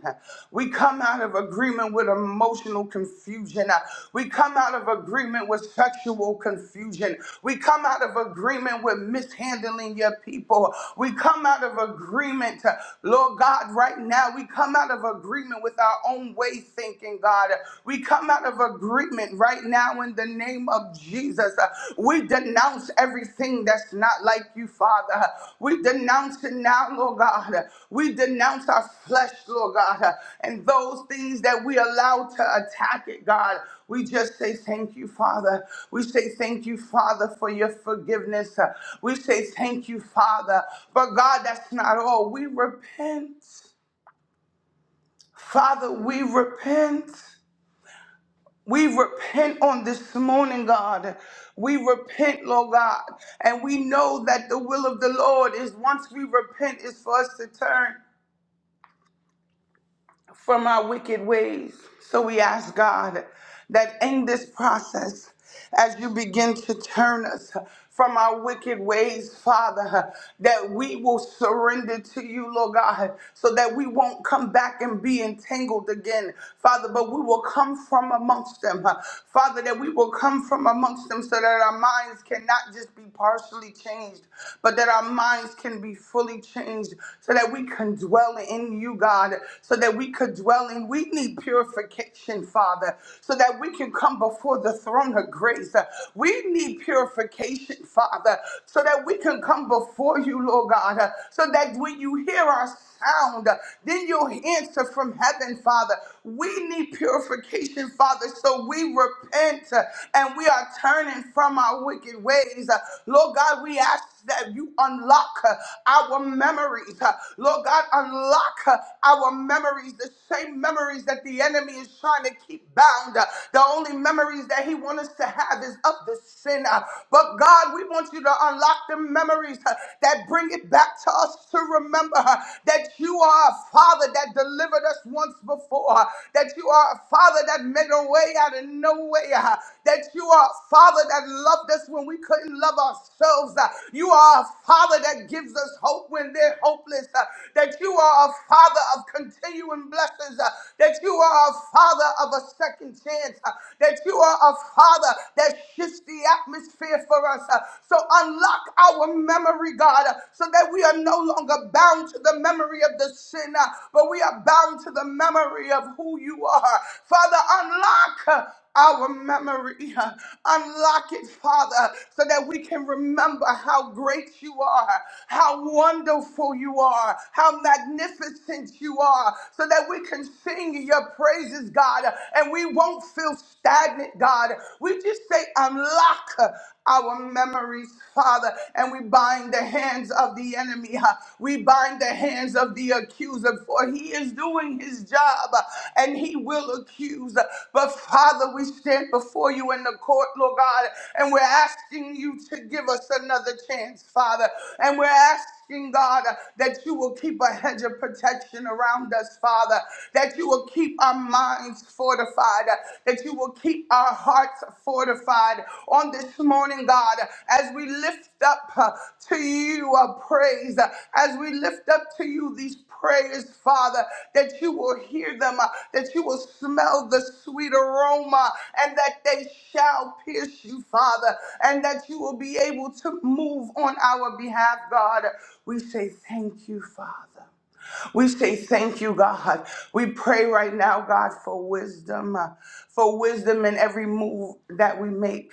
Speaker 4: We come out of agreement with emotional confusion. We come out of agreement with sexual confusion. We come out of agreement with mishandling your people. We come out of agreement, Lord God, right now. We come out of agreement agreement with our own way thinking, God. We come out of agreement right now in the name of Jesus. Uh, We denounce everything that's not like you, Father. Uh, We denounce it now, Lord God. Uh, We denounce our flesh, Lord God, uh, and those things that we allow to attack it, God. We just say thank you, Father. We say thank you, Father, for your forgiveness. Uh, We say thank you, Father. But God, that's not all. We repent. Father, we repent. We repent on this morning, God. We repent, Lord God. And we know that the will of the Lord is once we repent, is for us to turn. from our wicked ways. So we ask God that in this process, as you begin to turn us from our wicked ways, Father, that we will surrender to you, Lord God, so that we won't come back and be entangled again, Father, but we will come from amongst them, Father, that we will come from amongst them so that our minds cannot just be partially changed, but that our minds can be fully changed so that we can dwell in in you, God, so that we could dwell in. We need purification, Father, so that we can come before the throne of grace. We need purification, Father, so that we can come before you, Lord God, so that when you hear our sound, then you'll answer from heaven, Father. We need purification, Father, so we repent uh, and we are turning from our wicked ways. Uh, Lord God, we ask that you unlock uh, our memory memories. Uh, Lord God, unlock uh, our memories, the same memories that the enemy is trying to keep bound. Uh, The only memories that he wants us to have is of the sin. Uh, But God, we want you to unlock the memories uh, that bring it back to us to remember uh, that you are a father that delivered us once before, uh, that you are a father that made a way out of no way, uh, that you are a father that loved us when we couldn't love ourselves. uh, You are a father. Father that gives us hope when they're hopeless, uh, that you are a Father of continuing blessings, uh, that you are a Father of a second chance, uh, that you are a Father that shifts the atmosphere for us. uh, so unlock our memory, God, uh, so that we are no longer bound to the memory of the sin, uh, but we are bound to the memory of who you are. Father, unlock. uh, our memory. uh, Unlock it, Father, so that we can remember how great you are, how wonderful you are, how magnificent you are, so that we can sing your praises, God, and we won't feel stagnant, God. We just say, unlock our memories, Father, and we bind the hands of the enemy. huh? We bind the hands of the accuser, for he is doing his job uh, and he will accuse accused. But Father, we stand before you in the court, Lord God, and we're asking you to give us another chance, Father. And we're asking, God, that you will keep a hedge of protection around us, Father, that you will keep our minds fortified, that you will keep our hearts fortified on this morning, God, as we lift up uh, to you a praise, uh, as we lift up to you these prayers, Father, that you will hear them, uh, uh, that you will smell the sweet aroma and that they shall pierce you, Father, and that you will be able to move on our behalf, God. We say thank you, Father. We say thank you, God. We pray right now, God, for wisdom, uh, for wisdom in every move that we make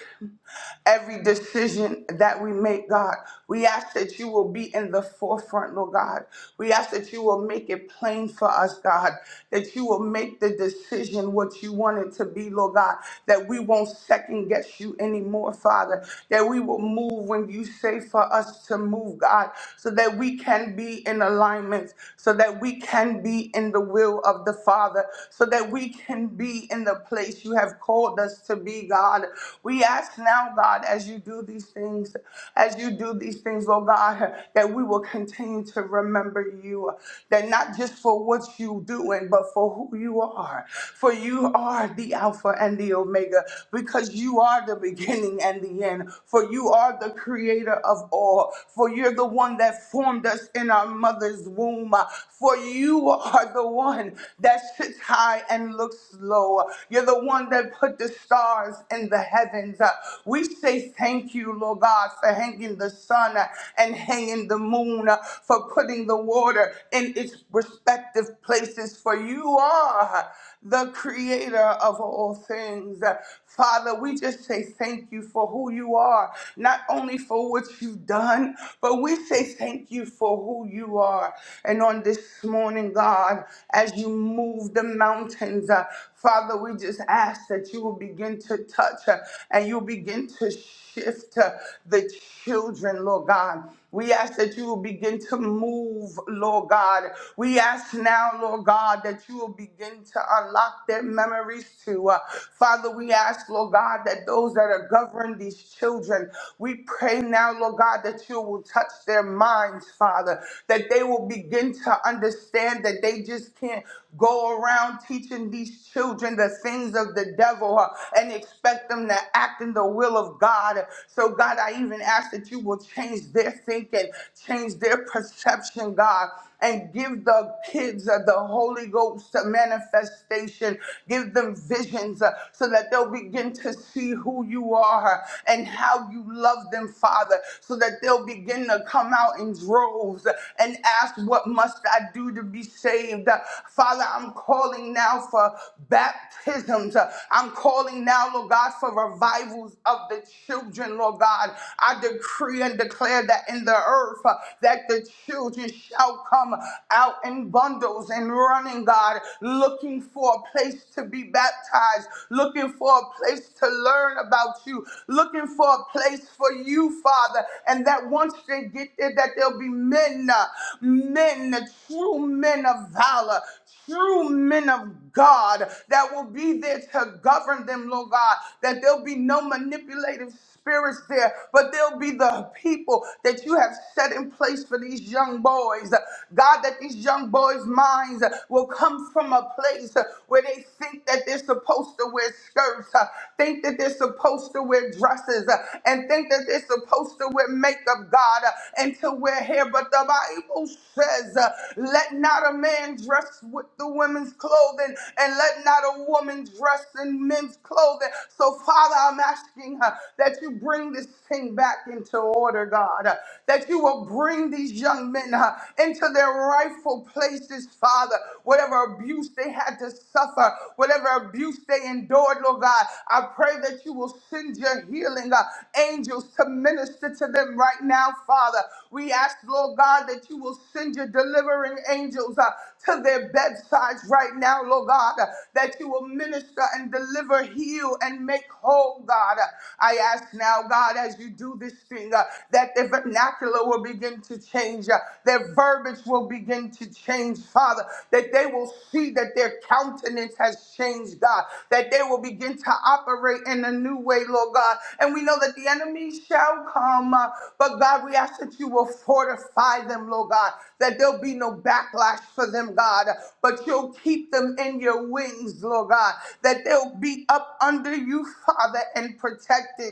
Speaker 4: every decision that we make, God. We ask that you will be in the forefront, Lord God. We ask that you will make it plain for us, God, that you will make the decision what you want it to be, Lord God, that we won't second guess you anymore, Father, that we will move when you say for us to move, God, so that we can be in alignment, so that we can be in the will of the Father, so that we can be in the place you have called us to be, God. We we ask now, God, as you do these things, as you do these things, oh God, that we will continue to remember you, that not just for what you doing, but for who you are. For you are the Alpha and the Omega, because you are the beginning and the end. For you are the creator of all. For you're the one that formed us in our mother's womb. For you are the one that sits high and looks low. You're the one that put the stars in the in the heavens. Uh, We say thank you, Lord God, for hanging the sun uh, and hanging the moon, uh, for putting the water in its respective places, for you are the creator of all things. Uh, Father, we just say thank you for who you are, not only for what you've done, but we say thank you for who you are. And on this morning, God, as you move the mountains, uh, Father, we just ask that you will begin to touch uh, and you begin to shift uh, the children, Lord God. We ask that you will begin to move, Lord God. We ask now, Lord God, that you will begin to unlock their memories too. Uh, Father, we ask, Lord God, that those that are governing these children, we pray now, Lord God, that you will touch their minds, Father, that they will begin to understand that they just can't go around teaching these children the things of the devil people uh, and expect them to act in the will of God. So, God, I even ask that you will change their thinking, change their perception, God, and give the kids uh, the Holy Ghost uh, manifestation. Give them visions uh, so that they'll begin to see who you are and how you love them, Father, so that they'll begin to come out in droves uh, and ask, What must I do to be saved? Uh, Father, I'm calling now for baptisms. Uh, I'm calling now, Lord God, for revivals of the children, Lord God. I decree and declare that in the earth uh, that the children shall come out in bundles and running, God, looking for a place to be baptized, looking for a place to learn about you, looking for a place for you, Father. And that once they get there, that there'll be men, uh, men, the true men of valor, true men of God that will be there to govern them, Lord God, that there'll be no manipulative spirits there, but there'll be the people that you have set in place for these young boys. God, that these young boys' minds will come from a place where they think that they're supposed to wear skirts, think that they're supposed to wear dresses, and think that they're supposed to wear makeup strength of God uh, until we're here. But the Bible says, uh, Let not a man dress with the women's clothing, and let not a woman dress in men's clothing. So, Father, I'm asking uh, that you bring this thing back into order, God, uh, that you will bring these young men uh, into their rightful places, Father. Whatever abuse they had to suffer, whatever abuse they they endured, Lord God. I pray that you will send your healing uh, angels to minister to them right now, Father. We ask, Lord God, that you will send your delivering angels uh, to their bedsides right now, Lord God, uh, that you will minister and deliver, heal, and make whole, God. Uh, I ask now, God, as you do this thing, uh, that their vernacular will begin to change, uh, their verbiage spirits will begin to change, Father, that they will see that their countenance has changed, God, that they will begin to operate in a new way, Lord God. And we know that the enemy shall come, uh, but God, we ask that you will fortify them, Lord God, that there'll be no backlash for them, God, but you'll keep them in your wings, Lord God, that they'll be up under you, Father, and protected.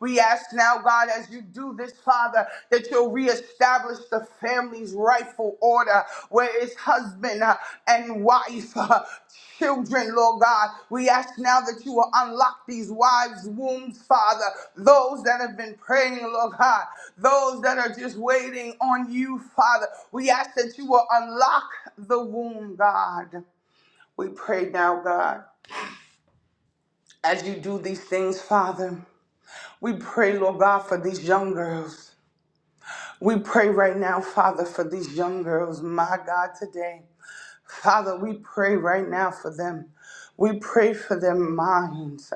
Speaker 4: We ask now, God, as you do this, Father, that you'll reestablish the family's rightful order where it's husband uh, and wife, uh, children, Lord God. We ask now that you will unlock these wives' wombs, Father, those that have been praying, Lord God, those that are just waiting on you, Father. We ask that you will unlock the womb, God. We pray now, God, as you do these things, Father. We pray, Lord God, for these young girls. We pray right now, Father, for these young girls, my God, today. Father, we pray right now for them. We pray for their minds.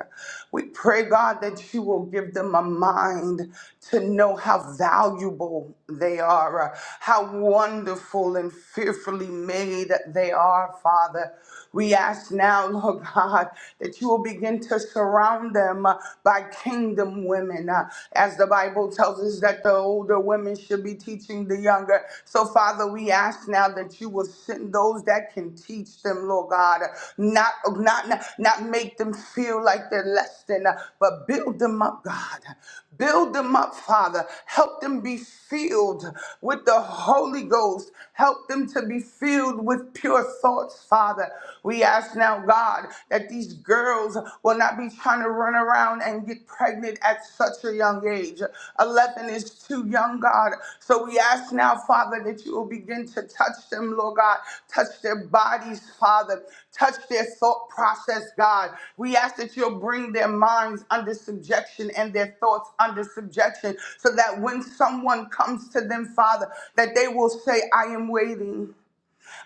Speaker 4: We pray, God, that you will give them a mind to know how valuable they are, uh, how wonderful and fearfully made they are, Father. We ask now, Lord God, that you will begin to surround them uh, by kingdom women, uh, as the Bible tells us that the older women should be teaching the younger. So, Father, we ask now that you will send those that can teach them, Lord God, not not not, not make them feel like they're less than, uh, but build them up, God. Build them up, Father. Help them be filled with the Holy Ghost. Help them to be filled with pure pure thoughts, Father. We ask now, God, that these girls will not be trying to run around and get pregnant at such a young age. 11 is too young, God. So we ask now, Father, that you will begin to touch them, Lord God. Touch their bodies, Father. Touch their thought process, God. We ask that you'll bring their minds under subjection and their thoughts under subjection so that when someone comes to them, Father, that they will say, I am waiting.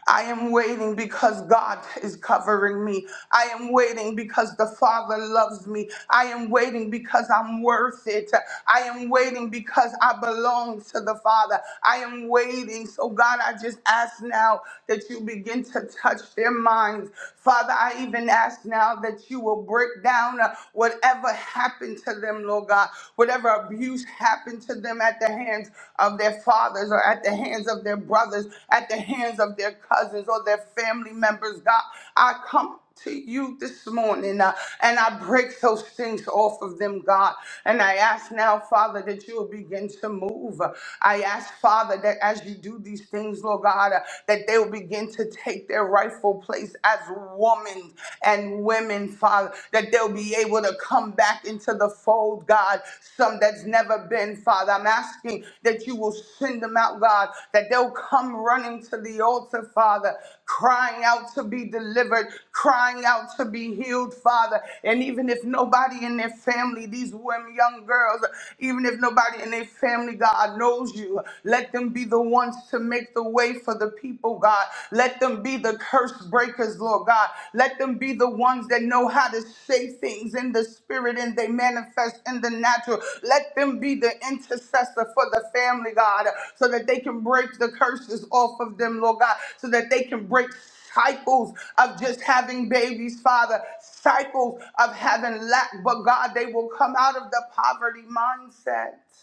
Speaker 4: I am waiting because God is covering me. I am waiting because the Father loves me. I am waiting because I'm worth it. I am waiting because I belong to the Father. I am waiting. So, God, I just ask now that you begin to touch their minds. Father, I even ask now that you will break down uh, whatever happened to them, Lord God, whatever abuse happened to them to them at the hands of their fathers or at the hands of their brothers, at the hands of their cousins or their family members. God, I come to you this morning uh, and I break those things off of them, God. And I ask now, Father, that you will begin to move. I ask, Father, that as you do these things, Lord God, uh, that they will begin to take their rightful place as women and women, Father that they'll be able to come back into the fold, God. Some that's never been, Father. I'm asking that you will send them out, God, that they'll come running to the altar, Father, crying out to be delivered, crying out to be healed, Father. And even if nobody in their family, these women, young girls, even if nobody in their family, God, knows you, let them be the ones to make the way for the people, God oh God. Let them be the curse breakers, Lord God. Let them be the ones that know how to say things in the spirit and they manifest in the natural. Let them be the intercessor for the family, God, so that they can break the curses off of them, Lord God, so that they can break cycles of just having babies, Father, cycles of having lack, but God, they will come out of the poverty mindset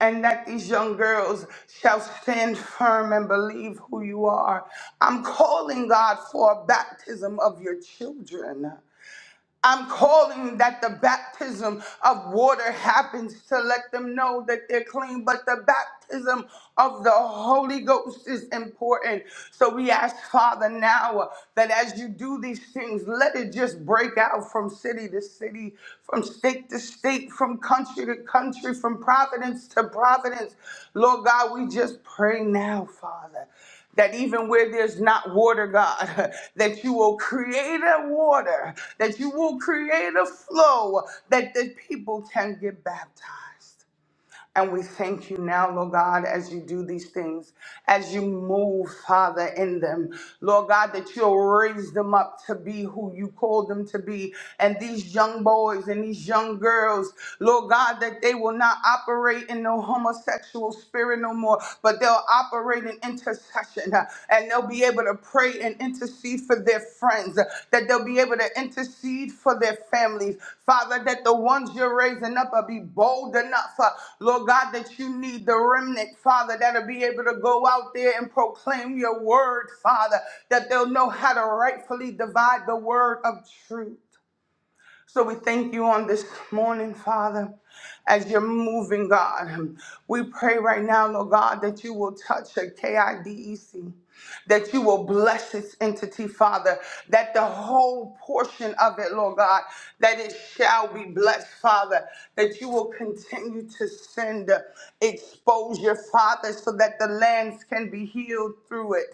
Speaker 4: and that these young girls shall stand firm and believe who you are. I'm calling God for a baptism of your children. I'm calling that the baptism of water happens to let them know that they're clean, but the baptism of the Holy Ghost is important. So we ask, Father, now that as you do these things, let it just break out from city to city, from state to state, from country to country, from providence to providence. Lord God, we just pray now, Father that even where there's not water, God, that you will create a water, that you will create a flow that the people can get baptized. And we thank you now, Lord God, as you do these things, as you move, Father, in them. Lord God, that you'll raise them up to be who you called them to be. And these young boys and these young girls, Lord God, that they will not operate in no homosexual spirit no more, but they'll operate in intercession. uh, and they'll be able to pray and intercede for their friends, that they'll be able to intercede for their families. Father, that the ones you're raising up will be bold enough, uh, Lord God, that you need the remnant, Father, that'll be able to go out there and proclaim your word, Father, that they'll know how to rightfully divide the word of truth. So we thank you on this morning, Father, as you're moving, God. We pray right now, Lord God, that you will touch a KIDEC, that you will bless its entity, Father, that the whole portion of it, Lord God, that it shall be blessed, Father, that you will continue to send exposure, Father, so that the lands can be healed through it.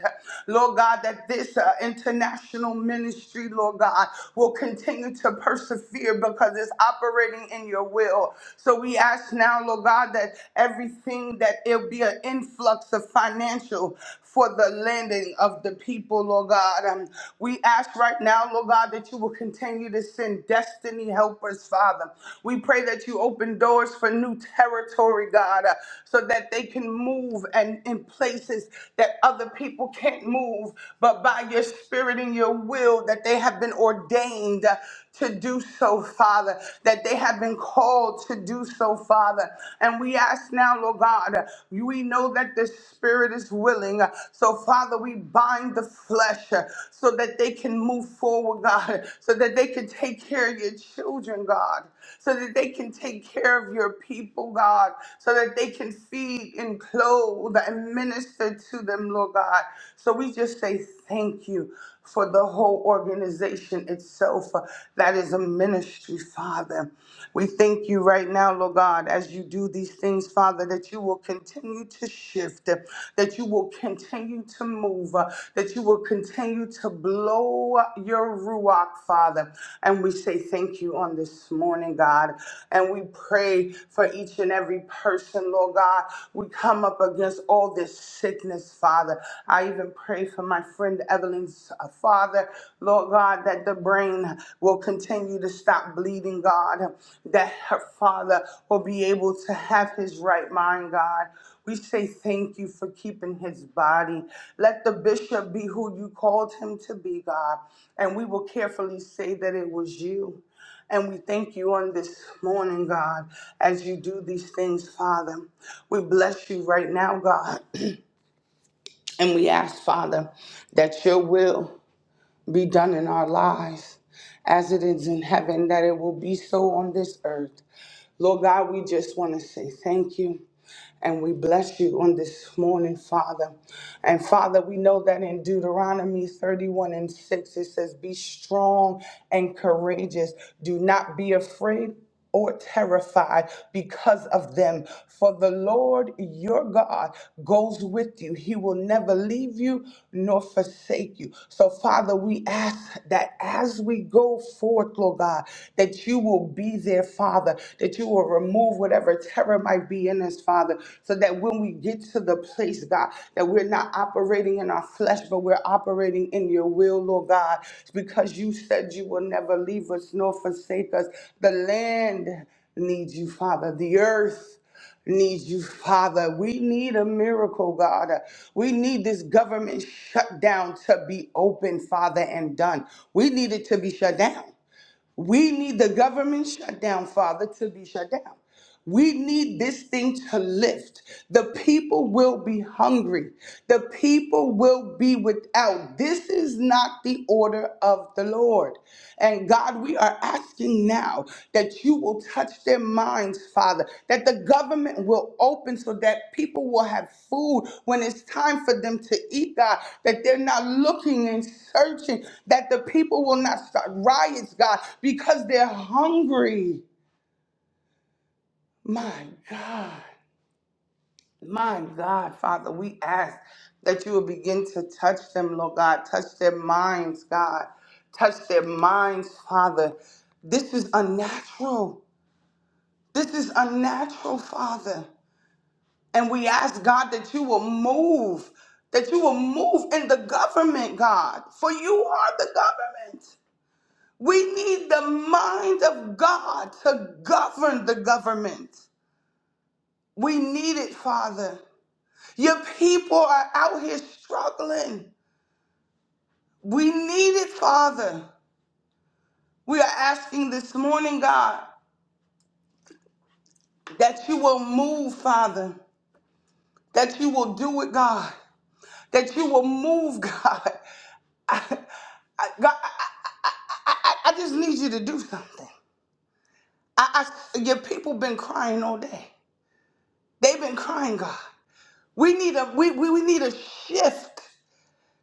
Speaker 4: Lord God, that this uh, international ministry, Lord God, will continue to persevere because it's operating in your will. So we ask now, Lord God, that everything that it'll be an influx of financial for the landing of the people, Lord God. Um, we ask right now, Lord God, that you will continue to send destiny helpers, Father. We pray that you open doors for new territory, God, uh, so that they can move and in places that other people can't move, but by your spirit and your will, that they have been ordained to do so, Father, that they have been called to do so, Father. And we ask now, Lord God, we know that the Spirit is willing. So, Father, we bind the flesh uh, so that they can move forward, God, so that they can take care of your children, God so that they can take care of your people, God, so that they can feed and clothe and minister to them, Lord God. So we just say thank you for the whole organization itself uh, that is a ministry, Father. We thank you right now, Lord God, as you do these things, Father, that you will continue to shift, that you will continue to move, uh, that you will continue to blow your ruach, Father. And we say thank you on this morning, God. And we pray for each and every person, Lord God. We come up against all this sickness, Father. I even pray for my friend Evelyn's uh, father Lord God, that the brain will continue to stop bleeding, God, that her father will be able to have his right mind, God. We say thank you for keeping his body. Let the bishop be who you called him to be, God. And we will carefully say that it was you. And we thank you on this morning, God, as you do these things, Father. We bless you right now, God. And we ask, Father, that your will be done in our lives as it is in heaven, that it will be so on this earth. Lord God, we just want to say thank you. And we bless you on this morning, Father. And Father, we know that in Deuteronomy 31 and 6, it says, Be strong and courageous. Do not be afraid or terrified because of them. For the Lord your God goes with you. He will never leave you nor forsake you. So, Father, we ask that as we go forth, Lord God, that you will be there, Father, that you will remove whatever terror might be in us, Father, so that when we get to the place, God, that we're not operating in our flesh, but we're operating in your will, Lord God, because you said you will never leave us nor forsake us. The land needs you, Father. The earth needs you, Father. We need a miracle, God. We need this government shutdown to be open, Father, and done. We need it to be shut down. We need the government shutdown, Father, to be shut down. We need this thing to lift. The people will be hungry. The people will be without. This is not the order of the Lord. And God, we are asking now now that you will touch their minds, Father, that the government will open so that people will have food when it's time for them to eat, God, that they're not looking and searching, that the people will not start riots, God, because they're hungry. My God, my God, Father, we ask that you will begin to touch them, Lord God, touch their minds, God, touch their minds, Father. This is unnatural. This is unnatural, Father. And we ask, God, that you will move, that you will move in the government, God, for you are the government. We need the mind of God to govern the government. We need it, Father. Your people are out here struggling. We need it, Father. We are asking this morning, God, that you will move, Father, that you will do it, God. that you will move, God. I, I, God, I, I, I, I just need you to do something. I, I, your people been crying all day. They've been crying, God. We need a we, we, we need a shift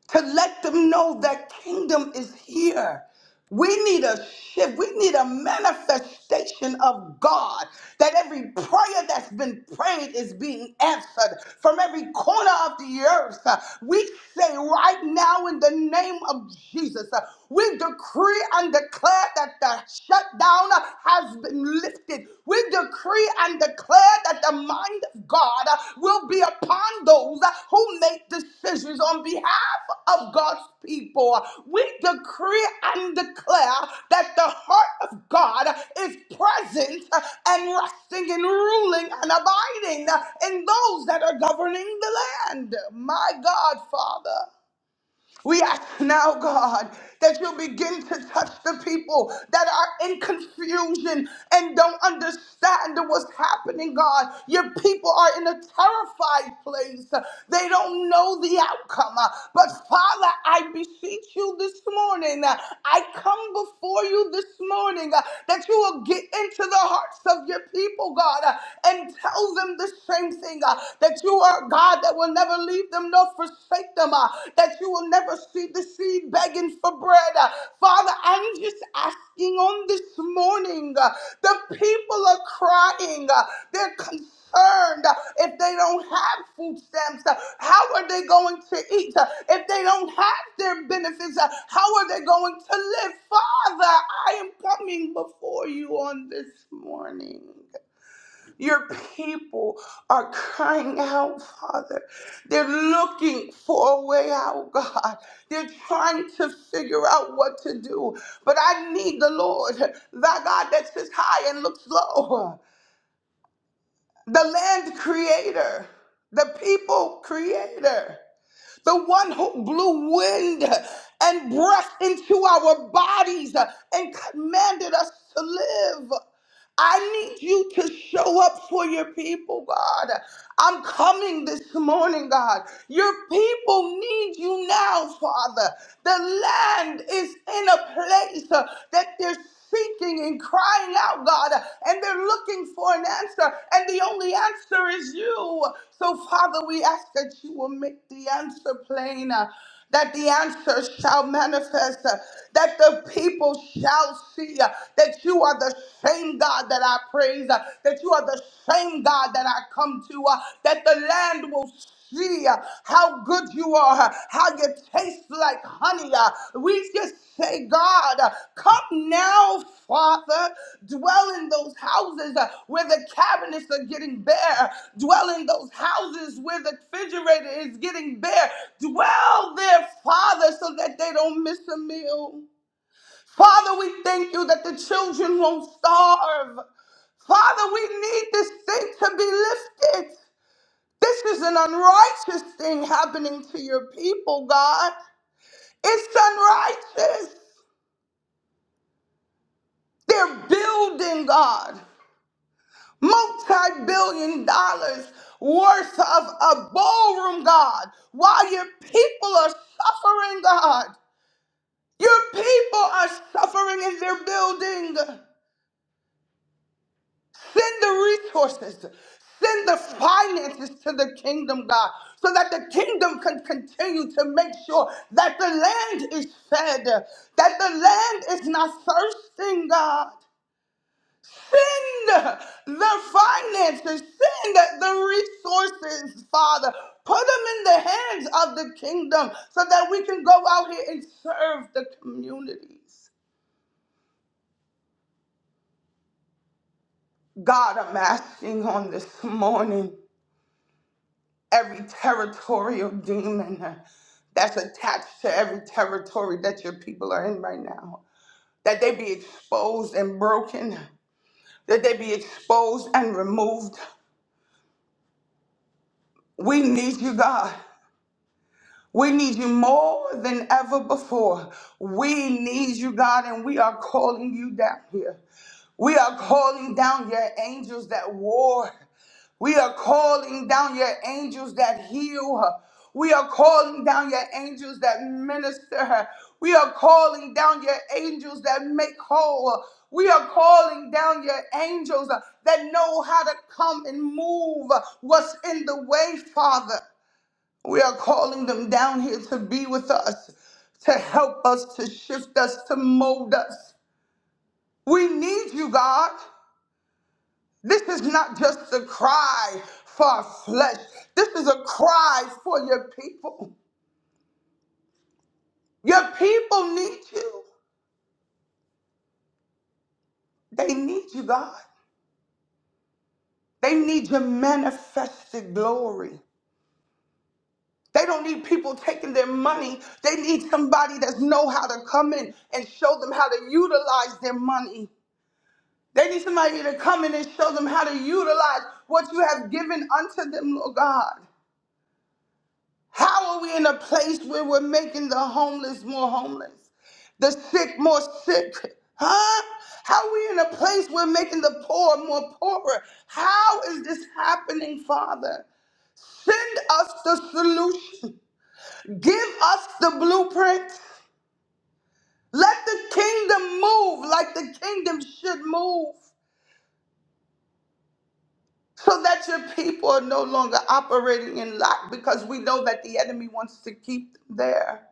Speaker 4: to let them know that kingdom is here. We need a shift. We need a manifestation of God. That every prayer that's been prayed is being answered from every corner of the earth. Uh, We say right now, in the name of Jesus, uh, we decree and declare that the shutdown uh, has been lifted anointing. We decree and declare that the mind of God uh, will be upon those uh, who make decisions on behalf of God's people. We decree and declare that the heart of God is present uh, and resting and ruling and abiding uh, in those that are governing the land. My God, Father. We ask now, God, that you'll begin to touch the people that are in confusion and don't understand what's happening, God. Your people are in a terrified place. They don't know the outcome. But Father, I beseech you this morning. I come before you this morning uh, that you will get into the hearts of your people, God, uh, and tell them the same thing uh, that you are are God that will never leave them nor forsake them, uh, that you will never see the seed begging for bread. Uh, Father, I'm just asking on this morning, uh, the people are crying, uh, they're concerned concerned uh, if they don't have food stamps? uh, How are they going to eat? Uh, If they don't have their benefits, uh, how are they going to live? Father, I am coming before you on this morning. Your people are crying out, Father. They're looking for a way out, God. They're trying to figure out what to do. But I need the Lord, thy God that sits high and looks low, the land creator, the people creator, the one who blew wind and breath into our bodies and commanded us to live. I need you to show up for your people, God. I'm coming this morning, God. Your people need you now, Father. The land is in a place uh, that they're seeking and crying out, God, and they're looking for an answer, and the only answer is you. So, Father, we ask that you will make the answer plain that the answer shall manifest, uh, that the people shall see uh, that you are the same God that I praise, uh, that you are the same God that I come to, uh, that the land will see uh, how good you are, uh, how you taste like honey, uh, We just say, God, uh, come now, Father, dwell in those houses uh, where the cabinets are getting bare, dwell in those houses where the refrigerator is getting bare, dwell there, Father, so that they don't miss a meal. Father, we thank you that the children won't starve. Father, we need this thing to be lifted. This is an unrighteous thing happening to your people, God. It's unrighteous. They're building, God, multi billion dollars worth of a ballroom, God, while your people are suffering, God. Your people are suffering in their building. Send the resources, send the finances to the kingdom, God, so that the kingdom can continue to make sure that the land is fed, that the land is not thirsting, God. Send the finances, send the resources, Father. Put them in the hands of the kingdom so that we can go out here and serve the communities. God, I'm asking on this morning every territorial demon that's attached to every territory that your people are in right now, that they be exposed and broken, that they be exposed and removed. We need you, God. We need you more than ever before. We need you, God, and we are calling you down here. We are calling down your angels that war. We are calling down your angels that heal. We are calling down your angels that minister. We are calling down your angels that make whole. We are calling down your angels that know how to come and move what's in the way, Father. We are calling them down here to be with us, to help us, to shift us, to mold us. We need you, God. This is not just a cry for our flesh, this is a cry for your people. Your people need you. They need you, God. They need your manifested glory. They don't need people taking their money. They need somebody that know how to come in and show them how to utilize their money. They need somebody to come in and show them how to utilize what you have given unto them, Lord God. How are we in a place where we're making the homeless more homeless, the sick more sick? Huh? How are we in a place where making the poor more poorer? How is this happening, Father? Send us the solution. Give us the blueprint. Let the kingdom move like the kingdom should move. so that your people are no longer operating in lack because we know that the enemy wants to keep them there.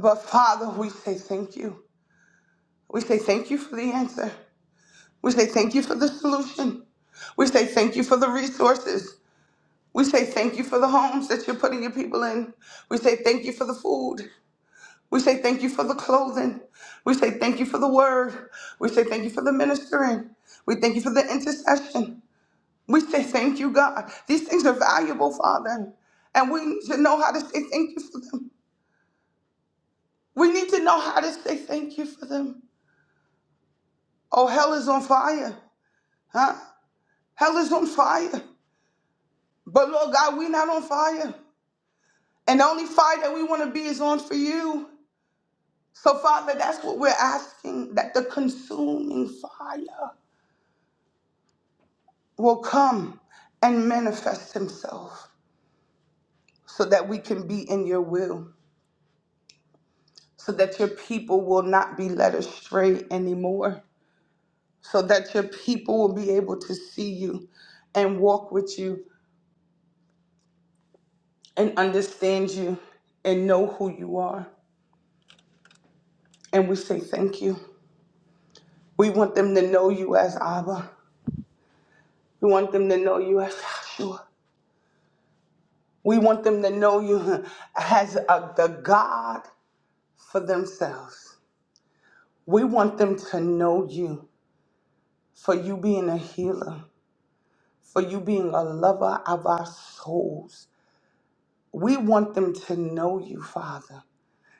Speaker 4: But Father, we say thank you. We say thank you for the answer. We say thank you for the solution. We say thank you for the resources. We say thank you for the homes that you're putting your people in. We say thank you for the food. We say thank you for the clothing. We say thank you for the word. We say thank you for the ministering. We thank you for the intercession. We say thank you, God. These things are valuable, Father, and we need to know how to say thank you for them. We need to know how to say thank you for them. Oh, hell is on fire, huh? Hell is on fire. But Lord God, we're not on fire. And the only fire that we want to be is on for you. So, Father, that's what we're asking that the consuming fire will come and manifest himself so that we can be in your will. so that your people will not be led astray anymore, so that your people will be able to see you and walk with you and understand you and know who you are. And we say thank you. We want them to know you as Abba. We want them to know you as Joshua. We want them to know you as a, the God for themselves. We want them to know you for you being a healer, for you being a lover of our souls, We want them to know you, Father.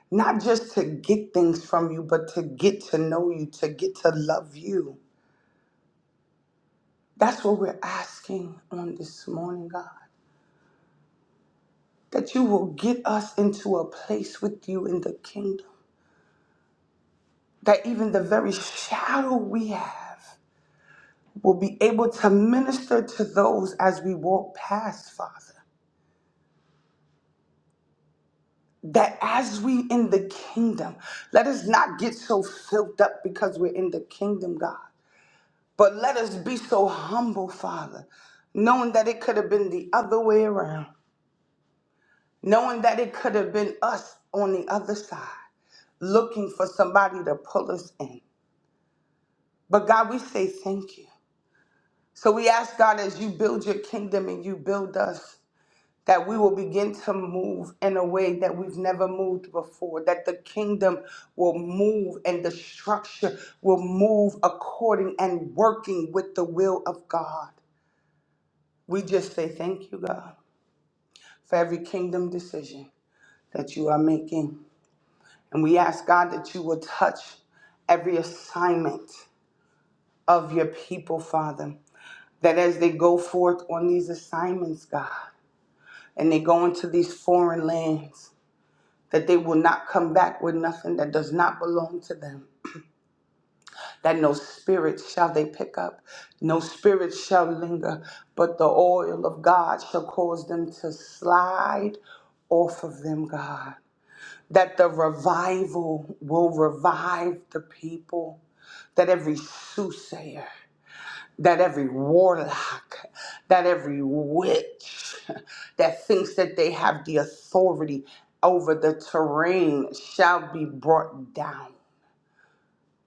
Speaker 4: Not just to get things from you, but to get to know you, to get to love you. That's what we're asking on this morning, God. That you will get us into a place with you in the kingdom. That even the very shadow we have will be able to minister to those as we walk past, Father that as we in the kingdom, let us not get so filled up because we're in the kingdom, God. But let us be so humble, Father, knowing that it could have been the other way around, knowing that it could have been us on the other side, looking for somebody to pull us in. But God, we say thank you. So we ask God, as you build your kingdom and you build us, that we will begin to move in a way that we've never moved before, that the kingdom will move and the structure will move according and working with the will of God. We just say thank you, God, for every kingdom decision that you are making. And we ask, God, that you will touch every assignment of your people, Father, that as they go forth on these assignments, God, and they go into these foreign lands, that they will not come back with nothing that does not belong to them. That no spirit shall they pick up, no spirit shall linger, but the oil of God shall cause them to slide off of them, God. that the revival will revive the people, that every soothsayer, that every warlock, that every witch that thinks that they have the authority over the terrain shall be brought down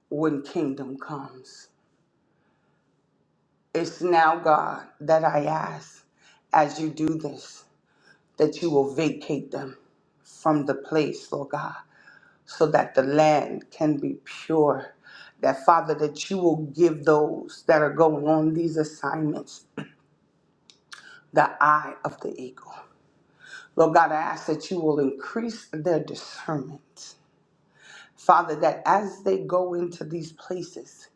Speaker 4: when kingdom comes. It's now, God, that I ask as you do this, that you will vacate them from the place, Lord God so that the land can be pure. That, Father, that you will give those that are going on these assignments the eye of the eagle. Lord God, I ask that you will increase their discernment Father, that as they go into these places,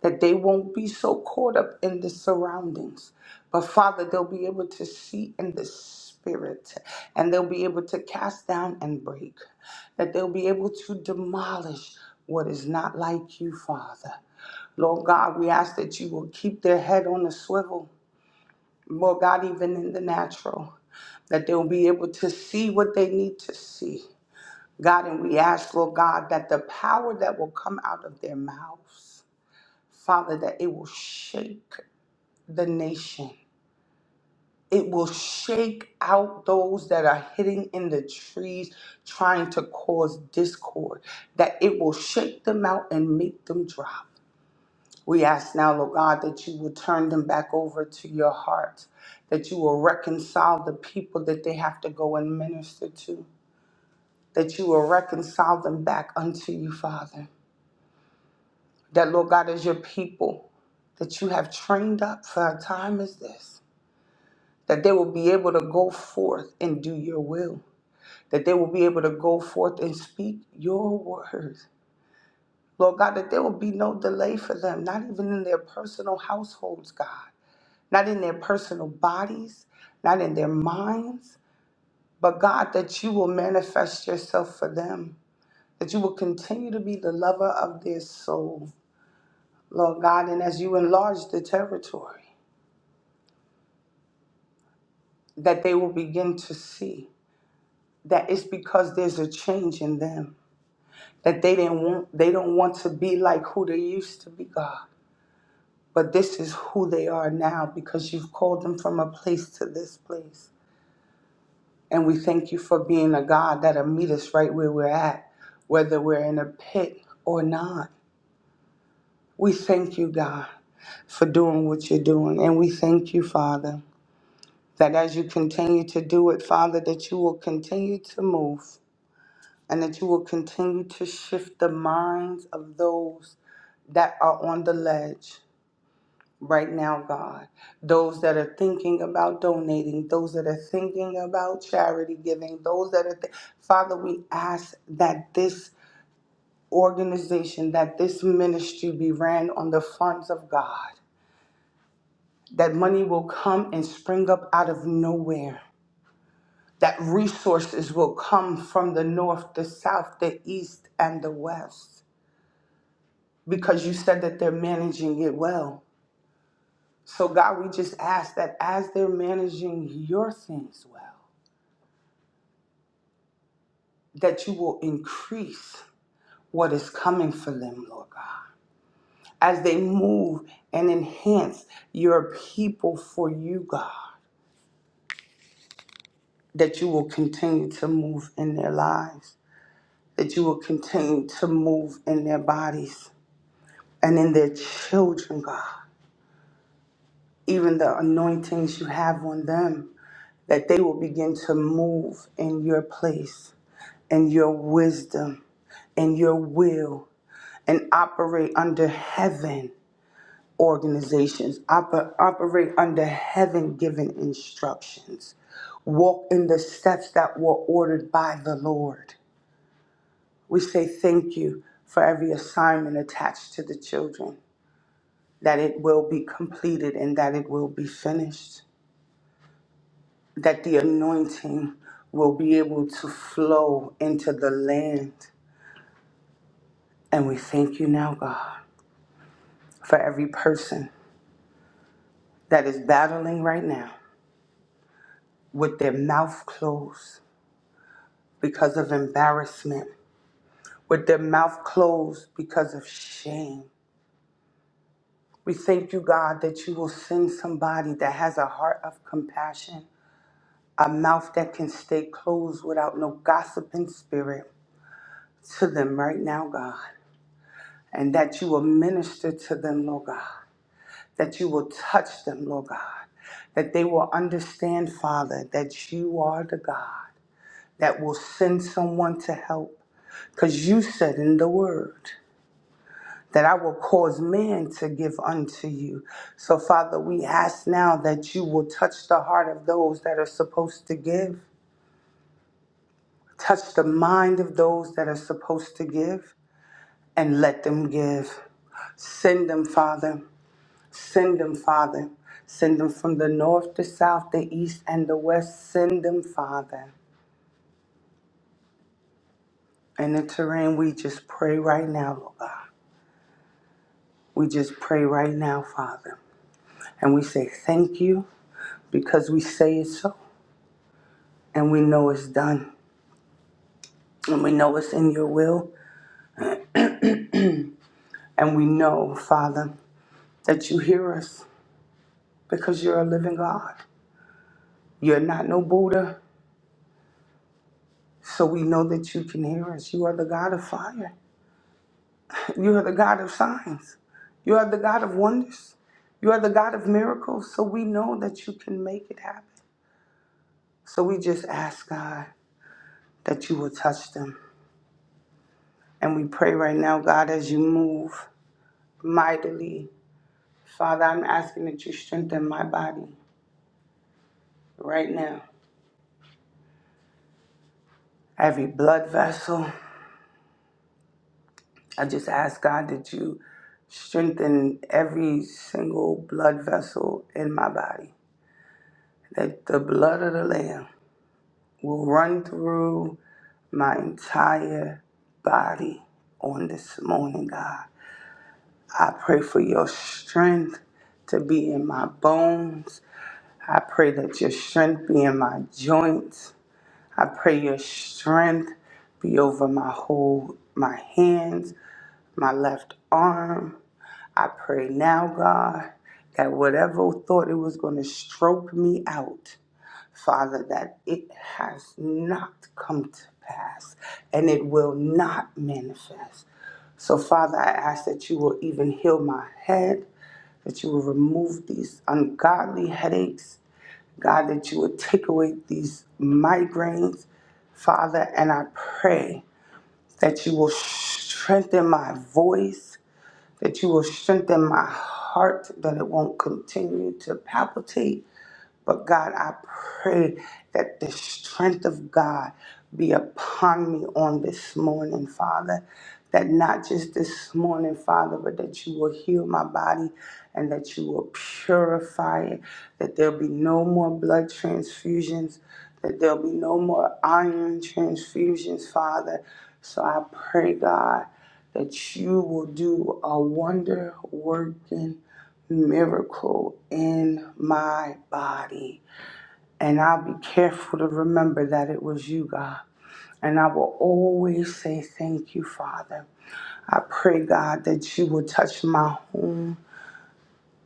Speaker 4: that they won't be so caught up in the surroundings, but Father, they'll be able to see in the spirit and they'll be able to cast down and break, that they'll be able to demolish what is not like you, Father. Lord God, we ask that you will keep their head on the swivel, Lord God, even in the natural, that they'll be able to see what they need to see God, and we ask, Lord God, that the power that will come out of their mouths, Father, that it will shake the nation. It will shake out those that are hidden in the trees trying to cause discord, that it will shake them out and make them drop. We ask now, Lord God, that you will turn them back over to your heart, that you will reconcile the people that they have to go and minister to, that you will reconcile them back unto you, Father. that, Lord God, as your people that you have trained up for a time as this, that they will be able to go forth and do your will, that they will be able to go forth and speak your words. Lord God, that there will be no delay for them, not even in their personal households, God, not in their personal bodies, not in their minds, but God, that you will manifest yourself for them, that you will continue to be the lover of their soul, Lord God, and as you enlarge the territory. that they will begin to see that it's because there's a change in them that they didn't want they don't want to be like who they used to be god but this is who they are now because you've called them from a place to this place and we thank you for being a god that'll meet us right where we're at whether we're in a pit or not we thank you god for doing what you're doing and we thank you father that as you continue to do it father that you will continue to move and that you will continue to shift the minds of those that are on the ledge right now, God. Those that are thinking about donating, those that are thinking about charity giving, those that are, th- Father, we ask that this organization, that this ministry be ran on the funds of God, that money will come and spring up out of nowhere. That resources will come from the north, the south, the east, and the west because you said that they're managing it well. So, God, we just ask that as they're managing your things well, that you will increase what is coming for them, Lord God, as they move and enhance your people for you, God, that you will continue to move in their lives, that you will continue to move in their bodies and in their children, God, even the anointings you have on them. that they will begin to move in your place in your wisdom in your will and operate under heaven organizations, oper- operate under heaven given instructions, walk in the steps that were ordered by the Lord. We say thank you for every assignment attached to the children, that it will be completed and that it will be finished. that the anointing will be able to flow into the land. And we thank you now, God, for every person that is battling right now with their mouth closed because of embarrassment, with their mouth closed because of shame. We thank you, God, that you will send somebody that has a heart of compassion, a mouth that can stay closed without no gossiping spirit to them right now, God. and that you will minister to them, Lord God, that you will touch them, Lord God, that they will understand, Father, that you are the God that will send someone to help. Because you said in the word that I will cause man to give unto you. So, Father, we ask now that you will touch the heart of those that are supposed to give, touch the mind of those that are supposed to give, and let them give. Send them, Father. Send them, Father. Send them from the north, the south, the east, and the west. Send them, Father. And the terrain, we just pray right now, Lord God. We just pray right now, Father. And we say thank you because we say it so. And we know it's done. And we know it's in your will. And we know, Father, that you hear us because you're a living God. You're not no Buddha. So we know that you can hear us. You are the God of fire. You are the God of signs. You are the God of wonders. You are the God of miracles. So we know that you can make it happen. So we just ask God that you will touch them. And we pray right now, God, as you move mightily. Father, I'm asking that you strengthen my body right now. Every blood vessel, I just ask God that you strengthen every single blood vessel in my body. That the blood of the Lamb will run through my entire body on this morning, God. I pray for your strength to be in my bones. I pray that your strength be in my joints. I pray your strength be over my whole, my hands, my left arm. I pray now, God, that whatever thought it was going to stroke me out, Father, that it has not come to pass and it will not manifest. So, Father, I ask that you will even heal my head, that you will remove these ungodly headaches, God, that you will take away these migraines, Father, and I pray that you will strengthen my voice, that you will strengthen my heart, that it won't continue to palpitate but God, I pray that the strength of God be upon me on this morning, Father. That not just this morning, Father, but that you will heal my body and that you will purify it. That there'll be no more blood transfusions, that there'll be no more iron transfusions, Father. So I pray, God, that you will do a wonder working miracle in my body. And I'll be careful to remember that it was you, God. And I will always say thank you, Father. I pray, God, that you will touch my home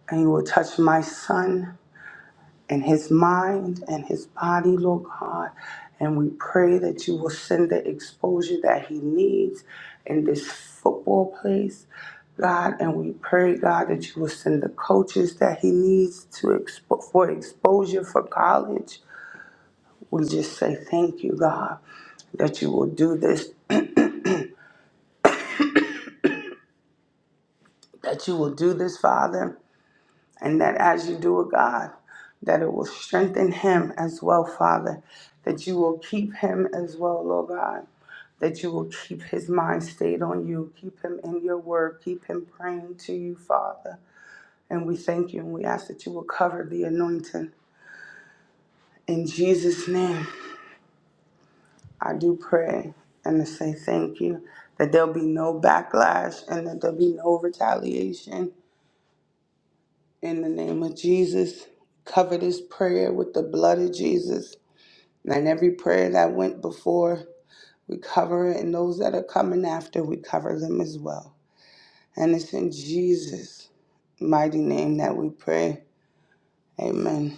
Speaker 4: and you will touch my son and his mind and his body, Lord God. And we pray that you will send the exposure that he needs in this football place, God. And we pray, God, that you will send the coaches that he needs to expo- for exposure for college. We just say thank you, God, that you will do this, that you will do this, Father and that as you do it, God, that it will strengthen him as well, Father, that you will keep him as well, Lord God, that you will keep his mind stayed on you, keep him in your word, keep him praying to you, Father. And we thank you and we ask that you will cover the anointing. In Jesus' name, I do pray and to say thank you, that there'll be no backlash and that there'll be no retaliation. In the name of Jesus, cover this prayer with the blood of Jesus. And in every prayer that went before, we cover it, and those that are coming after, we cover them as well. And it's in Jesus' mighty name that we pray. Amen.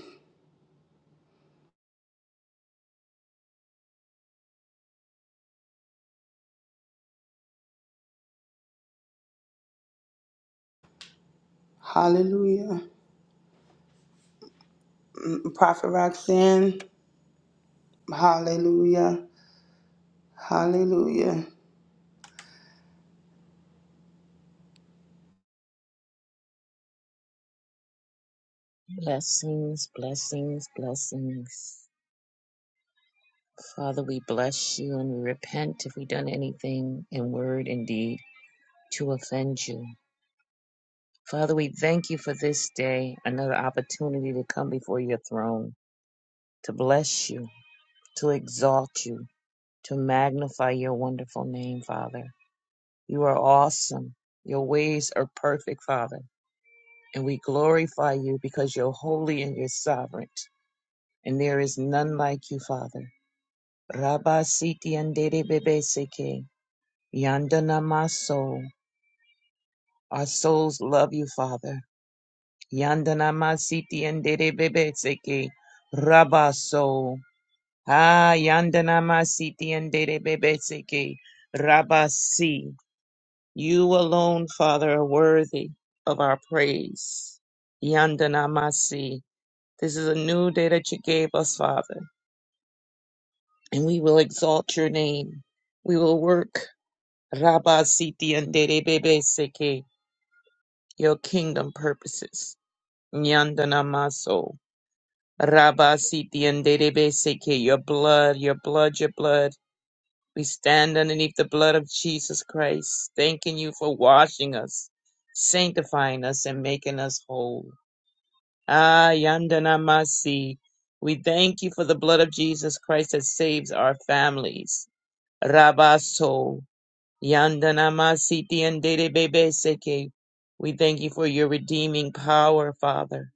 Speaker 4: Hallelujah. Mm, Prophet Roxanne, hallelujah. Hallelujah.
Speaker 5: Blessings, blessings, blessings. Father, we bless you and we repent if we've done anything in word and deed to offend you. Father, we thank you for this day, another opportunity to come before your throne, to bless you, to exalt you, to magnify your wonderful name, Father. You are awesome. Your ways are perfect, Father. And we glorify you because you're holy and you're sovereign. And there is none like you, Father. Rabba Siti and Dede Bebe Seke. Yandana Maso. Our souls love you, Father. Yandana Masiti and Dede Bebe Seke. Rabba So. Ah, Yandana Masiti and Dede Bebe Seke. Rabba Si. You alone, Father, are worthy of our praise. Yandana Masi. This is a new day that you gave us, Father, and we will exalt your name. We will work Rabba Siti and Derebebe Seke, your kingdom purposes. Nyandana Maso. Rabba Siti and Derebe Seke, your blood, your blood, your blood. We stand underneath the blood of Jesus Christ, thanking you for washing us, sanctifying us, and making us whole. Ah, Yandana Masi. We thank you for the blood of Jesus Christ that saves our families. Rabaso. Yandanamasiti and dede bebe Seke. We thank you for your redeeming power, Father.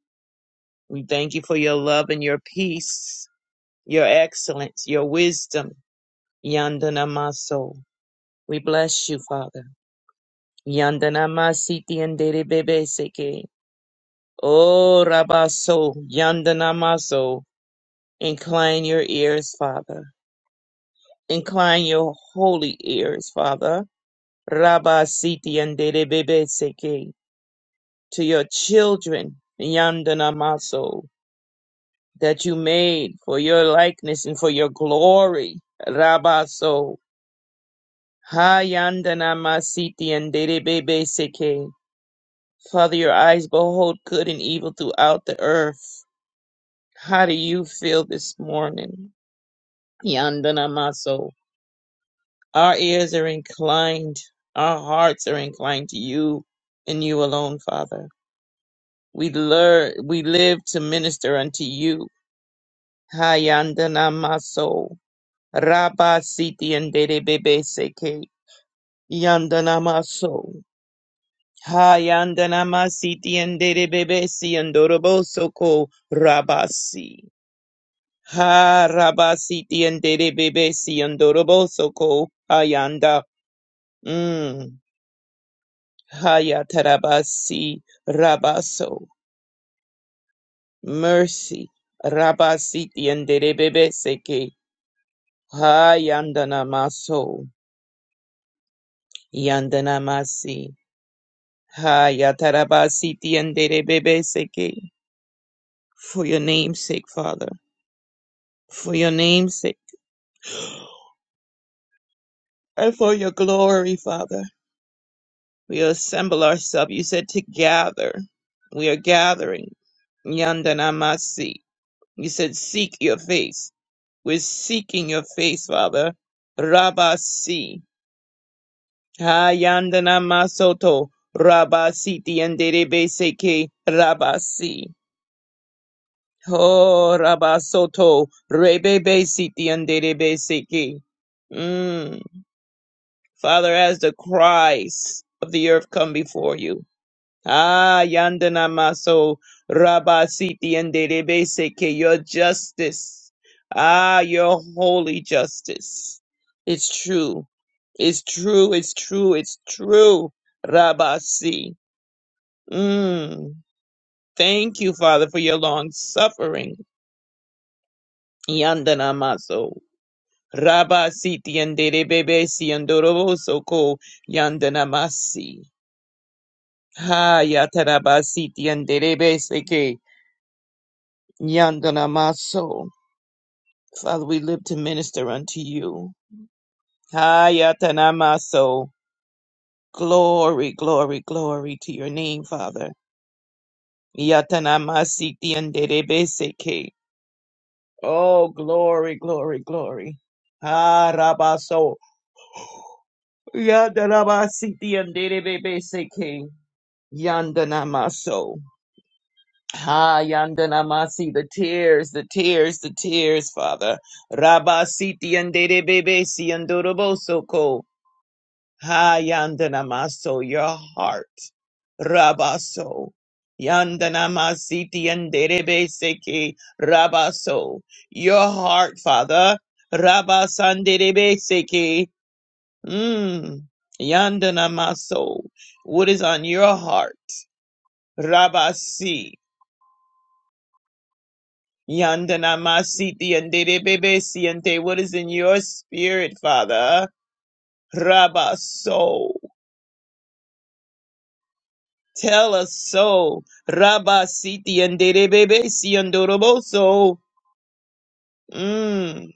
Speaker 5: We thank you for your love and your peace, your excellence, your wisdom. Yandanamaso. We bless you, Father. Yandanamasiti and dede bebe Seke. Oh, Rabaso. Yandanamaso. Incline your ears, Father. Incline your holy ears, Father. Rabasiti and dede bebe Seke. to your children, Yandana Maso, that you made for your likeness and for your glory, Rabaso. Ha Yandana Masiti and Derebebe Seke. Father, your eyes behold good and evil throughout the earth. How do you feel this morning, Yandana Maso? Our ears are inclined, our hearts are inclined to you and you alone, Father. We learn, we live to minister unto you Hayandana maso. Rabba siti andere bebe seke. Yandana maso. Hayandana masiti andere bebe si andorobo ko rabasi. Ha rabasi ti andere bebe si andorobo soko hayanda. Mm. Hayatarabasi rabaso. Mercy. Rabasi ti bebe seke. Hayandana maso. Yandanamasi. Ha Yatarabasi Tiandere Bebe Seke. For your name's sake, Father. For your name's sake. And for your glory, Father. We assemble ourselves. You said to gather. We are gathering. Yandanamasi. You said seek your face. We're seeking your face, Father. Rabasi. Ha Yandanamasoto. Rabasi Tiandere Bebe Seke. Rabasi. Oh, Rabasoto, Rebebe Siti and Derebe Siki. Mm. Father, as the cries of the earth come before you. Ah, Yandana Maso, Rabasiti and Derebe Siki, your justice. Ah, your holy justice. It's true. It's true. It's true. It's true. Rabasi. Mm. Thank you, Father, for your long suffering. Yandana Maso. Rabba siti yandere bebe si yandorobo soko yandanamasi. Ha yataraba siti yandere be seke yandanamaso. Father, we live to minister unto you. Ha yatanamaso. Glory, glory, glory to your name, Father. Yatanamasi yandere be seke. Oh, glory, glory, glory. Ha rabaso. Yatanamasi yandere bebe seke. Yandanamaso. Ha Yandanamasi, the tears, the tears, the tears, Father. Rabasiti and Bebesi and Dorobosoko. Ha Yandanamaso, your heart. Rabaso. Yandanamasiti and Derebeseki. Rabaso. Your heart, Father. Rabasanderebeseki. Mmm. Yandanamaso. What is on your heart? Rabasi. Yandana masiti and de bebe siente. What is in your spirit, Father? Rabba so. Tell us so. Rabba siti and de bebe siandoroboso. Mmm.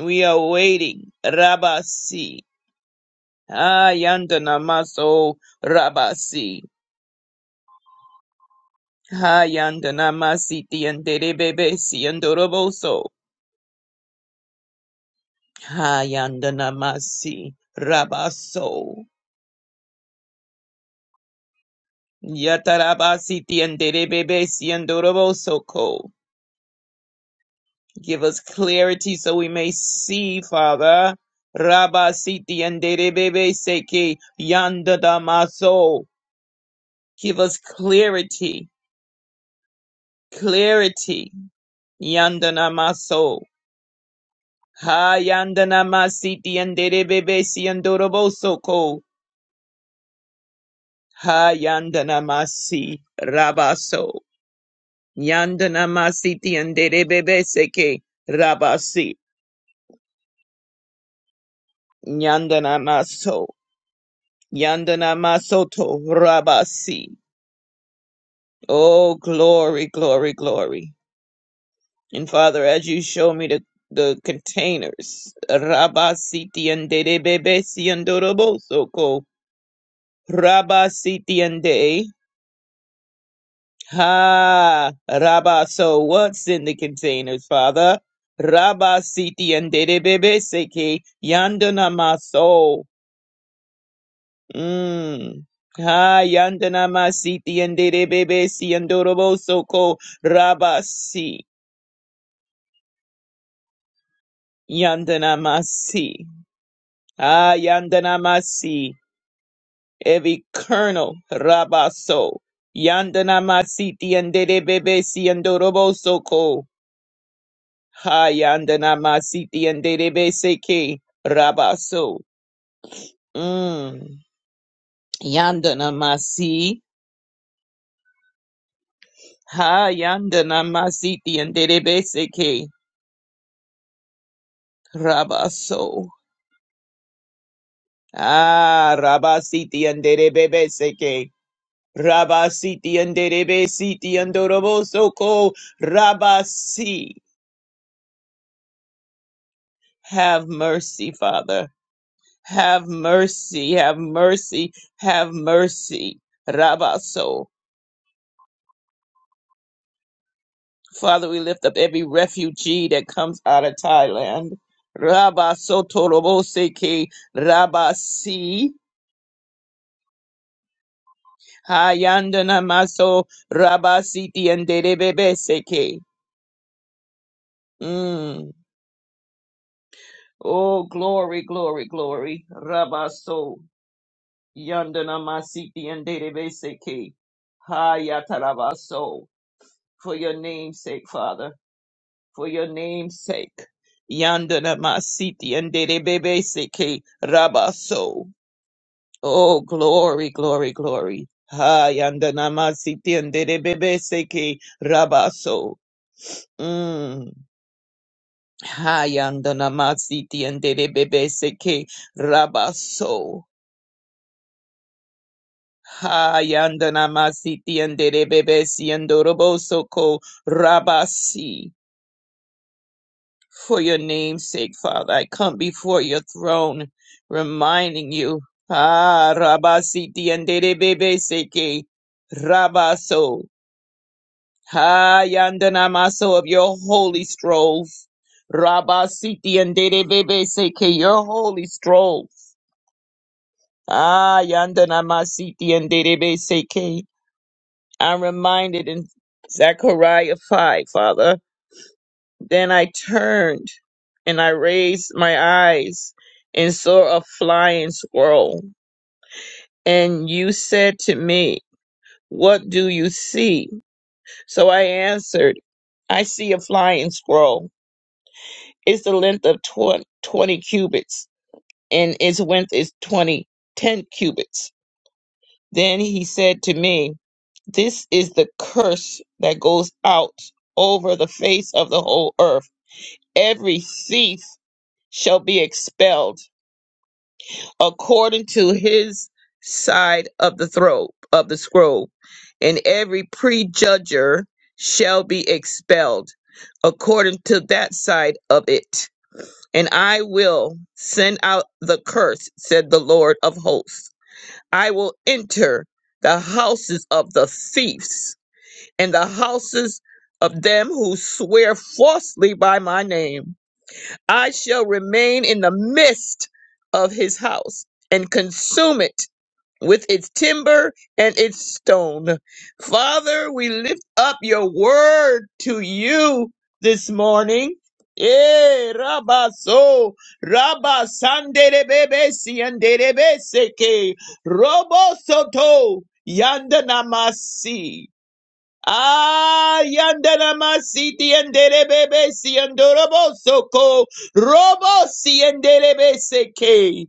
Speaker 5: We are waiting. Rabba si. Ah, yandana maso. Rabba si. Ha yandana masiti and de bebe siandoroboso. Ha yandana masi. Rabba so. Yatarabasiti and Derebebesi and Dorobosoko. Give us clarity so we may see, Father. Rabasiti and Derebebeseki Yanda Damaso. Give us clarity, clarity. Yanda Namaso. Ha Yanda Namasiti and Derebebesi and Dorobosoko. Ha Yanda Namasi Rabaso. Yanda Namasiti and Derebebeseki Rabasi. Yandana Maso, Yandana Masoto Rabasi. Oh, glory, glory, glory. And Father, as you show me the, the containers, Rabasiti and Debebesi and Dorobosoko, Rabasiti and De, Ha, Rabaso, what's in the containers, Father? Rabasiti and Debebeseke, Yandana Maso. Mm. Ha yandana masiti andere bebe si yandorobo soko rabasi yandana masi. Ha yandana masi. Every kernel rabaso. Yandana masiti yandere bebe si yandorobo soko. Ha yandana masiti yandere bebe seke rabaso. Mm. Yandana masi. Ha yandana masiti yandere bebe seke. Rabaso. Ah, Rabasiti andere bebe seke. Rabasiti andere be siti andoroboso ko. Rabasi. Have mercy, Father. Have mercy, have mercy, have mercy. Rabaso. Father, we lift up every refugee that comes out of Thailand. Rabaso torobose ke. Rabasi. Hayandana maso rabasiti and derebebe seke. Mm. Oh, glory, glory, glory. Rabaso yandana masiti and derebebe seke. Hayatarabaso. For your name's sake, Father. For your name's sake. Yandana masiti and derebebe seke. Rabaso. Oh, glory, glory, glory. Hayandana masiti and derebebe seke. Rabaso. Mm. Hayandana masiti and de bebe seke rabaso. Hayandana masiti and de bebe siandoroboso ko rabasi. For your name's sake, Father, I come before your throne, reminding you, ah, rabasiti and de bebe seke rabaso. Hayandana maso of your holy strolls. Rabasiti and de bebe seke, your holy strolls. Ah, Yandana Masiti and Derebe Seke. I'm reminded in Zechariah 5, Father. Then I turned and I raised my eyes and saw a flying squirrel. And you said to me, What do you see? So I answered, I see a flying squirrel. It's the length of tw- 20 cubits and its width is 20 10 cubits Then he said to me, This is the curse that goes out over the face of the whole earth. Every thief shall be expelled according to his side of the throat of the scroll, and every prejudger shall be expelled according to that side of it. And I will send out the curse, said the Lord of hosts I will enter the houses of the thieves and the houses of them who swear falsely by my name. I shall remain in the midst of his house and consume it with its timber and its stone. Father, we lift up your word to you this morning. Eh, rabaso, rabasanderebebe sianderebe seke, robosoto, yandanamasi. Ah, yandanamasi tianderebebe siandorobosoko, robo sianderebe seke.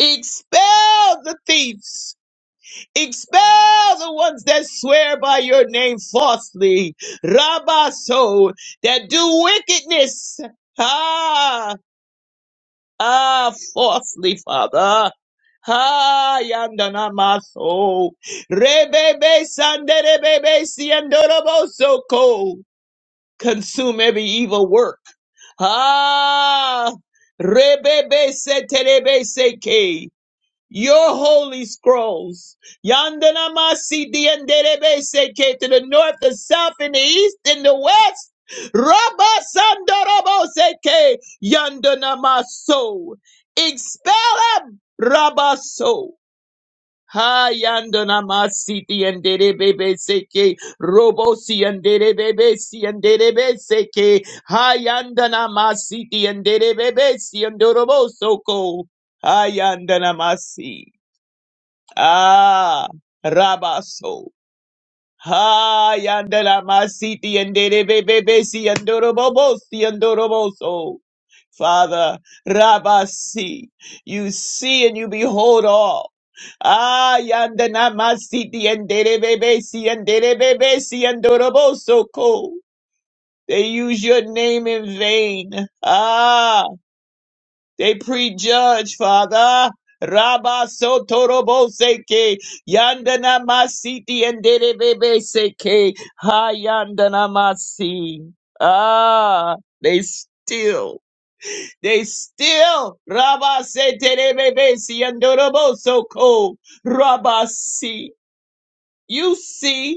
Speaker 5: Expel the thieves Expel the ones that swear by your name falsely, Rabaso, that do wickedness, ah, ah, falsely, Father. Ah, yandana maso, rebebe sanderebebe siandorobo soko, consume every evil work. Ah, rebebe seterebe seke your holy scrolls. Yandanamasi diandelebese seke to the north, the south, and the east, and the west. Rabba sandorobose seke yandanamaso. Expel them, Rabba so. Ha yandanamasi diandelebese ke robosi andelebese andelebese ke ha yandanamasi diandelebese andoroboso ko ha yandanamasi. Ah, Rabaso. Ha, yandela masiti and derebebebesi and dorobobosi and doroboso. Father, Rabasi, you see and you behold all. Ah, yandana masiti and derebebesi and derebebesi and doroboso ko. They use your name in vain. Ah, they prejudge, Father. Rabba sotorobo seke yandana masiti and derebebe seke ha yandana masi. Ah, they still, they still. Rabba se terebebe si andorobo soko. Rabba si. You see.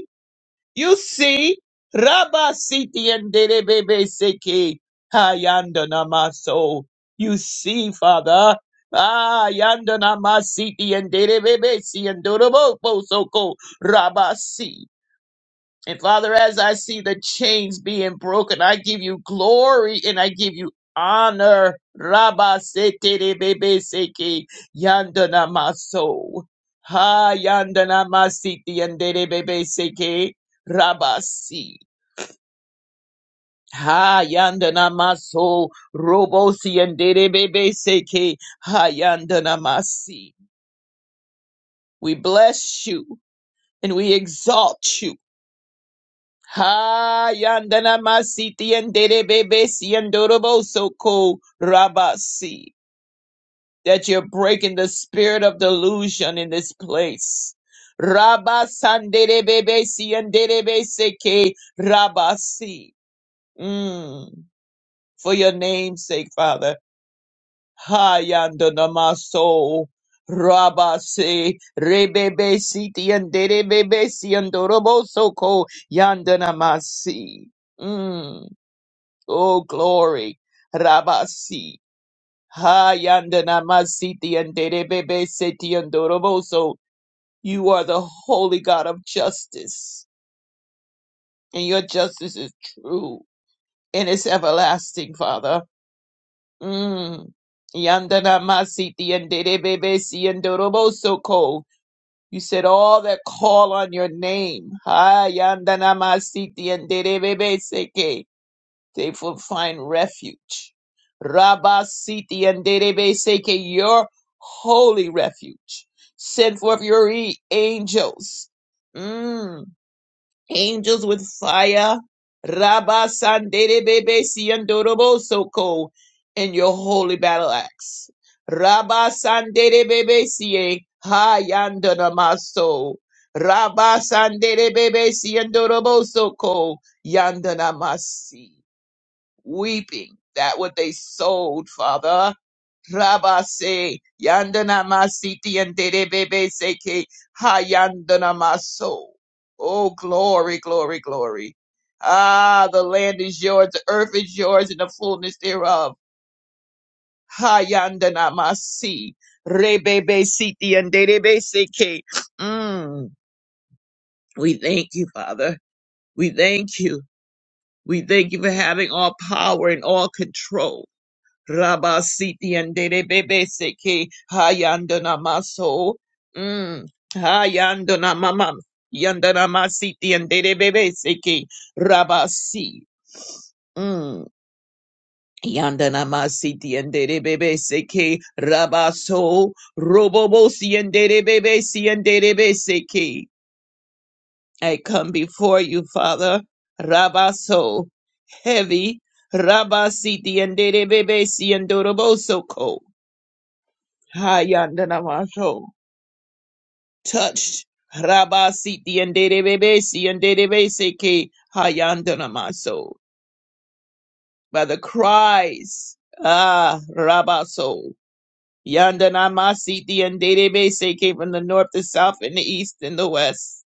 Speaker 5: You see, Rabba Siti and Derebebe Seki Hayanda Namaso. You see, Father. Ah, yanda namasiti and derebebe si and dorobo soko rabasi. And Father, as I see the chains being broken, I give you glory and I give you honor. Rabba sete bebe seke yandana maso. Ha yandana masiti yandere bebe seke rabasi. Ha yandana maso robosi yandere bebe seke ha yandana masi. We bless you and we exalt you Ha yandana masiti yandere bebe si yandorobo soko rabasi. That you're breaking the spirit of delusion in this place. Rabba sandere bebe si yandere be seke rabasi. Mm. For your name's sake, Father. Ha yandana maso. Rabasi rebebe siti yandere bebe si yandorobo soko yandana masi. Mm. Oh, glory. Rabasi. Hayandanamasiti and Derebebe Seti and Doroboso. You are the holy God of justice, and your justice is true and it's everlasting, Father. Mm. Yandanamasiti and Derebebe Si and Doroboso Ko. You said all that call on your name. Hayandanamasiti and Derebebe Seke. They will find refuge. Rabba Siti and Derebe Seke, your holy refuge. Send forth your e- angels. Mm, angels with fire. Rabba San Derebe Si Soko, and your holy battle axe. Rabba San Derebe Sie, Ha Yandanamaso. Rabba San Derebe Si and Dorobo Soko, Yandanamasi weeping that what they sold, Father. Rabase, yandana masiti and derebebe seke, hayandana maso. Oh, glory, glory, glory. Ah, the land is yours, the earth is yours, and the fullness thereof. Hayandana masi, rebebe siti and derebe seke. Mm. We thank you, Father. We thank you. We thank you for having all power and all control. Rabasiti and Derebebe Seke Hayandana Maso. Mm. Hayandana Mamam. Yandana Masiti and Derebebe Seke Rabasi. Mm. Yandana Masiti and Derebebe Seke Rabaso. Robobosi and Derebebe Si and Derebe Seke. I come before you, Father. Rabaso. Heavy. Rabasiti and Derebebe Si and Doroboso Hayandanamasho. Touched. Rabasiti and Dedebebesi and Dedebeseke Hayandanamaso. By the cries. Ah, Rabaso. Yandanamasiti and Dedebeseke from the north, the south, and the east, and the west.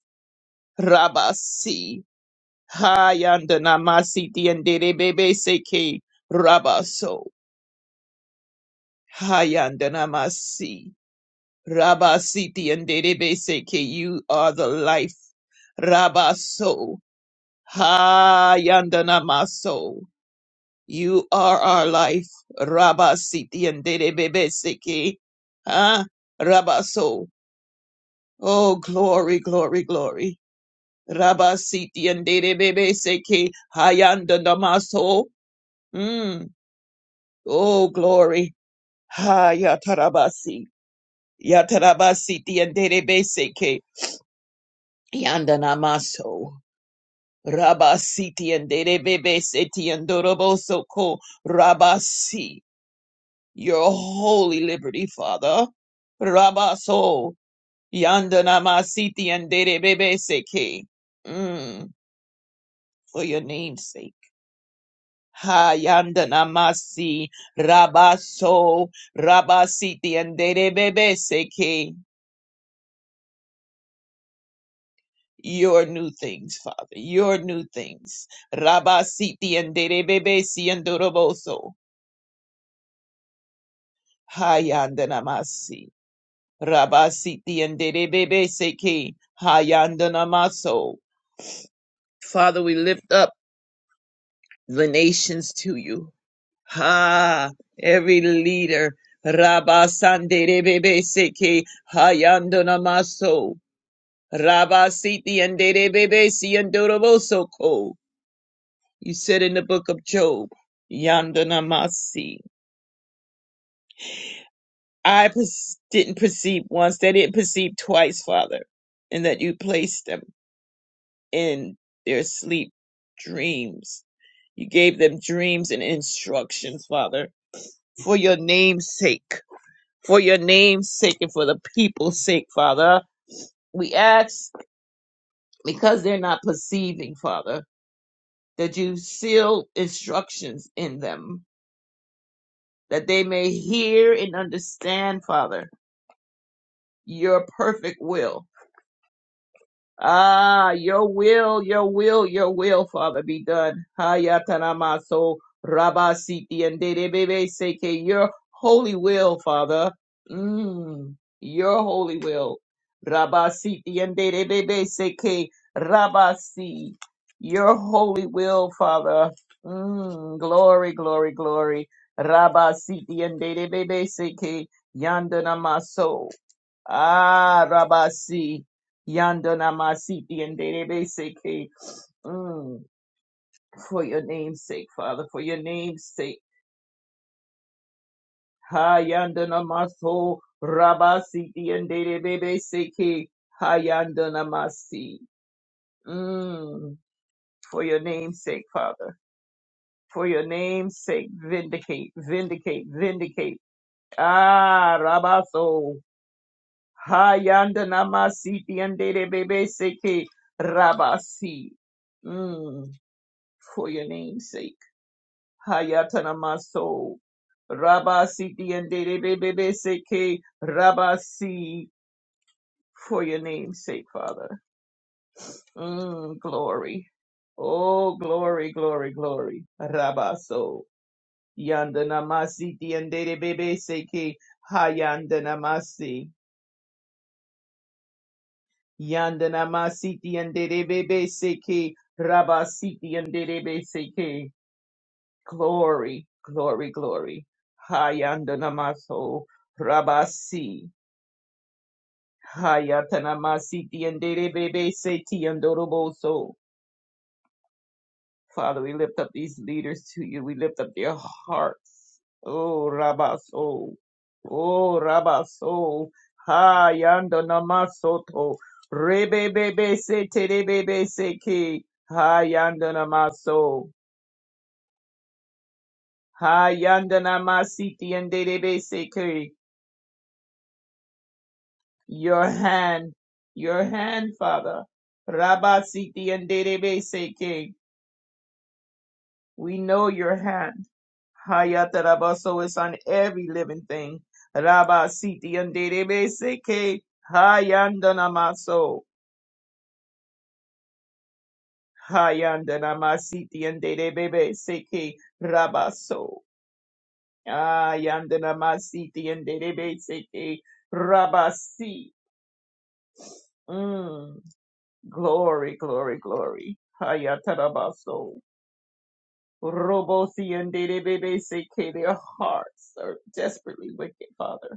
Speaker 5: Rabasi. Hayandanamasiti and Dedebebeseke Rabaso. Hayandanamasi. Rabba Siti and Dedebe Seke, you are the life. Rabba So, Ha Yandana Maso, you are our life. Rabba Siti and Dedebe Seke, Ha Rabba So, oh glory, glory, glory. Rabba Siti and Dedebe Seke, Ha Yandana Maso, mm. oh glory. Ha Yatarabasi, Yatarabasi Siti and Dedebe Seke, Yandana Maso. Rabasiti and Derebebe Seti and Doroboso Ko Rabasi, your holy liberty, Father. Rabaso Yandanamasiti and Derebebe Seke. Mm, for your name's sake. Ha Yandanamasi Rabaso Rabasiti and Derebebe Seke. Your new things, Father, your new things. Rabasiti and Derebebe Si and Doroboso. Hayandanamasi. Rabasiti and Derebebe Seki. Hayandanamaso. Father, we lift up the nations to you. Ha! Every leader. Rabasanderebebe Seki. Hayandanamaso. Rabasiti and Derebebe Siandorobosoko. You said in the book of Job. Yandanamasi. I pers- didn't perceive once, they didn't perceive twice, Father, and that you placed them. in their sleep dreams. You gave them dreams and instructions, Father, for your name's sake, for your name's sake and for the people's sake, Father. We ask because they're not perceiving, Father, that you seal instructions in them, that they may hear and understand, Father, your perfect will. Ah, your will, your will, your will, Father, be done. Hayatanamaso Rabasiti and Dedebebe Seke, your holy will, Father. Mm, your holy will. Rabasiti and Dedebebe Seke, Rabasi, your holy will, Father. Mm, glory, glory, glory. Rabasiti and Dedebebe Seke, Yandanamaso. Ah, Rabasi, Yandana Masiti, and Derebe Seke, Mm, for your name's sake, Father, for your name's sake. Ha, Yandana Maso, Rabasiti, and Derebe Seke, Ha, Yandana Masi. Mm, for your name's sake, Father, for your name's sake, vindicate, vindicate, vindicate. Ah, Rabaso. Hayanda namasiti andere bebe seke rabasi. Mm, for your name's sake. Hayata namaso. Rabasi andere bebe seke rabasi. For your name's sake, Father. Mm, glory. Oh, glory, glory, glory. Rabaso. Yanda namasiti andere bebe seke hayanda namasi. Yandana masiti and derebe seke rabasiti and derebe seke. Glory, glory, glory. Hayandana maso rabasi. Hayatana masiti and derebe seke and doroboso. Father, we lift up these leaders to you. We lift up their hearts. Oh, Rabaso. Oh, Rabaso. Ha, Yando Namasoto. Rebebebe se terebebe se ke. Ha, Yando Namaso. Ha, Yando Namasiti and Derebe se ke. Your hand. Your hand, Father. Rabasiti and Derebe se ke. We know your hand. Hayataraba, so it's on every living thing. Raba siti anderebe seke hayandanamaso. Hayandanamasiti anderebe seke rabaso. Hayandanamasiti anderebe seke rabasi. Mm. Glory, glory, glory. Hayatarabaso. Robosi anderebe seke. Their hearts are desperately wicked, Father.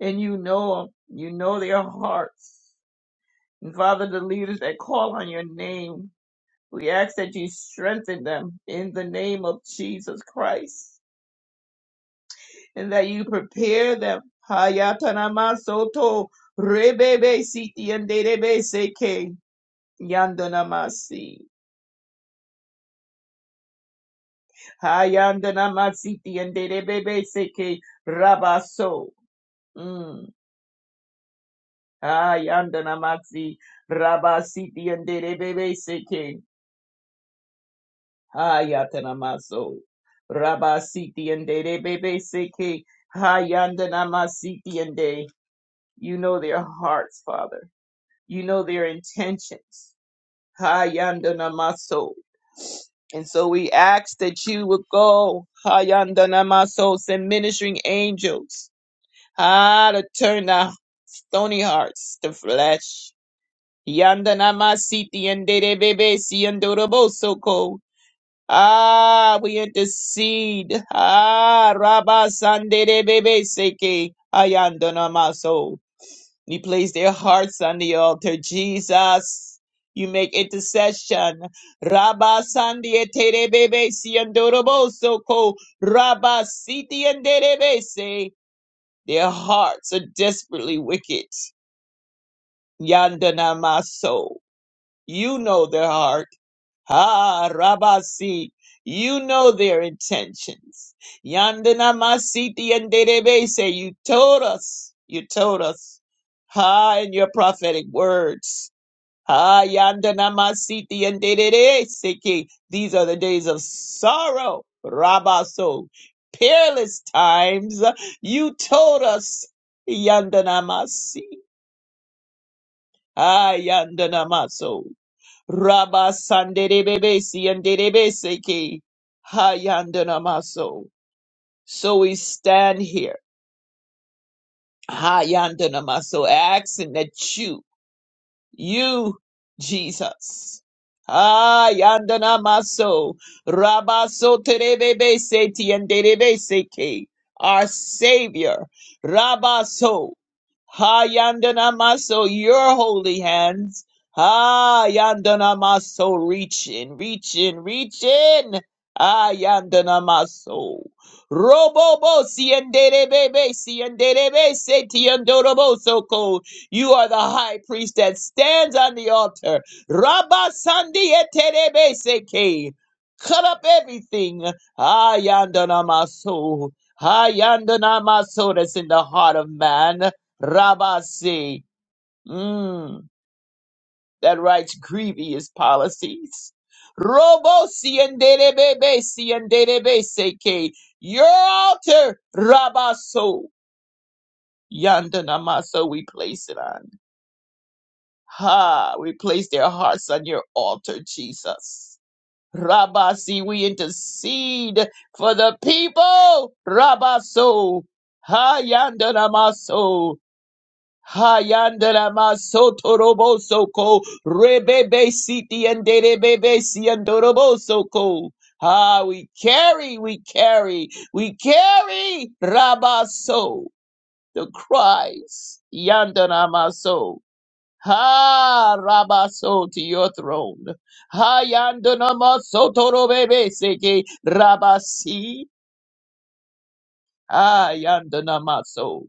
Speaker 5: and you know 'em. You know their hearts. And Father, the leaders that call on your name, we ask that you strengthen them in the name of Jesus Christ and that you prepare them. Hayatanama soto rebebe siti and derebe seke yandanamasi. Hayandanamasi and rebebe seke rabaso. Mm. Hayandanamasi rabasiti and derebebe seke. Hayatanamaso. Rabasiti and de bebe seke. Hayandanamasiti and de. You know their hearts, Father. You know their intentions. Hayandanamaso. And so we ask that you would go, Hayandanamaso, send ministering angels. Ah, to turn the stony hearts to flesh. Yandanamasiti and de bebe si and Ah, we intercede. Ah, Rabba Sandere Bebe Seke Ayandona Maso. You place their hearts on the altar, Jesus. You make intercession. Rabba Sandie Tere Bebe Siandorobo Soko. Rabba Siti and Derebe Se. Their hearts are desperately wicked. Yandana Maso. You know their heart. Ha Rabasi, you know their intentions. Yandana Masiti and Derebe say you told us, you told us. Ha in your prophetic words. Ha Yandana Masiti and Derebe Seki. These are the days of sorrow, Rabaso. Peerless times. You told us. Yandana Yandanamasi. Ah Yandana maso. Rabba Sanderebebesi and Derebeseke. Hayandanamaso. So we stand here, Hayandanamaso, asking that you you, Jesus. Ah, yandana maso, rabaso terebebe seti and derebe seke, our Savior, rabaso, ha yandana maso, your holy hands, ah yandana maso, reach in, reach in, reach in, ah yandana maso, robobo si and derebe si and derebe seti and dorobo soko, you are the high priest that stands on the altar. Rabba Sandi Eterebe Seke. Cut up everything. Ayandana maso, Ayandanamaso. Ayandanamaso that's in the heart of man. Rabba Se. Mm, that writes grievous policies. Robo Sienderebebe Sienderebe Seke. Your altar, Rabba So. Yandana maso, we place it on. Ha! We place their hearts on your altar, Jesus. Rabasi, we intercede for the people. Rabaso. Ha yandaramaso. Ha yandaramaso toroboso ko. Rebebe siti and derebebe si and toroboso ko. Ah, we carry, we carry, we carry, Rabaso, the cries, Yandanamaso, Ha Rabaso to your throne. Ha Yandanama Sotoro Bebe Seke Rabasi. Ha Yandanama So.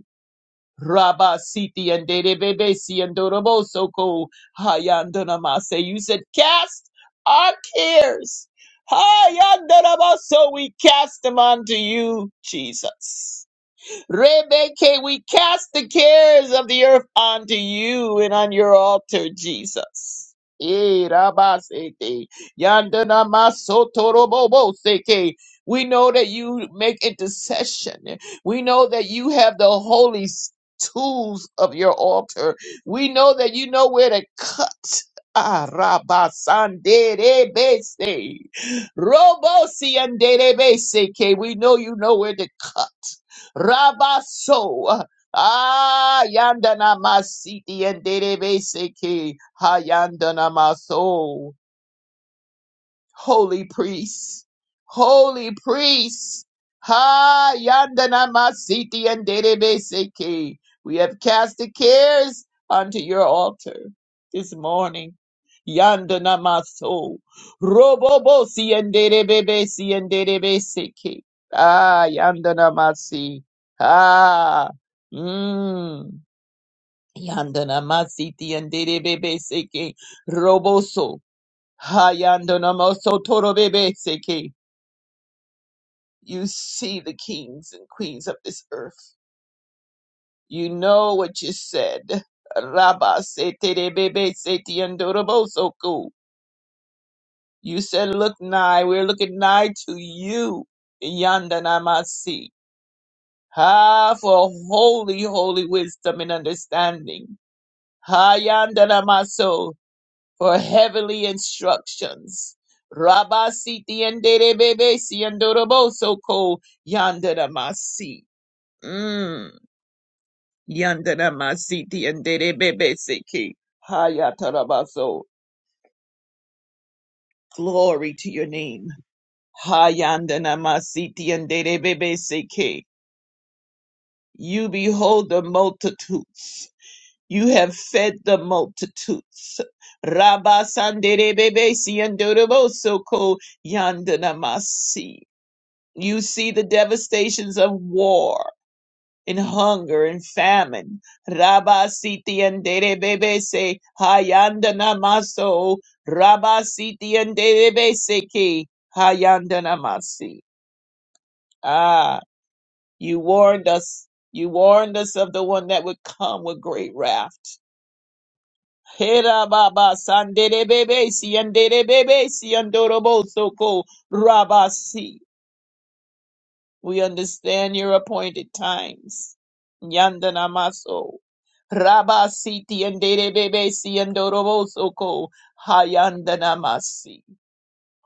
Speaker 5: Rabasiti and Dede Bebe Si and Doroboso Ko. Ha Yandanama Say. You said cast our cares. Ha Yandanama So. We cast them unto you, Jesus. Rebecca, we cast the cares of the earth onto you and on your altar, Jesus. Eh, rabasete, yandanamasotorobobo-seke. We know that you make intercession. We know that you have the holy s- tools of your altar. We know that you know where to cut. Ah, rabasanderebese. Robo-sianderebeseke. We know you know where to cut. Rabaso. Ah, yandana masiti and derebe seki. Ha yandana maso holy priests, holy priests. Ha yandana masiti and derebeseke. We have cast the cares unto your altar this morning. Yandana maso robobosi and derebebesi and derebeseke. Ah yandana masi. Ah. Mm. Yandana masiti and derebebeseke roboso. Hayandonamosotorobebeseke. You see the kings and queens of this earth. You know what you said. Rabaseterebebesetiandorobosoku. You said, Look nigh, we're looking nigh to you. Yandanamasi. Ha, for holy, holy wisdom and understanding. Hayandanamaso. for heavenly instructions. Rabba siti endere bebe si andoroboso ko yandaramasi. Mm. Yandaramasi ti endere bebe seki. Hayatarabaso. Glory to your name. Hayandaramasi ti endere bebe seki. You behold the multitudes. You have fed the multitudes. Rabba sandere bebe si andoroboso ko yandanamasi. You see the devastations of war and hunger and famine. Rabasiti and Derebese Hayandana Maso Rabasiti and Derebeseki Hayandana Masi. Ah, you warned us. You warned us of the one that would come with great wrath. Hera baba san bebe si andere bebe si andoro boso ko rabasi. We understand your appointed times. Yandanamaso. Rabasiti and Derebebesi and Dorobosoko. Hayandanamasi.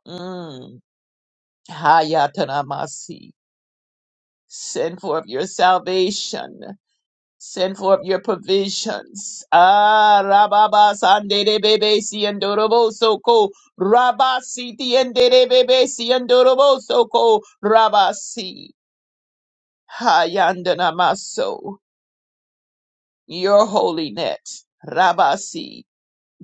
Speaker 5: Mm. Hayatanamasi. Send forth your salvation. Send forth your provisions. Ah, Rababas and Derebebesi and Dorobosoko. Rabasiti and Derebebesi and Dorobosoko. Rabasi. Hayandanamaso. your holiness. Rabasi.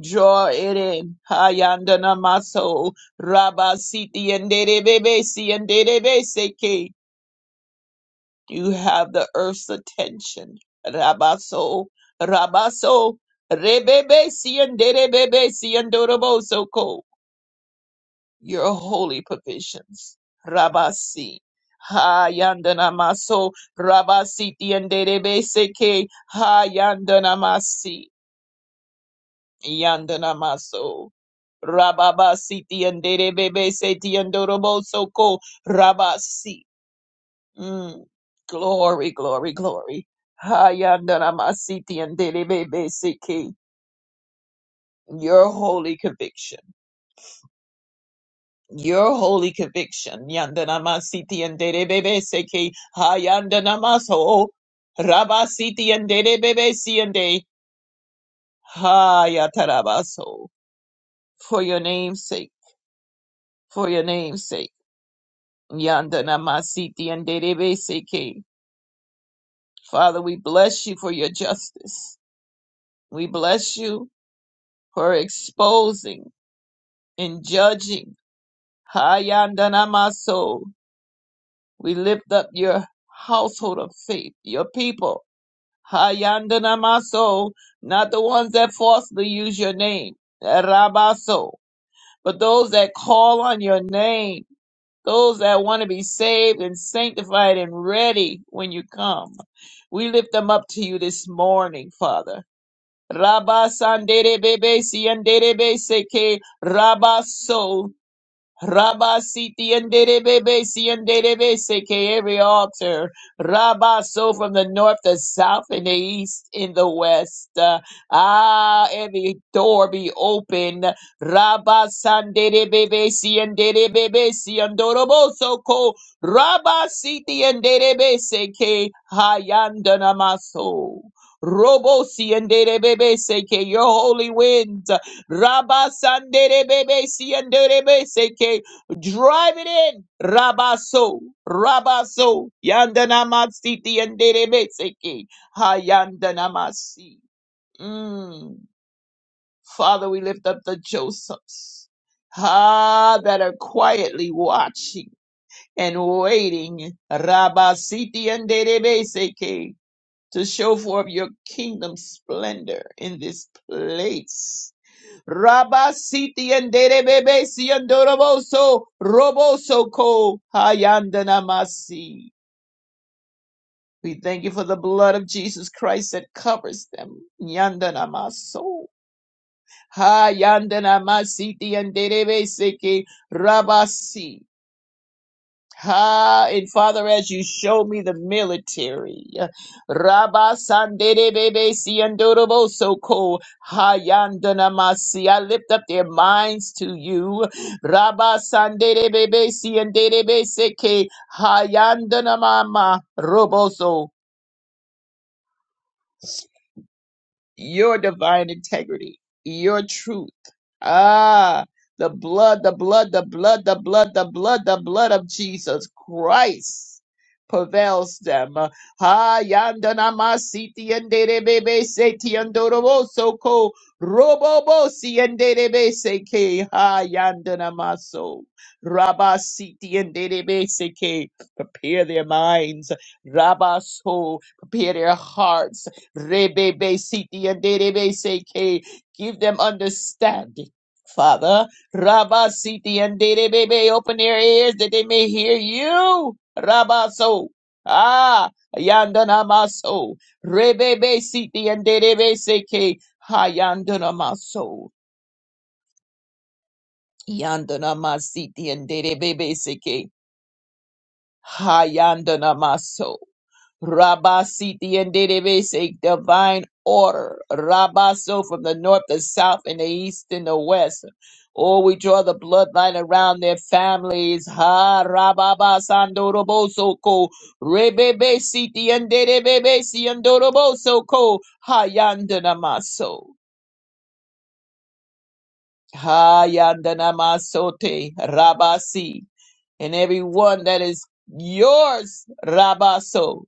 Speaker 5: Draw it in. Hayandana maso. Rabasi tiendebebesi seke. You have the earth's attention. Rabaso. Rabaso. Rebebesi enderebebesi ko. Your holy provisions. Rabasi. Hayandana maso. Rabasi tiendebebesi seke. Hayandana masi. Yandana Maso. Rababa Siti and Bebe Seti and Dorobo Soko Rabasi. Mm. Glory, glory, glory. Hayandanama Siti and Bebe Seki. Your holy conviction. Your holy conviction. Yandanama Siti and Bebe Seki. Hayandanama So. Rabasiti and Bebe si Siende. Hayatarabaso. For your name's sake. For your name's sake Yanda namasiti and Derebe seke. Father, we bless you for your justice. We bless you for exposing and judging. Hayanda namaso. We lift up your household of faith, your people. Hayanda namaso. Not the ones that falsely use your name. Rabaso. But those that call on your name. those that want to be saved and sanctified and ready when you come. We lift them up to you this morning, Father. Rabba sandere bebe siendere be seke rabba so Rabba Siti and Derebe Si and Derebe Seke every altar. Rabba so from the north, the south, and the east, in the west. Uh, ah, every door be open. Rabba San Derebe Si and Derebe Si and Dorobo Soko. Rabba Siti and Derebe Seke Hayandanamaso. Robo Si and Derebe Seke, your holy wind. Rabba Sandere Bebe Siandere Seke. Drive it in. Rabba So. Rabba So. Yandana Matsiti and Derebe Seke. Hayandana Masi. Mm. Father, we lift up the Josephs. Ah, that are quietly watching and waiting. Rabba Siti and Derebe Seke. To show forth your kingdom splendor in this place. Rabasiti and Derebebe Siandoroboso Roboso Ko Hayandanamasi. We thank you for the blood of Jesus Christ that covers them. Yandanamaso. Hayandanamasi and Derebe Seke Rabasi. Ah, and Father, as you show me the military, Rabba Sandere Bebe Siandorobo Soko Hayandanamasi, I lift up their minds to you. Rabba Sandere Bebe Siandere Bebe Seke Hayandanamama Roboso. your divine integrity, your truth. Ah, the blood, the blood, the blood, the blood, the blood, the blood of Jesus Christ prevails them. Ha yandana masiti and bebe seti andorobo so ko robobo si and derebe seke ha yandana maso rabasiti and derebe seke prepare their minds rabaso prepare their hearts Rebebe siti and derebe seke. Give them understanding. Father, Rabba Siti and Derebebe, open their ears that they may hear you. Rabba so. Ah, Yandana Maso. Rebebe Siti and Derebe Seke. Ha Yandana Maso. Yandana Masiti and Derebebe Seke. Ha Yandana Maso. Rabasiti and Dedebese, divine order. Rabaso from the north, the south, and the east, and the west. Oh, we draw the bloodline around their families. Ha Rababa Sandoroboso ko Rebebe Siti and Dedebebe Siandoroboso ko Hayandanamaso. Hayandanamasote Rabasi. And everyone that is yours, Rabaso.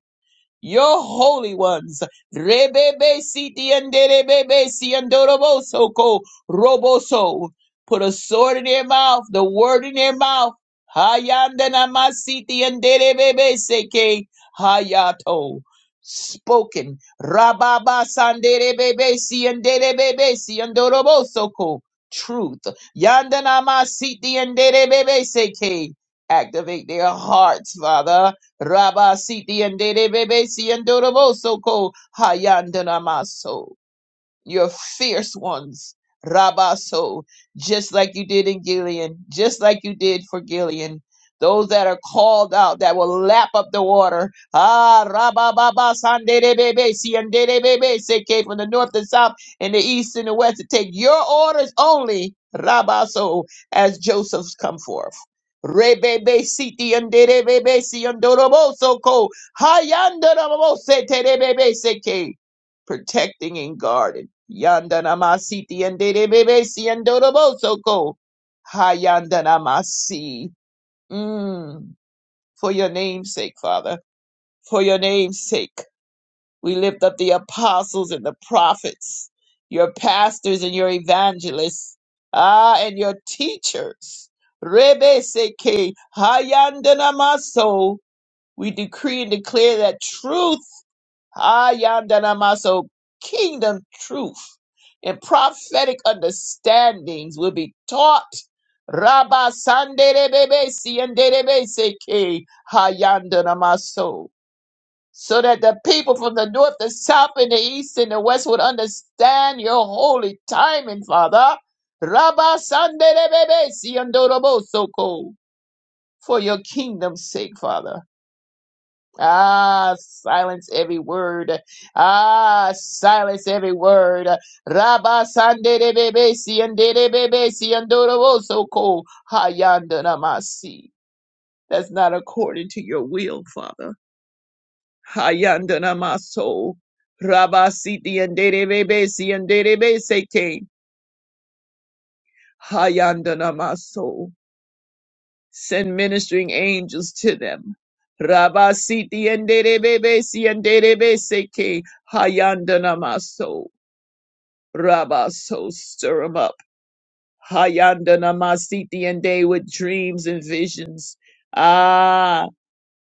Speaker 5: your holy ones. Rebebe siti and rebebe si andoroboso ko roboso. Put a sword in their mouth, the word in their mouth. Hayandana masiti and rebebe seke hayato. Spoken. Rababa sanderebebe si and rebebe si andoroboso ko. Truth. Yandana masiti and rebebe seke. Activate their hearts, Father. Rabba siti and dede bebe si and doroboso ko hayandana maso. You're fierce ones, Rabaso, just like you did in Gilead, just like you did for Gilead. Those that are called out that will lap up the water. Ah, Rabababa, Sanderebebe, Sianderebebe, Seke, from the north and south and the east and the west to take your orders only, Rabaso, as Joseph's come forth. Rebebe, Siti, Anderebebe, Siandoroboso, Ko, Hayandorobose, Terebebe, Seke protecting and guarding. Yandanamasiti and Dedebebesi and Dorobosoko. Hayandanamasi. Mm. For your name's sake, Father. For your name's sake. We lift up the apostles and the prophets, your pastors and your evangelists, ah, and your teachers. Rebe Seke Hayandanamaso. We decree and declare that truth. Hayandanamaso kingdom truth and prophetic understandings will be taught. Rabba Sanderebebe Sienderebe Seke Hayandanamaso. So so that the people from the north, the south, and the east and the west would understand your holy timing, Father. Rabba Sanderebebe Siendorobo Soko. For your kingdom's sake, Father. Ah, silence every word. Ah, silence every word. Rabba sandere bebe siandere bebe siandoro soko hayandana masi. That's not according to your will, Father. Hayandana maso. Rabba siti andere bebe siandere bebe seke. Hayandana maso. Send ministering angels to them. Rabba siti enderebebe si enderebe seke hayandanamaso. Rabba so stir 'em up. Hayandanamasiti and they with dreams and visions. Ah,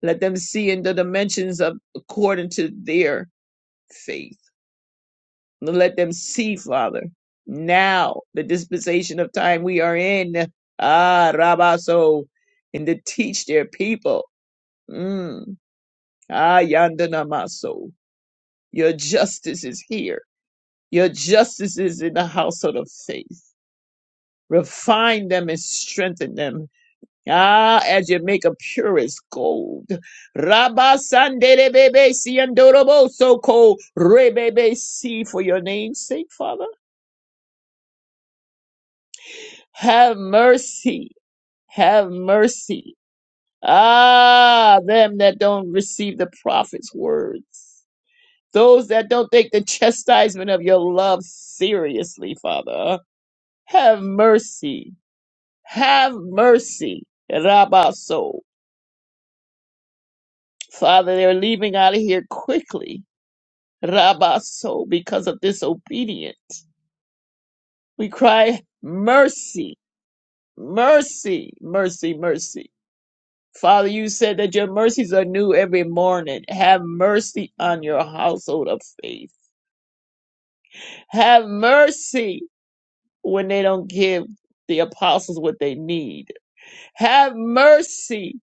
Speaker 5: let them see in the dimensions of according to their faith. Let them see, Father, now the dispensation of time we are in. Ah, Rabba so, and to teach their people. Mm. Ah, Yandanamaso, your justice is here. Your justice is in the household of faith. Refine them and strengthen them. Ah, as you make a purest gold. Rabba Sandere Bebe Siandorobo Soko Rebebe Si for your name's sake, Father. Have mercy. Have mercy. Ah, them that don't receive the prophet's words. Those that don't take the chastisement of your love seriously, Father, have mercy. Have mercy. Rabaso. Father, they're leaving out of here quickly. Rabaso, because of disobedience. We cry, mercy, mercy, mercy, mercy. Father, you said that your mercies are new every morning. Have mercy on your household of faith. Have mercy when they don't give the apostles what they need. Have mercy,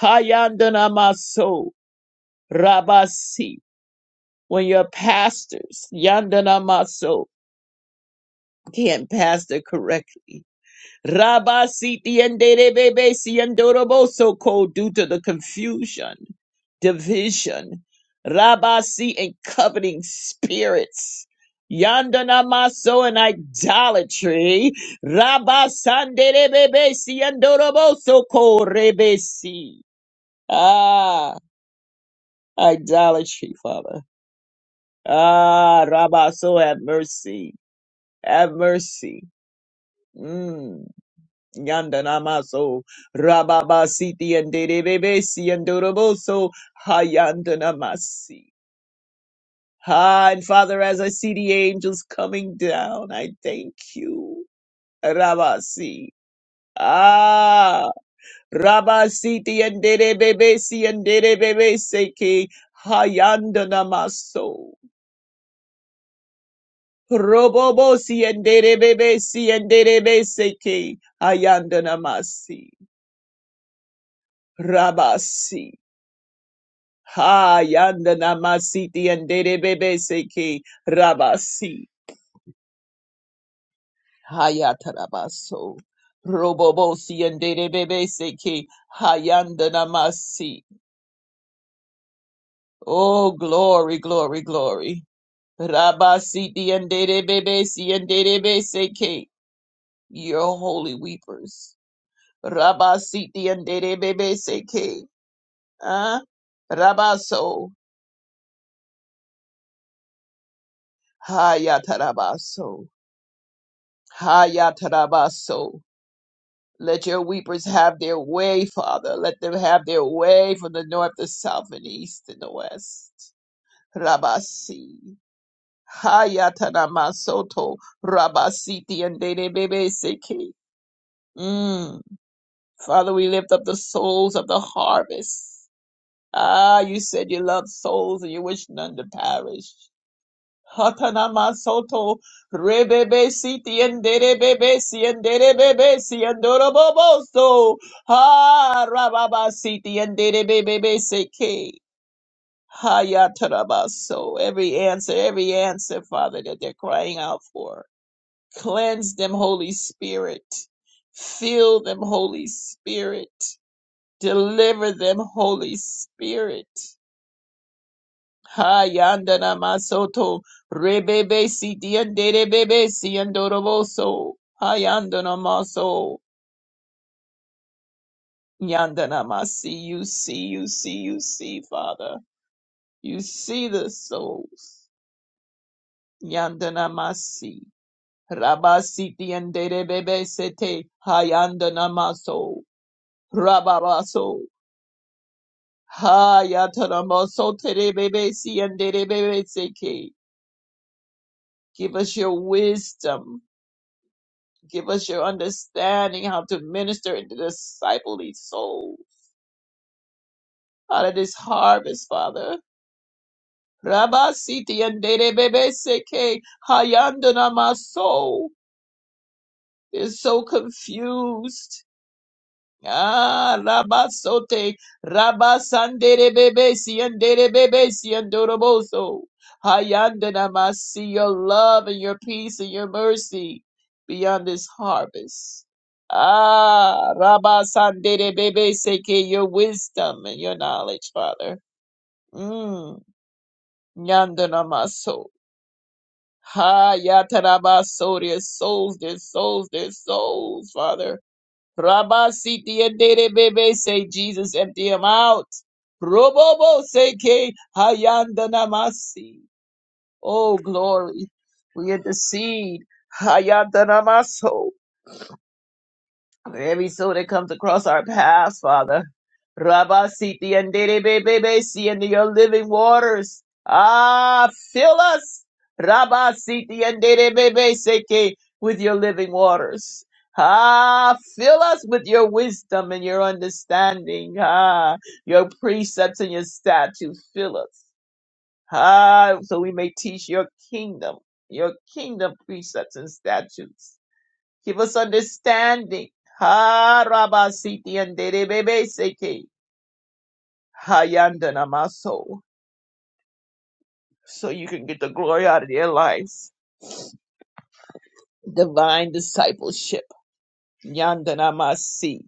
Speaker 5: Hayandanamaso Rabasi, when your pastors, Yandanamaso, can't pastor correctly. Rabba siti and bebe si andoroboso ko due to the confusion, division, Rabba si and coveting spirits. Yandana maso and idolatry. Rabba sandere bebe si andoroboso ko rebesi. Ah, idolatry, Father. Ah, Rabba, so have mercy. Have mercy. Mm. Yandanamaso Rababa Siti and Derebebesi and Doroboso Hayandanamasi. Ah, and Father, as I see the angels coming down, I thank you. Rabasi. Ah, Rabasiti and Derebebesi and Derebebeseke Hayandanamaso. Robobosi and Derebebesi and Derebeseke Hayandanamasi. Rabasi. Ha Hayanda namasiti and dede bebe seki rabasi. Hayata rabaso. Robobosi and dede bebe seki hayanda namasi. Oh, glory, glory, glory. Rabasiti and dede bebe si and dede bebe seki. Your holy weepers. Rabasiti and dede bebe seki. Ah, rabaso. Hayata rabaso. Hayata rabaso. Let your weepers have their way, Father. Let them have their way from the north, the south, and the east, and the west. Rabasi. Hayatanamasoto. Rabasiti and Bebe Seki. Mm. Father, we lift up the souls of the harvest. Ah, you said you love souls and you wish none to perish. Hatanama soto rebebe siti enderebebe si enderebebe si endorobobo so ha rababa siti enderebebe seke hayatarabaso. Every answer, every answer, Father, that they're crying out for. Cleanse them, Holy Spirit. Fill them, Holy Spirit. Deliver them, Holy Spirit. Ha yandana masoto rebebe siti andere bebe si andoroboso. Ha yandana maso yandana masi. You see, you see, you see, Father. You see the souls. Yandana masi. Rabasiti andere bebe sete. Ha yandana maso. Rababaso. Ha yatana maso tere bebe si andere bebe seke. Give us your wisdom. Give us your understanding how to minister and to disciple these souls out of this harvest, Father. Rabba Siti and Dede Bebe Seke Hayandana my soul is so confused. Ah, rabasote, rabasandere bebe siendere bebe siendoroboso. Hayandana masi, your love and your peace and your mercy beyond this harvest. Ah, rabasandere bebe seke, your wisdom and your knowledge, Father. Mm, yandana maso. Ha, yatarabaso, their souls, their souls, their souls, Father. Rabba Siti and Dede Bebe say Jesus empty him out. Robobo Seke Hayandanamasi. Oh glory. We intercede. Hayandanamaso. Every soul that comes across our paths, Father. Rabba Siti and Derebebebesi and your living waters. Ah, fill us. Rabba Siti and Derebebeseke with your living waters. Ah, fill us with your wisdom and your understanding. Ah, your precepts and your statutes. Fill us. Ah, so we may teach your kingdom, your kingdom precepts and statutes. Give us understanding. Ha Rabasiti and Derebebe Seke. Hayandanamaso. So you can get the glory out of their lives. Divine discipleship. Yandanamasi.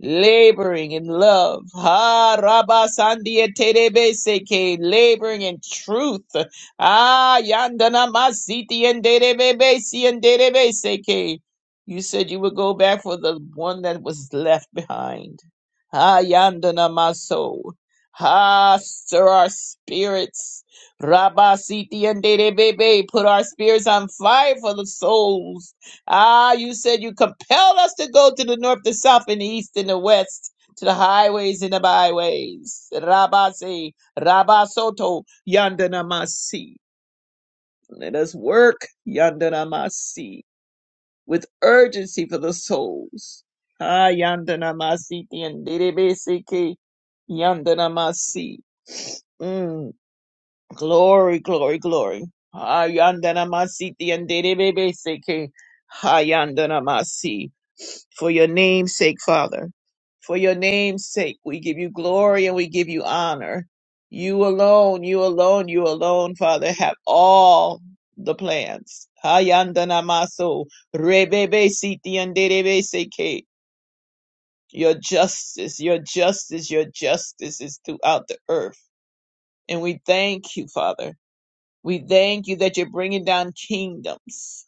Speaker 5: laboring in love. Ha Rabba Sandia Terebe Seke, laboring in truth. Ah Yandana Masiti and Derebe Si and Derebe Seke. You said you would go back for the one that was left behind. Ah Yandana Maso. Ha stir our spirits. Rabba Siti and Derebe, put our spirits on fire for the souls Ah, you said you compelled us to go to the north, the south, and the east, and the west, to the highways and the byways. Rabasi, Rabasoto, Yandanamasi. Let us work, Yandanamasi, with urgency for the souls. Ah, Yandanamasi, Yandanamasi. Yandanamasi. Mm. Glory, glory, glory. Ayandana masiti and bebe seke. Ayandana masi. For your name's sake, Father. For your name's sake, we give you glory and we give you honor. You alone, you alone, you alone, Father, have all the plans. Ayandana maso. Rebebe siti and bebe seke. Your justice, your justice, your justice is throughout the earth. And we thank you, Father. We thank you that you're bringing down kingdoms.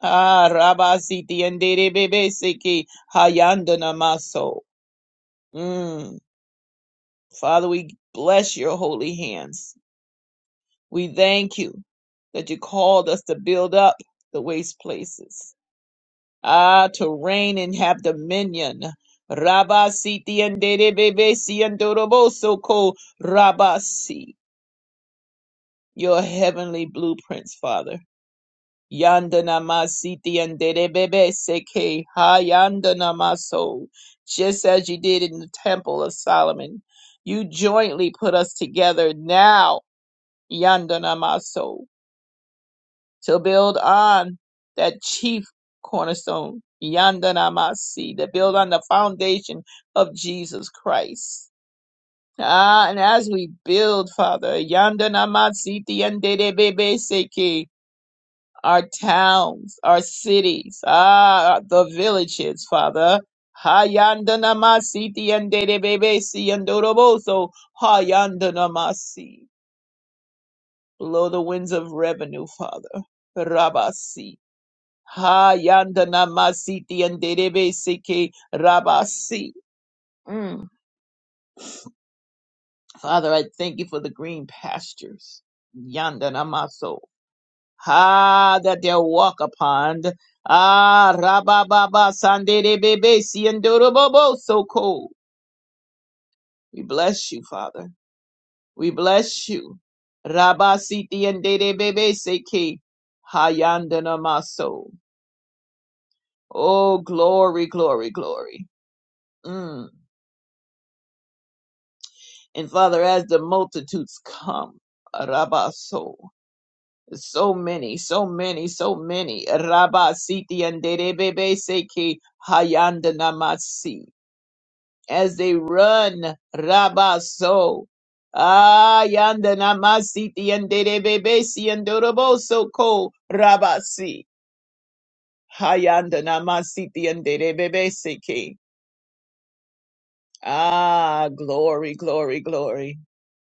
Speaker 5: Ah, Rabasiti and Derebebesiki Hayandana Maso. Mm. Father, we bless your holy hands. We thank you that you called us to build up the waste places. Ah, to reign and have dominion. Rabasiti and Derebebesi and Doroboso Ko Rabasi. Your heavenly blueprints, Father. Yandana masiti and derebebe seke ha yandana maso. Just as you did in the temple of Solomon, you jointly put us together now, yandana maso, to build on that chief cornerstone, yandana masi, to build on the foundation of Jesus Christ. Ah, and as we build, Father, yandana masiti and derebebe seke our towns, our cities, ah, the villages, Father. Hayandanamasi tiandedebebesi yandoroboso hayandanamasi. Blow the winds of revenue, Father. Rabasi. Hayandanamasi tiandedebesi ke rabasi. Mm. Father, I thank you for the green pastures. Yandanamaso. ah, that they'll walk upon. Ah, rabababa, sandere bebe, siendorobobo, so cold. We bless you, Father. We bless you. Rabasiti siti and dede bebe seki, hayandana maso. Oh, glory, glory, glory. Mm. And Father, as the multitudes come, rabaso, so. So many, so many, so many. Rabasiti siti and dede bebe seki, hayandana masi. as they run. Rabaso. Ah, yanda namasiti and derebebesi and doroboso ko rabasi. Hayanda namasiti and derebebesi ki. Ah, glory, glory, glory,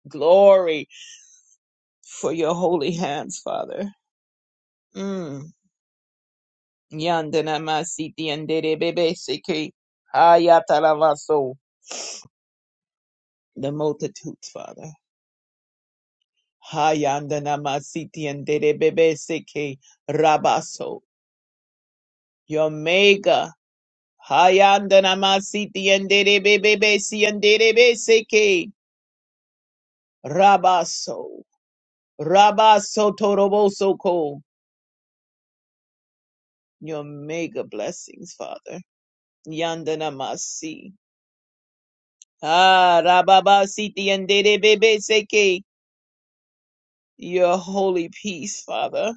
Speaker 5: glory for your holy hands, Father. Mm. Yanda namasiti and derebebesi ki. Hayatalavaso. The multitudes, Father. Hayandana Masiti and Derebebe Seke Rabaso. Yomega. Hayandana Masiti and Derebebe Si and Derebe Seke Rabaso. Rabaso Toroboso Ko. Your mega blessings, Father. Yandana Masi. Ah, Rababa Siti and Derebebe Seke. Your holy peace, Father.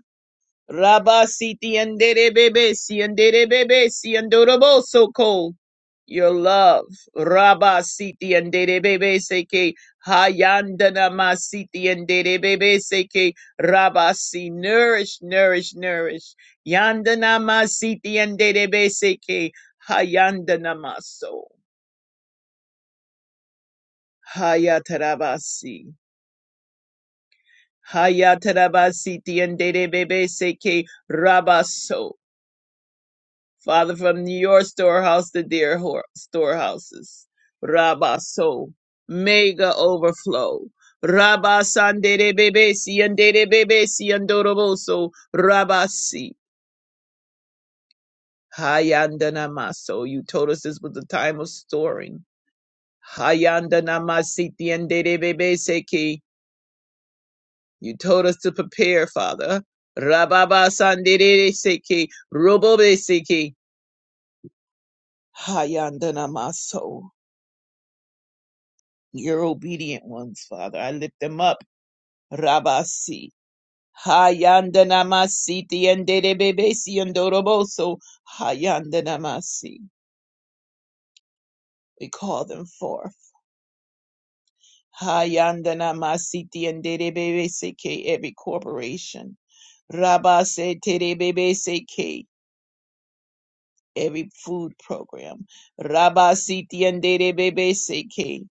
Speaker 5: Rabba siti andere bebe si andere bebe si andorobo so ko. Your love, Rabba siti andere bebe seke hayandana ma siti andere bebe seke Rabba si nourish, nourish, nourish. Yandana ma siti andere bebe seke hayandana ma so. Hayatarabasi. Hayatarabasi ti andere bebe seke Rabba so. Father, from your storehouse to their hor- storehouses. Rabba so mega overflow. Rabba sandere bebe siandere bebe siandoroboso. Rabba si hayandanamaso. You told us this was the time of storing. Hayandanamasi tiandere bebe seki. You told us to prepare, Father. Rababa sandere seki. Robobe seki. Hayandanamaso. your obedient ones, Father. I lift them up. Rabasi. Hayandanamasi tiendebebesi andoroboso. Hayandanamasi. We call them forth. Hayandanamasi tiendebebesi ke every corporation. Rabase terebebesi ke every food program. Rabasi tiendebebesi ke.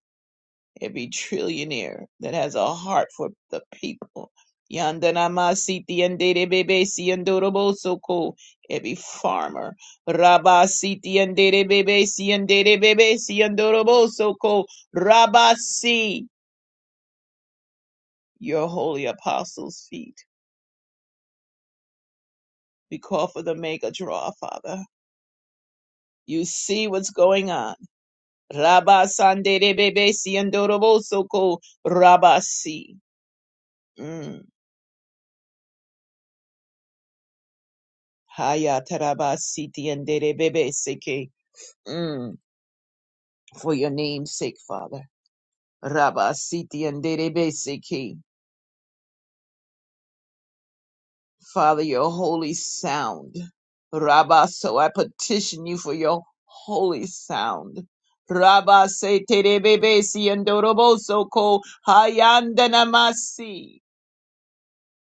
Speaker 5: every trillionaire that has a heart for the people. Yandanamasiti and Derebebe Siandorobo Soko, every farmer. Rabba siti andere bebe Rabasiti and Derebebe Siandebebe Siandorobo Soko, Rabasi, your holy apostles' feet. We call for the mega draw, Father. You see what's going on. Rabasandebebe Siandorobo Soko, Rabasi. Mm. Haya taraba siti and bebe seke. Mm, For your name's sake, Father. Rabba siti and bebe seke. Father, your holy sound. Rabba, so I petition you for your holy sound. Rabba se terebebe si andorobo soko hayandanamasi.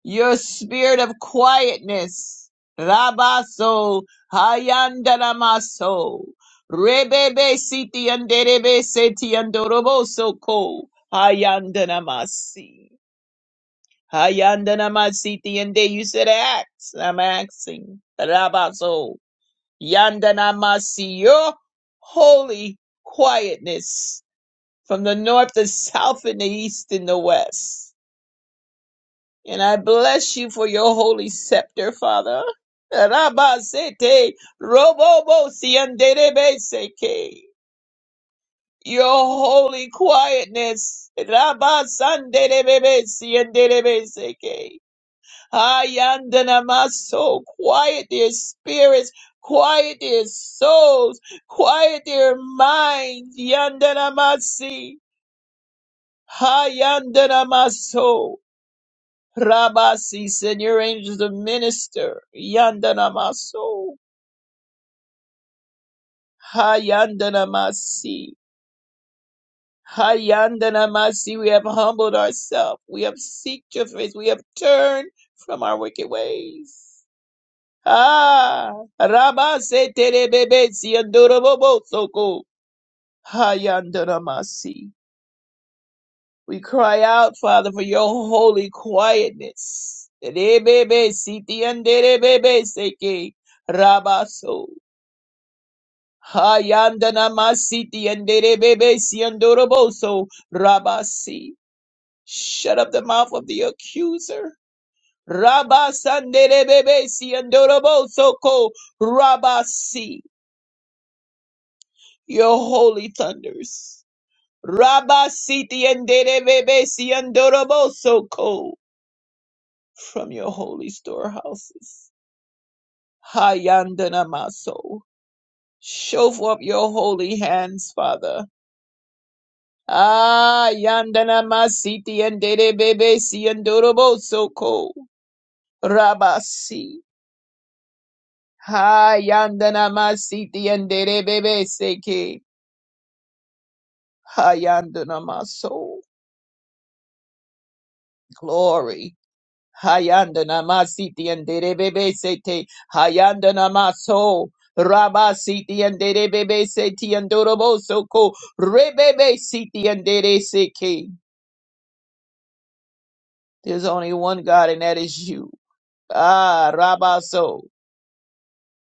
Speaker 5: your spirit of quietness. Rabaso Hayandanamaso Rebebe Siti Anderebe Seti Andoroboso Ko Hayandanamasi Hayandanamasiti and you said acts. I'm asking. Rabaso Yandanamasi your holy quietness from the north, the south, and the east and the west. And I bless you for your holy scepter, Father. Rabasete, robobo, siandedebeseke. Your holy quietness. Rabasandedebebe, siandedebeseke. Ayandanamaso, quiet their spirits, quiet their souls, quiet their minds. Yandanamasi, Hayandanamaso. Rabasi, send your angels to minister. Yandanamaso. Hayandanamasi. Hayandanamasi. We have humbled ourselves. We have seeked your face. We have turned from our wicked ways. Ah, Rabase terebebesi andorobobosoko. Hayandanamasi. We cry out, Father, for your holy quietness. Terebebesi tianderebebeseke. Rabaso. Hayandana masiti andere bebe siandoroboso rabasi. Shut up the mouth of the accuser. Rabasandere bebe siandoroboso ko rabasi. Your holy thunders. Rabasiti andere bebe siandoroboso ko from your holy storehouses. Hayandana maso. Show forth your holy hands, Father. Ah, yandana masiti and dede bebe si and dorobo so ko. Rabasi. Ha yandana masiti and dede bebe seke. Ha yandana maso. Glory. Ha yandana masiti and dede bebe sete. Ha yandana maso. Rabasiti and dede bebe seti and dorobo so ko. Rebebe siti and dede seke. There's only one God and that is you. Ah, Rabaso.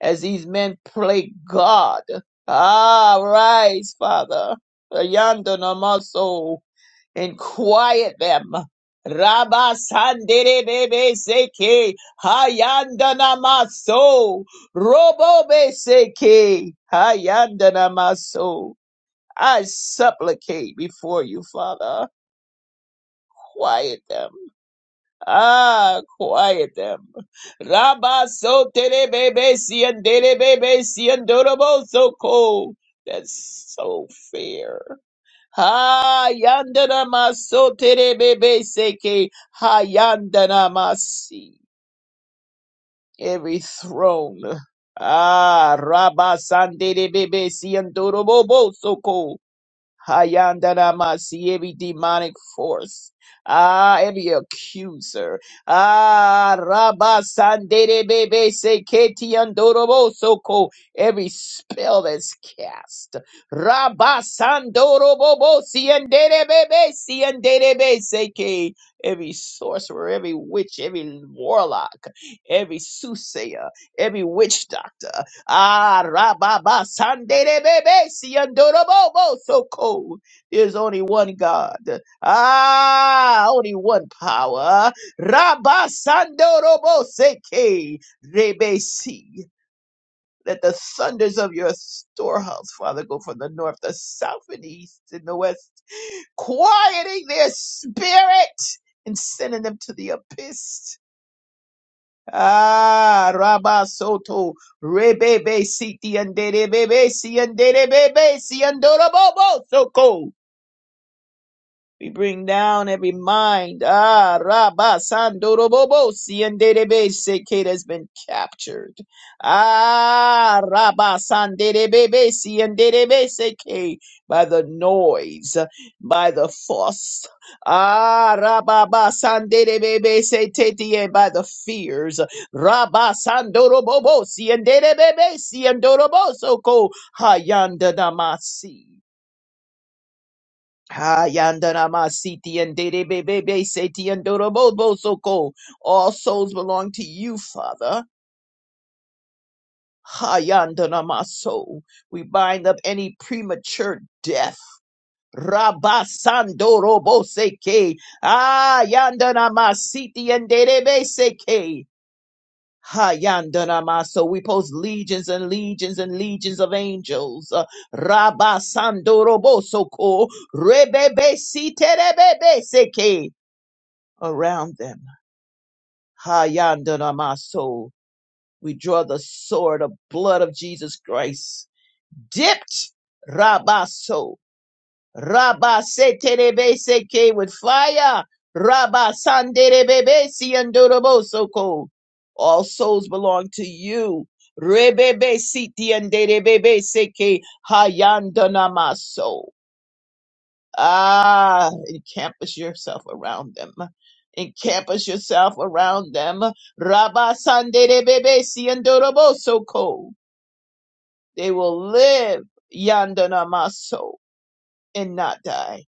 Speaker 5: as these men play God. Ah, rise, Father. Yonder namaso, and quiet them. Rabba sandere bebe seke, hayanda namaso, robo be seke, hayanda namaso. I supplicate before you, Father, quiet them. Ah, quiet them. Rabba so terebebe sian derebebe si and dorobo so ko. That's so fair. Ha yandana maso terebebe seke. Ha yandana masi. Every throne. Ah, Rabba san derebebe sian dorobo so Hayandanamasi, every demonic force, ah, every accuser, ah, Rabasandebebe seketi andorobosoko, every spell that's cast, Rabasandorobobosi andebebe si andebebe seke, every sorcerer, every witch, every warlock, every soothsayer, every witch doctor. Arababa Sandere Bebe Siandorobo Soko. There's only one God. Ah, only one power. Rabba Sandorobo Seke Rebe Si. Let the thunders of your storehouse, Father, go from the north, the south, and the east, and the west, quieting their spirit and sending them to the abyss. Ah, Rabba Soto, Rebebe Siti and Debebe Si and Debebe Si and Dorobobo Soko. We bring down every mind, ah, Rabba Sandorobobosi and Derebeseke has been captured. Ah, Rabba Sanderebebesi and Derebeseke by the noise, by the force. Ah, Rabba Sanderebebese by the fears. Rabba Sandorobobosi and Derebebesi and Dorobosoko Hayanda Damasi. Hayandanama siti and dedebebebe seti and dorobobo soko. All souls belong to you, Father. Hayandanama so. We bind up any premature death. Rabasandorobo seke. Ayandanama siti and dedebe seke. Hayandanama so. We post legions and legions and legions of angels. Rabasandorobo soko. Rebebe siterebe seke. around them. Hayandanamaso. We draw the sword of blood of Jesus Christ. Dipped Rabaso. Rabase terebeseke with fire. Rabasanderebebesi andorobosoko. All souls belong to you. Rebebe siti and derebebe seke hayandanamaso. Ah, encampus yourself around them. Encampus yourself around them. Rabba Sandere Bebe Siandoroboso Ko. They will live yandana maso and not die.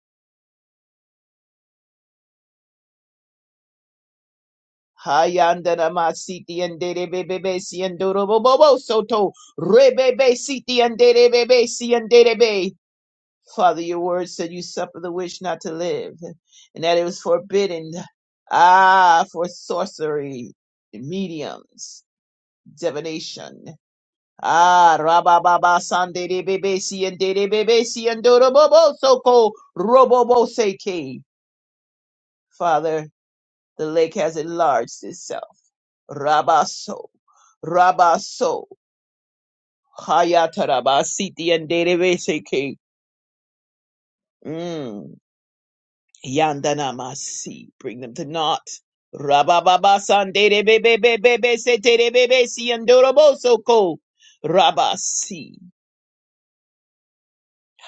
Speaker 5: Hayandanamasiti and Dere Bebe Siandoroboso To. Rebebe Siti and Dere Bebe Siandere Father, your word said you suffer the witch not to live, and that it was forbidden, ah, for sorcery, mediums, divination. Ah, rabababa sande de de bebe si and de de bebe si and do robobo soko robobo seke. Father, the lake has enlarged itself. Rabaso, rabaso, hayatarabasiti and de de be seke. Yandana masi bring them to naught. Rabababa sande de bebe bebe be sete de bebe si andoroboso ko. Rabasi.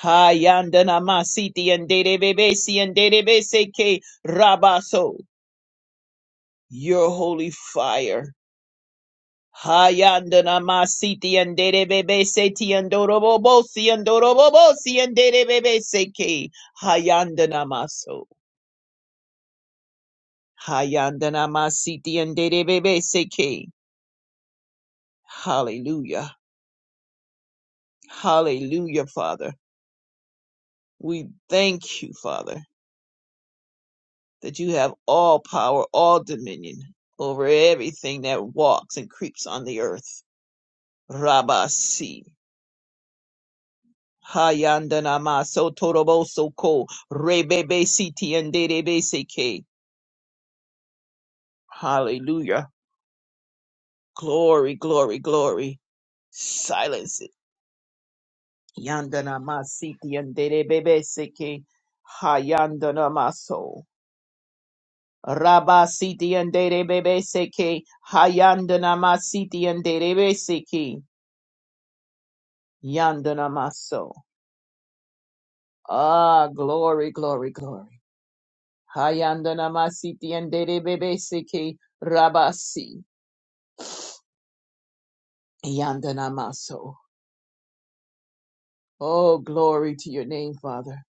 Speaker 5: Hayandanamasi ti ande de bebe si ande de be se ke rabaso. Your holy fire. Hayandanamasi ti ande de bebe seti ti andorobobo si andorobobo si ande de bebe se ke. maso Hayandanamasi ti ande de bebe se ke. Hallelujah. Hallelujah, Father. We thank you, Father, that you have all power, all dominion over everything that walks and creeps on the earth. Rabasi. Hayandanama sotoroboso ko rebebe siti and seke. Hallelujah. Glory, glory, glory. Silence it. Yandanama siti and seke. Hayandanama so. Rabba siti andere bebe seke hayandana masiti andere bebe seke yandana maso. Ah, glory, glory, glory. Hayandana masiti andere bebe seke rabasi yandana maso. Oh, glory to your name, Father.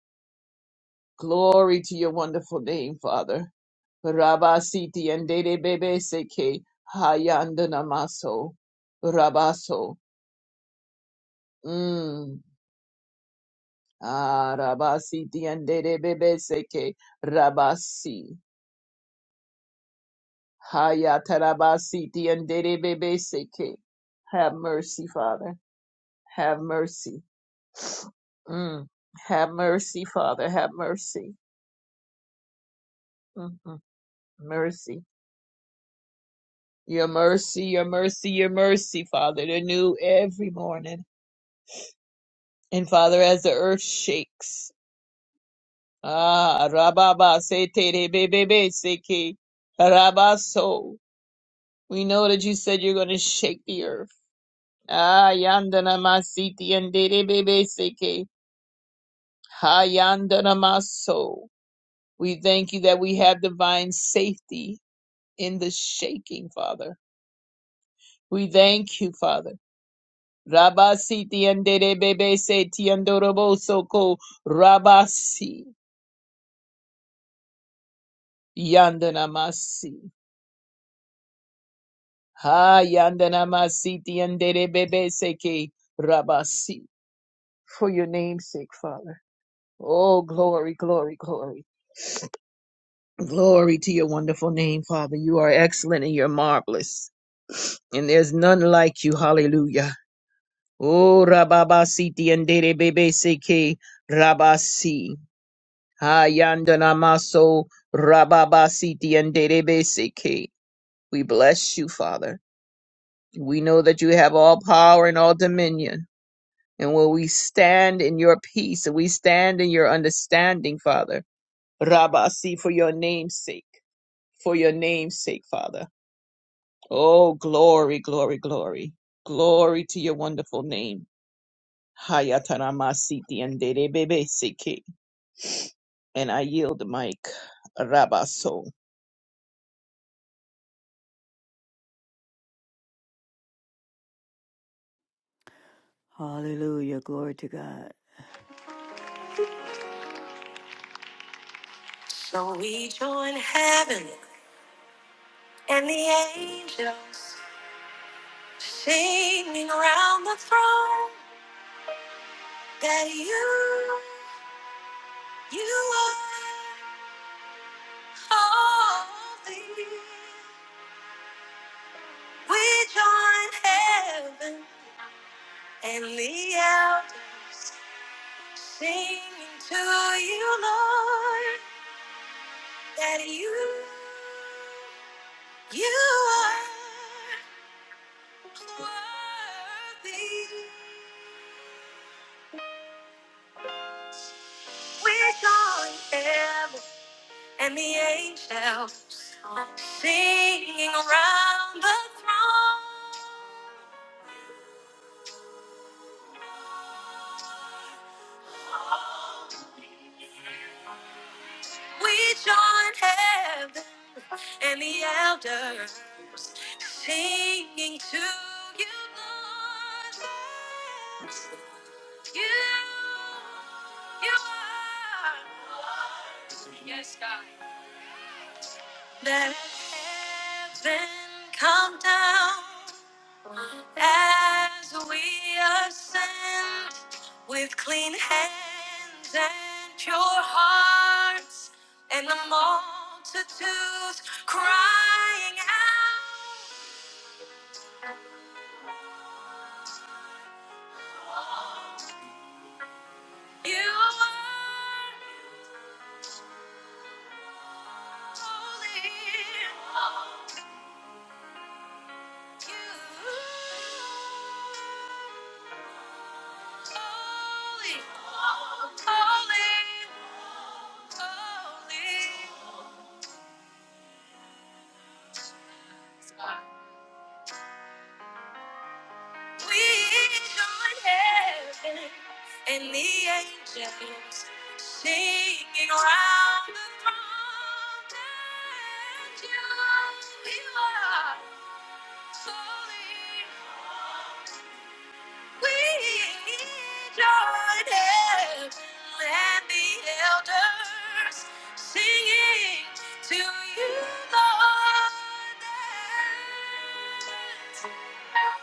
Speaker 5: Glory to your wonderful name, Father. Rabba siti andere bebe seke hayandana maso. Rabaso. Mm. Ah, Rabasi tiandere bebe seke. Rabasi. Hayata Rabasi tiandere bebe seke. Have mercy, Father. Have mercy. Mm. Have mercy, Father. Have mercy. Mm-mm. Mercy. Your mercy, your mercy, your mercy, Father. They're new every morning. And Father, as the earth shakes. Ah, Rababa se tere bebe ke Rabaso. We know that you said you're going to shake the earth. Ah, yandana masiti and dede bebe seke. Ha yandana maso. We thank you that we have divine safety in the shaking, Father. We thank you, Father. Rabasi tiandere bebe se tiandorobo soko rabasi yandana masi. Ha yandana masi tiandere bebe seke rabasi. For your name's sake, Father. Oh, glory, glory, glory. Glory to your wonderful name, Father. You are excellent and you're marvelous. And there's none like you. Hallelujah. Oh, Rababa Siti and Dede Bebe Seke Rabasi. Hayandana Maso Rababa Siti and Dede Bebe Seke. We bless you, Father. We know that you have all power and all dominion. And when we stand in your peace and we stand in your understanding, Father, Rabasi, for your name's sake. for your name's sake, Father. Oh, glory, glory, glory. Glory to your wonderful name. Hayataramasiti and Derebebeseke. And I yield the mic. Rabaso.
Speaker 1: Hallelujah, glory to God. So we join heaven and the angels singing round the throne that you, you are holy. We join heaven and the elders singing to you, Lord, that you, you are worthy. We join heaven and the angels singing around the throne. We join heaven and the elders singing to you, Lord. Yes, You, you are. Yes, God. Let heaven come down As we ascend with clean hands and pure hearts, and the multitudes crying out, You are holy. And the angels singing round the throne that you are holy, We join hands and the elders singing to you, Lord. that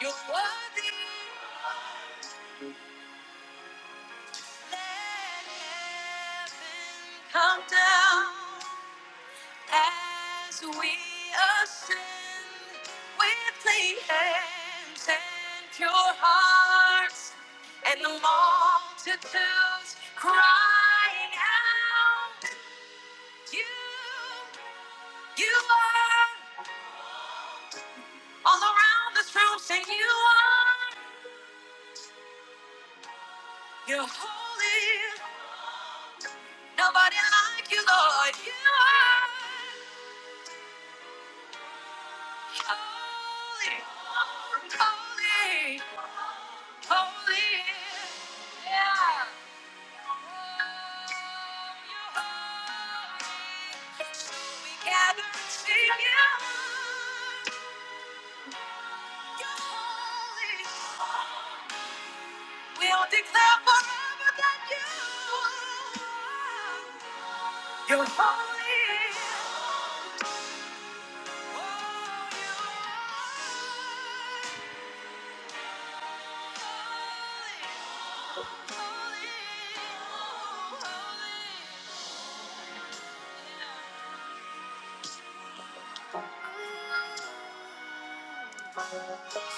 Speaker 1: You're worthy. Let heaven come down. As we ascend with clean hands and pure hearts, and the multitudes crying out, You, you are all around this room, sing you are, you're holy. Nobody like you, Lord. You are holy, holy. Holy, yeah. Oh, you're holy. So we gather to you. You're holy.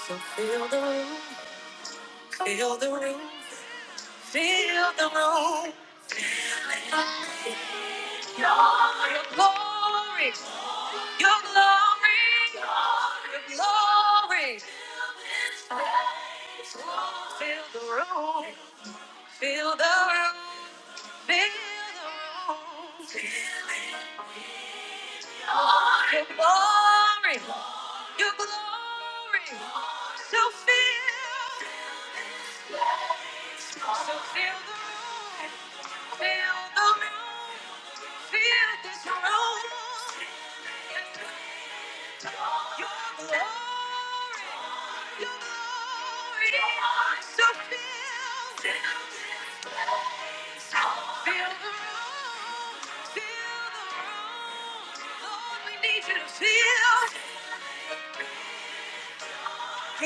Speaker 1: So Feel the room, feel the room, feel the room. Your your glory, your glory, your glory. Feel the room. Feel the room. Feel the room. Your glory. Your glory. So feel. So feel the room. Feel the room. Fill this room your glory, your glory. So feel, feel the room, fill the room.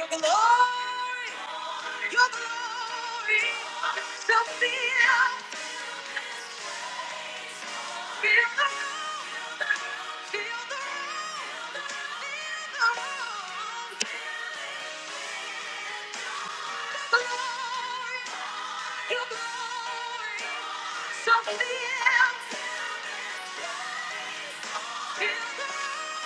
Speaker 1: your glory, your glory. So fill, fill the room. Feel the room. Feel the room. Your glory. Something else. Feel the room.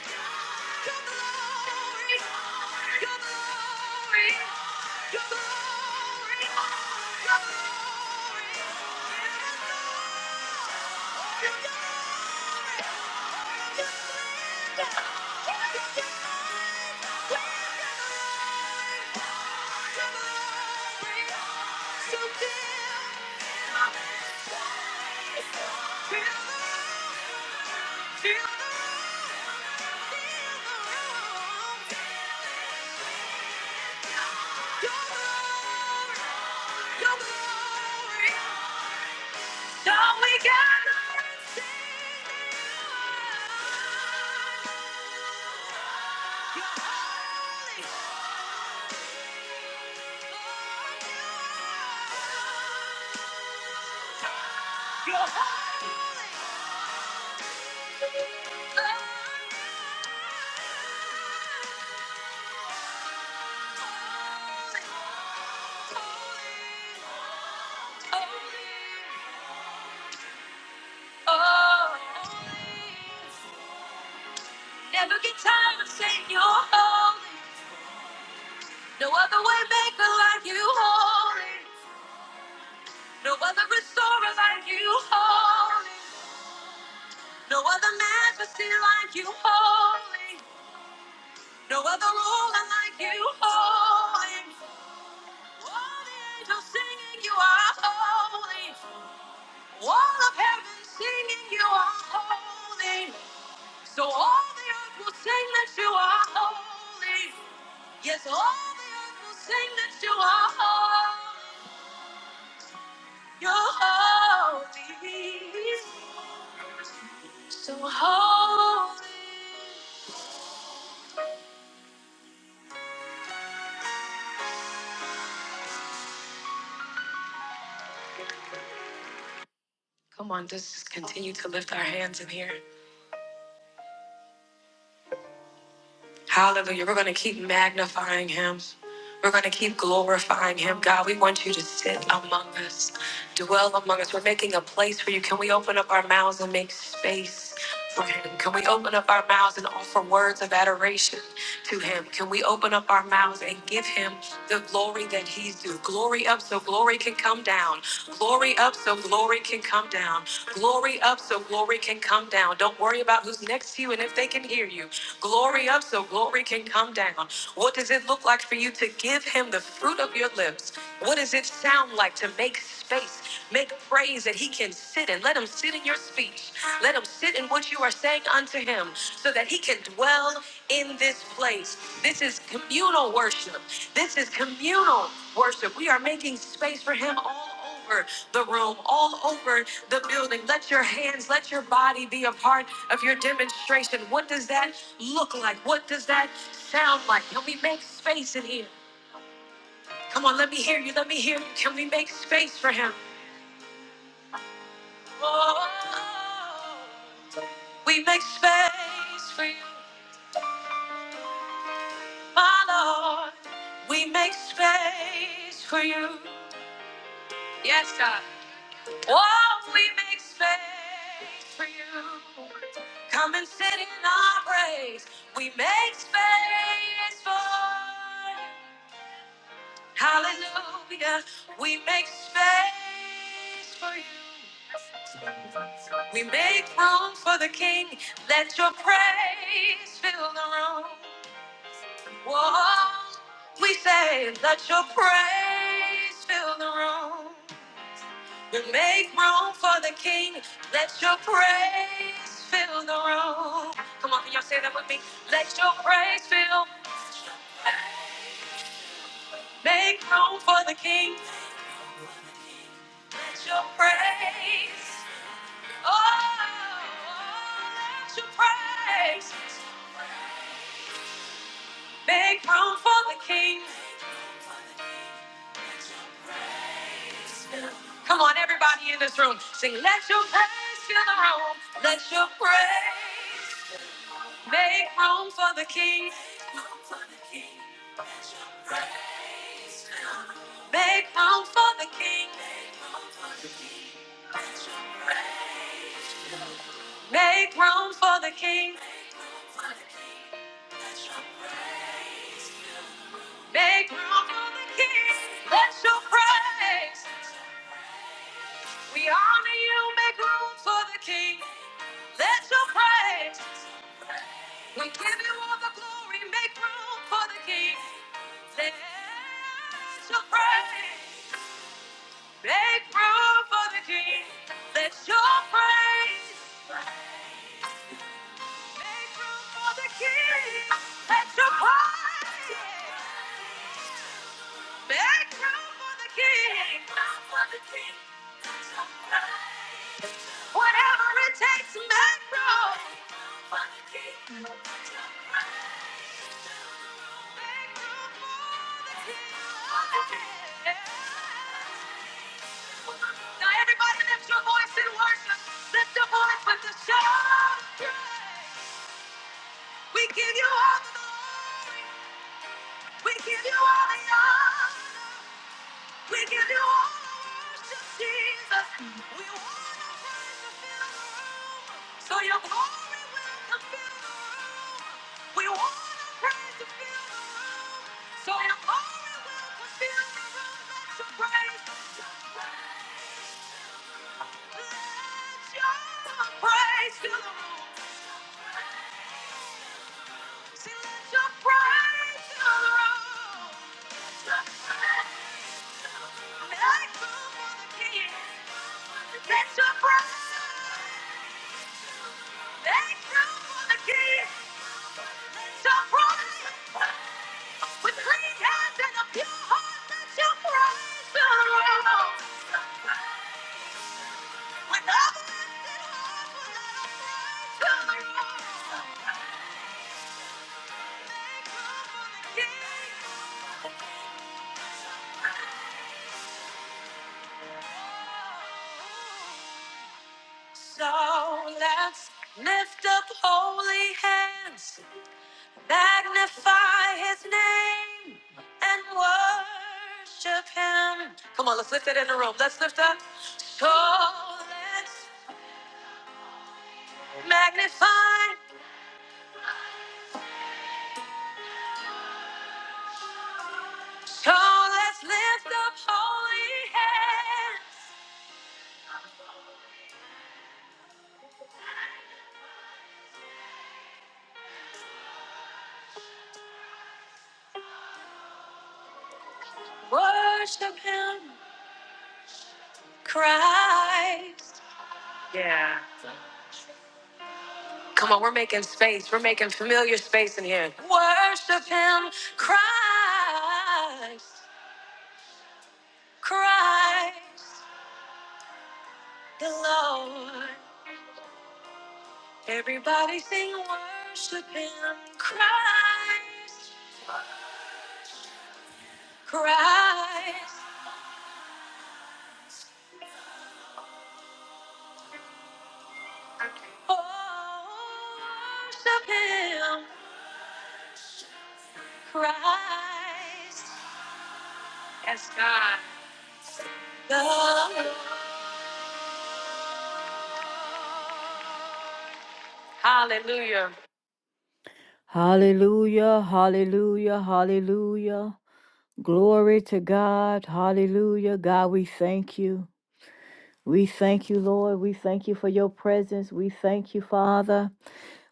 Speaker 1: Feel the Your Oh, Never get tired of saying you're holy. No other way maker like you holy. No other restorer like you holy. No other majesty like you holy. No other ruler like you holy. All the angels singing you are holy. All of heaven singing you are holy. So all the earth will sing that you are holy. Yes, all the earth will sing that you are holy. You're holy, so holy. Come on, let's just continue to lift our hands in here. Hallelujah. We're going to keep magnifying him. We're going to keep glorifying him. God, we want you to sit among us, dwell among us. We're making a place for you. Can we open up our mouths and make space for him? Can we open up our mouths and offer words of adoration? to him. Can we open up our mouths and give him the glory that he's due? Glory up so glory can come down. Glory up so glory can come down. Glory up so glory can come down. Don't worry about who's next to you and if they can hear you. Glory up so glory can come down. What does it look like for you to give him the fruit of your lips? What does it sound like to make space Make praise that he can sit in. Let him sit in your speech. Let him sit in what you are saying unto him so that he can dwell in this place. This is communal worship. This is communal worship. We are making space for him all over the room, all over the building. Let your hands, let your body be a part of your demonstration. What does that look like? What does that sound like? Can we make space in here? Come on, let me hear you. Let me hear you. Can we make space for him? Oh, We make space for you, my Lord. We make space for you. Yes, God. Oh, we make space for you. Come and sit in our praise. We make space for you. Hallelujah. We make space for you. We make room for the King. Let your praise fill the room. Whoa, we say, let your praise fill the room. And make room for the king. Let your praise fill the room. Come on, can y'all say that with me? Let your praise fill. Make room for the king. Let your praise. Oh, let your praise. Make room for the king. Come on, everybody in this room, sing, let your praise fill the room. Let your praise make room for the king. Make room for the king. Make room for the king. Make room for the king. Let your praise. We honor you. Make room for the king. Let your praise. We give you all the glory. Make room for the king. Let your praise. Make room for the King. Let your praise. Make room for the King. Let your praise. Make room for the King. Make room for the King. Let your praise. Whatever it takes, make room. Everybody in worship, lift your voice with the shout. We give you all. We give, we give you all. Jesus, we want. So your glory will fill the room. We want our praise to fill the room. So your glory will fill the room. Let your praise, let your praise fill the room. See, let your praise fill the room. Make room for the King. Let your praise. Make room for the King. shall prosper. With clean hands and a pure heart, let your praise be heard. With uplifted hearts, let our praise the heard. So let's lift up holy hands. Magnify his name and worship him. Come on, let's lift it in the room. Let's lift up. So let's magnify. So let's lift up holy hands. Worship him, Christ. Yeah. Come on, we're making space. We're making familiar space in here. Worship him, Christ, Christ the Lord. Everybody sing worship him, Christ, Christ, Oh, worship him, Christ. Yes, God. The Lord. Hallelujah. Hallelujah, hallelujah, hallelujah. Glory to God, hallelujah. God, we thank you. We thank you, Lord. We thank you for your presence. We thank you, Father.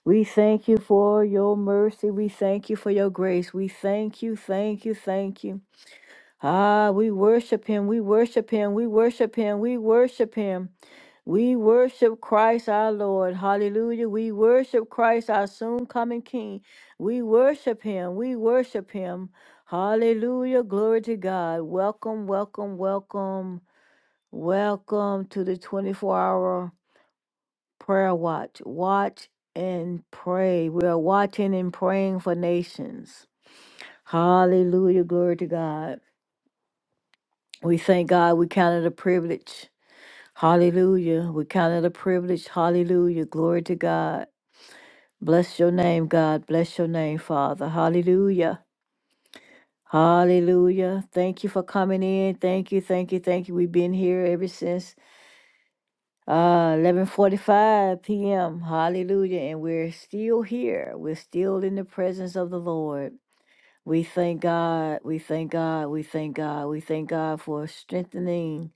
Speaker 1: We thank you for your mercy. We thank you for your grace. We thank you, thank you, thank you. Ah, we worship him. We worship him. We worship him. We worship him. We worship Christ our Lord. Hallelujah. We worship Christ our soon coming King. We worship him. We worship him. Hallelujah. Glory to God. Welcome, welcome, welcome. Welcome to the 24 hour prayer watch. Watch and pray. We are watching and praying for nations. Hallelujah. Glory to God. We thank God we count it a privilege. Hallelujah. We count it a privilege. Hallelujah. Glory to God. Bless your name, God. Bless your name, Father. Hallelujah. Hallelujah. Thank you for coming in. Thank you. Thank you. Thank you. We've been here ever since Uh, 11:45 p.m. Hallelujah, and we're still here. We're still in the presence of the Lord. We thank God. We thank God. We thank God. We thank God for strengthening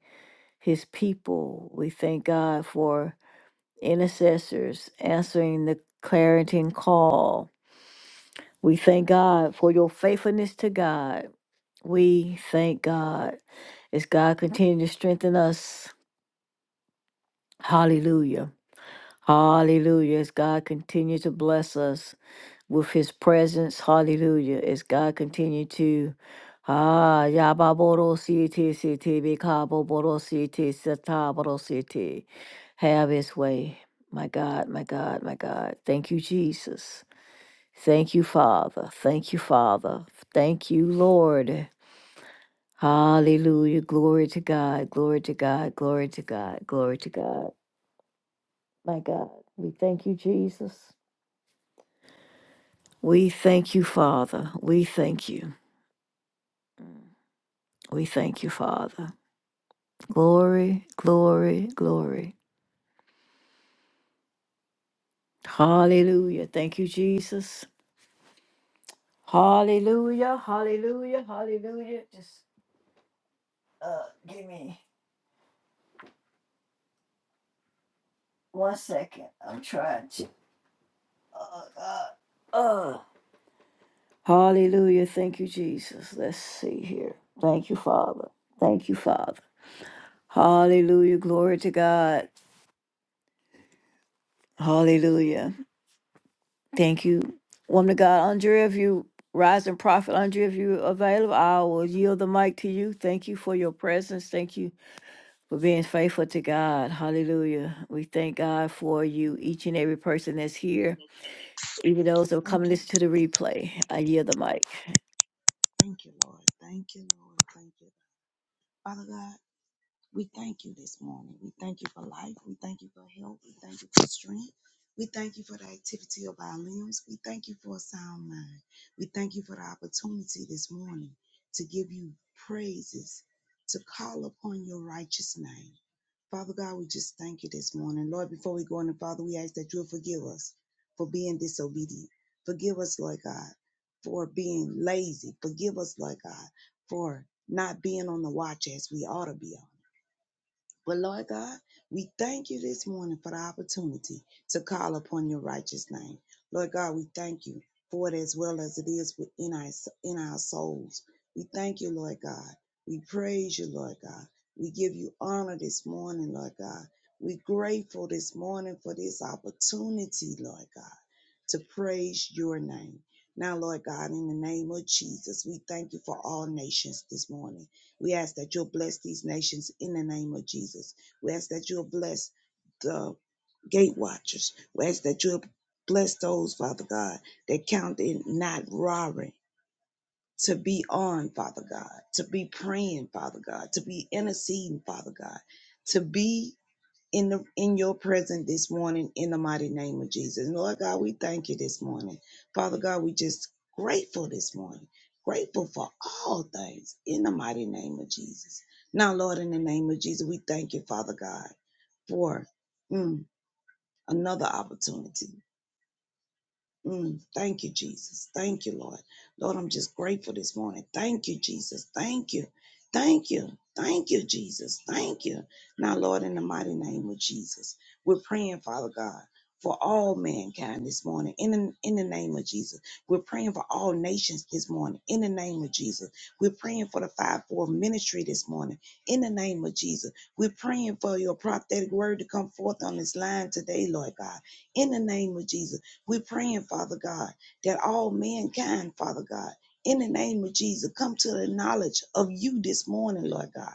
Speaker 1: his people. We thank God for intercessors answering the clarion call. We thank God for your faithfulness to God. We thank God as God continues to strengthen us. Hallelujah. Hallelujah. As God continue to bless us with his presence. Hallelujah. As God continue to Ah Yababoro City City Bikabo Boro City Sataboro City. Have his way. My God, my God, my God. Thank you, Jesus. Thank you, Father. Thank you, Father. Thank you, Lord. Hallelujah. Glory to God. Glory to God. Glory to God. Glory to God. My God. We thank you, Jesus. We thank you, Father. We thank you. We thank you, Father. Glory, glory, glory. Hallelujah. Thank you, Jesus. Hallelujah, hallelujah, hallelujah. Just uh, give me one second. I'm trying to. Uh, uh, uh. Hallelujah. Thank you, Jesus. Let's see here. Thank you, Father. Thank you, Father. Hallelujah. Glory to God. Hallelujah. Thank you. Woman of God, Andrea, if you rise and prophet, Andrea, if you're available, I will yield the mic to you. Thank you for your presence. Thank you for being faithful to God. Hallelujah. We thank God for you, each and every person that's here, even those that will come and
Speaker 6: Thank you,
Speaker 1: listen to
Speaker 6: Lord.
Speaker 1: the replay. I yield the mic.
Speaker 6: Thank you, Lord. Thank you, Lord. Thank you. Father God, we thank you this morning. We thank you for life. We thank you for health. We thank you for strength. We thank you for the activity of our limbs. We thank you for a sound mind. We thank you for the opportunity this morning to give you praises, to call upon your righteous name. Father God, we just thank you this morning. Lord, before we go on, Father, we ask that you'll forgive us for being disobedient. Forgive us, Lord God, for being lazy. Forgive us, Lord God, for not being on the watch as we ought to be but Lord God, we thank you this morning for the opportunity to call upon your righteous name. Lord God, we thank you for it as well as it is within our, in our souls. We thank you, Lord God. We praise you, Lord God. We give you honor this morning, Lord God. We're grateful this morning for this opportunity, Lord God, to praise your name. Now, Lord God, in the name of Jesus, we thank you for all nations this morning. We ask that you'll bless these nations in the name of Jesus. We ask that you'll bless the gate watchers. We ask that you'll bless those, Father God, that count in not robbery. To be on, Father God, to be praying, Father God, to be interceding, Father God, to be in the in your presence this morning in the mighty name of Jesus. Lord God, we thank you this morning. Father God, we just grateful this morning. Grateful for all things in the mighty name of Jesus. Now, Lord, in the name of Jesus, we thank you, Father God, for mm, another opportunity. Mm, thank you, Jesus. Thank you, Lord. Lord, I'm just grateful this morning. Thank you, Jesus. Thank you. Thank you. Thank you, Jesus. Thank you. Now, Lord, in the mighty name of Jesus, we're praying, Father God, for all mankind this morning. In the, in the name of Jesus, we're praying for all nations this morning. In the name of Jesus, we're praying for the five-fold ministry this morning. In the name of Jesus, we're praying for your prophetic word to come forth on this line today, Lord God. In the name of Jesus. We're praying, Father God, that all mankind, Father God, in the name of Jesus, come to the knowledge of you this morning, Lord God.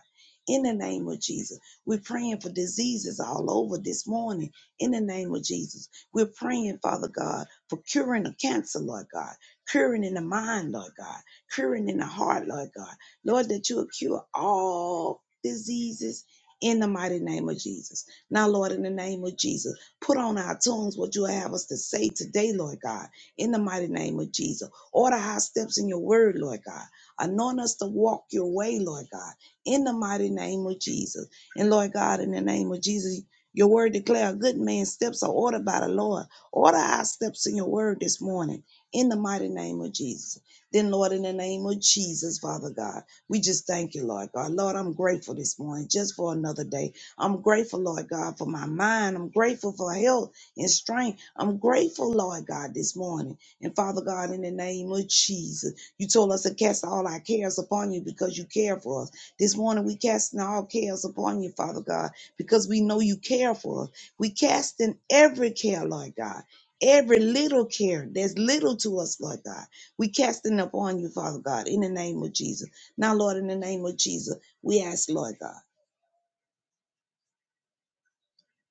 Speaker 6: In the name of Jesus, we're praying for diseases all over this morning. In the name of Jesus, we're praying, Father God, for curing of cancer, Lord God, curing in the mind, Lord God, curing in the heart, Lord God. Lord, that you'll cure all diseases in the mighty name of Jesus. Now, Lord, in the name of Jesus. Put on our tongues what you have us to say today, Lord God, in the mighty name of Jesus. Order our steps in your word, Lord God. Anoint us to walk your way, Lord God, in the mighty name of Jesus. And Lord God, in the name of Jesus, your word declare a good man's steps are ordered by the Lord. Order our steps in your word this morning, in the mighty name of Jesus. Then, Lord, in the name of Jesus, Father God, we just thank you, Lord God. Lord, I'm grateful this morning just for another day. I'm grateful, Lord God, for my mind. I'm grateful for health and strength. I'm grateful, Lord God, this morning. And Father God, in the name of Jesus, you told us to cast all our cares upon you because you care for us. This morning, we casting all cares upon you, Father God, because we know you care for us. We casting every care, Lord God. Every little care that's little to us, Lord God, we casting upon you, Father God, in the name of Jesus. Now, Lord, in the name of Jesus, we ask, Lord God.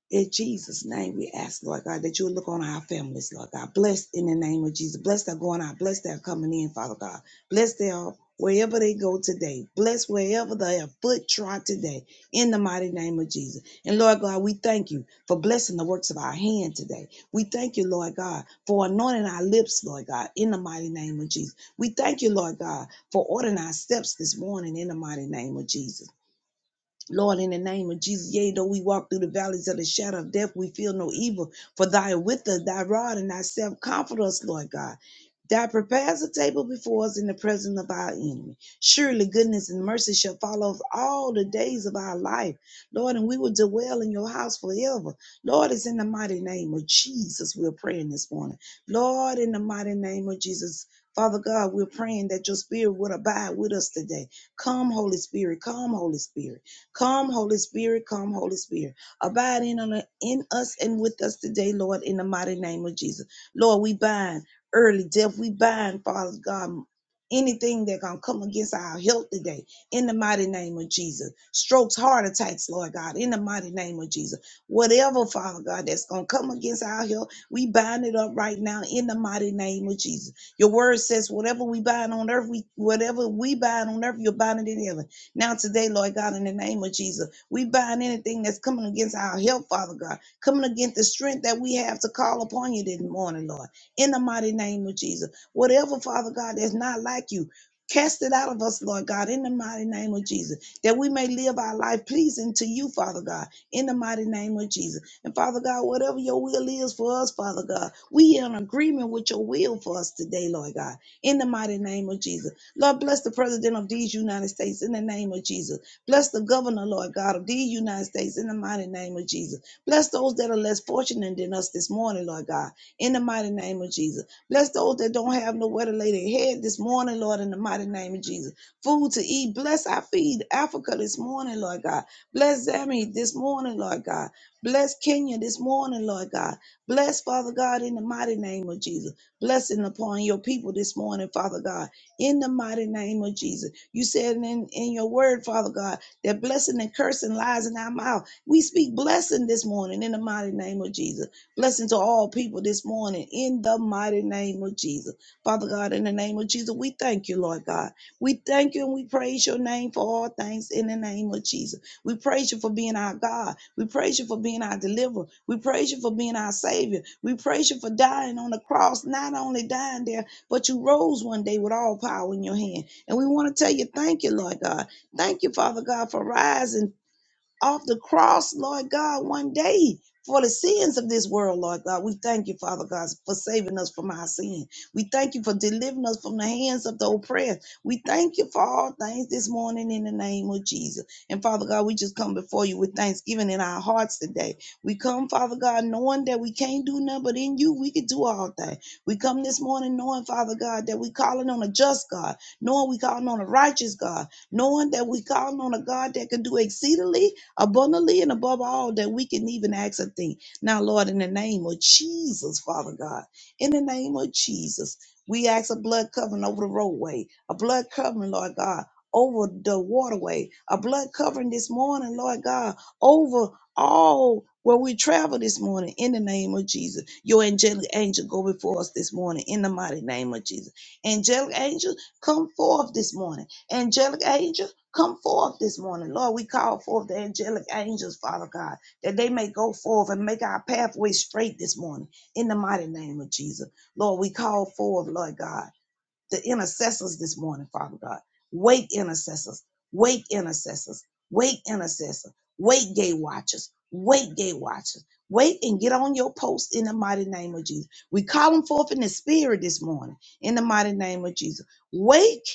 Speaker 6: In Jesus' name, we ask, Lord God, that you look on our families, Lord God. Bless in the name of Jesus. Bless their going out. Bless their coming in, Father God. Bless their wherever they go today. Bless wherever their foot trod today. In the mighty name of Jesus. And Lord God, we thank you for blessing the works of our hand today. We thank you, Lord God, for anointing our lips, Lord God, in the mighty name of Jesus. We thank you, Lord God, for ordering our steps this morning in the mighty name of Jesus. Lord, in the name of Jesus, yea, though we walk through the valleys of the shadow of death, we feel no evil. For thy art with us, thy rod and thyself comfort us, Lord God. Thou prepares a table before us in the presence of our enemy. Surely goodness and mercy shall follow us all the days of our life, Lord, and we will dwell in your house forever. Lord, it's in the mighty name of Jesus we're praying this morning. Lord, in the mighty name of Jesus, Father God, we're praying that your spirit would abide with us today. Come, Holy Spirit, come, Holy Spirit. Come, Holy Spirit, come, Holy Spirit. Abide in, on, in us and with us today, Lord, in the mighty name of Jesus. Lord, we bind early death. We bind, Father God, anything that gonna come against our health today, in the mighty name of Jesus. Strokes, heart attacks, Lord God, in the mighty name of Jesus. Whatever, Father God, that's gonna come against our health, we bind it up right now in the mighty name of Jesus. Your word says, whatever we bind on earth, we whatever we bind on earth, you'll bind it in heaven now, today, Lord God, in the name of Jesus, we bind anything that's coming against our health, Father God, coming against the strength that we have to call upon you this morning, Lord, in the mighty name of Jesus. Whatever, Father God, that's not like you, cast it out of us, Lord God, in the mighty name of Jesus, that we may live our life pleasing to you, Father God, in the mighty name of Jesus. And Father God, whatever your will is for us, Father God, we in agreement with your will for us today, Lord God, in the mighty name of Jesus. Lord, bless the president of these United States in the name of Jesus. Bless the governor, Lord God, of these United States in the mighty name of Jesus. Bless those that are less fortunate than us this morning, Lord God, in the mighty name of Jesus. Bless those that don't have nowhere to lay their head this morning, Lord, in the mighty name of Jesus. Food to eat. Bless our feed Africa this morning, Lord God. Bless Zambia this morning, Lord God. Bless Kenya this morning, Lord God. Bless Father God in the mighty name of Jesus. Blessing upon your people this morning, Father God in the mighty name of Jesus. You said in, in your word, Father God, that blessing and cursing lies in our mouth. We speak blessing this morning in the mighty name of Jesus. Blessing to all people this morning in the mighty name of Jesus. Father God, in the name of Jesus, we thank you, Lord God. We thank you and we praise your name for all things in the name of Jesus. We praise you for being our God. We praise you for being our deliverer. We praise you for being our Savior. We praise you for dying on the cross, not only dying there, but you rose one day with all power in your hand. And we want to tell you, thank you, Lord God. Thank you, Father God, for rising off the cross, Lord God, one day for the sins of this world, Lord God. We thank you, Father God, for saving us from our sin. We thank you for delivering us from the hands of the oppressed. We thank you for all things this morning in the name of Jesus. And Father God, we just come before you with thanksgiving in our hearts today. We come, Father God, knowing that we can't do nothing, but in you we can do all things. We come this morning knowing, Father God, that we calling on a just God, knowing we calling on a righteous God, knowing that we calling on a God that can do exceedingly abundantly and above all that we can even ask a thing. Now, Lord, in the name of Jesus, Father God, in the name of Jesus, we ask a blood covering over the roadway, a blood covering, Lord God, over the waterway, a blood covering this morning, Lord God, over all where we travel this morning in the name of Jesus. Your angelic angel go before us this morning in the mighty name of Jesus. Angelic angel, come forth this morning. Angelic angel Come forth this morning. Lord, we call forth the angelic angels, Father God, that they may go forth and make our pathway straight this morning in the mighty name of Jesus. Lord, we call forth, Lord God the intercessors this morning, Father God. Wake intercessors, wake intercessors, wake intercessors, wake gate watchers, wake gate watchers. Wait and get on your post in the mighty name of Jesus. We call them forth in the spirit this morning in the mighty name of Jesus. Wake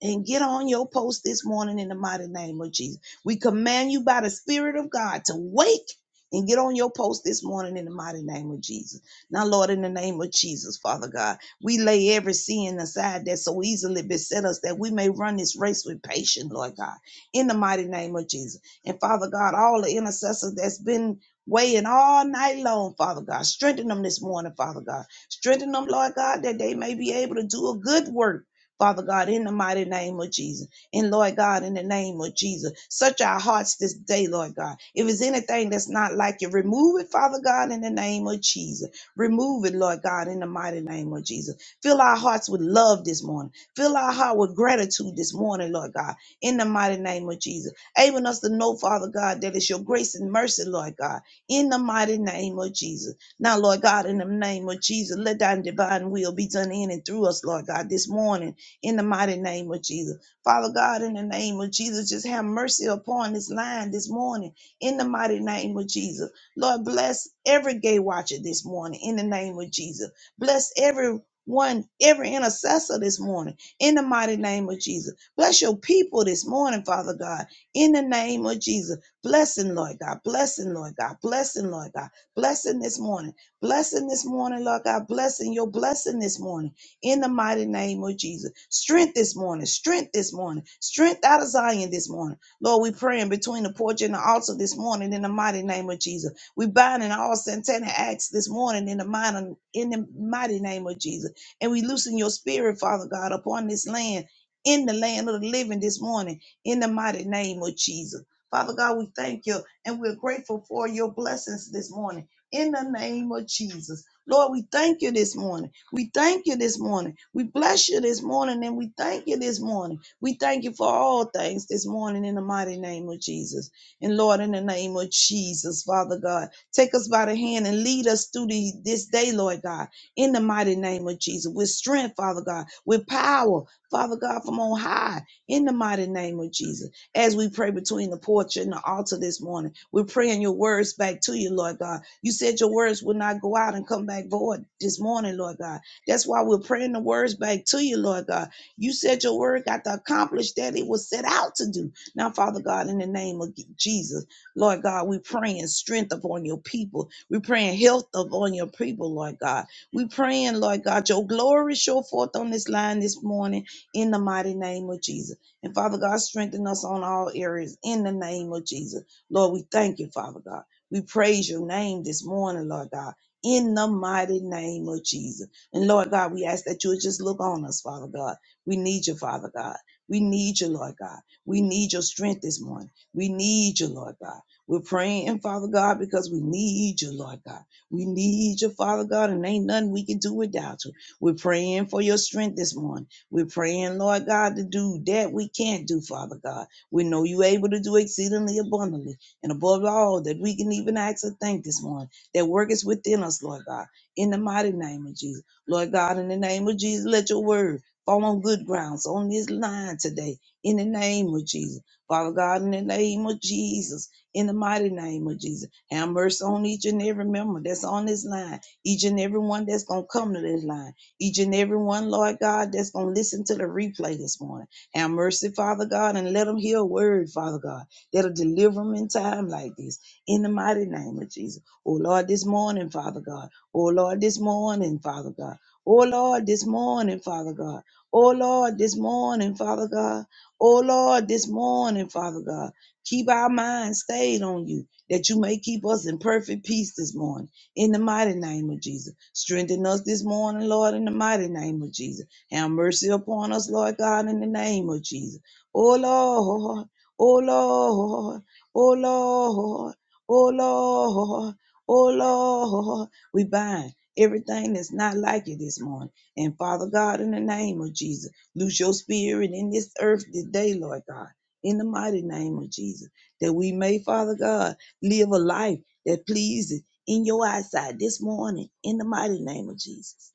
Speaker 6: and get on your post this morning in the mighty name of Jesus. We command you by the Spirit of God to wake and get on your post this morning in the mighty name of Jesus. Now, Lord, in the name of Jesus, Father God. We lay every sin aside that so easily beset us that we may run this race with patience, Lord God, in the mighty name of Jesus. And Father God, all the intercessors that's been weighing all night long, Father God, strengthen them this morning, Father God. Strengthen them, Lord God, that they may be able to do a good work. Father God, in the mighty name of Jesus. And Lord God, in the name of Jesus, search our hearts this day, Lord God. If it's anything that's not like you, remove it, Father God, in the name of Jesus. Remove it, Lord God, in the mighty name of Jesus. Fill our hearts with love this morning. Fill our heart with gratitude this morning, Lord God, in the mighty name of Jesus. Able us to know, Father God, that it's your grace and mercy, Lord God, in the mighty name of Jesus. Now, Lord God, in the name of Jesus, let thy divine will be done in and through us, Lord God, this morning, in the mighty name of Jesus. Father God, in the name of Jesus, just have mercy upon this line this morning, in the mighty name of Jesus. Lord, bless every gay watcher this morning in the name of Jesus. Bless every one, every intercessor this morning in the mighty name of Jesus. Bless your people this morning, Father God, in the name of Jesus. Blessing, Lord God. Blessing, Lord God. Blessing, Lord God. Blessing this morning. Blessing this morning, Lord God. Blessing your blessing this morning in the mighty name of Jesus. Strength this morning. Strength this morning. Strength out of Zion this morning. Lord, we praying between the porch and the altar this morning in the mighty name of Jesus. We bind in all satanic acts this morning in the mighty, in the mighty name of Jesus. And we loosen your spirit, Father God, upon this land, in the land of the living this morning, in the mighty name of Jesus. Father God, we thank you and we're grateful for your blessings this morning. In the name of Jesus. Lord, we thank you this morning. We thank you this morning. We bless you this morning and we thank you this morning. We thank you for all things this morning in the mighty name of Jesus. And Lord, in the name of Jesus, Father God. Take us by the hand and lead us through the, this day, Lord God, in the mighty name of Jesus, with strength, Father God, with power, Father God, from on high, in the mighty name of Jesus. As we pray between the porch and the altar this morning, we're praying your words back to you, Lord God. You said your words would not go out and come back void this morning, Lord God. That's why we're praying the words back to you, Lord God. You said your word got to accomplish that it was set out to do. Now, Father God, in the name of Jesus. Lord God, we praying strength upon your people. We praying health upon your people, Lord God. We praying, Lord God, your glory show forth on this line this morning in the mighty name of Jesus. And Father God, strengthen us on all areas in the name of Jesus. Lord, we thank you, Father God. We praise your name this morning, Lord God, in the mighty name of Jesus. And Lord God, we ask that you would just look on us, Father God. We need you, Father God. We need you, Lord God. We need your strength this morning. We need you, Lord God. We're praying, Father God, because we need you, Lord God. We need you, Father God, and ain't nothing we can do without you. We're praying for your strength this morning. We're praying, Lord God, to do that we can't do, Father God. We know you able to do exceedingly abundantly and above all that we can even ask or think this morning that work is within us, Lord God, in the mighty name of Jesus. Lord God, in the name of Jesus, let your word fall on good grounds on this line today, in the name of Jesus. Father God, in the name of Jesus in the mighty name of Jesus. Have mercy on each and every member that's on this line, each and every one that's going to come to this line, each and every one, Lord God, that's going to listen to the replay this morning. Have mercy, Father God, and let them hear a word, Father God, that'll deliver them in time like this, in the mighty name of Jesus. Oh, Lord, this morning, Father God. Oh, Lord, this morning, Father God. Oh, Lord, this morning, Father God. Oh, Lord, this morning, Father God. Oh, Lord, this morning, Father God. Keep our minds stayed on you, that you may keep us in perfect peace this morning. In the mighty name of Jesus. Strengthen us this morning, Lord, in the mighty name of Jesus. Have mercy upon us, Lord God, in the name of Jesus. Oh Lord, oh Lord, oh Lord, oh Lord, oh Lord. We bind everything that's not like you this morning. And Father God, in the name of Jesus, loose your spirit in this earth this day, Lord God in the mighty name of Jesus, that we may, Father God, live a life that pleases in your eyesight this morning, in the mighty name of Jesus.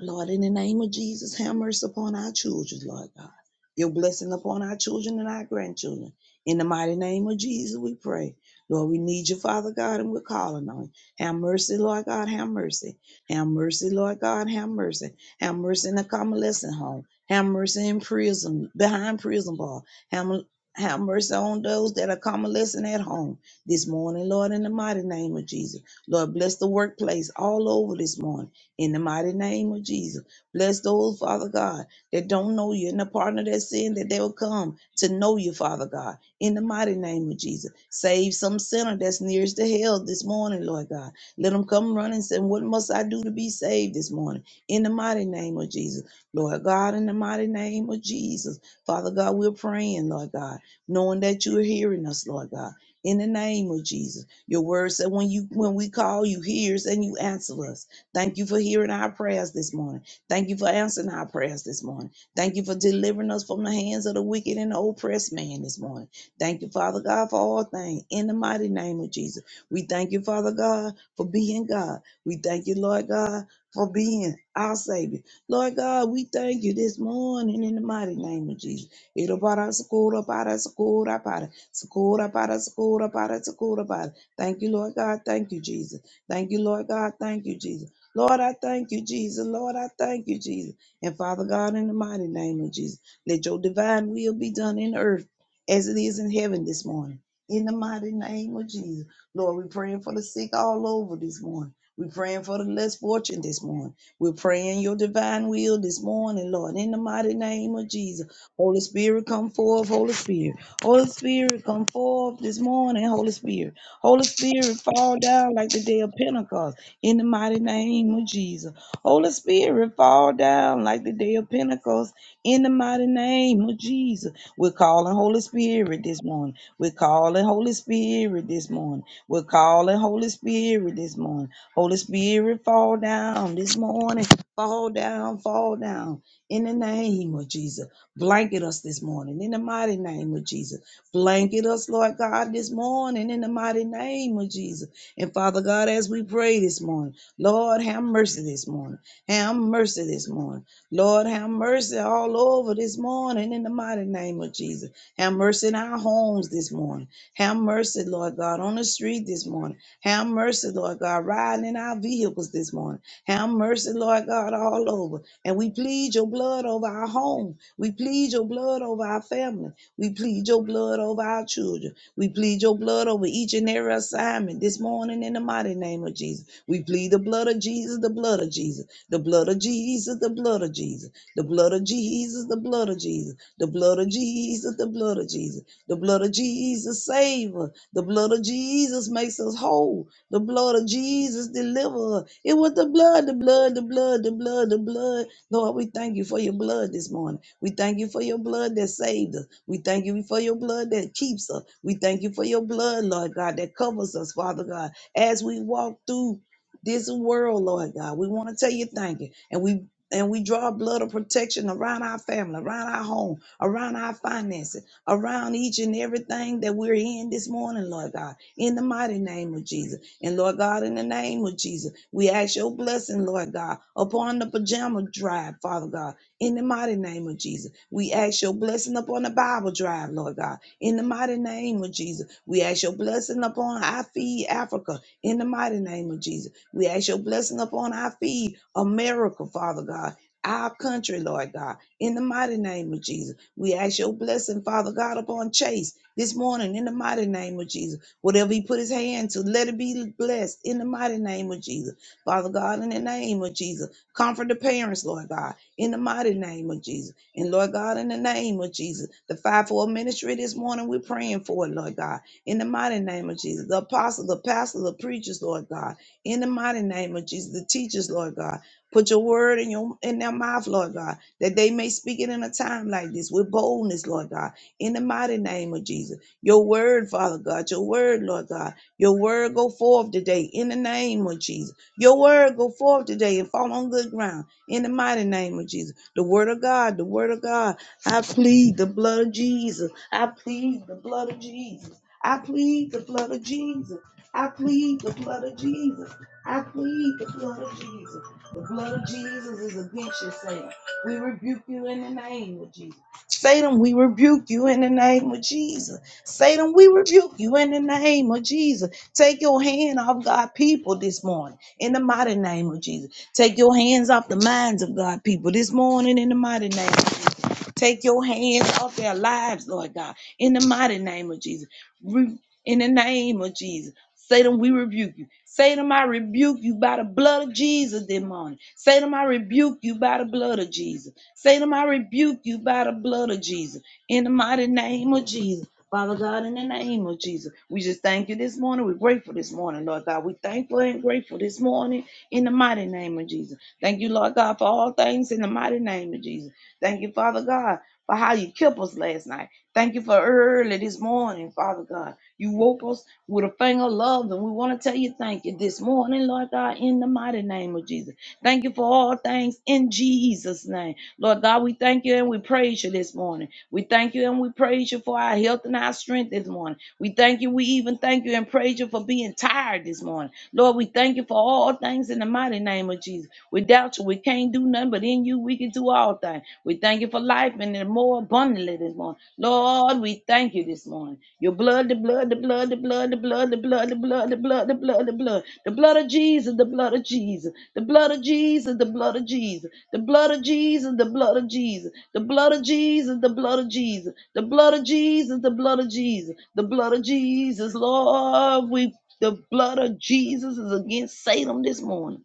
Speaker 6: Lord, in the name of Jesus, have mercy upon our children, Lord God. Your blessing upon our children and our grandchildren. In the mighty name of Jesus, we pray. Lord, we need you, Father God, and we're calling on you. Have mercy, Lord God, have mercy. Have mercy, Lord God, have mercy. Have mercy in the convalescent home. Have mercy in prison, behind prison bar. Have, have mercy on those that are convalescent at home this morning, Lord, in the mighty name of Jesus. Lord, bless the workplace all over this morning in the mighty name of Jesus. Bless those, Father God, that don't know you and the partner of their sin, that they will come to know you, Father God, in the mighty name of Jesus. Save some sinner that's nearest to hell this morning, Lord God. Let them come running and say, What must I do to be saved this morning? In the mighty name of Jesus. Lord God, in the mighty name of Jesus. Father God, we're praying, Lord God, knowing that you're hearing us, Lord God. In the name of Jesus. Your word said when you when we call, you hears and you answer us. Thank you for hearing our prayers this morning. Thank you for answering our prayers this morning. Thank you for delivering us from the hands of the wicked and the oppressed man this morning. Thank you, Father God, for all things. In the mighty name of Jesus, we thank you, Father God, for being God. We thank you, Lord God, for being our Savior. Lord God, we thank you this morning in the mighty name of Jesus. Ito para sakura para sakura para sakura para sakura para sakura para. Thank you, Lord God. Thank you, Jesus. Thank you, Lord God. Thank you, Jesus. Lord, I thank you, Jesus. Lord, I thank you, Jesus. And Father God, in the mighty name of Jesus, let your divine will be done in earth as it is in heaven this morning. In the mighty name of Jesus. Lord, we're praying for the sick all over this morning. We're praying for the less fortunate this morning. We're praying your divine will this morning, Lord, in the mighty name of Jesus. Holy Spirit, come forth, Holy Spirit. Holy Spirit, come forth this morning, Holy Spirit. Holy Spirit, fall down like the day of Pentecost in the mighty name of Jesus. Holy Spirit, fall down like the day of Pentecost in the mighty name of Jesus. We're calling Holy Spirit this morning. We're calling Holy Spirit this morning. We're calling Holy Spirit this morning. Holy Spirit, fall down this morning. Fall down, fall down in the name of Jesus. Blanket us this morning in the mighty name of Jesus. Blanket us, Lord God, this morning in the mighty name of Jesus. And Father God, as we pray this morning, Lord, have mercy this morning. Have mercy this morning. Lord, have mercy all over this morning in the mighty name of Jesus. Have mercy in our homes this morning. Have mercy, Lord God, on the street this morning. Have mercy, Lord God, riding in our vehicles this morning. Have mercy, Lord God, all over. And we plead your blood over our home. We plead your blood over our family. We plead your blood over our children. We plead your blood over each and every assignment this morning morning in the mighty name of Jesus. We plead the blood of Jesus, the blood of Jesus, the blood of Jesus, the blood of Jesus, the blood of Jesus, the blood of Jesus, the blood of Jesus, the blood of Jesus, the blood of Jesus save us. The blood of Jesus makes us whole. The blood of Jesus deliver us. It was the blood, the blood, the blood, the blood, the blood. Lord, we thank you for your blood this morning. We thank you for your blood that saved us. We thank you for your blood that keeps us. We thank you for your blood, Lord God, that covers us, Father God as we walk through this world, Lord God. We want to tell you thank you. And we and we draw a blood of protection around our family, around our home, around our finances, around each and everything that we're in this morning, Lord God, in the mighty name of Jesus. And Lord God, in the name of Jesus, we ask your blessing, Lord God, upon the pajama drive, Father God, in the mighty name of Jesus. We ask your blessing upon the Bible drive, Lord God, in the mighty name of Jesus. We ask your blessing upon our feed Africa in the mighty name of Jesus. We ask your blessing upon our feed, America, Father God, our country, Lord God, in the mighty name of Jesus. We ask your blessing, Father God, upon Chase this morning, in the mighty name of Jesus. Whatever he put his hand to, let it be blessed in the mighty name of Jesus. Father God, in the name of Jesus, comfort the parents, Lord God, in the mighty name of Jesus. And Lord God, in the name of Jesus, the 5 four ministry this morning, we're praying for it, Lord God in the mighty name of Jesus. The apostle, the pastor, the preachers, Lord God, in the mighty name of Jesus. The teachers, Lord God, put your word in your in their mouth, Lord God, that they may speak it in a time like this with boldness, Lord God, in the mighty name of Jesus. Your word, Father God, your word, Lord God, your word go forth today in the name of Jesus. Your word go forth today and fall on good ground in the mighty name of Jesus. The word of God, the word of God. I plead the blood of Jesus. I plead the blood of Jesus. I plead the blood of Jesus. I plead the blood of Jesus. I plead the blood of Jesus. The blood of Jesus is against you, Satan. We rebuke you in the name of Jesus. Satan, we rebuke you in the name of Jesus. Satan, we rebuke you in the name of Jesus. Take your hand off God people this morning in the mighty name of Jesus. Take your hands off the minds of God people this morning in the mighty name of Jesus. Take your hands off their lives, Lord God, in the mighty name of Jesus. Re- in the name of Jesus. Satan, we rebuke you. Satan, I rebuke you by the blood of Jesus this morning. Satan, I rebuke you by the blood of Jesus. Satan, I rebuke you by the blood of Jesus. In the mighty name of Jesus. Father God, in the name of Jesus, we just thank you this morning. We're grateful this morning, Lord God. We're thankful and grateful this morning in the mighty name of Jesus. Thank you, Lord God, for all things in the mighty name of Jesus. Thank you, Father God, for how you kept us last night. Thank you for early this morning, Father God. You woke us with a finger of love, and we want to tell you thank you this morning, Lord God, in the mighty name of Jesus. Thank you for all things in Jesus' name. Lord God, we thank you and we praise you this morning. We thank you and we praise you for our health and our strength this morning. We thank you. We even thank you and praise you for being tired this morning. Lord, we thank you for all things in the mighty name of Jesus. Without you, we can't do nothing, but in you, we can do all things. We thank you for life life and the more abundantly this morning. Lord, we thank you this morning. Your blood, the blood, the blood, the blood, the blood, the blood, the blood, the blood, the blood, the blood, the blood of Jesus, the blood of Jesus, the blood of Jesus, the blood of Jesus, the blood of Jesus, the blood of Jesus, the blood of Jesus, the blood of Jesus, the blood of Jesus, the blood of Jesus, the blood of Jesus, Lord, we the blood of Jesus is against Satan this morning.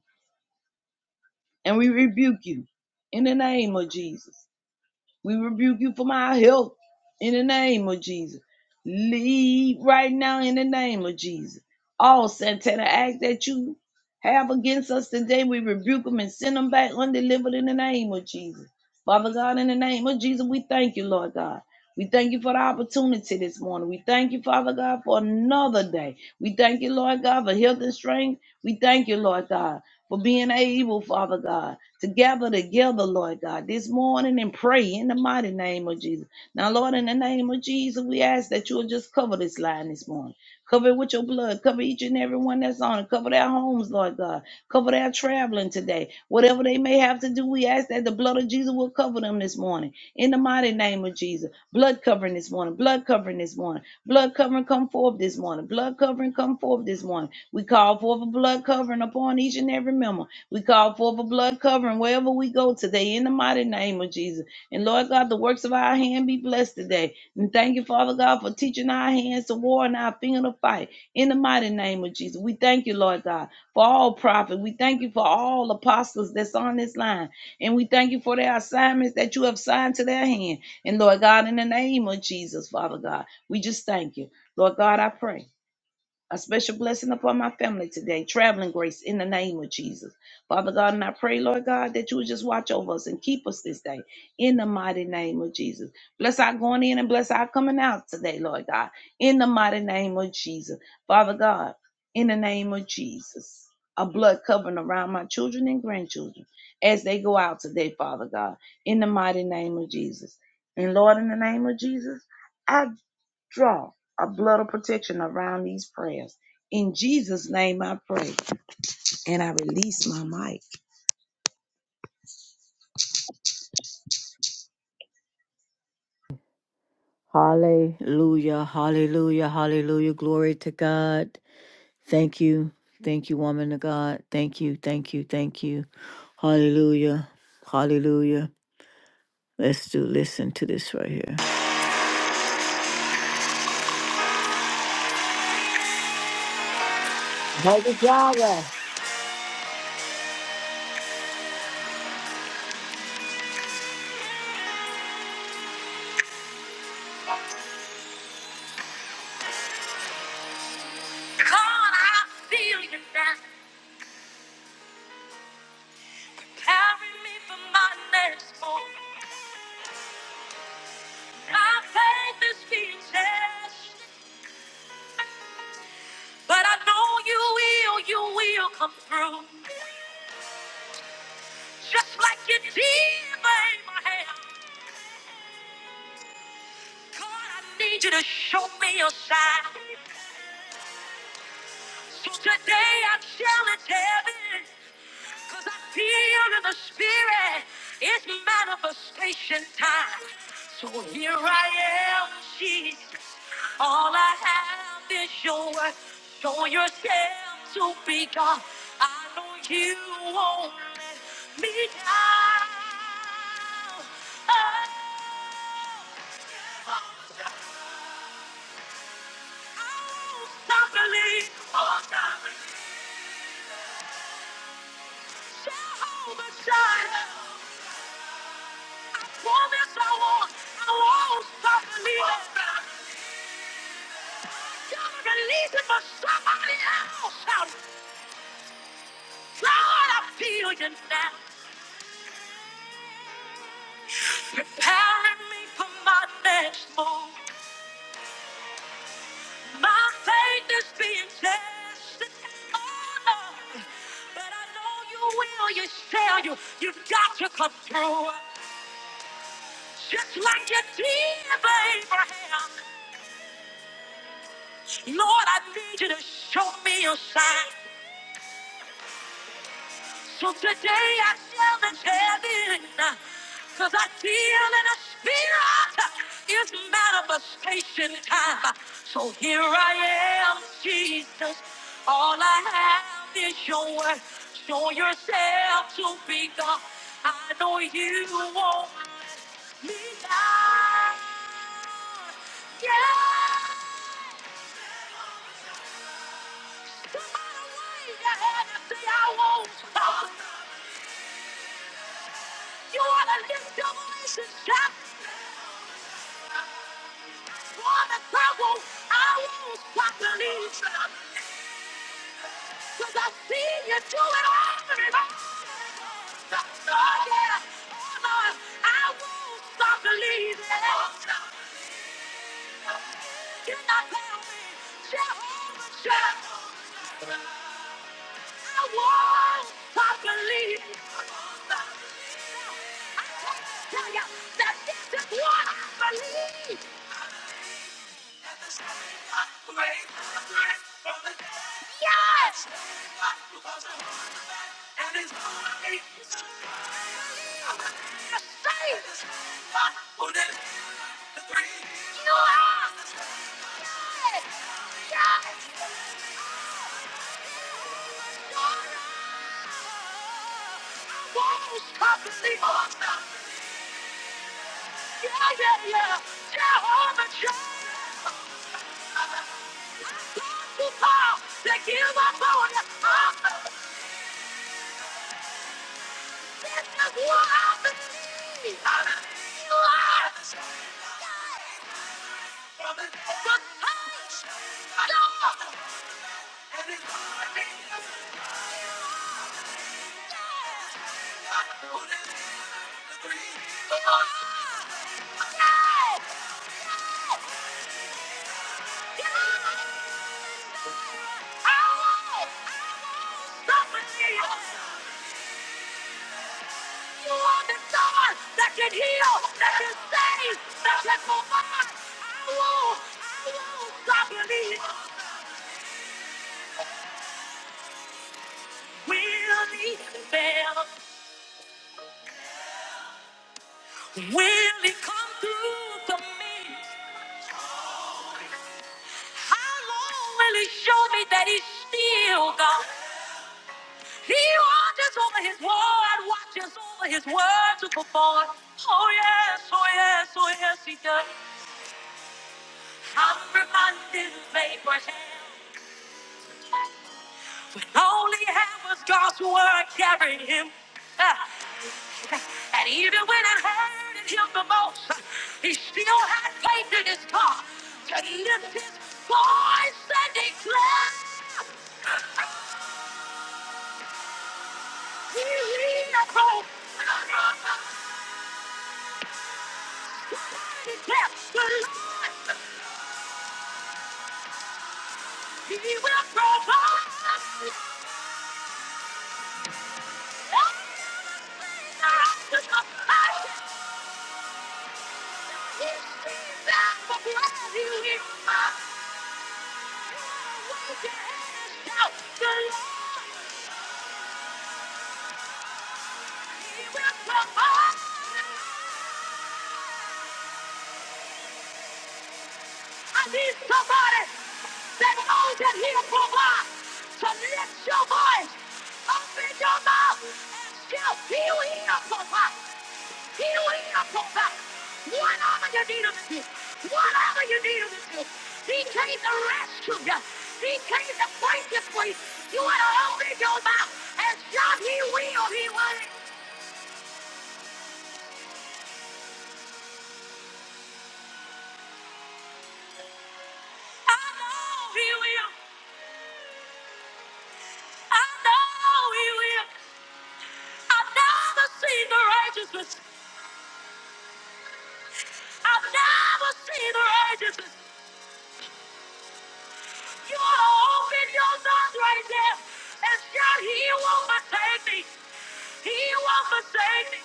Speaker 6: And we rebuke you in the name of Jesus. We rebuke you from our health in the name of Jesus. Leave right now in the name of Jesus. All satanic acts that you have against us today, we rebuke them and send them back undelivered in the name of Jesus. Father God, in the name of Jesus, we thank you, Lord God. We thank you for the opportunity this morning. We thank you, Father God, for another day. We thank you, Lord God, for health and strength. We thank you, Lord God, for being able, Father God, to gather together, Lord God, this morning and pray in the mighty name of Jesus. Now, Lord, in the name of Jesus, we ask that you will just cover this line this morning. Cover it with your blood. Cover each and every one that's on it. Cover their homes, Lord God. Cover their traveling today. Whatever they may have to do, we ask that the blood of Jesus will cover them this morning. In the mighty name of Jesus. Blood covering this morning. Blood covering this morning. Blood covering come forth this morning. Blood covering come forth this morning. We call forth a blood covering upon each and every member. We call forth a blood covering wherever we go today. In the mighty name of Jesus. And Lord God, the works of our hand be blessed today. And thank you, Father God, for teaching our hands to war and our finger to fight. In the mighty name of Jesus. We thank you, Lord God for all prophets. We thank you for all apostles that's on this line. And we thank you for their assignments that you have signed to their hand. And Lord God, in the name of Jesus, Father God, we just thank you. Lord God, I pray a special blessing upon my family today, traveling grace in the name of Jesus. Father God, and I pray, Lord God, that you would just watch over us and keep us this day in the mighty name of Jesus. Bless our going in and bless our coming out today, Lord God, in the mighty name of Jesus. Father God, in the name of Jesus, a blood covering around my children and grandchildren as they go out today, Father God, in the mighty name of Jesus. And Lord, in the name of Jesus, I. Draw a blood of protection around these prayers. In Jesus' name I pray. And I release my mic.
Speaker 1: Hallelujah. Hallelujah. Hallelujah. Glory to God. Thank you. Thank you, woman of God. Thank you. Thank you. Thank you. Hallelujah. Hallelujah. Let's do listen to this right here. God, I feel you now. Carry me for my next move. My faith is speechless, but I know you will, you will come through. Just like you did for Abraham. God, I need you to show me your sign. So today I challenge heaven. Cause I feel in the spirit, it's manifestation time. So here I am, Jesus. All I have is your word. Show yourself to be God. I know you won't let me down. Oh. oh, Stop believing. Stop believing. Jehovah Jireh. I promise I won't. I won't stop believing. God, I'm releasing for somebody else. God, I feel you now. Powering me for my next move. My faith is being tested. Oh, Lord. But I know you will. You shall. You, you've got to come through. Just like you did for Abraham. Lord, I need you to show me your sign. So today I challenge heaven, cause I feel in a spirit is manifestation time. So here I am, Jesus. All I have is your word. Show yourself to be God. I know you won't leave me down. Yeah. Somebody wave your hand and say, I won't stop. You want to lift your voice and shout. That's what I believe. Cause I see you do it every day. Oh yeah, oh no, I won't stop believing. You cannot tell me you're over it. I won't stop believing. I can't tell you that's just what I believe. Yes, you're safe. You are. Yes, yes. Walls come to see monster. Yeah, yeah, yeah. Jehovah Jireh. People that give up on you. Oh, this is what I believe. I believe lies. From the past. No. Yeah, yeah. I won't. I won't stop believing. You are the God that can heal, that can save, that can provide. I won't, I won't stop believing. Will he fail? Will he come through for me? How long will he show me that he's still God? He watches over his word, watches over his word to perform. Oh yes, oh yes, oh yes, he does. I'm reminded of Abraham. All he had was God's word carrying him. Ah. And even when it hurted him the most, he still had faith in his God to lift his voice and declare, He will provide. Declare, The Lord, He will provide. Everything that I do, I can see that the Lord, He will provide. I need somebody that knows that he'll provide to lift your voice, open your mouth, and shout, he will provide. He will provide. Whatever you need him to do, whatever you need him to do, he came to rescue you. He came to break you free. You want to open your mouth and shout, he will, he will. I know he will. I know he will. I've never seen the righteousness. I've never seen the righteousness. You ought to open your mouth right there and shout, He won't forsake me. He won't forsake me.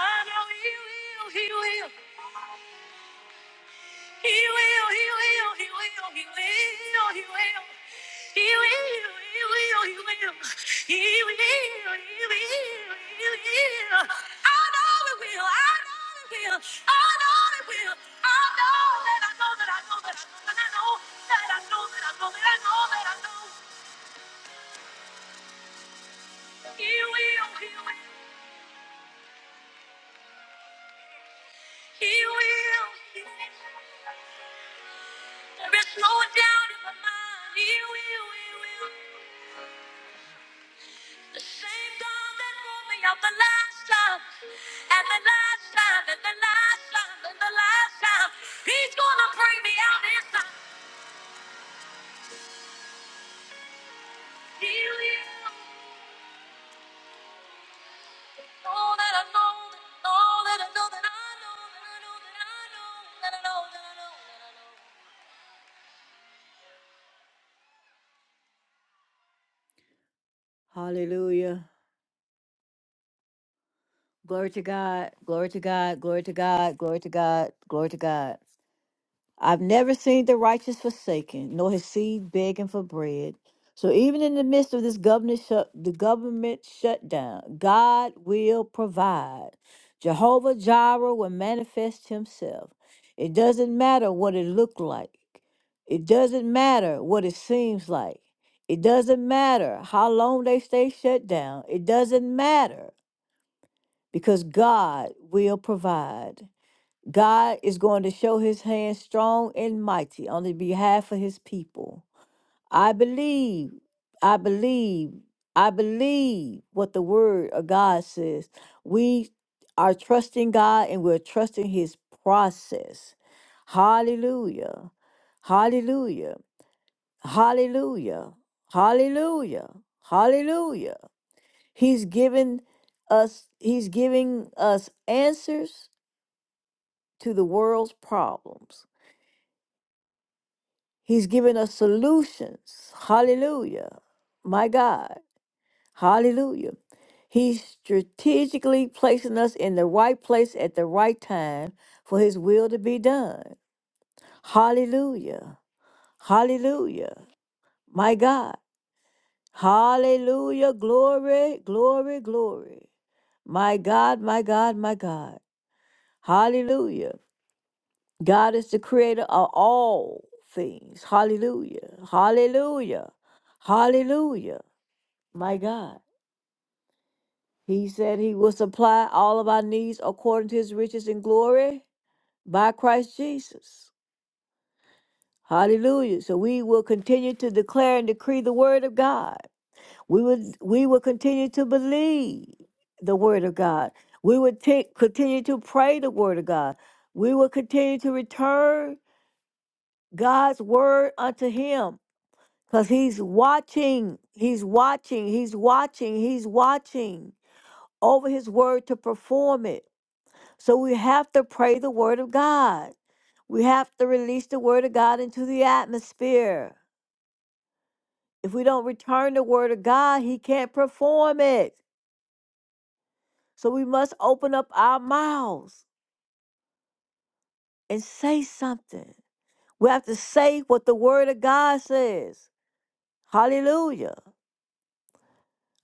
Speaker 1: I know he will. He will. He will, he will, he will, he will, he will. He will, he will, he will. He will, he will, he will. I know it will, I know it will, I know it will. I know that I know that I know that I know that I know that I know that I know that I know that I know. He will, he will, he will, he will. There is no doubt in my mind. He will, he will. The same God that brought me up the last time, and the last time, and the last time, and the last time, He's gonna bring me out this time. Heal you. All that I know, all that I know, that I know, that I know, that I know, that I know, that I know, that I know. Hallelujah. Glory to God. Glory to God. Glory to God. Glory to God. Glory to God. I've never seen the righteous forsaken, nor his seed begging for bread. So even in the midst of this government shut, the government shutdown, God will provide. Jehovah Jireh will manifest himself. It doesn't matter what it looked like. It doesn't matter what it seems like. It doesn't matter how long they stay shut down. It doesn't matter because God will provide. God is going to show his hand strong and mighty on the behalf of his people. I believe, I believe, I believe what the word of God says. We are trusting God and we're trusting his process. Hallelujah. Hallelujah. Hallelujah. Hallelujah. Hallelujah. He's given us he's giving us answers to the world's problems. He's given us solutions. Hallelujah. My God. Hallelujah. He's strategically placing us in the right place at the right time for His will to be done. Hallelujah. Hallelujah. My God. Hallelujah. Glory, glory, glory. My God, my God, my God. Hallelujah. God is the creator of all things. Hallelujah. Hallelujah. Hallelujah. My God. He said he will supply all of our needs according to his riches and glory by Christ Jesus. Hallelujah. So we will continue to declare and decree the word of God. We will we will continue to believe the word of God. We will take continue to pray the word of God. We will continue to return God's word unto him Because he's watching, he's watching, he's watching, he's watching over his word to perform it. So we have to pray the word of God. We have to release the word of God into the atmosphere. If we don't return the word of God, he can't perform it. So we must open up our mouths and say something. We have to say what the word of God says. Hallelujah.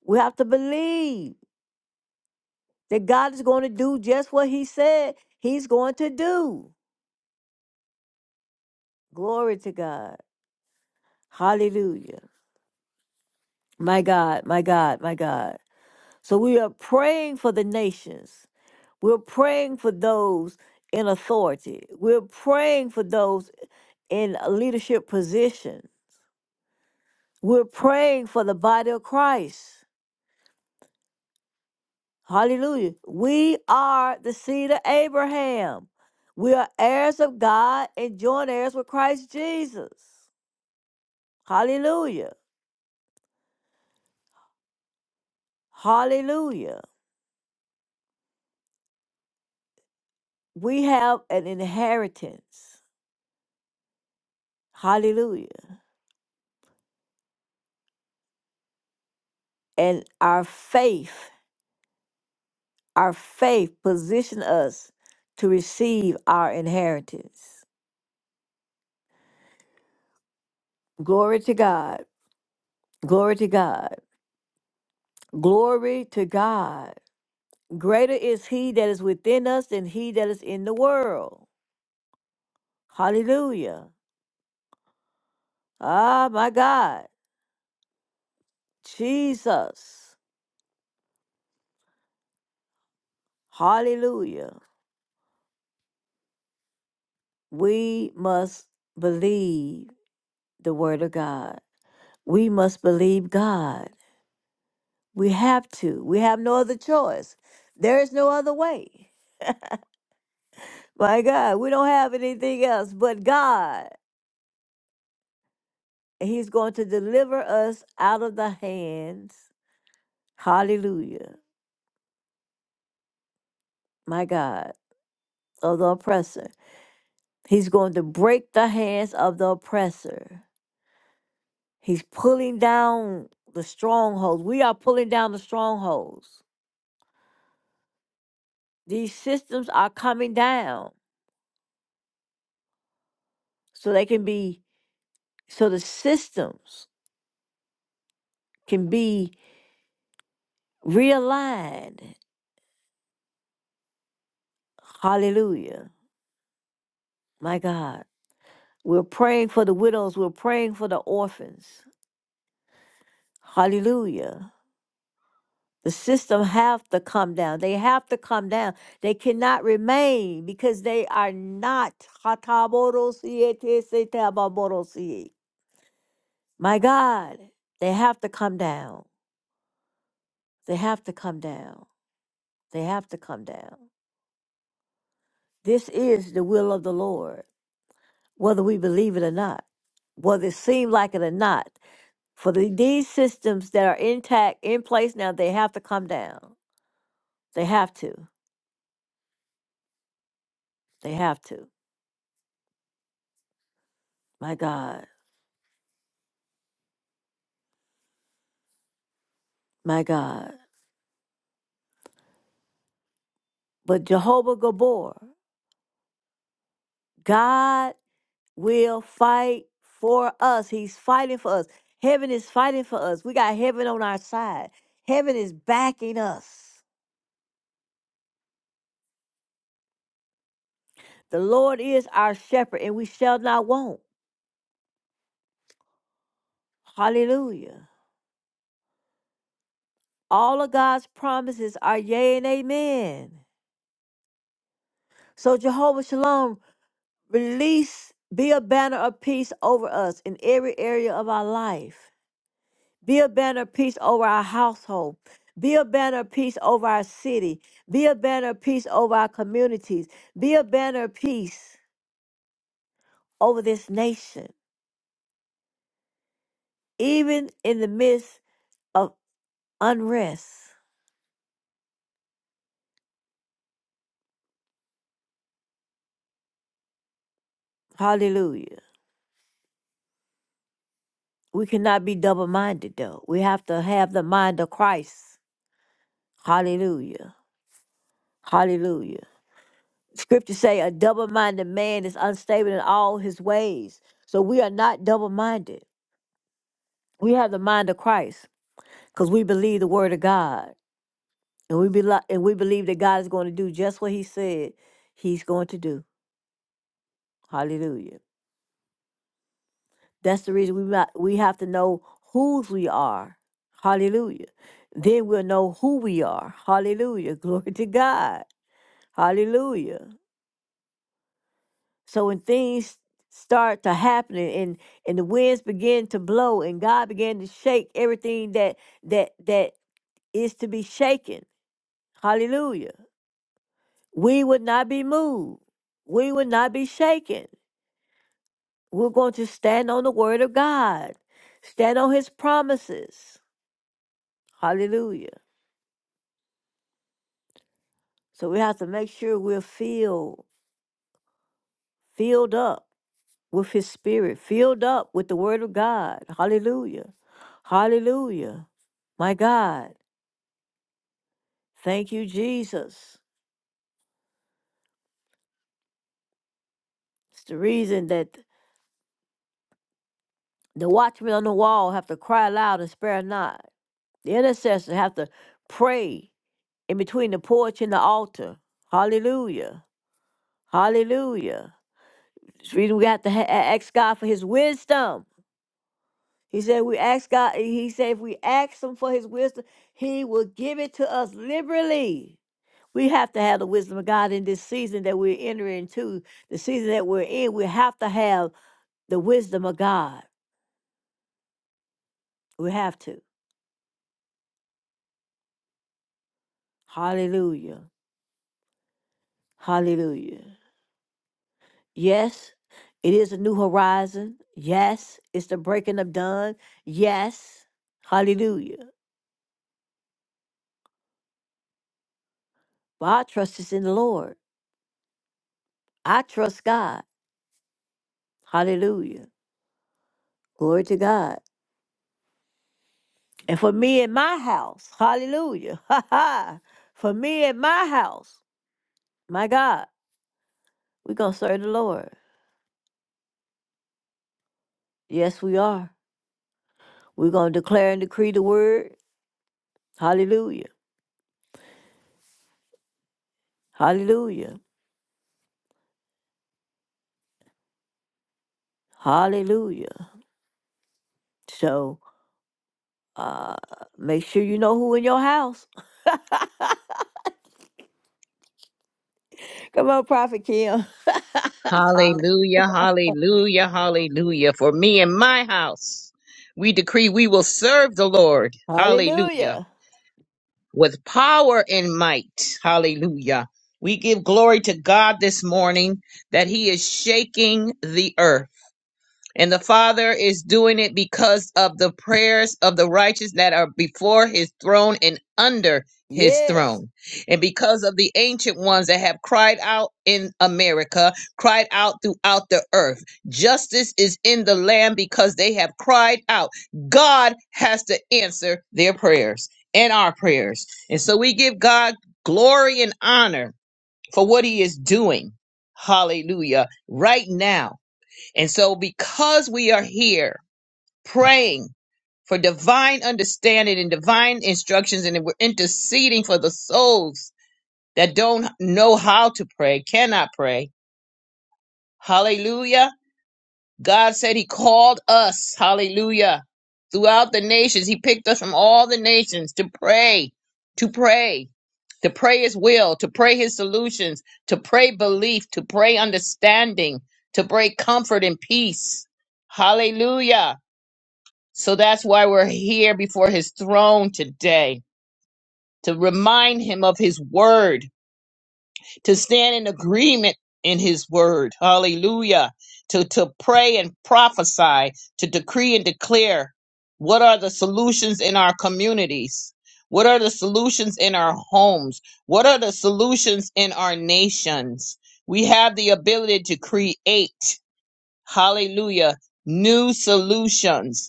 Speaker 1: We have to believe. that God is going to do just what He said He's going to do. Glory to God. Hallelujah. My God, my God, my God. So we are praying for the nations. We're praying for those in authority. We're praying for those in a leadership position. We're praying for the body of Christ. Hallelujah. We are the seed of Abraham. We are heirs of God and joint heirs with Christ Jesus. Hallelujah. Hallelujah. We have an inheritance. Hallelujah. And our faith, our faith position us to receive our inheritance. Glory to God. Glory to God. Glory to God. Greater is he that is within us than he that is in the world. Hallelujah. Ah, my God. Jesus. Hallelujah. We must believe the Word of God. We must believe God. We have to. We have no other choice. There is no other way. My God, we don't have anything else but God. He's going to deliver us out of the hands, hallelujah, my God, of the oppressor. He's going to break the hands of the oppressor. He's pulling down the strongholds. We are pulling down the strongholds. These systems are coming down so they can be so the systems can be realigned. Hallelujah. My God. We're praying for the widows. We're praying for the orphans. Hallelujah. The system have to come down. They have to come down. They cannot remain because they are not. My God, they have to come down. They have to come down. They have to come down. This is the will of the Lord. whether we believe it or not, whether it seems like it or not. For the, these systems that are intact, in place now, they have to come down. They have to. They have to. My God. My God. But Jehovah Gabor, God will fight for us. He's fighting for us. Heaven is fighting for us. We got heaven on our side. Heaven is backing us. The Lord is our shepherd, and we shall not want. Hallelujah. All of God's promises are yea and amen. So, Jehovah Shalom, release, be a banner of peace over us in every area of our life. Be a banner of peace over our household. Be a banner of peace over our city. Be a banner of peace over our communities. Be a banner of peace over this nation, even in the midst of unrest. Hallelujah. We cannot be double minded, though. We have to have the mind of Christ. Hallelujah. Hallelujah. Scriptures say a double-minded man is unstable in all his ways. So we are not double-minded. We have the mind of Christ because we believe the word of God. And we believe and we believe that God is going to do just what he said he's going to do. Hallelujah. That's the reason we not, we have to know whose we are. Hallelujah. Then we'll know who we are. Hallelujah. Glory to God. Hallelujah. So when things start to happening and and the winds begin to blow and God began to shake everything that that that is to be shaken. Hallelujah. We would not be moved. We would not be shaken. We're going to stand on the word of God. Stand on his promises. Hallelujah. So we have to make sure we're filled, filled up. with his spirit, filled up with the word of God. Hallelujah. Hallelujah. My God. Thank you, Jesus. It's the reason that the watchmen on the wall have to cry loud and spare not. The intercessors have to pray in between the porch and the altar. Hallelujah. Hallelujah. It's the reason we have to ha- ask God for his wisdom He said, "We ask God." He said, "If we ask Him for His wisdom, He will give it to us liberally." We have to have the wisdom of God in this season that we're entering into. The season that we're in, we have to have the wisdom of God. We have to. Hallelujah. Hallelujah. Yes, it is a new horizon. Yes, it's the breaking of dawn. Yes. Hallelujah. But our trust is in the Lord. I trust God. Hallelujah. Glory to God. And for me in my house, hallelujah. Ha ha. For me in my house, my God, we're going to serve the Lord. Yes, we are. We're going to declare and decree the word. Hallelujah. Hallelujah. Hallelujah. So uh make sure you know who in your house. Come on, Prophet Kim.
Speaker 5: Hallelujah, hallelujah, hallelujah. For me and my house, we decree we will serve the Lord. Hallelujah.
Speaker 1: Hallelujah.
Speaker 5: With power and might. Hallelujah. We give glory to God this morning that He is shaking the earth. And the Father is doing it because of the prayers of the righteous that are before his throne and under his
Speaker 1: Yes.
Speaker 5: throne. And because of the ancient ones that have cried out in America, cried out throughout the earth. Justice is in the land because they have cried out. God has to answer their prayers and our prayers. And so we give God glory and honor for what he is doing. Hallelujah. Right now. And so, because we are here praying for divine understanding and divine instructions, and we're interceding for the souls that don't know how to pray, cannot pray, hallelujah. God said He called us, hallelujah, throughout the nations. He picked us from all the nations to pray, to pray, to pray His will, to pray His solutions, to pray belief, to pray understanding, to pray comfort and peace. Hallelujah So that's why we're here before his throne today to remind him of his word, to stand in agreement in his word. Hallelujah. To, to pray and prophesy, to decree and declare what are the solutions in our communities? What are the solutions in our homes? What are the solutions in our nations? We have the ability to create, hallelujah, new solutions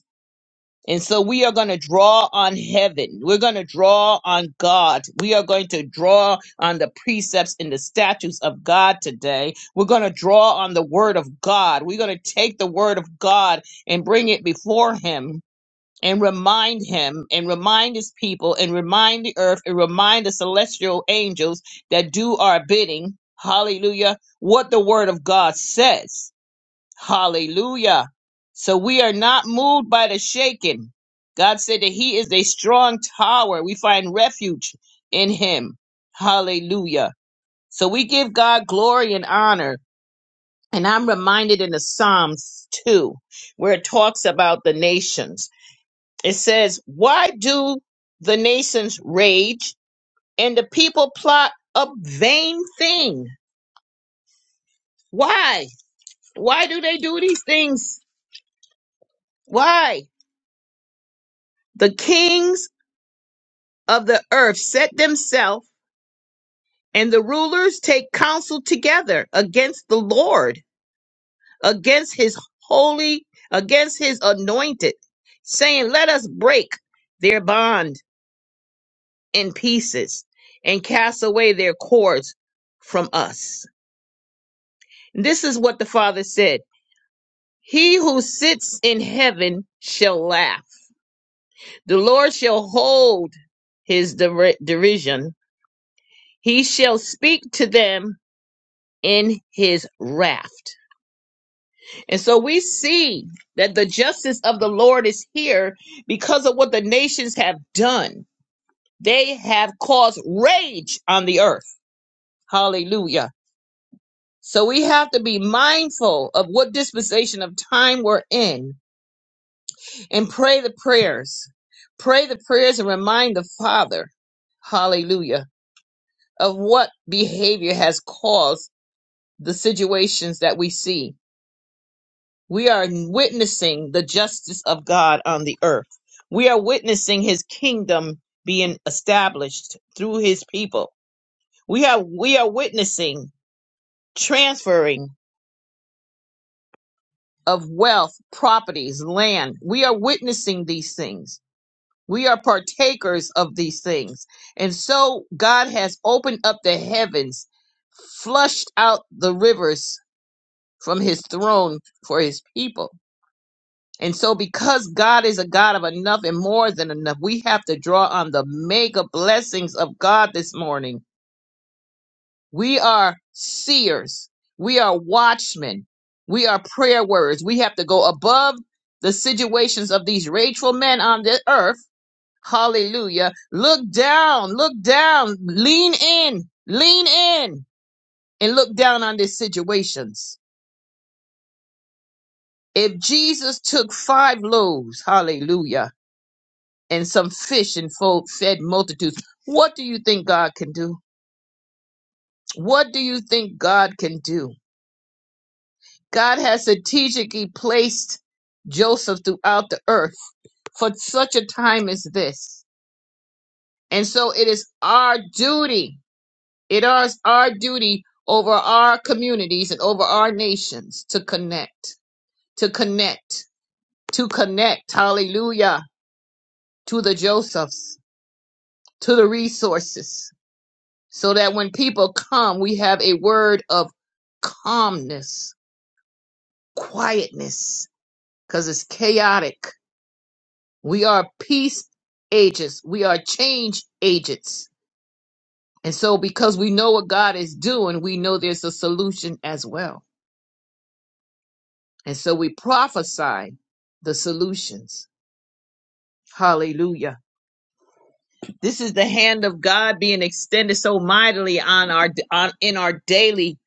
Speaker 5: and so we are going to draw on heaven. We're going to draw on God. We are going to draw on the precepts and the statutes of God today. We're going to draw on the word of God. We're going to take the word of God and bring it before Him and remind Him and remind His people and remind the earth and remind the celestial angels that do our bidding. Hallelujah. What the word of God says. Hallelujah. So we are not moved by the shaking. God said that He is a strong tower. We find refuge in Him. Hallelujah. So we give God glory and honor. And I'm reminded in the Psalms 2, where it talks about the nations. It says, Why do the nations rage and the people plot a vain thing? Why? Why do they do these things? Why? The kings of the earth set themselves, and the rulers take counsel together against the Lord, against his holy, against his anointed, saying, Let us break their bond in pieces and cast away their cords from us. This is what the Father said He who sits in heaven shall laugh, the Lord shall hold his der- derision, he shall speak to them in his wrath And so we see that the justice of the Lord is here because of what the nations have done. They have caused rage on the earth. Hallelujah. So we have to be mindful of what dispensation of time we're in and pray the prayers. Pray the prayers and remind the Father, hallelujah, of what behavior has caused the situations that we see We are witnessing the justice of God on the earth. We are witnessing his kingdom being established through his people. We are we are witnessing transferring of wealth, properties, land. We are witnessing these things. We are partakers of these things. And so God has opened up the heavens, flushed out the rivers from his throne for his people And so, because God is a God of enough and more than enough, we have to draw on the mega blessings of God this morning. We are seers, we are watchmen, we are prayer warriors. We have to go above the situations of these rageful men on the earth. Hallelujah. Look down, look down, lean in, lean in, and look down on these situations. If Jesus took five loaves, hallelujah and some fish and fo- fed multitudes. What do you think God can do? What do you think God can do? God has strategically placed Joseph throughout the earth for such a time as this. And so it is our duty, it is our duty over our communities and over our nations to connect, to connect, to connect, hallelujah, to the Josephs, to the resources so that when people come, we have a word of calmness, quietness, because it's chaotic. We are peace agents, we are change agents. And so, because we know what God is doing, we know there's a solution as well. And so, we prophesy the solutions. Hallelujah. This is the hand of God being extended so mightily on our on in our daily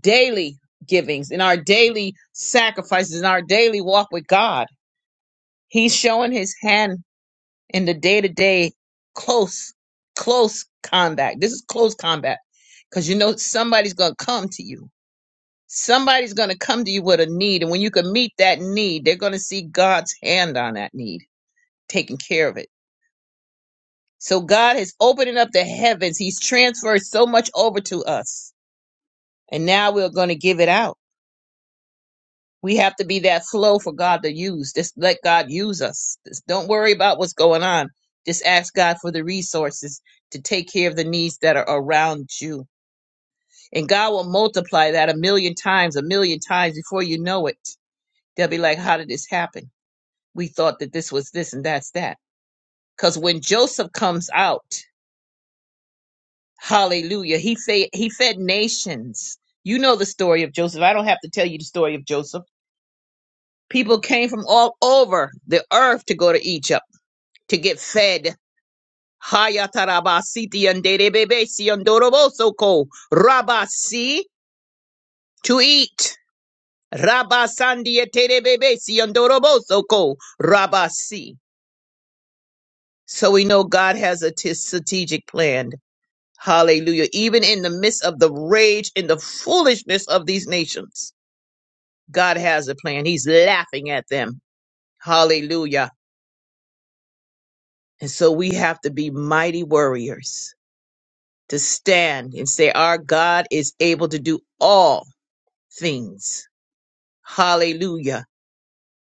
Speaker 5: daily givings, in our daily sacrifices, in our daily walk with God. He's showing his hand in the day to day close, close combat. This is close combat because you know somebody's going to come to you. Somebody's going to come to you with a need. And when you can meet that need, they're going to see God's hand on that need, taking care of it. So God is opening up the heavens. He's transferred so much over to us. And now we're going to give it out We have to be that flow for God to use. Just let God use us. Just don't worry about what's going on. Just ask God for the resources to take care of the needs that are around you. And God will multiply that a million times, a million times before you know it. They'll be like, How did this happen? We thought that this was this and that's that. Because when Joseph comes out, hallelujah, he, fed he fed nations. You know the story of Joseph. I don't have to tell you the story of Joseph. People came from all over the earth to go to Egypt to get fed. Hayatarabasiti and Derebebesi and Dorobosoko. Rabasi to eat. Rabasandi Terebebesi and Dorobosoko. Rabasi. So we know God has a t- strategic plan. Hallelujah. Even in the midst of the rage and the foolishness of these nations, God has a plan. He's laughing at them. Hallelujah. And so we have to be mighty warriors to stand and say, Our God is able to do all things. Hallelujah.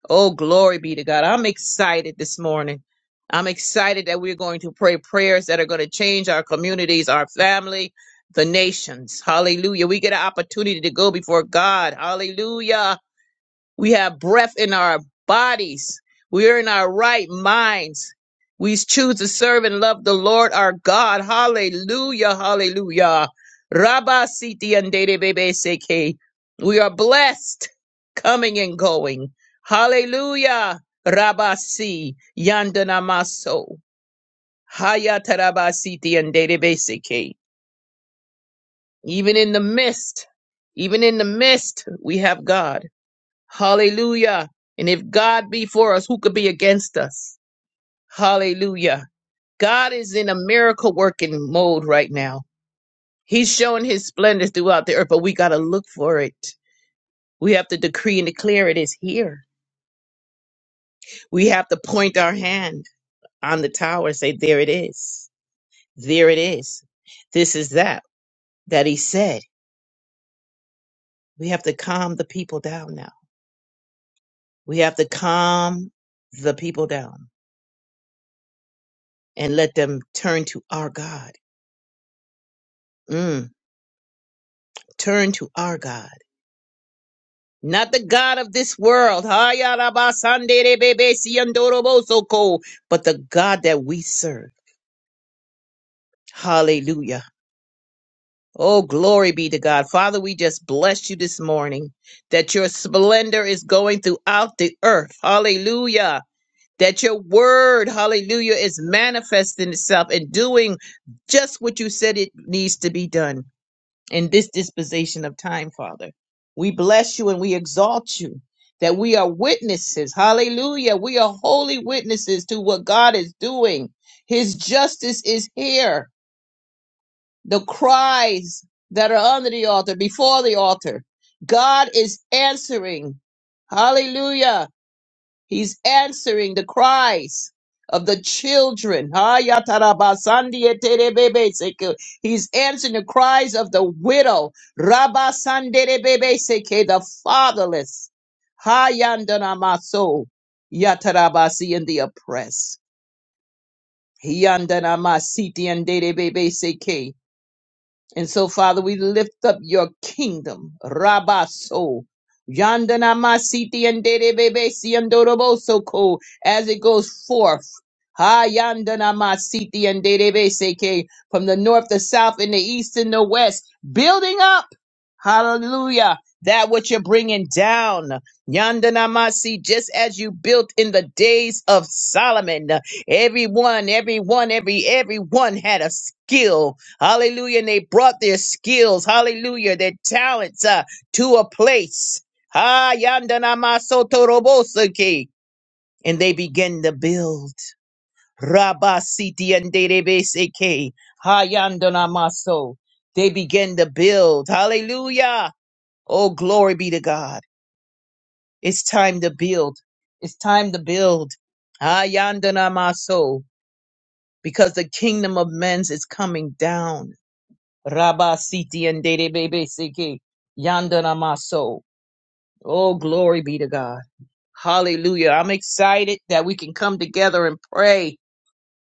Speaker 5: Oh, glory be to God. I'm excited this morning. I'm excited that we're going to pray prayers that are going to change our communities, our family, the nations. Hallelujah. We get an opportunity to go before God. Hallelujah we have breath in our bodies. We are in our right minds. We choose to serve and love the Lord our God. Hallelujah. Hallelujah. Rabba siti and bebe seke. We are blessed coming and going. Hallelujah. Rabba si yandana maso. Hayata siti and bebe seke. Even in the mist, even in the mist, we have God. Hallelujah. And if God be for us, who could be against us? Hallelujah. God is in a miracle working mode right now. He's showing his splendor throughout the earth, but we got to look for it. We have to decree and declare it is here. We have to point our hand on the tower and say, There it is. There it is. This is that that he said. We have to calm the people down now. We have to calm the people down and let them turn to our God. Mm turn to our God, not the God of this world, Hayarabasanderebebesiyandorobosoko, but the God that we serve. Hallelujah. Oh, glory be to God. Father, we just bless you this morning that your splendor is going throughout the earth. Hallelujah. That your word, hallelujah, is manifesting itself and doing just what you said it needs to be done. in this dispensation of time, Father. We bless you and we exalt you that we are witnesses. Hallelujah. We are holy witnesses to what God is doing. His justice is here. The cries that are under the altar, before the altar, God is answering. Hallelujah He's answering the cries of the children. Ah, ya taraba sandi etere bebe seke. He's answering the cries of the widow. Rabba sandere bebe seke, the fatherless. Ha yandana maso. Ya taraba si and the oppressed. He yandana masiti and dere bebe seke. And so, Father, we lift up your kingdom. Rabaso. Yandana masiti and bebe si andoroboso ko as it goes forth. Ha yandana masiti and bebe seke from the north, the south, and the east and the west, building up. Hallelujah. That which you're bringing down. Yandanamasi, just as you built in the days of Solomon. Everyone, everyone, every, everyone had a skill. Hallelujah. And they brought their skills. Hallelujah. Their talents uh, to a place. Ah, yandanamasotorobosake. And they began to build. Rabasiti and Derebeseke. Ha yandanamaso. They began to build. Hallelujah. Oh, glory be to God. It's time to build. It's time to build. Ayandana maso, because the kingdom of men's is coming down. Rabba siti and bebe siki. Yandana maso. Oh, glory be to God. Hallelujah. I'm excited that we can come together and pray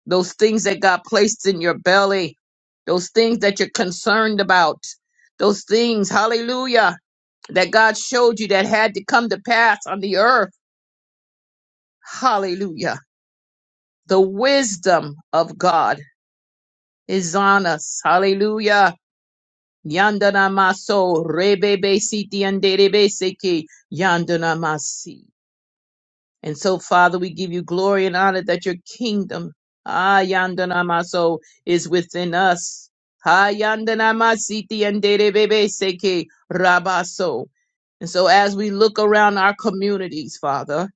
Speaker 5: those things that God placed in your belly, those things that you're concerned about, those things. Hallelujah that God showed you that had to come to pass on the earth. Hallelujah. The wisdom of God is on us. Hallelujah. Yandana maso rebebe siti anderebe seki yandana masi. And so, Father, we give you glory and honor that your kingdom, ah, yandana maso, is within us. Ha yandana masiti anderebe seki rabaso. And so, as we look around our communities, Father,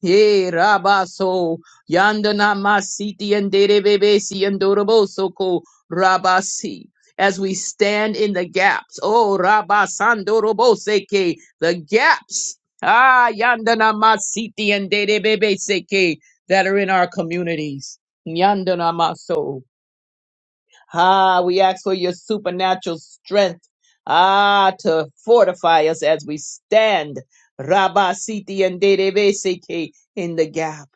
Speaker 5: Ye rabaso yandana masiti and derebebesi and dorobosoko rabasi. As we stand in the gaps, oh rabasandoroboseke, the gaps, ah yandana masiti and derebebeseke that are in our communities. Yandana maso. Ah, we ask for your supernatural strength. Ah, to fortify us as we stand. Rabba Siti and Derebeseke in the gap.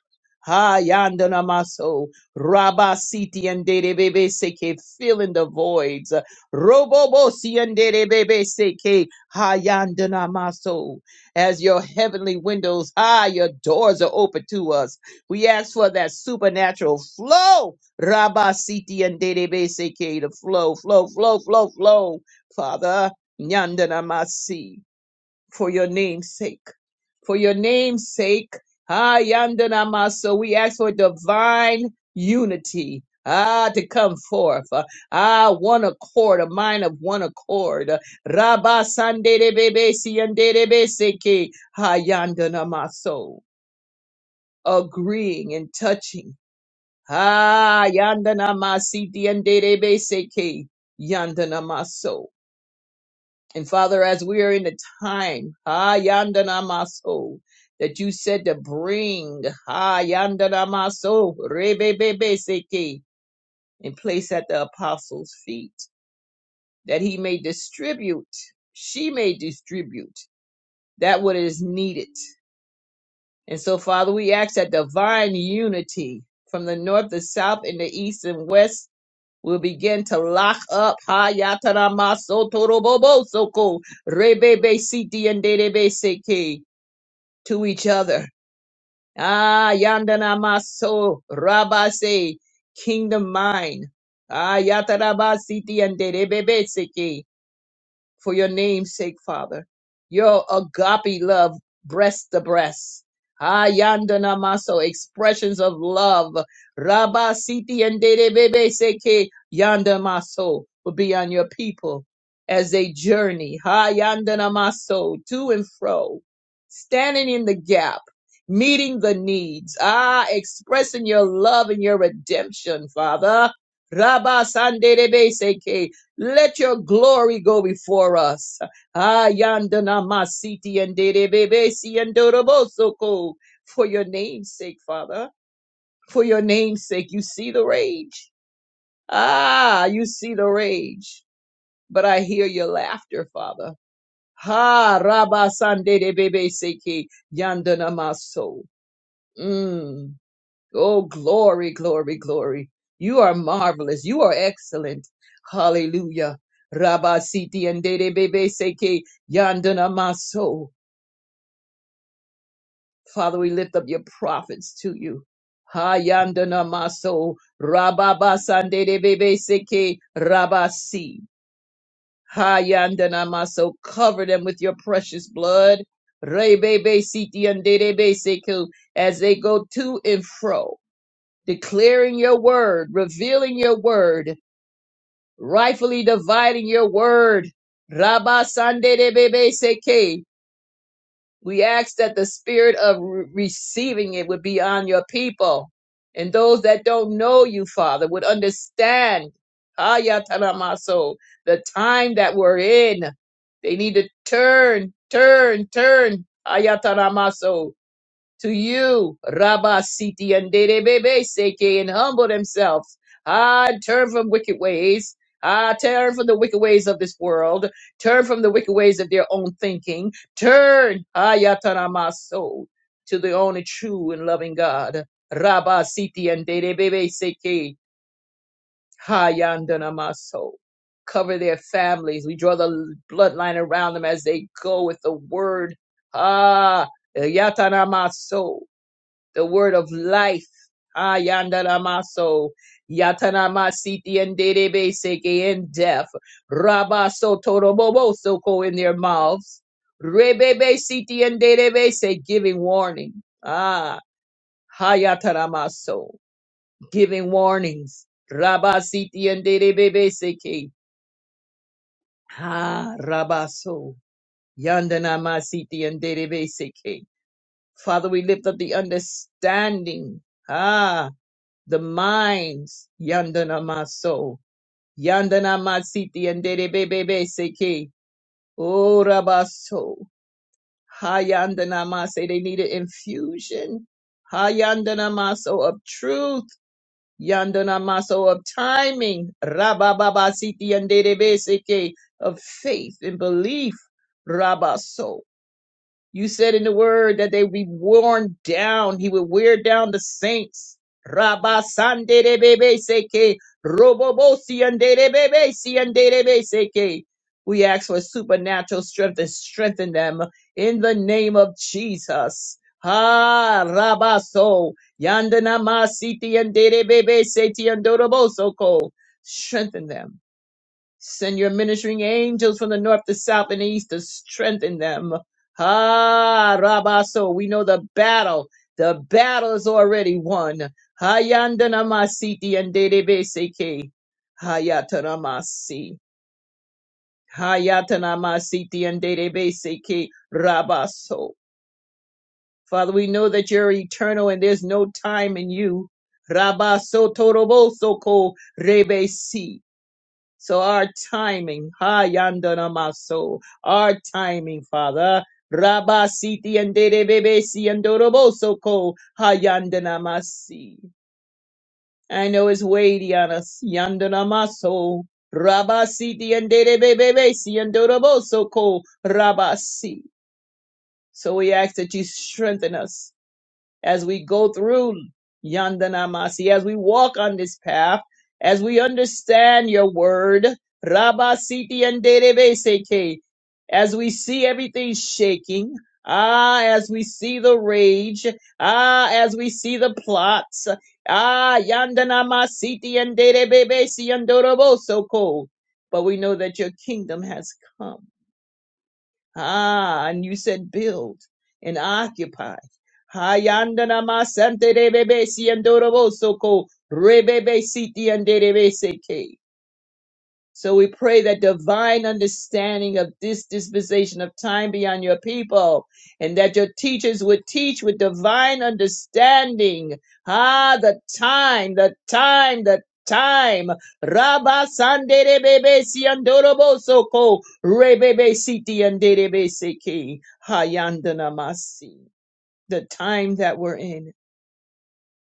Speaker 5: Ah, yandana maso, Rabba Siti and Derebeseke filling the voids. Robobosi and Derebeseke Ah, yandana maso. As your heavenly windows, ah, your doors are open to us. We ask for that supernatural flow Rabba Siti and Dedebe Seke to flow, flow, flow, flow, flow, Father, Nyandana Masi, for your name's sake. For your name's sake, Ah Yandana Maso, we ask for divine unity. Ah, to come forth. Ah, one accord, a mind of one accord. Rabba Sanderebebe Siandebe Seke, Ha Yandana Maso. Agreeing and touching Ah, yandana masiti and derebe seke yandana maso. And Father, as we are in the time, ah, yandana maso, that you said to bring, ah, yandana maso, rebebebe seke, and place at the apostles' feet, that he may distribute, she may distribute that what is needed. And so, Father, we ask that divine unity from the north, the south, and the east and west will begin to lock up Hayataramasotorobobosoko Rebebe Siti and Derebe Seke to each other. Ah Yandanamaso Rabase Kingdom Mind. Ah Yatarabasiti and Derebe Seke for your name's sake, Father. Your agape love, breast to breast. Ayandana maso, expressions of love. Rabba siti and dede bebe seke yanda maso will be on your people as they journey. Ayandana maso, to and fro, standing in the gap, meeting the needs. Ah, expressing your love and your redemption, Father. Rabba sandede bebe seke. Let your glory go before us. Ah, yandana masiti and derebebesi and dorobosoko. For your name's sake, Father. For your name's sake, you see the rage. Ah, you see the rage. But I hear your laughter, Father. Ha, rabasande debebeseki yandana maso. Mm. Oh, glory, glory, glory. You are marvelous. You are excellent. Hallelujah. Rabba Siti and Dede Bebe Seke Yandana Maso. Father, we lift up your prophets to you. Ha Yandana Maso. Rabba Basan Dede Bebe Seke Rabba Si. Ha Yandana Maso. Cover them with your precious blood. Rebebe Siti and Dede Bebe Seke as they go to and fro. declaring your word, revealing your word, rightfully dividing your word. Rabba Sande de Bebe Seke. We ask that the spirit of re- receiving it would be on your people. And those that don't know you, Father, would understand Haya Taramaso, the time that we're in. They need to turn, turn, turn. Haya Taramaso to you, Rabba Siti and Derebebe Seke, and humble themselves. Ah, turn from wicked ways. Ah, turn from the wicked ways of this world. Turn from the wicked ways of their own thinking. Turn, Ayataramaso, to the only true and loving God. Rabba Siti and Derebebe Seke, Hayandanamaso. Cover their families. We draw the bloodline around them as they go with the word. Ah, Yatanamaso the word of life. Ayandaramaso, Yatanamasiti and Dedebe Seke in death. Rabaso Torobobo Soko in their mouths. Rebebe Siti and Dedebe say giving warning. Ah, Hayataramaso, giving warnings. Rabasiti and Dedebe Seke. Ah, Rabaso, Yandanamasiti and Dedebe Seke. Father, we lift up the understanding. Ah, the minds. Yandana maso. Yandana masiti and bebe seke. Oh rabaso. Hayandana mase. They need an infusion. Hayandana maso of truth. Yandana maso of timing. Rabababa siti bebe seke. Of faith and belief. Rabaso. You said in the word that they would be worn down. He would wear down the saints. Rabba sandere bebe seke, robobo siandere bebe siandebebe seke. We ask for supernatural strength and strengthen them in the name of Jesus. Ha rabaso yandana masiti and bebe seti and ko. Strengthen them. Send your ministering angels from the north, the south, and the east to strengthen them. Ah, Rabaso, we know the battle. The battle is already won. Hayandanamasiti and Dedebeseke. Hayatanamasi. Hayatanamasiti and Dedebeseke. Rabaso. Father, we know that you're eternal and there's no time in you. Rabaso Toroboso ko rebesi. So our timing, ha yandana maso, our timing, Father. Rabba siti and dede bebe si and doroboso ko ha yandana masi. I know it's weighty on us, yandana maso. Rabba siti and dede bebe si and doroboso ko rabasi. So we ask that you strengthen us as we go through Yandanamasi, as we walk on this path, as we understand your word, Rabba Siti and Seke, as we see everything shaking, ah, as we see the rage, ah, as we see the plots, ah, Yandanamasiti and Derebebe Siandorobo Soko. But we know that your kingdom has come Ah, and you said build and occupy. Hayandanama Sante Rebebe Siandorobo Soko Rebebe Siti and Seke. So we pray that divine understanding of this dispensation of time be on your people and that your teachers would teach with divine understanding. Ah, the time, the time, the time. Rabba sandere bebe si andorobo soko rebebe siti andere seki hayandana masi. The time that we're in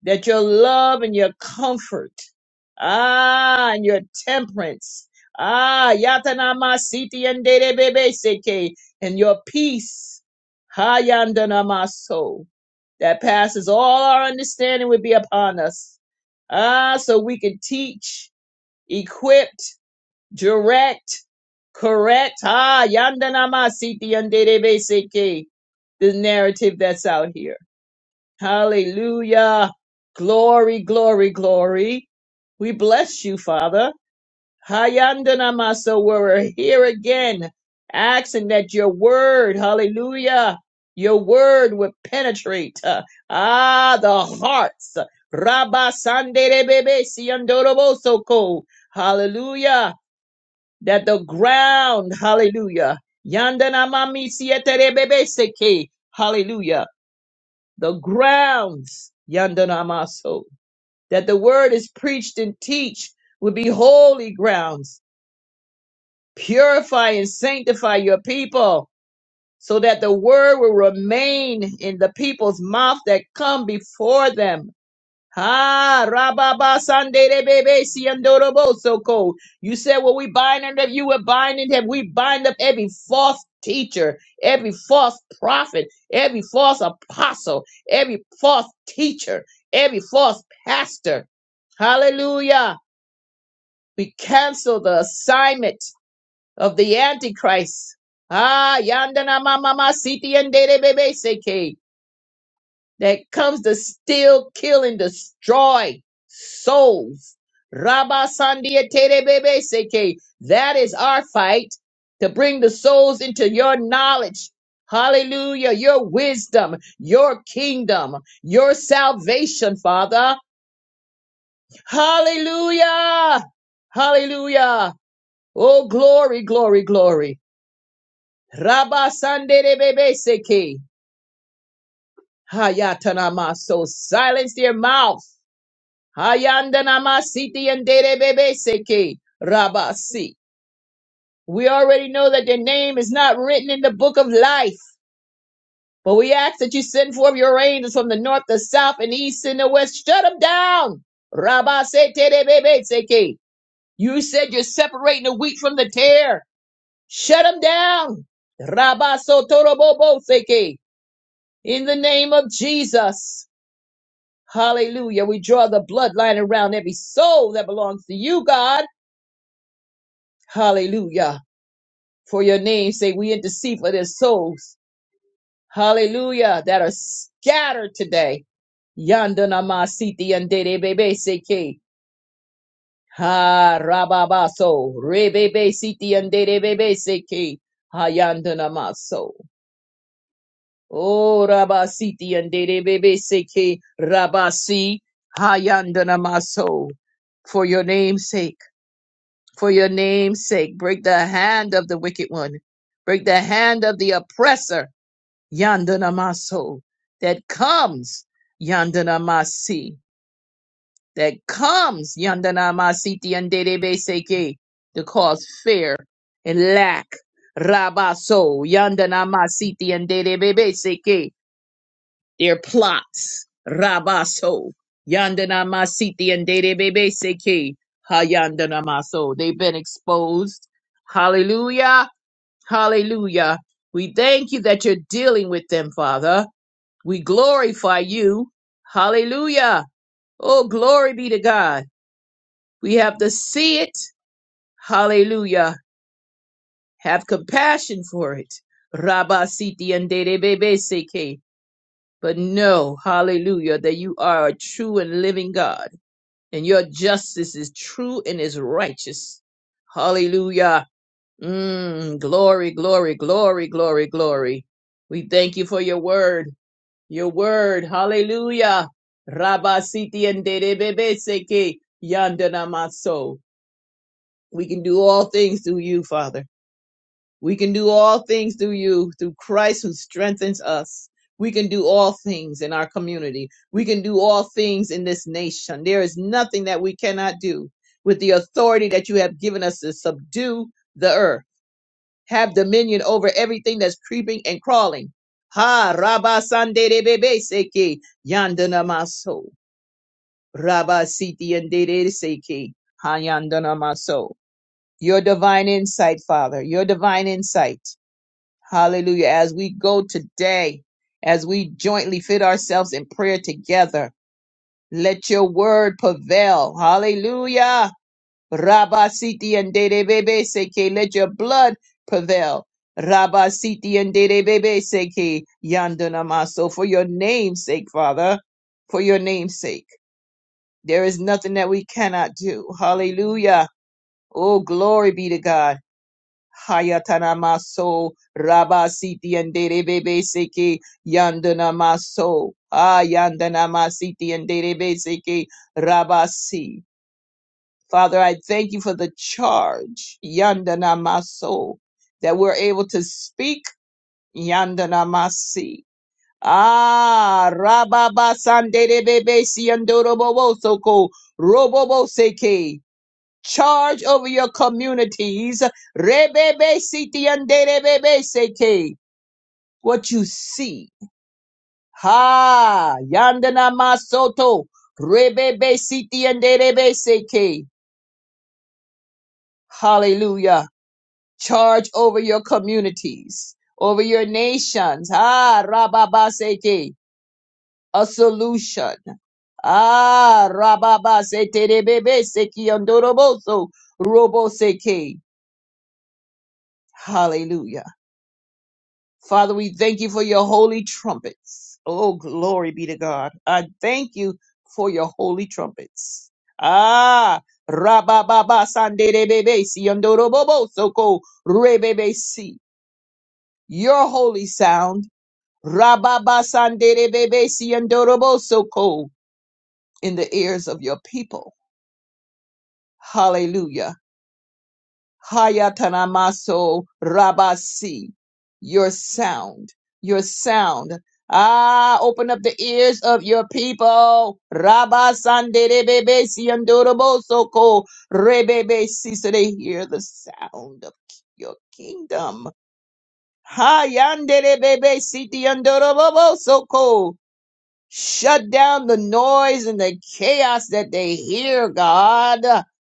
Speaker 5: that your love and your comfort, ah, and your temperance, ah, yatanamasiti and seke, and your peace, ha yandanamaso, that passes all our understanding would be upon us. Ah, so we can teach, equipped, direct, correct, ah, yandanamasiti and seke, the narrative that's out here. Hallelujah. Glory, glory, glory. We bless you, Father. Hayandanamasa, we're here again, asking that your word, hallelujah, your word would penetrate, uh, ah, the hearts. Rabba Sanderebebe Siandorobosoko. Hallelujah. That the ground, hallelujah. Yandanamami Sieterebebe Seke. Hallelujah the grounds, Yandanamaso, that the word is preached and teach would be holy grounds. Purify and sanctify your people so that the word will remain in the people's mouth that come before them Ha Rababa Sande Bebe Siandorobo Soko. You said what we bind under you, we're binding him. We bind up every false teacher, every false prophet, every false apostle, every false teacher, every false pastor. Hallelujah. We cancel the assignment of the Antichrist. Ah, Yandana Mama Siti and Dede Bebe Seke that comes to steal, kill, and destroy souls. Rabba Sandia Tere Bebe Seke. That is our fight to bring the souls into your knowledge. Hallelujah. Your wisdom, your kingdom, your salvation, Father. Hallelujah. Hallelujah. Oh, glory, glory, glory. Rabba Sandere Bebe Seke. Hayatanama. So silence their mouth. Hayandanama siti and bebe seke rabasi. We already know that your name is not written in the book of life, but we ask that you send forth your angels from the north, the south, and east, and the west. Shut them down. Rabase bebe seke. You said you're separating the wheat from the tare. Shut them down. Rabaso torobobo seke. In the name of Jesus. Hallelujah. We draw the bloodline around every soul that belongs to you, God. Hallelujah. For your name's sake, we intercede for their souls. Hallelujah. That are scattered today. Yandana masiti and dede bebe seke. Ha rababaso. Rebebe siti and dede bebe seke. Ha yandana maso. Oh rabasiti and dede bebe seke. Rabasi. Ha yandana maso. For your name's sake. for your name's sake. Break the hand of the wicked one. Break the hand of the oppressor, Yandanamaso, that comes, Yandanamasi, that comes, Yandanamasiti and Dedebeseke, to cause fear and lack. Rabaso, Yandanamasiti and Dedebeseke, their plots. Rabaso. Yandana Masiti and Dede Bebe Seki. Hayandana Maso. They've been exposed. Hallelujah. Hallelujah. We thank you that you're dealing with them, Father. We glorify you. Hallelujah. Oh, glory be to God. We have to see it. Hallelujah. Have compassion for it. Rabasiti and Dede Bebe Seki. but know, hallelujah, that you are a true and living God, and your justice is true and is righteous. Hallelujah. Mm, glory, glory, glory, glory, glory. We thank you for your word, your word. Hallelujah. Rabba siti and derebebe seke yandana maso. We can do all things through you, Father. We can do all things through you, through Christ who strengthens us. We can do all things in our community. We can do all things in this nation. There is nothing that we cannot do with the authority that you have given us to subdue the earth, have dominion over everything that's creeping and crawling. Ha Rabba Sande de Bebe Seke Yandana Maso Rabba Siti and Dede Seke Ha Yandana Maso. Your divine insight, Father, your divine insight. Hallelujah. As we go today, as we jointly fit ourselves in prayer together, let your word prevail. Hallelujah. Rabba Siti and Dede Bebe Seke, let your blood prevail. Rabba Siti and Dede Bebe Seke, Yandunamaso, for your name's sake, Father, for your name's sake. There is nothing that we cannot do. Hallelujah. Oh, glory be to God. Hayatana maso rabasiti and derebe seke yandana maso ayandana masiti and derebe seke rabasi. Father, I thank you for the charge yandana maso that we're able to speak yandana masi. Ah, rababa sandere bebe si andoro bobo soko robobo seke charge over your communities. Rebebe siti yande rebebe seke. What you see. Ha yandana masoto. Rebebe siti yande rebe seke. Hallelujah. Charge over your communities, over your nations. Ha rababa seke. A solution. Ah, rababa sete rebebe seki yandoroboso robo seke. Hallelujah. Father, we thank you for your holy trumpets. Oh, glory be to God. I thank you for your holy trumpets. Ah, rabababa sandebebe siondorobobo soko rebebe si. Your holy sound, rababa sandebebe siondorobo soko in the ears of your people. Hallelujah. Hayatanamaso Rabasi. Your sound, your sound. Ah, open up the ears of your people. Rabba Sanderebebe Siandorobosoko Rebebe Si so they hear the sound of your kingdom. Hayanderebebe Sitiandorobosoko. Shut down the noise and the chaos that they hear, God.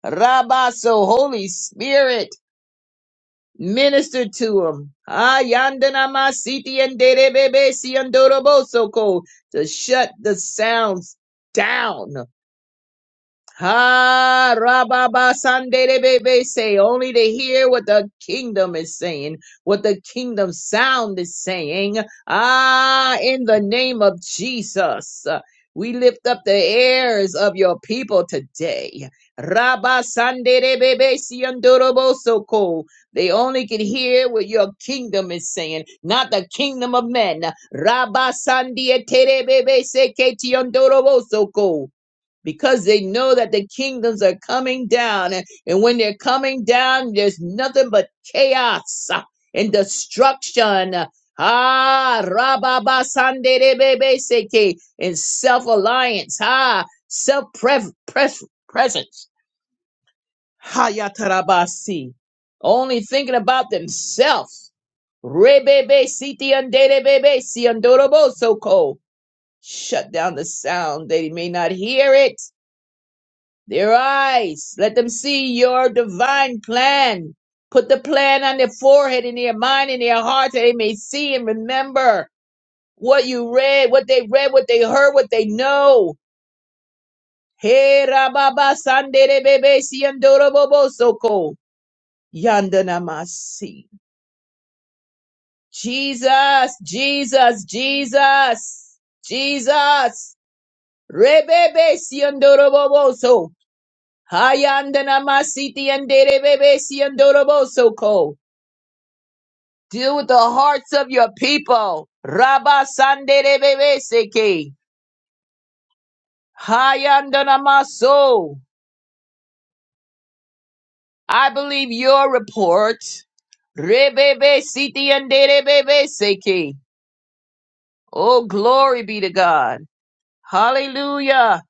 Speaker 5: Rabba, so Holy Spirit. Minister to him. Ah, yandana masiti and derebebe si andoroboso ko to shut the sounds down Ha Rababa Sanderebebe say only to hear what the kingdom is saying, what the kingdom sound is saying. Ah, in the name of Jesus. We lift up the heirs of your people today. Rabba Sanderebebe Siandorobo Soko. They only can hear what your kingdom is saying, not the kingdom of men. Rabba Sandieterebebe Seketiondorobo Soko because they know that the kingdoms are coming down. And, and when they're coming down, there's nothing but chaos uh, and destruction. Ah, rababa sanderebebe seke, and self alliance. Ah, self presence. Hayatarabasi. Only thinking about themselves. Rebebe siti andere si andorobo so ko. Shut down the sound that he may not hear it their eyes. Let them see your divine plan. Put the plan on their forehead, in their mind, in their heart, that they may see and remember what you read, what they read, what they heard, what they know. Hey, rababa sandere bebe siandoro bobo soko. Yandanamasi. Jesus, Jesus, Jesus, Jesus. Rebebe siandoro bobo so. Hayandanamasiti and Derebebesi and Dorobosoko. Deal with the hearts of your people. Rabba Sanderebebeseke. Hayandanamaso. I believe your report. Rebebe Siti and Derebebeseke. Oh, glory be to God. Hallelujah.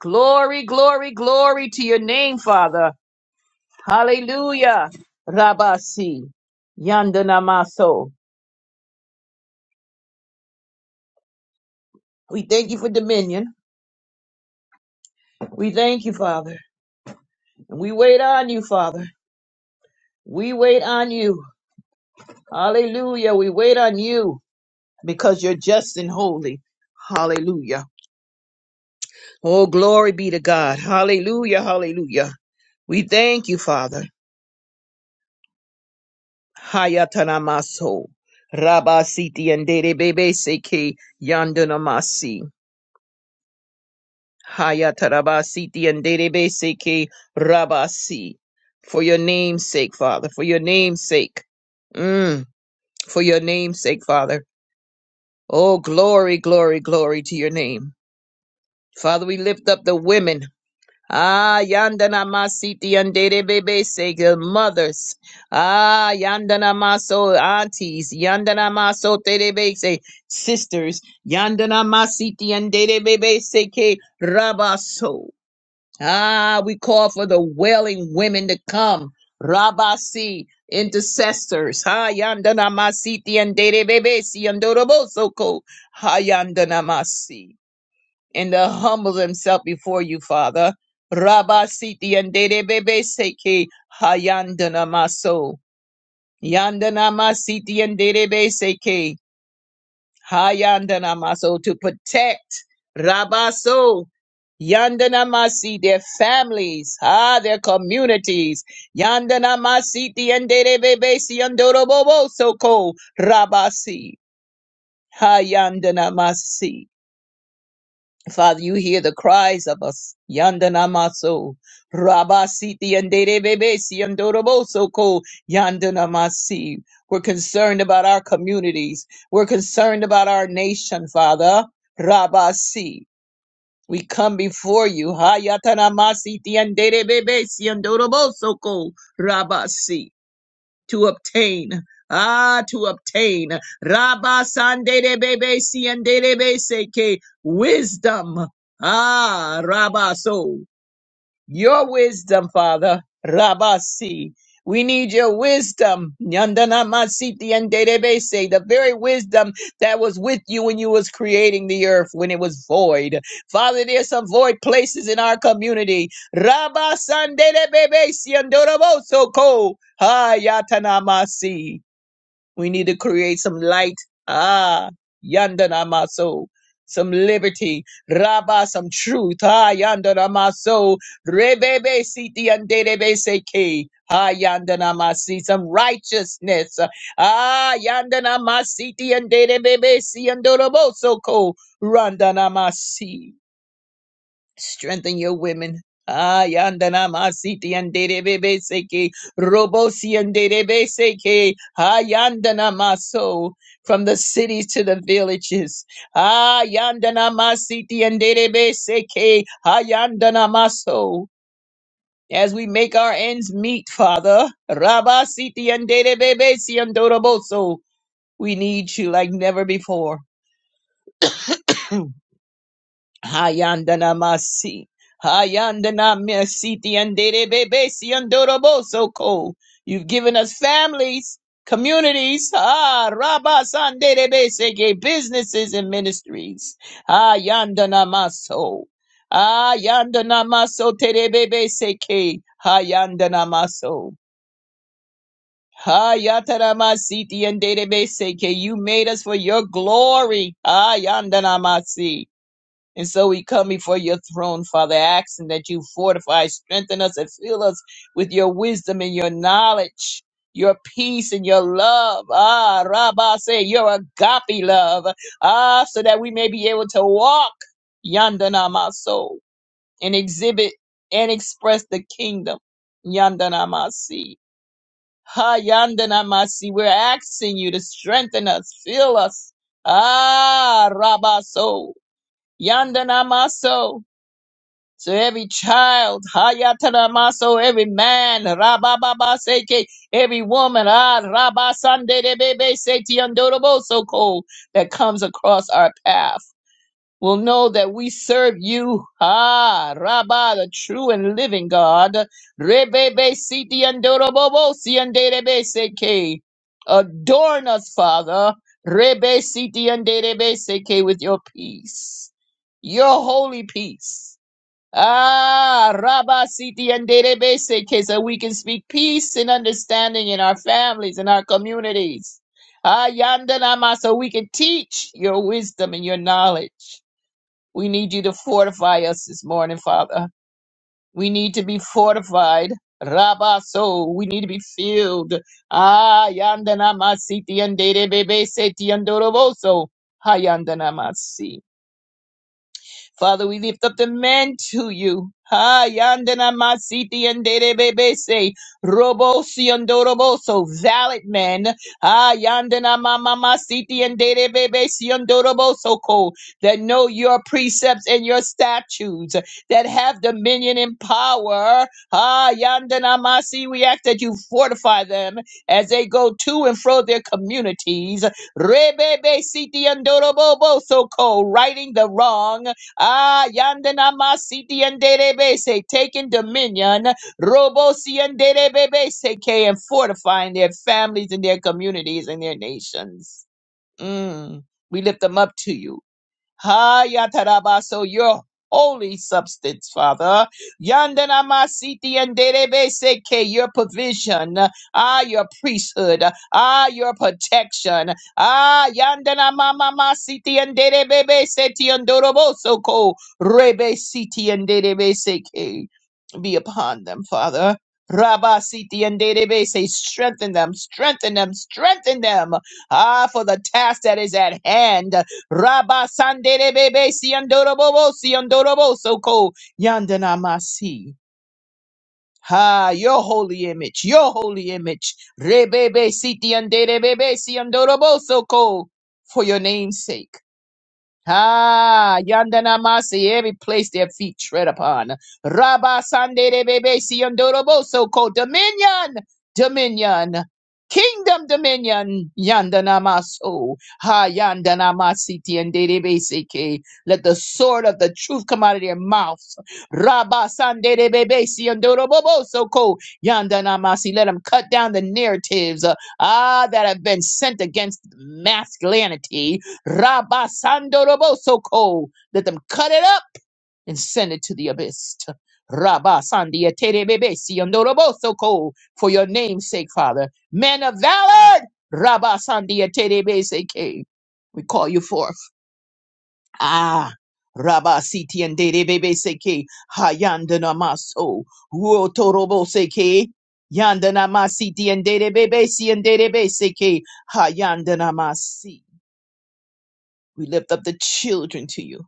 Speaker 5: Glory, glory, glory to your name, Father. Hallelujah. Rabasi. Yandanamaso. We thank you for dominion. We thank you, Father. And we wait on you, Father. We wait on you. Hallelujah. We wait on you because you're just and holy. Hallelujah. Oh, glory be to God. Hallelujah. Hallelujah. We thank you, Father. Hayatanamaso. Rabasiti and Dede Bebe Seke Yandanamasi. Hayatarabasiti and Derebeseke Rabasi. For your name's sake, Father. For your name's sake. Mm, for your name's sake, Father. Oh, glory, glory, glory to your name. Father, we lift up the women. Ah, yandana masiti and Derebeseke, the mothers. Ah, yandana maso aunties. Yandana maso terebese, sisters. Yandana masiti and Derebeseke Rabaso. Ah, we call for the wailing women to come. Rabasi, intercessors. Ha yandana masiti and derebebesi andorobosoko. Ha yandana masi. And to humble themselves before you, Father. Rabasiti and derebebeseke. Ha yandana maso. Yandana masiti and derebeseke. Hayandanamaso to protect Rabaso Yandanamasi their families, ah, their communities. Yandanamasi Tiandebebesi Yandorobobo Soko Rabasi Hayandanamasi. Father, you hear the cries of us. Yandanamaso, Rabasiti and Derebebesi and Doroboso ko Yandanamasi. We're concerned about our communities. We're concerned about our nation, Father. Rabasi. We come before you. Hayatanamasi and Derebebesi and Doroboso ko Rabasi to obtain. Ah, to obtain. Rabba sandere bebe siendere seke Wisdom. Ah, Rabba so. Your wisdom, Father. Rabasi. We need your wisdom. Nyandana masiti and dedebese, The very wisdom that was with you when you was creating the earth when it was void. Father, there's some void places in our community. Rabasandedebebesi andoroboso ko. Hayatanamasi. We need to create some light. Ah, yandanamaso. Some liberty. Rabba, some truth. Ah, yandanamaso. Rebebe siti yanderebe seke. Ah, yandanamasi. Some righteousness. Ah, yandanamasiti yanderebebe si yandoroboso ko. Randanamasi strengthen your women. Ah, yandana masiti anderebe seke robosi anderebe seke ah yandana maso from the cities to the villages. Ah, yandana masiti anderebe seke ah yandana maso. As we make our ends meet, Father, Rabasiti and derebebe si andoroboso. We need you like never before. Hayandana masi. Hayandana mesiti andere bebesi andoroboso ko. You've given us families, communities, ah, rabas andere besege, businesses and ministries. Hayandana maso. Hayandana maso terebebe seke. Hayandana maso. Hayatana masiti andere beseke. You made us for your glory. Hayandana masi. And so we come before your throne, Father, asking that you fortify, strengthen us, and fill us with your wisdom and your knowledge, your peace and your love. Ah, Rabbah say, your agape love. Ah, so that we may be able to walk yandana and exhibit and express the kingdom. yandanamasi. Ha yandanamasi. We're asking you to strengthen us, fill us. Ah, Rabbah so. Yandana so every child, Hayataramaso, every man, Rabababa Seke, every woman, Ah Rabba Sande de Bebe Seti Andoroboso Ko, that comes across our path will know that we serve you, Ah Rabba, the true and living God, Rebebe Siti Andorobosi Anderebe Seke. Adorn us, Father, Rebe Siti Anderebe Seke, with your peace, your holy peace Ah, Rabba Siti and Derebese, so we can speak peace and understanding in our families and our communities. Ah, Yandanama, so we can teach your wisdom and your knowledge. We need you to fortify us this morning, Father. We need to be fortified. Rabba, so we need to be filled. Ah, Yandanama, Siti and Derebese, Tiandoroboso, Ha Yandanama, si. Father, we lift up the men to you. Ha yandana masiti and derebese robosi andoroboso valid men. Ha yandana mama masiti and derebese andoroboso ko that know your precepts and your statutes that have dominion and power. Ha yandana masi, we ask that you fortify them as they go to and fro their communities. Rebebe siti andoroboso ko righting the wrong. Ah, yandana masiti and derebese, taking dominion, robosi and derebese, and fortifying their families and their communities and their nations. Mm. We lift them up to you. Hayataraba, so your holy substance, Father. Yandana masiti and seke your provision. Ah, your priesthood. Ah, your protection. Ah, yandana mama masiti and derebe seti and doroboso ko rebe Rebesiti and derebe seke Be upon them, Father. Rabba Siti and derebe Derebese, strengthen them, strengthen them, strengthen them. Ah, for the task that is at hand. Rabba Sandere Bebe Siandorobo Siandorobo Soko Yandanamasi. Ha, your holy image, your holy image. Rebebe siti Sitiandere Bebe Siandorobo Soko. For your name's sake. Ah, yandana masi, every place their feet tread upon. Rabba sande de bebe si yondoroboso ko dominion, dominion, kingdom dominion, yandana maso. Ha yandana masi tiende de bebe ke. Let the sword of the truth come out of their mouth. Rabba sande de bebe si yondoroboso ko yandana masi. Let them cut down the narratives, uh, ah, that have been sent against masculinity Rabasandorobosoko. Let them cut it up and send it to the abyss. Rabasandiaterebebesiandorobosoko. For your name's sake, Father. Men of valor! Rabasandiaterebeseke. We call you forth. Ah. Rabba siti and dede bebe seke hayandana maso ruotorobo seke yandana masiti and dede bebe si and dede seke hayandana masi. We lift up the children to you.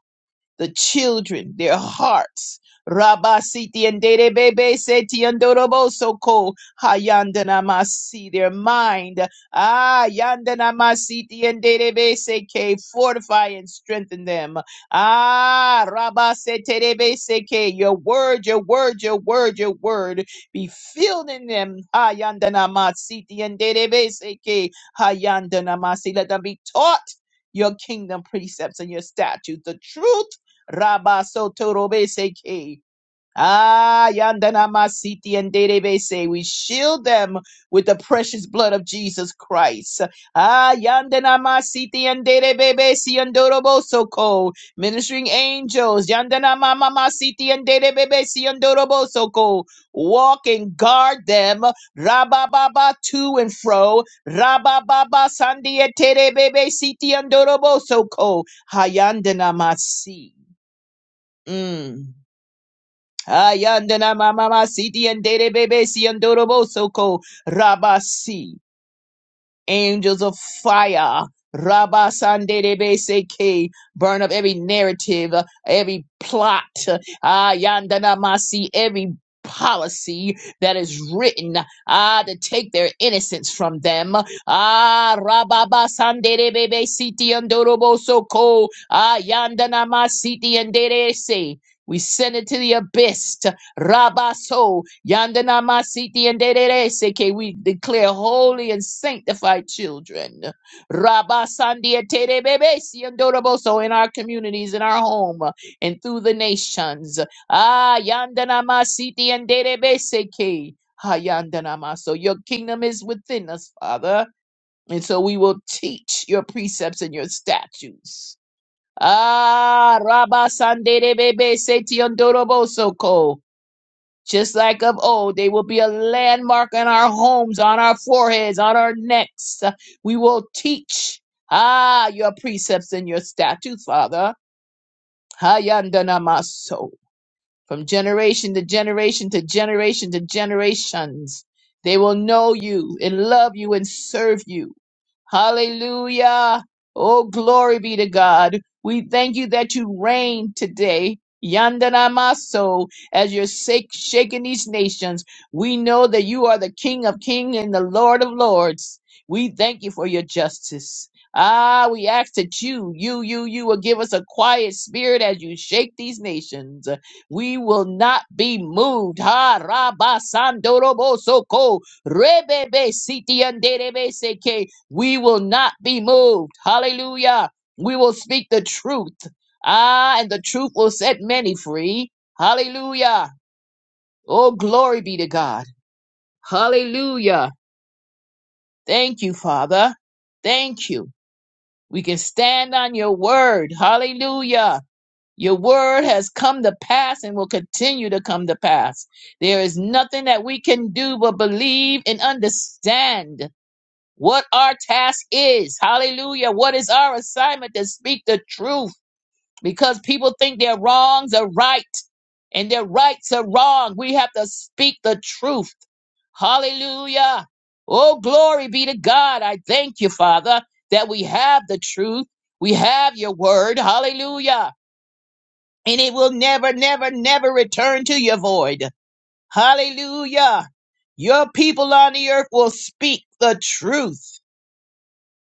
Speaker 5: the children, their hearts. Rabba siti and Dede Bebe Seti and Doroboso Ko Hayandana Masi, their mind. Ah Yandana Masiti and Dede Bebe Seke, fortify and strengthen them. Ah Rabba Sete Debe Seke, your word, your word, your word, your word be filled in them. Hayandana Masiti and Dede Bebe Seke, Hayandana Masi, let them be taught your kingdom precepts and your statutes, the truth Rabasotorobe Ah, yandana masiti and derebese. We shield them with the precious blood of Jesus Christ. Ah, yandana masiti and derebebesi and dorobosoko. Ministering angels, yandana mama masiti and derebebesi and dorobosoko. Walk and guard them. Rabababa to and fro. Rabababa sandia terebebesiti and dorobosoko. Hayandana masi. Mm. Ayandana mama siti and dere bebe si andorobo soko rabasi angels of fire. Rabba Sandebeseke, burn up every narrative, uh, every plot, ah, Yandana Masi, every policy that is written, ah, to take their innocence from them. Ah, Rababa Sandebebe Siti Andorobo Soko, ah, Yandana Masiti and Derese. We send it to the abyss. Rabaso, Yandana Masiti and Dedere Seke, we declare holy and sanctified children. Rabasandia Tere Bebesi and Doroboso in our communities, in our home, and through the nations. Ah, Yandana Masiti and Dedere Seke. Ha Yandana Maso. Your kingdom is within us, Father. And so we will teach your precepts and your statutes. Ah, Rabasandere Bebe Seti and Doroboso Ko. Just like of old, they will be a landmark in our homes, on our foreheads, on our necks. We will teach, ah, your precepts and your statutes, Father. Hayandanamaso. From generation to generation to generation to generations, they will know you and love you and serve you. Hallelujah. Oh, glory be to God. We thank you that you reign today. Yandanamaso, as you're shak- shaking these nations, we know that you are the King of kings and the Lord of lords. We thank you for your justice. Ah, we ask that you, you, you, you will give us a quiet spirit as you shake these nations. We will not be moved. Ha raba sandorobo soko rebebe siti anderebe seke. We will not be moved. Hallelujah. We will speak the truth. Ah, and the truth will set many free. Hallelujah. Oh, glory be to God. Hallelujah. Thank you, Father. Thank you. We can stand on your word. Hallelujah. Your word has come to pass and will continue to come to pass. There is nothing that we can do but believe and understand what our task is. Hallelujah. What is our assignment to speak the truth? Because people think their wrongs are right and their rights are wrong. We have to speak the truth. Hallelujah. Oh, glory be to God. I thank you, Father, that we have the truth. We have your word. Hallelujah and it will never, never, never return to your void. Hallelujah. Your people on the earth will speak the truth.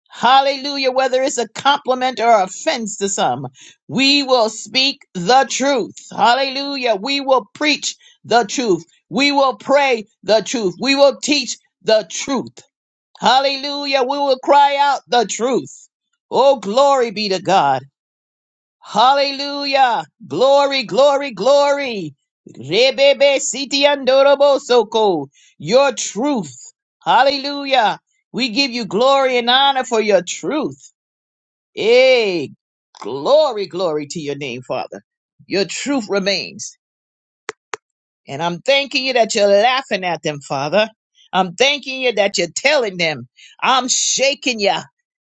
Speaker 5: Hallelujah. Whether it's a compliment or offense to some, we will speak the truth. Hallelujah. We will preach the truth. We will pray the truth. We will teach the truth. Hallelujah. We will cry out the truth. Oh, glory be to God. Hallelujah. Glory, glory, glory. Rebebe siti andorobo soko. Your truth. Hallelujah. We give you glory and honor for your truth. Eh, glory, glory to your name, Father. Your truth remains. And I'm thanking you that you're laughing at them, Father. I'm thanking you that you're telling them, I'm shaking you.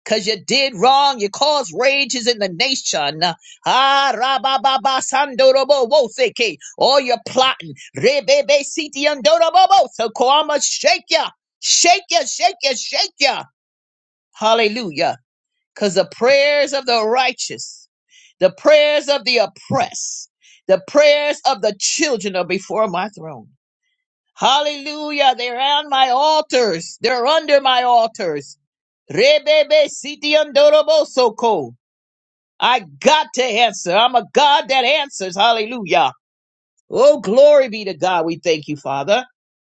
Speaker 5: Cause you did wrong. You caused rages in the nation. Ah, rabababa, sandorobo, woseke. All your plotting. Rebebe, siti, andorobo, so I'ma shake you, Shake you, shake you, shake you. Hallelujah. Cause the prayers of the righteous, the prayers of the oppressed, the prayers of the children are before my throne. Hallelujah. They're on my altars. They're under my altars. Rebebe siti andorobosoko. I got to answer. I'm a God that answers. Hallelujah. Oh, glory be to God. We thank you, Father.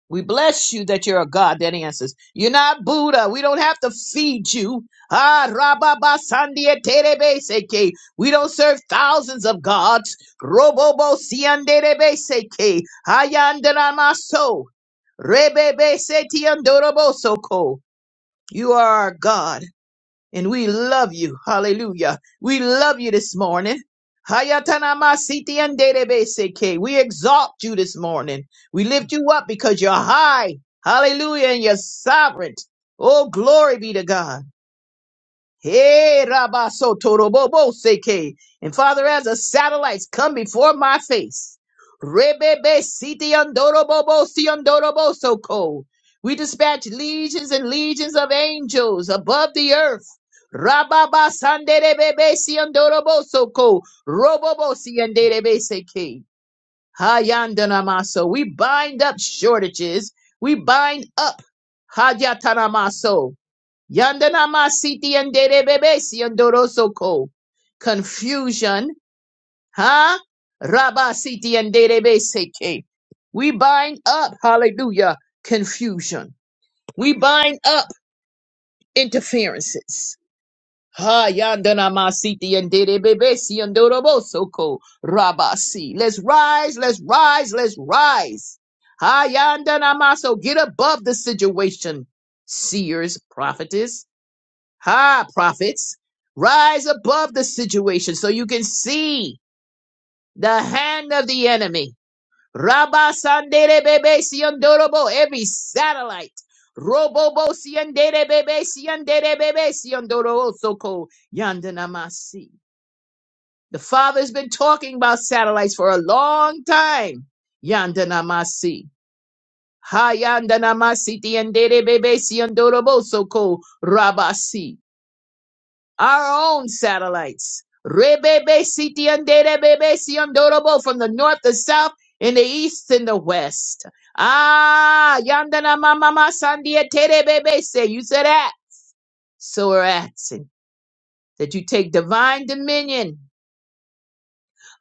Speaker 5: We bless you that you're a God that answers. You're not Buddha. We don't have to feed you. Ah, rababa sandia terebe seke. We don't serve thousands of gods. Robobo sianderebe seke. Hayandanamaso. Rebebe seti setiandorobosoko. You are our God, and we love you. Hallelujah. We love you this morning. Hayatanama sitianderebeseke. We exalt you this morning. We lift you up because you're high. Hallelujah. And you're sovereign. Oh, glory be to God. Hey, Rabaso Torobobo Seke. And Father, as the satellites come before my face, Rebebe Siti Andorobobo Siandorobo Soko. We dispatch legions and legions of angels above the earth. Rababa Sanderebebe Siandorobo Soko. Robobo Sianderebe Seke. Hayandanamaso. We bind up shortages. We bind up Hadyatanamaso. Yandanama siti yanderebebesi yandorosoko. Confusion, huh? Rabba siti yanderebeseke. We bind up, hallelujah, confusion. We bind up interferences. Ha yandanama siti yanderebebesi yandorobosoko. Rabba si. Let's rise, let's rise, let's rise. Ha yandanama. So get above the situation. Seers, prophetess. Ha, prophets, rise above the situation so you can see the hand of the enemy. Rabba sandere bebe siondorobo, every satellite. Robobo siandere bebe siandere bebe siondorobo soko yandanamasi. The Father's been talking about satellites for a long time. Yandanamasi. Ha yandanamasi tiandere bebe siondorobo soko rabasi. our own satellites. Rebebe sitiandere bebe siondorobo from the north, the south, in the east and the west. Ah, yandana mama sandia tere bebe say. You said that. So we're asking that you take divine dominion.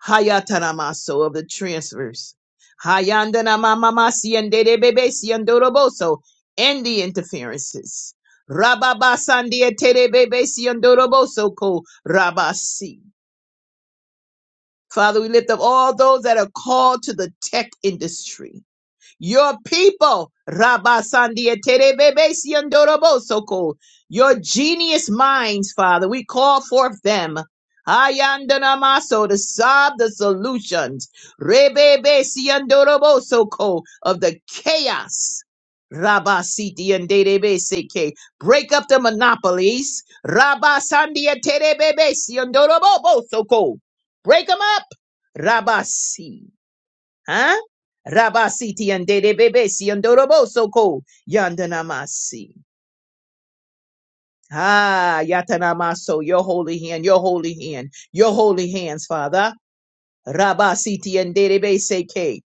Speaker 5: Hayataramaso of the transfers. Hayandana mama ma siandere bebe siondorobo. So end the interferences. Rababa sandia tere bebe siondorobo. So ko rabasi. Father, we lift up all those that are called to the tech industry. Your people, Rabba Sandia Terebebe your genius minds, Father, we call forth them. Ayandanamaso to solve the solutions. Rebebe Siandorobosoko of the chaos. Rabba and Derebe Break up the monopolies. Rabba Sandia Terebebe Break them up. Rabasi. Huh? Rabasiti and Dede Bebesi and Doroboso Ko Yandanamasi. Ah, Yatanamaso, your holy hand, your holy hand, your holy hands, Father. Rabasiti and Dede Bese K.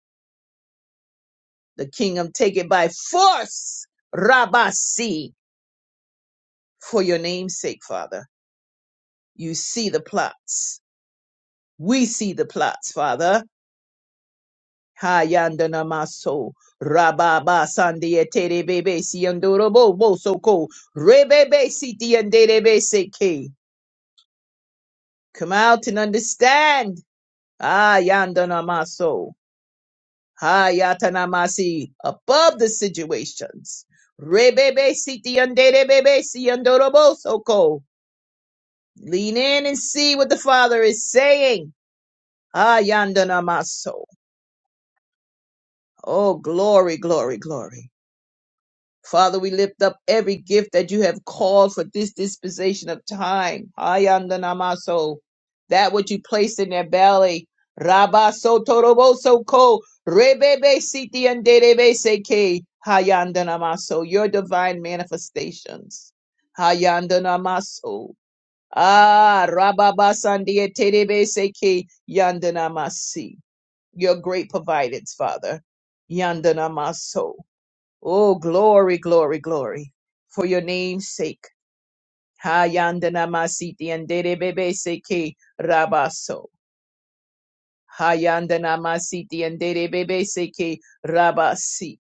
Speaker 5: The kingdom take it by force. Rabasi. For your name's sake, Father. You see the plots. We see the plots, Father. Hayandana maso rababa sandia tere bebe siandorobo bosoko rebebe siti anderebe seke. Come out and understand. Hayandana maso hayatana masi above the situations. Rebebe siti anderebe siandorobo soko. Lean in and see what the Father is saying. Hayandana maso. Oh, glory, glory, glory. Father, we lift up every gift that you have called for this dispensation of time. Hayanda namaso. That which you placed in their belly. Rabaso toroboso ko. Rebebe siti and derebe seke. Hayanda namaso. Your divine manifestations. Hayanda namaso. Ah, rababasandia terebe seke. Yanda namasi. Your great providence, Father. Yanda Oh, glory, glory, glory. For your name's sake. Hayandana masiti and dere bebe seke rabaso. Hayandana masiti and dere bebe seke rabasi.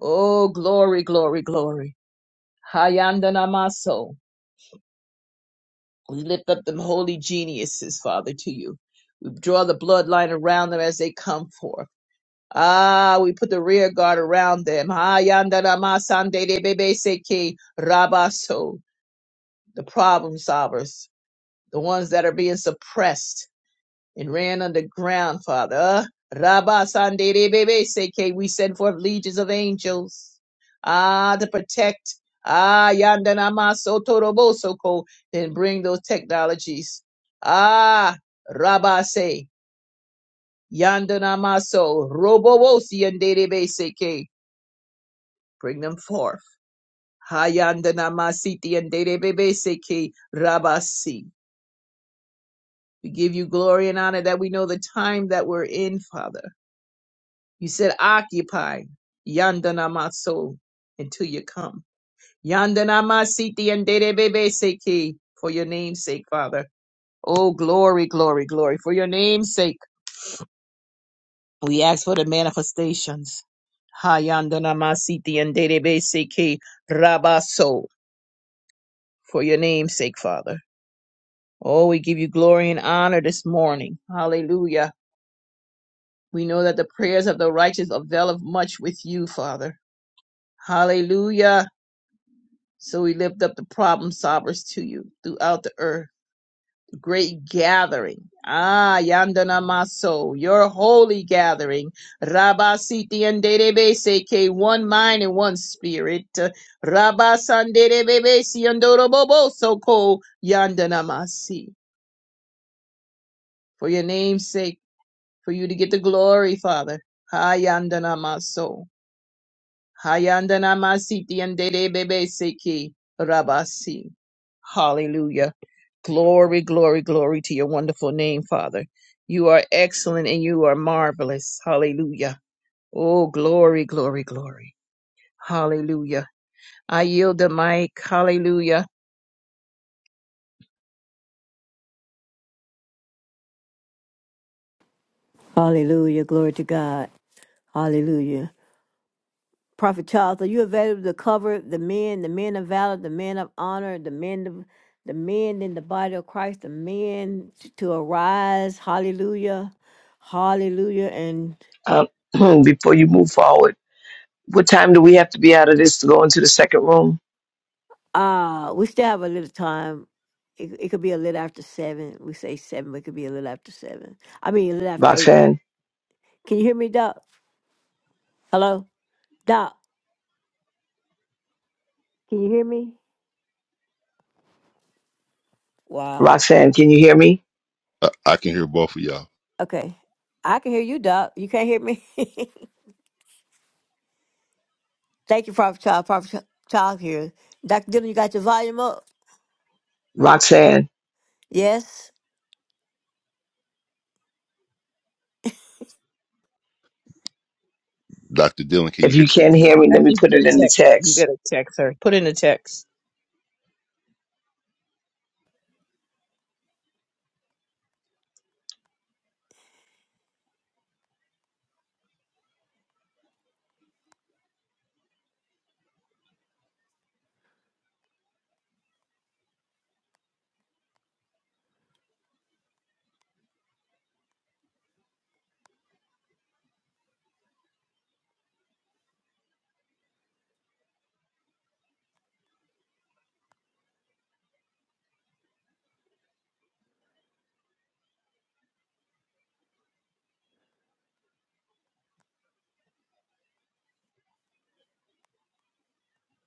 Speaker 5: Oh, glory, glory, glory. Hayandana maso. We lift up them holy geniuses, Father, to you. We draw the bloodline around them as they come forth. Ah, we put the rear guard around them. Hayandana masande de bebe seke rabaso. the problem solvers, the ones that are being suppressed and ran underground, Father. Uh, Rabba Sandere Bebe Seke, we send forth legions of angels, ah, to protect, ah, Yandanama Sotorobosoko, then bring those technologies, ah, Rabba Se, Yandanamaso, Robobosi and Derebe Seke, bring them forth. Hayandanama Siti and Derebe Seke, Rabasi. We give you glory and honor that we know the time that we're in, Father. You said, occupy yandana maso until you come. Yandana masiti and bebe seki for your name's sake, Father. Oh, glory, glory, glory. For your name's sake, we ask for the manifestations. Hayandana masiti and bebe seki rabaso for your name's sake, Father. Oh, we give you glory and honor this morning. Hallelujah. We know that the prayers of the righteous availeth much with you, Father. Hallelujah. So we lift up the problem solvers to you throughout the earth. The great gathering. Ah, Yandana Maso, your holy gathering. Rabba Siti and Derebe Seke, one mind and one spirit. Rabba Sanderebebe Siandorobobo Soko Yandana Masi. For your name's sake, for you to get the glory, Father. Ah, Yandana Maso. Hayandana masiti and dede bebe seki rabasi. Hallelujah. Glory, glory, glory to your wonderful name, Father. You are excellent and you are marvelous. Hallelujah. Oh, glory, glory, glory. Hallelujah. I yield the mic. Hallelujah.
Speaker 1: Hallelujah. Glory to God. Hallelujah. Prophet Charles, are you available to cover the men, the men of valor, the men of honor, the men of the men in the body of Christ, the men t- to arise? Hallelujah. Hallelujah. And
Speaker 7: Um, before you move forward, what time do we have to be out of this to go into the second room?
Speaker 1: uh we still have a little time. It, it could be a little after seven. We say seven, but it could be a little after seven. I mean a little after eight.
Speaker 7: Roxanne,
Speaker 1: Can you hear me, Doc? Hello? Doc, can you hear me? Wow.
Speaker 7: Roxanne, can you hear me?
Speaker 3: I, I can hear both of y'all.
Speaker 1: Okay. I can hear you, Doc. You can't hear me? Thank you, Prophet Child. Prophet Ch- Child here. Dr. Dillon, you got your volume up?
Speaker 7: Roxanne,
Speaker 1: Yes?
Speaker 3: Dr. Dillon, can
Speaker 7: if
Speaker 3: you hear?
Speaker 7: you can hear me,
Speaker 5: I
Speaker 7: let me
Speaker 5: think you
Speaker 7: put it
Speaker 5: better
Speaker 7: in the
Speaker 5: text. You
Speaker 7: text.
Speaker 5: better text her. Put in a text.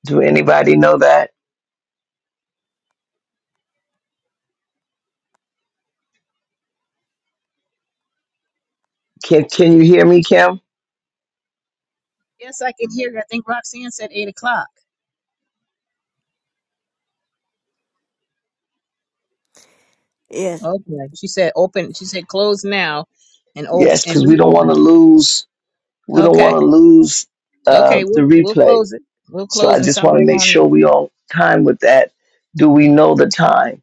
Speaker 7: Do anybody know that? Can Can you hear me, Kim?
Speaker 5: Yes, I can hear her. I think Roxanne said eight o'clock.
Speaker 1: Yes.
Speaker 5: Okay. She said open. She said close now and open
Speaker 7: Yes,
Speaker 5: and
Speaker 7: because we don't want
Speaker 5: reopen.
Speaker 7: to lose. We don't want
Speaker 5: Okay.
Speaker 7: to lose uh,
Speaker 5: Okay,
Speaker 7: the
Speaker 5: we'll we'll
Speaker 7: replay.
Speaker 5: close it. We'll
Speaker 7: So
Speaker 5: close
Speaker 7: I
Speaker 5: and
Speaker 7: just
Speaker 5: come
Speaker 7: want to
Speaker 5: back
Speaker 7: make
Speaker 5: on.
Speaker 7: sure
Speaker 5: it.
Speaker 7: we on time with that. Do we know the time?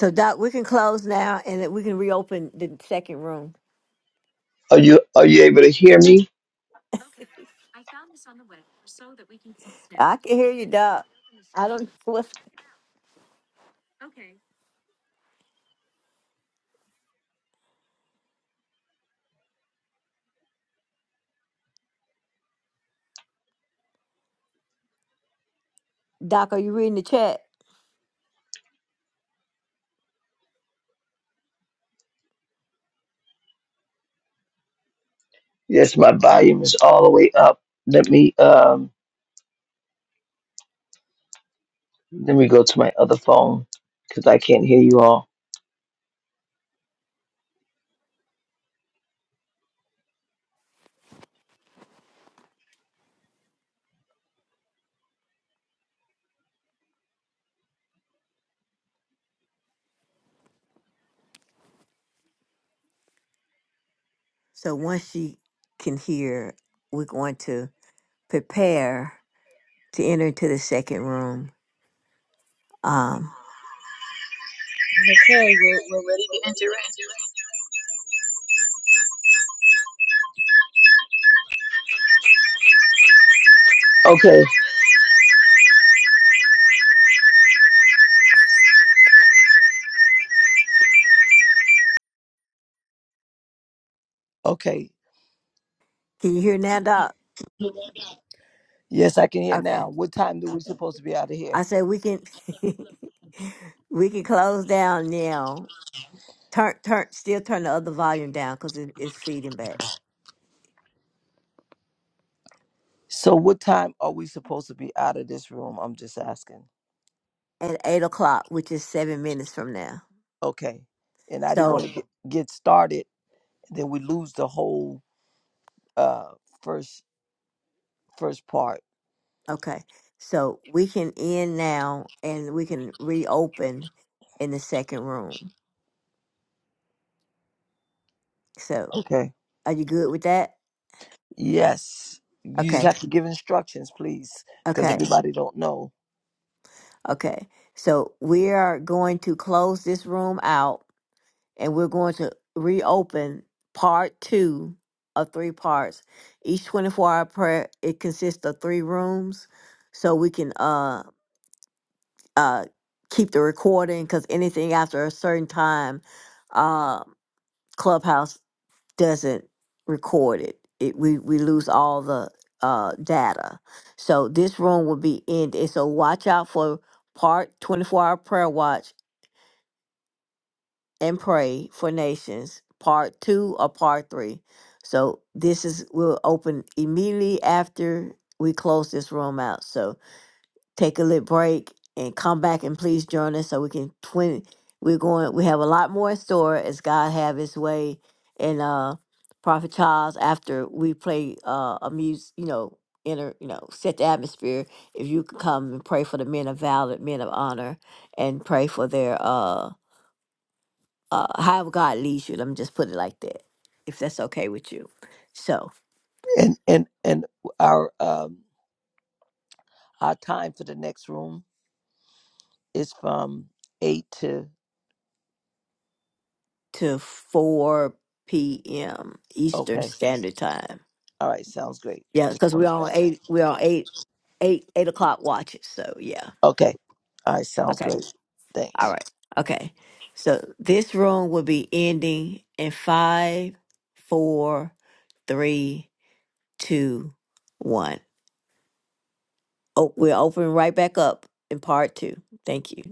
Speaker 1: So, Doc, we can close now and then we can reopen the second room.
Speaker 7: Are you Are you able to hear me?
Speaker 1: I can hear you, Doc. I don't know what's. Doc, are you reading the chat?
Speaker 7: Yes, my volume is all the way up. Let me. Um, Let me go to my other phone because I can't hear you all.
Speaker 1: So, once she can hear, we're going to prepare to enter into the second room. Um,
Speaker 5: Okay, we're we're ready to enter
Speaker 7: Okay.
Speaker 8: Okay.
Speaker 1: Can you hear now, Doc?
Speaker 8: Yes, I can hear
Speaker 1: Okay.
Speaker 8: now. What time do we supposed to be out of here?
Speaker 1: I said we can we can close down now. Turn turn still turn the other volume down because it, it's feeding back
Speaker 8: So what time are we supposed to be out of this room? I'm just asking.
Speaker 1: at eight o'clock, which is seven minutes from now.
Speaker 8: Okay. And I didn't want to
Speaker 1: So
Speaker 8: get, get started, then we lose the whole uh first first part.
Speaker 1: okay, so we can end now and we can reopen in the second room. So
Speaker 8: Okay.
Speaker 1: are you good with that?
Speaker 8: Yes. You just
Speaker 1: Okay,
Speaker 8: have to give instructions, please, because
Speaker 1: okay,
Speaker 8: everybody don't know.
Speaker 1: okay. So we are going to close this room out and we're going to reopen part two of three parts. Each 24 hour prayer, it consists of three rooms so we can uh, uh, keep the recording because anything after a certain time, uh, Clubhouse doesn't record it. it we, we lose all the uh, data. So this room will be ended. So watch out for part 24 hour prayer watch and pray for nations part two or part three so this is will open immediately after we close this room out so take a little break and come back and please join us so we can twin we're going we have a lot more in store as god have his way and uh prophet charles after we play uh a music you know enter you know set the atmosphere if you could come and pray for the men of valor men of honor and pray for their uh uh, however God leads you. Let me just put it like that, if that's okay with you. So
Speaker 8: And and and our um our time for the next room is from eight to
Speaker 1: to 4 p.m. Eastern
Speaker 8: okay.
Speaker 1: Standard Time.
Speaker 8: All right, sounds great.
Speaker 1: Yeah,
Speaker 8: Just
Speaker 1: because we're
Speaker 8: wanted
Speaker 1: on
Speaker 8: that.
Speaker 1: eight. We're on eight, eight, eight o'clock watches. So yeah.
Speaker 8: Okay. All right. Sounds
Speaker 1: Okay.
Speaker 8: great. Thanks.
Speaker 1: All right. Okay. So this room will be ending in five, four, three, two, one. Oh, we're opening right back up in part two. Thank you.